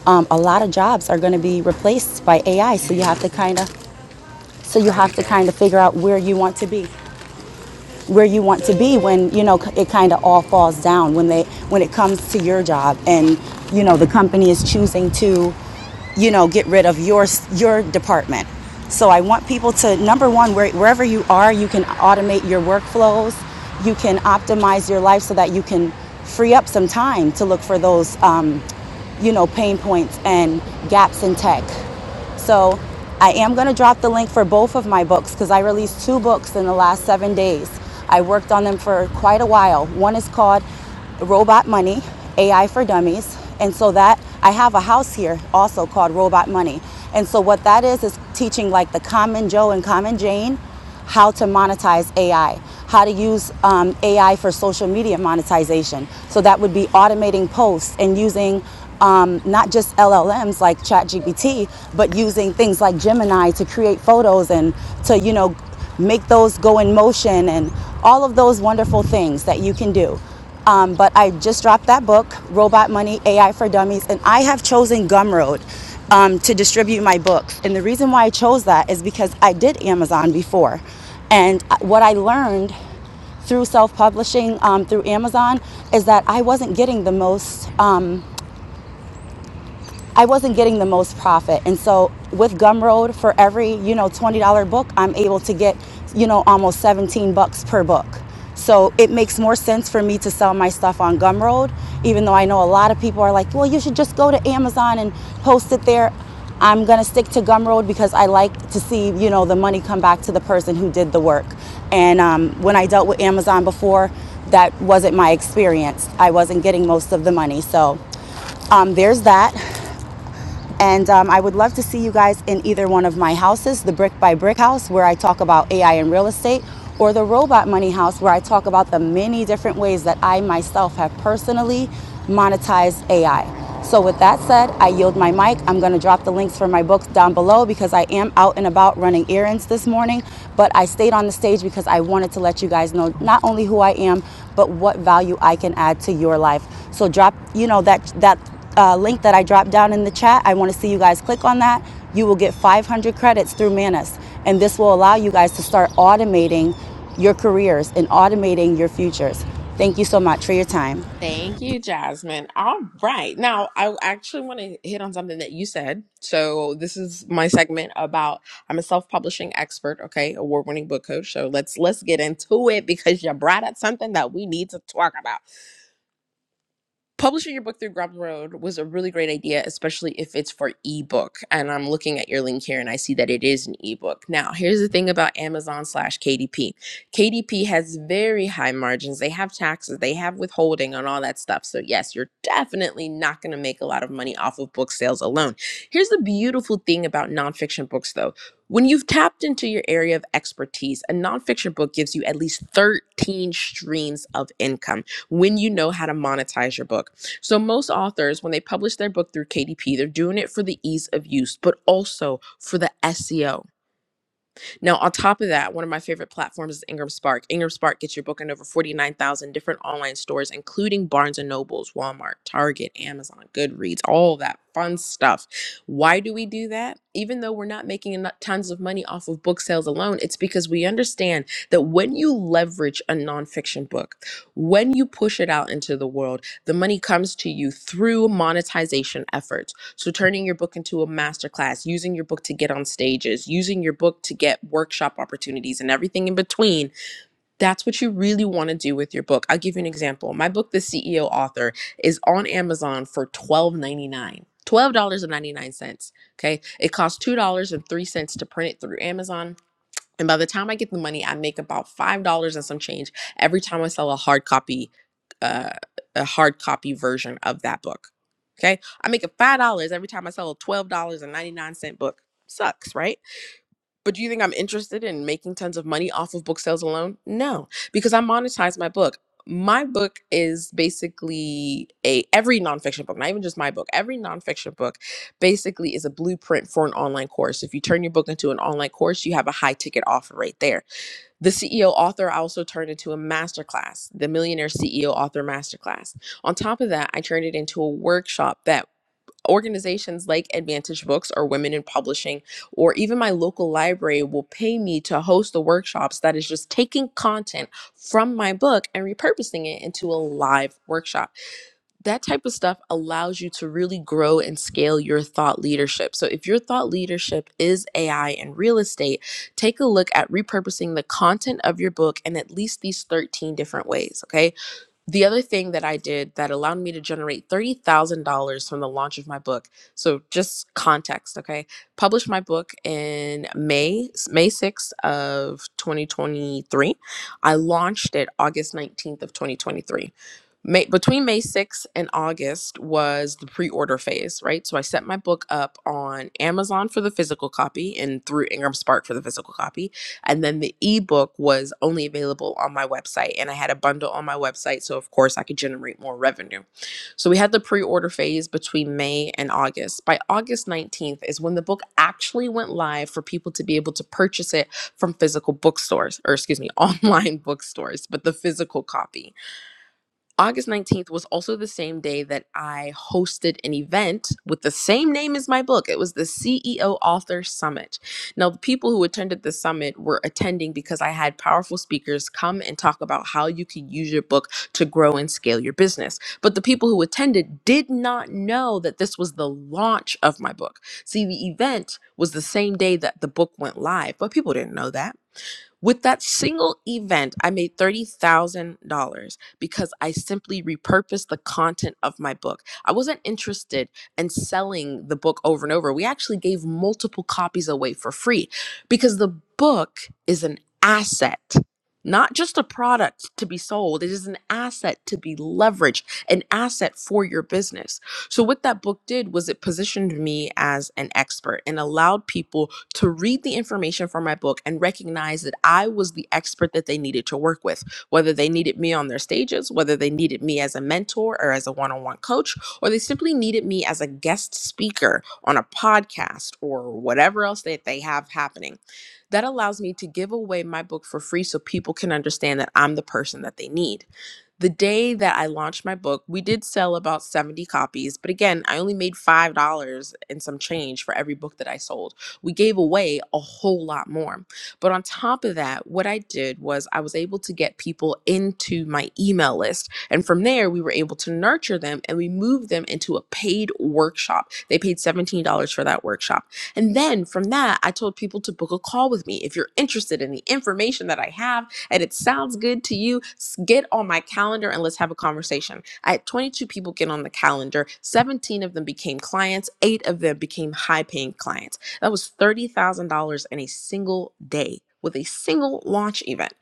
[SPEAKER 28] um, a lot of jobs are going to be replaced by AI. So you have to kind of so you have to kind of figure out where you want to be where you want to be when you know it kind of all falls down when they when it comes to your job and you know the company is choosing to you know get rid of your your department so i want people to number one where, wherever you are you can automate your workflows you can optimize your life so that you can free up some time to look for those um, you know pain points and gaps in tech so I am going to drop the link for both of my books because I released two books in the last seven days. I worked on them for quite a while. One is called Robot Money AI for Dummies. And so that I have a house here also called Robot Money. And so what that is is teaching like the common Joe and common Jane how to monetize AI, how to use um, AI for social media monetization. So that would be automating posts and using um, not just LLMs like ChatGPT, but using things like Gemini to create photos and to you know make those go in motion and all of those wonderful things that you can do. Um, but I just dropped that book, Robot Money AI for Dummies, and I have chosen Gumroad um, to distribute my books. And the reason why I chose that is because I did Amazon before. And uh, what I learned through self publishing um, through Amazon is that I wasn't getting the most. um, I wasn't getting the most profit. And so with Gumroad, for every, you know, $20 book, I'm able to get, you know, almost 17 bucks per book. So it makes more sense for me to sell my stuff on Gumroad, even though I know a lot of people are like, well, you should just go to Amazon and post it there. I'm gonna stick to Gumroad because I like to see, you know, the money come back to the person who did the work. And um, when I dealt with Amazon before, that wasn't my experience. I wasn't getting most of the money. So um, there's that. And um, I would love to see you guys in either one of my houses the Brick by Brick House, where I talk about AI and real estate, or the Robot Money House, where I talk about the many different ways that I myself have personally monetized AI. So, with that said, I yield my mic. I'm going to drop the links for my books down below because I am out and about running errands this morning. But I stayed on the stage because I wanted to let you guys know not only who I am, but what value I can add to your life. So, drop, you know, that, that uh, link that I dropped down in the chat. I want to see you guys click on that. You will get 500 credits through Manus, and this will allow you guys to start automating your careers and automating your futures. Thank you so much for your time.
[SPEAKER 30] Thank you, Jasmine. All right. Now, I actually want to hit on something that you said. So, this is my segment about I'm a self-publishing expert, okay? Award-winning book coach. So, let's let's get into it because you brought up something that we need to talk about publishing your book through Gumroad was a really great idea, especially if it's for ebook. And I'm looking at your link here and I see that it is an ebook. Now, here's the thing about Amazon slash KDP KDP has very high margins, they have taxes, they have withholding, and all that stuff. So, yes, you're definitely not going to make a lot of money off of book sales alone. Here's the beautiful thing about nonfiction books, though. When you've tapped into your area of expertise, a nonfiction book gives you at least 13 streams of income when you know how to monetize your book. So, most authors, when they publish their book through KDP, they're doing it for the ease of use, but also for the SEO now, on top of that, one of my favorite platforms is Ingram Spark. Ingram Spark gets your book in over 49,000 different online stores, including Barnes& and Nobles, Walmart, Target, Amazon, Goodreads, all that fun stuff. Why do we do that? Even though we're not making eno- tons of money off of book sales alone, it's because we understand that when you leverage a nonfiction book, when you push it out into the world, the money comes to you through monetization efforts so, turning your book into a masterclass, using your book to get on stages, using your book to get workshop opportunities and everything in between, that's what you really want to do with your book. I'll give you an example. My book, The CEO Author, is on Amazon for $12.99. $12.99. Okay. It costs $2.03 to print it through Amazon and by the time I get the money, I make about five dollars and some change every time I sell a hard copy, uh, a hard copy version of that book. Okay, I make a five dollars every time I sell a twelve dollars and ninety nine cent book. Sucks, right? But do you think I'm interested in making tons of money off of book sales alone? No, because I monetize my book. My book is basically a every nonfiction book, not even just my book. Every nonfiction book basically is a blueprint for an online course. If you turn your book into an online course, you have a high ticket offer right there. The CEO author I also turned into a masterclass, the Millionaire CEO Author Masterclass. On top of that, I turned it into a workshop that organizations like Advantage Books or Women in Publishing, or even my local library will pay me to host the workshops that is just taking content from my book and repurposing it into a live workshop. That type of stuff allows you to really grow and scale your thought leadership. So if your thought leadership is AI and real estate, take a look at repurposing the content of your book in at least these 13 different ways, okay? The other thing that I did that allowed me to generate $30,000 from the launch of my book. So just context, okay? Published my book in May, May 6th of 2023. I launched it August 19th of 2023. May, between May 6th and August was the pre-order phase, right? So I set my book up on Amazon for the physical copy and through Ingram Spark for the physical copy and then the ebook was only available on my website, and I had a bundle on my website. So, of course, I could generate more revenue. So, we had the pre order phase between May and August. By August 19th is when the book actually went live for people to be able to purchase it from physical bookstores, or excuse me, online bookstores, but the physical copy. August 19th was also the same day that I hosted an event with the same name as my book. It was the CEO Author Summit. Now, the people who attended the summit were attending because I had powerful speakers come and talk about how you could use your book to grow and scale your business. But the people who attended did not know that this was the launch of my book. See, the event was the same day that the book went live, but people didn't know that. With that single event, I made $30,000 because I simply repurposed the content of my book. I wasn't interested in selling the book over and over. We actually gave multiple copies away for free because the book is an asset. Not just a product to be sold, it is an asset to be leveraged, an asset for your business. So, what that book did was it positioned me as an expert and allowed people to read the information from my book and recognize that I was the expert that they needed to work with, whether they needed me on their stages, whether they needed me as a mentor or as a one on one coach, or they simply needed me as a guest speaker on a podcast or whatever else that they have happening. That allows me to give away my book for free so people can understand that I'm the person that they need the day that I launched my book, we did sell about 70 copies, but again, I only made $5 and some change for every book that I sold. We gave away a whole lot more. But on top of that, what I did was I was able to get people into my email list. And from there, we were able to nurture them and we moved them into a paid workshop. They paid $17 for that workshop. And then from that, I told people to book a call with me. If you're interested in the information that I have, and it sounds good to you, s- get on my calendar and let's have a conversation. I had 22 people get on the calendar. 17 of them became clients, eight of them became high paying clients. That was $30,000 in a single day with a single launch event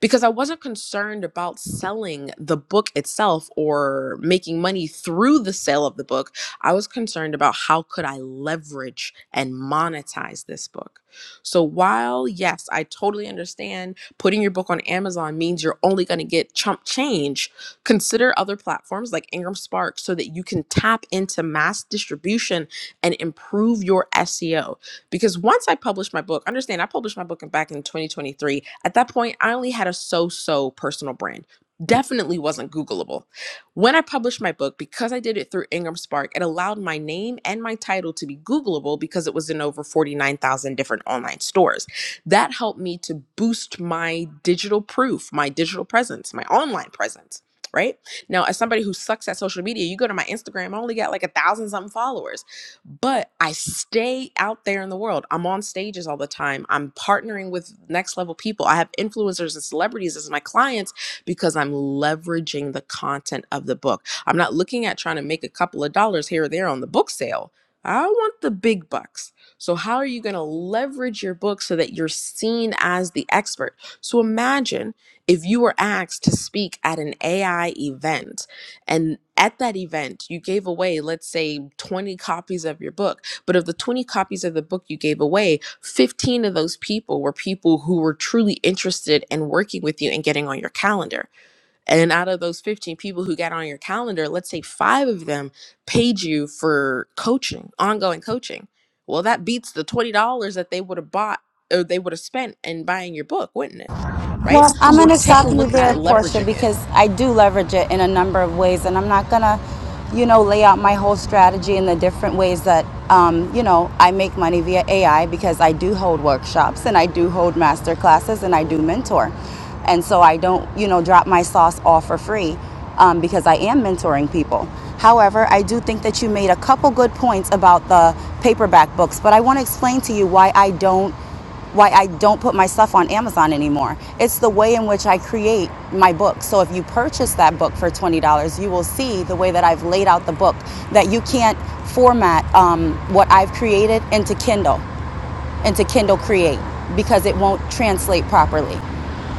[SPEAKER 30] because I wasn't concerned about selling the book itself or making money through the sale of the book. I was concerned about how could I leverage and monetize this book. So while yes, I totally understand putting your book on Amazon means you're only going to get chump change, consider other platforms like Ingram Spark so that you can tap into mass distribution and improve your SEO because once I published my book, understand I published my book in, back in 2023. At that point, I only had a so-so personal brand. Definitely wasn't Googleable. When I published my book, because I did it through Ingram Spark, it allowed my name and my title to be Googleable because it was in over 49,000 different online stores. That helped me to boost my digital proof, my digital presence, my online presence, right? Now, as somebody who sucks at social media, you go to my Instagram, I only got like a thousand something followers but I stay out there in the world. I'm on stages all the time. I'm partnering with next level people. I have influencers and celebrities as my clients because I'm leveraging the content of the book. I'm not looking at trying to make a couple of dollars here or there on the book sale. I want the big bucks. So, how are you going to leverage your book so that you're seen as the expert? So, imagine if you were asked to speak at an AI event and at that event you gave away let's say 20 copies of your book but of the 20 copies of the book you gave away 15 of those people were people who were truly interested in working with you and getting on your calendar and out of those 15 people who got on your calendar let's say 5 of them paid you for coaching ongoing coaching well that beats the $20 that they would have bought or they would have spent in buying your book wouldn't it right
[SPEAKER 28] Well, I'm going
[SPEAKER 30] so
[SPEAKER 28] to
[SPEAKER 30] take a
[SPEAKER 28] stop you
[SPEAKER 30] look at
[SPEAKER 28] there, Portia,
[SPEAKER 30] leveraging it
[SPEAKER 28] because I do leverage it in a number of ways, and I'm not going to, you know, lay out my whole strategy in the different ways that, um, you know, I make money via AI because I do hold workshops and I do hold master classes and I do mentor. And so I don't, you know, drop my sauce all for free um, because I am mentoring people. However, I do think that you made a couple good points about the paperback books, but I want to explain to you why I don't why I don't put my stuff on Amazon anymore. It's the way in which I create my book. So if you purchase that book for $20, you will see the way that I've laid out the book that you can't format um, what I've created into Kindle into Kindle Create because it won't translate properly.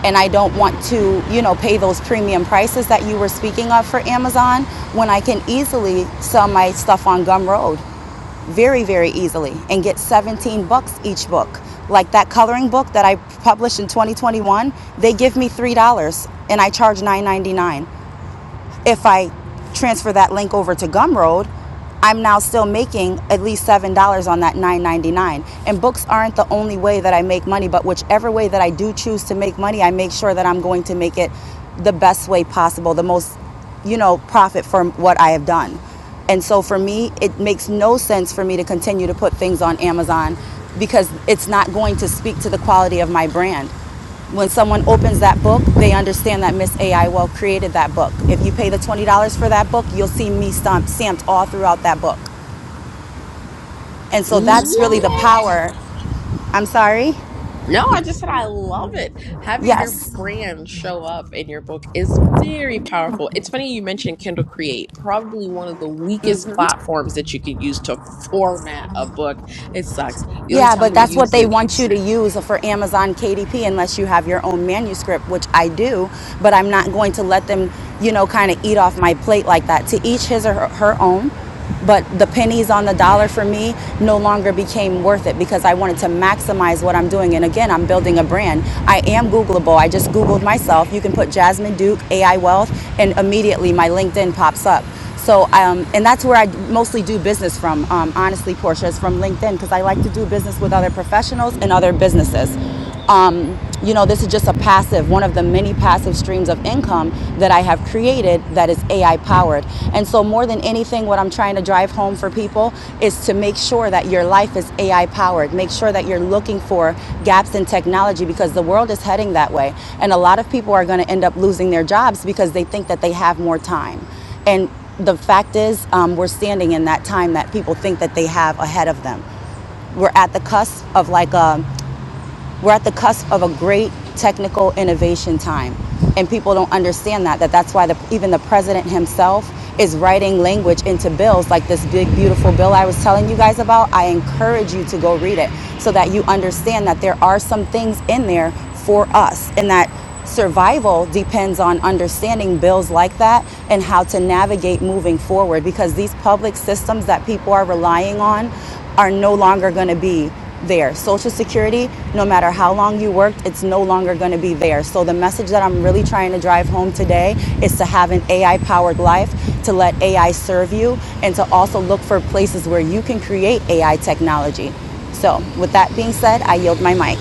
[SPEAKER 28] And I don't want to, you know, pay those premium prices that you were speaking of for Amazon when I can easily sell my stuff on Gumroad very, very easily and get 17 bucks each book. Like that coloring book that I published in 2021, they give me $3 and I charge 9.99. If I transfer that link over to Gumroad, I'm now still making at least seven dollars on that nine ninety nine. And books aren't the only way that I make money, but whichever way that I do choose to make money, I make sure that I'm going to make it the best way possible, the most, you know, profit from what I have done. And so for me, it makes no sense for me to continue to put things on Amazon because it's not going to speak to the quality of my brand. When someone opens that book, they understand that Miss AI Well created that book. If you pay the $20 for that book, you'll see me stamp, stamped all throughout that book. And so that's really the power. I'm sorry?
[SPEAKER 30] No, I just said I love it. Having your
[SPEAKER 28] Yes.
[SPEAKER 30] brand show up in your book is very powerful. It's funny you mentioned Kindle Create, probably one of the weakest platforms that you could use to format a book. It sucks. The only
[SPEAKER 28] Yeah,
[SPEAKER 30] time
[SPEAKER 28] but
[SPEAKER 30] we
[SPEAKER 28] that's what
[SPEAKER 30] use
[SPEAKER 28] they
[SPEAKER 30] it
[SPEAKER 28] want you to use for Amazon KDP unless you have your own manuscript, which I do, but I'm not going to let them, you know, kind of eat off my plate like that. To each his or her her own, but the pennies on the dollar for me no longer became worth it because I wanted to maximize what I'm doing. And again, I'm building a brand. I am Googleable. I just Googled myself. You can put Jasmine Duke, AI Wealth, and immediately my LinkedIn pops up. So, um, and that's where I mostly do business from, um, honestly, Portia, is from LinkedIn because I like to do business with other professionals and other businesses. Um, you know, this is just a passive, one of the many passive streams of income that I have created that is AI powered. And so, more than anything, what I'm trying to drive home for people is to make sure that your life is AI powered. Make sure that you're looking for gaps in technology because the world is heading that way. And a lot of people are going to end up losing their jobs because they think that they have more time. And the fact is, um, we're standing in that time that people think that they have ahead of them. We're at the cusp of like a we're at the cusp of a great technical innovation time. And people don't understand that, that that's why the, even the president himself is writing language into bills like this big, beautiful bill I was telling you guys about. I encourage you to go read it so that you understand that there are some things in there for us and that survival depends on understanding bills like that and how to navigate moving forward because these public systems that people are relying on are no longer going to be there. Social Security, no matter how long you worked, it's no longer going to be there. So, the message that I'm really trying to drive home today is to have an AI powered life, to let AI serve you, and to also look for places where you can create AI technology. So, with that being said, I yield my mic.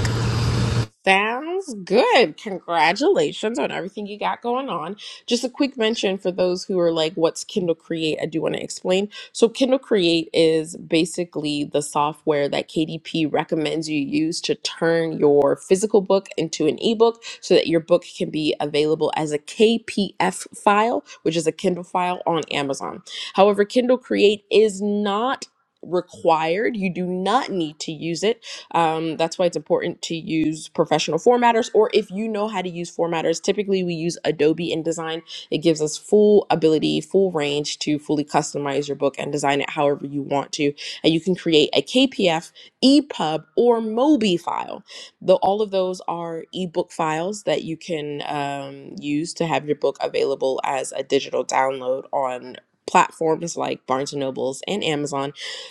[SPEAKER 30] Sounds good. Congratulations on everything you got going on. Just a quick mention for those who are like, what's Kindle Create? I do want to explain. So, Kindle Create is basically the software that KDP recommends you use to turn your physical book into an ebook so that your book can be available as a KPF file, which is a Kindle file on Amazon. However, Kindle Create is not required. You do not need to use it um, that's why it's important to use professional formatters, or if you know how to use formatters, typically we use Adobe InDesign. It gives us full ability, full range to fully customize your book and design it however you want to. And you can create a KPF, EPUB, or MOBI file. Though all of those are ebook files that you can um, use to have your book available as a digital download on platforms like Barnes and Nobles and Amazon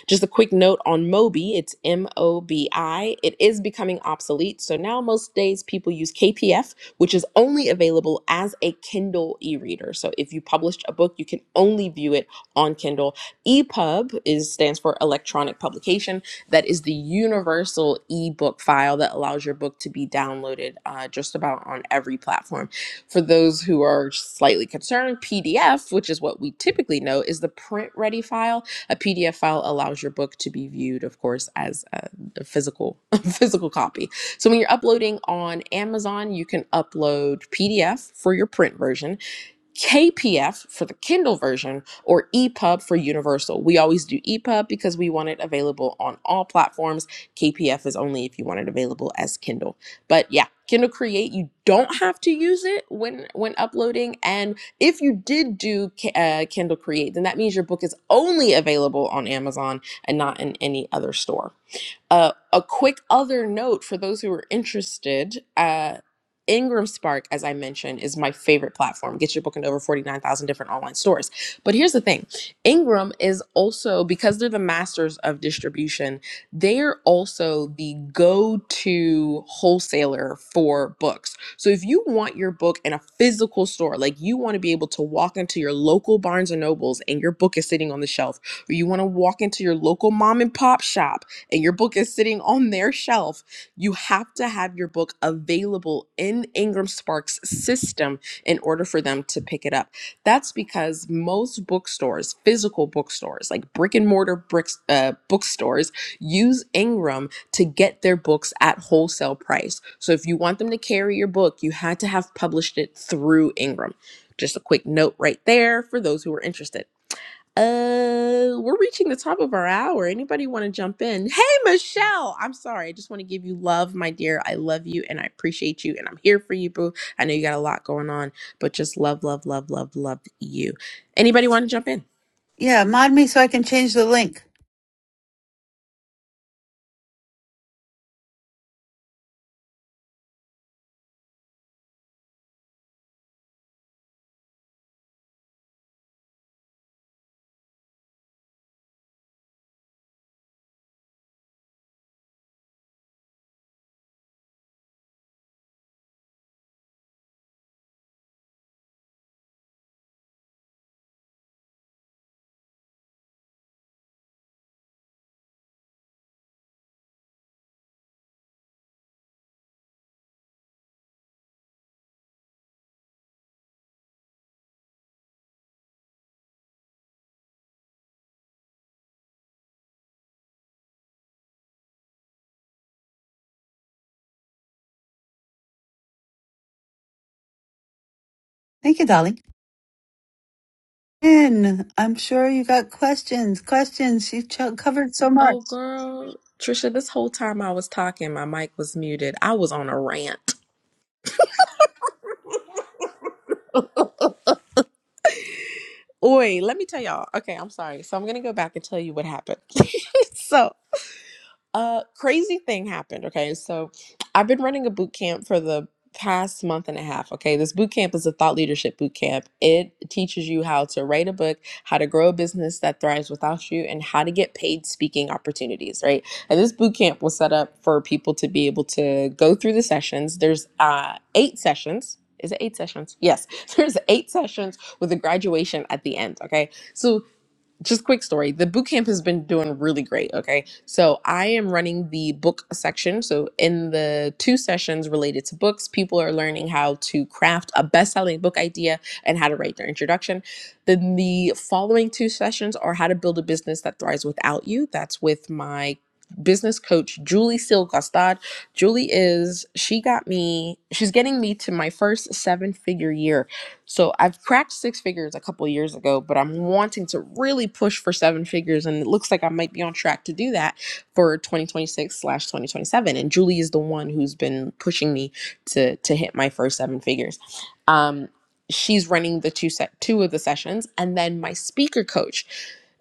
[SPEAKER 30] just a quick note on Mobi, it's M O B I. It is becoming obsolete, so now most days people use KPF, which is only available as a Kindle e reader. So if you published a book, you can only view it on Kindle. EPUB is stands for electronic publication. That is the universal ebook file that allows your book to be downloaded uh, just about on every platform. For those who are slightly concerned, PDF, which is what we typically know, is the print ready file a PDF file allows your book to be viewed, of course, as a, a physical physical copy. So when you're uploading on Amazon, you can upload PDF for your print version, KPF for the Kindle version or EPUB for Universal. We always do EPUB because we want it available on all platforms. KPF is only if you want it available as Kindle. But yeah, Kindle Create, you don't have to use it when when uploading. And if you did do uh, Kindle Create, then that means your book is only available on Amazon and not in any other store. Uh, a quick other note for those who are interested uh, Ingram Spark, as I mentioned, is my favorite platform. Get your book into over 49,000 different online stores. But here's the thing Ingram is also, because they're the masters of distribution, they're also the go to wholesaler for books. So if you want your book in a physical store, like you want to be able to walk into your local Barnes and Nobles and your book is sitting on the shelf, or you want to walk into your local mom and pop shop and your book is sitting on their shelf, you have to have your book available in Ingram Sparks' system in order for them to pick it up. That's because most bookstores, physical bookstores, like brick and mortar bricks, uh, bookstores, use Ingram to get their books at wholesale price. So if you want them to carry your book, you had to have published it through Ingram. Just a quick note right there for those who are interested. Uh, we're reaching the top of our hour. Anybody want to jump in? Hey, Michelle. I'm sorry. I just want to give you love, my dear. I love you and I appreciate you and I'm here for you, boo. I know you got a lot going on, but just love, love, love, love, love you. Anybody want to jump in?
[SPEAKER 1] Yeah, mod me so I can change the link. Thank you, darling. In. I'm sure you got questions. Questions. She ch- covered so much.
[SPEAKER 30] Oh, girl, Trisha. This whole time I was talking, my mic was muted. I was on a rant. Oi, let me tell y'all. Okay, I'm sorry. So I'm gonna go back and tell you what happened. so a crazy thing happened. Okay, so I've been running a boot camp for the past month and a half. Okay, this boot camp is a thought leadership boot camp. It teaches you how to write a book, how to grow a business that thrives without you, and how to get paid speaking opportunities. Right, and this boot camp was set up for people to be able to go through the sessions. There's uh, eight sessions. Is it eight sessions? Yes. There's eight sessions with a graduation at the end. Okay. So just quick story the boot camp has been doing really great okay so i am running the book section so in the two sessions related to books people are learning how to craft a best-selling book idea and how to write their introduction then the following two sessions are how to build a business that thrives without you that's with my business coach julie silgastad julie is she got me she's getting me to my first seven figure year so I've cracked six figures a couple years ago, but I'm wanting to really push for seven figures, and it looks like I might be on track to do that for 2026 slash 2027. And Julie is the one who's been pushing me to to hit my first seven figures. Um, she's running the two set two of the sessions, and then my speaker coach.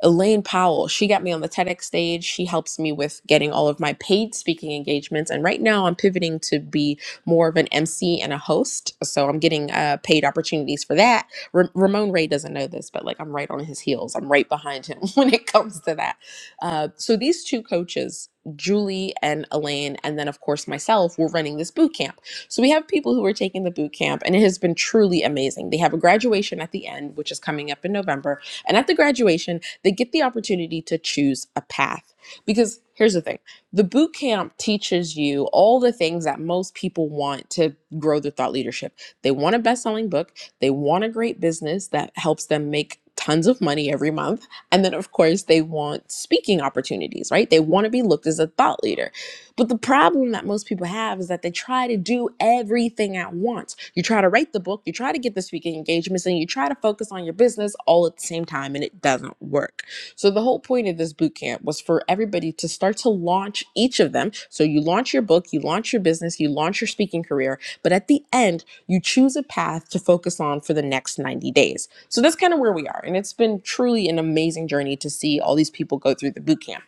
[SPEAKER 30] Elaine Powell, she got me on the TEDx stage. She helps me with getting all of my paid speaking engagements. And right now I'm pivoting to be more of an MC and a host. So I'm getting uh, paid opportunities for that. Ra- Ramon Ray doesn't know this, but like I'm right on his heels. I'm right behind him when it comes to that. Uh, so these two coaches, Julie and Elaine, and then of course myself, were running this boot camp. So we have people who are taking the boot camp, and it has been truly amazing. They have a graduation at the end, which is coming up in November. And at the graduation, they get the opportunity to choose a path. Because here's the thing. The boot camp teaches you all the things that most people want to grow their thought leadership. They want a best selling book, they want a great business that helps them make tons of money every month. And then, of course, they want speaking opportunities, right? They want to be looked as a thought leader. But the problem that most people have is that they try to do everything at once. You try to write the book, you try to get the speaking engagements, and you try to focus on your business all at the same time, and it doesn't work. So the whole point of this boot camp was for everybody to start to launch each of them. So you launch your book, you launch your business, you launch your speaking career, but at the end, you choose a path to focus on for the next 90 days. So that's kind of where we are. And it's been truly an amazing journey to see all these people go through the boot camp.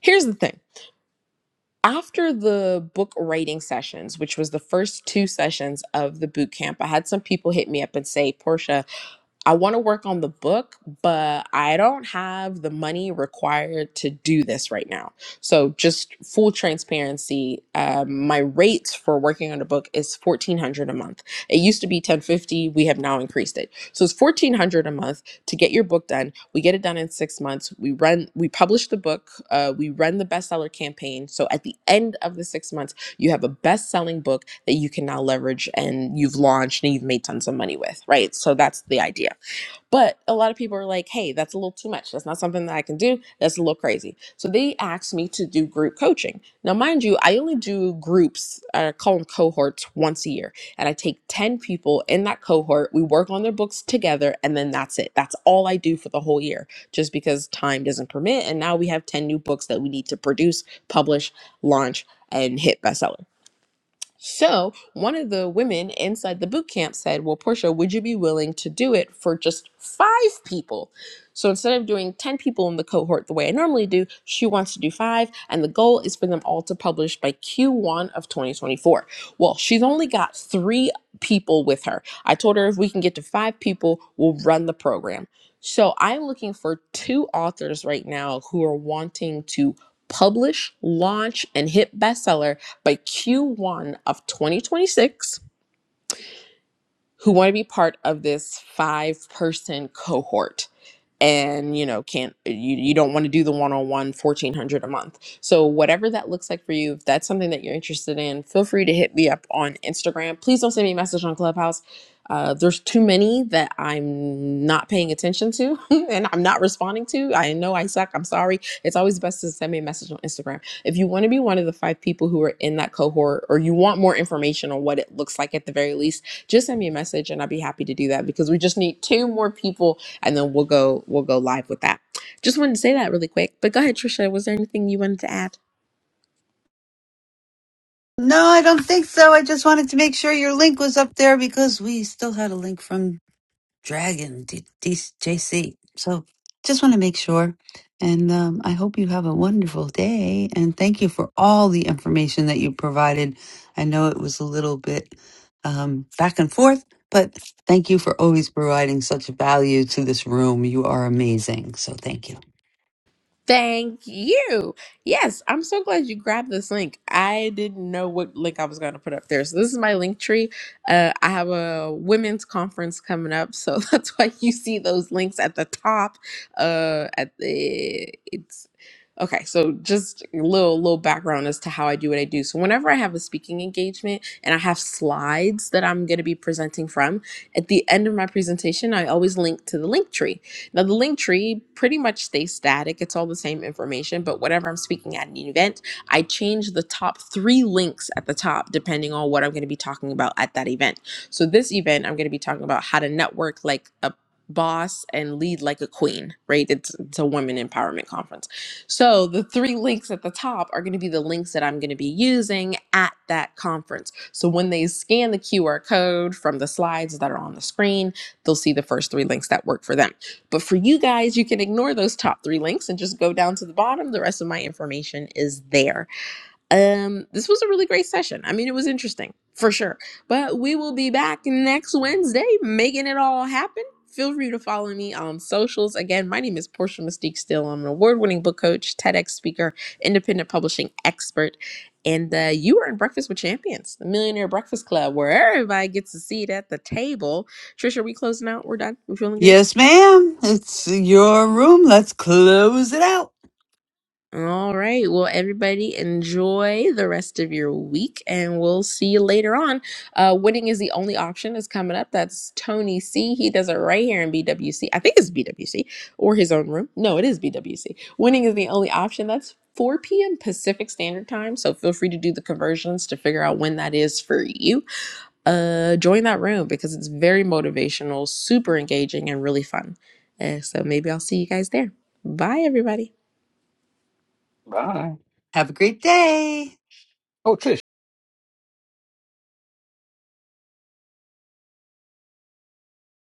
[SPEAKER 30] Here's the thing. After the book writing sessions, which was the first two sessions of the boot camp, I had some people hit me up and say, Portia, I want to work on the book, but I don't have the money required to do this right now. So, just full transparency, um, my rates for working on a book is fourteen hundred a month. It used to be ten fifty. We have now increased it, so it's fourteen hundred a month to get your book done. We get it done in six months. We run, we publish the book. Uh, we run the bestseller campaign. So at the end of the six months, you have a best-selling book that you can now leverage, and you've launched and you've made tons of money with. Right. So that's the idea. But a lot of people are like, hey, that's a little too much. That's not something that I can do. That's a little crazy. So they asked me to do group coaching. Now, mind you, I only do groups, I call them cohorts once a year. And I take 10 people in that cohort. We work on their books together, and then that's it. That's all I do for the whole year, just because time doesn't permit. And now we have 10 new books that we need to produce, publish, launch, and hit bestseller. So one of the women inside the boot camp said, Well, Portia, would you be willing to do it for just five people? So instead of doing 10 people in the cohort the way I normally do, she wants to do five. And the goal is for them all to publish by Q1 of 2024. Well, she's only got three people with her. I told her if we can get to five people, we'll run the program. So I'm looking for two authors right now who are wanting to publish, launch, and hit bestseller by Q1 of 2026 who want to be part of this five person cohort and you know can't uh, you, you don't want to do the one on hundred a month so whatever that looks like for you if that's something that you're interested in feel free to hit me up on instagram please don't send me a message on clubhouse uh, there's too many that i'm not paying attention to and i'm not responding to i know i suck i'm sorry it's always best to send me a message on instagram if you want to be one of the five people who are in that cohort or you want more information on what it looks like at the very least just send me a message and i'd be happy to do that because we just need two more people and then we'll go we'll go live with that. Just wanted to say that really quick. But go ahead, Trisha. Was there anything you wanted to add?
[SPEAKER 1] No, I don't think so. I just wanted to make sure your link was up there because we still had a link from Dragon D- D- J C. So just want to make sure. And um, I hope you have a wonderful day. And thank you for all the information that you provided. I know it was a little bit um, back and forth, but thank you for always providing such value to this room. You are amazing. So thank you.
[SPEAKER 30] Thank you. Yes, I'm so glad you grabbed this link. I didn't know what link I was going to put up there. So, this is my link tree. Uh, I have a women's conference coming up. So, that's why you see those links at the top. Uh, at the, it's, okay. So, just a little, little background as to how I do what I do. So, whenever I have a speaking engagement and I have slides that I'm going to be presenting from, at the end of my presentation, I always link to the link tree. Now, the link tree pretty much stays static. It's all the same information, but whenever I'm speaking at an event, I change the top three links at the top depending on what I'm going to be talking about at that event. So, this event, I'm going to be talking about how to network like a boss and lead like a queen, right? It's, it's a women empowerment conference. So, the three links at the top are going to be the links that I'm going to be using at that conference. So, when they scan the QR code from the slides that are on the screen, they'll see the first three links that work for them. But for you guys, you can ignore those top three links and just go down to the bottom. The rest of my information is there. Um, this was a really great session. I mean, it was interesting for sure. But we will be back next Wednesday making it all happen. Feel free to follow me on socials. Again, my name is Portia Mystique Still. I'm an award winning book coach, TEDx speaker, independent publishing expert. And uh, you are in Breakfast with Champions, the Millionaire Breakfast Club, where everybody gets a seat at the table. Trisha, are we closing out? We're done? We feeling good?
[SPEAKER 1] Yes, ma'am. It's your room. Let's close it out.
[SPEAKER 30] All right. Well, everybody, enjoy the rest of your week, and we'll see you later on. Uh, Winning is the only option is coming up. That's Tony C. He does it right here in BWC. I think it's BWC or his own room. No, it is BWC. Winning is the only option. That's 4 p.m. Pacific Standard Time. So feel free to do the conversions to figure out when that is for you. Uh, join that room because it's very motivational, super engaging, and really fun. Uh, so maybe I'll see you guys there. Bye, everybody.
[SPEAKER 31] Bye.
[SPEAKER 1] Have a great day.
[SPEAKER 31] Oh, Trish,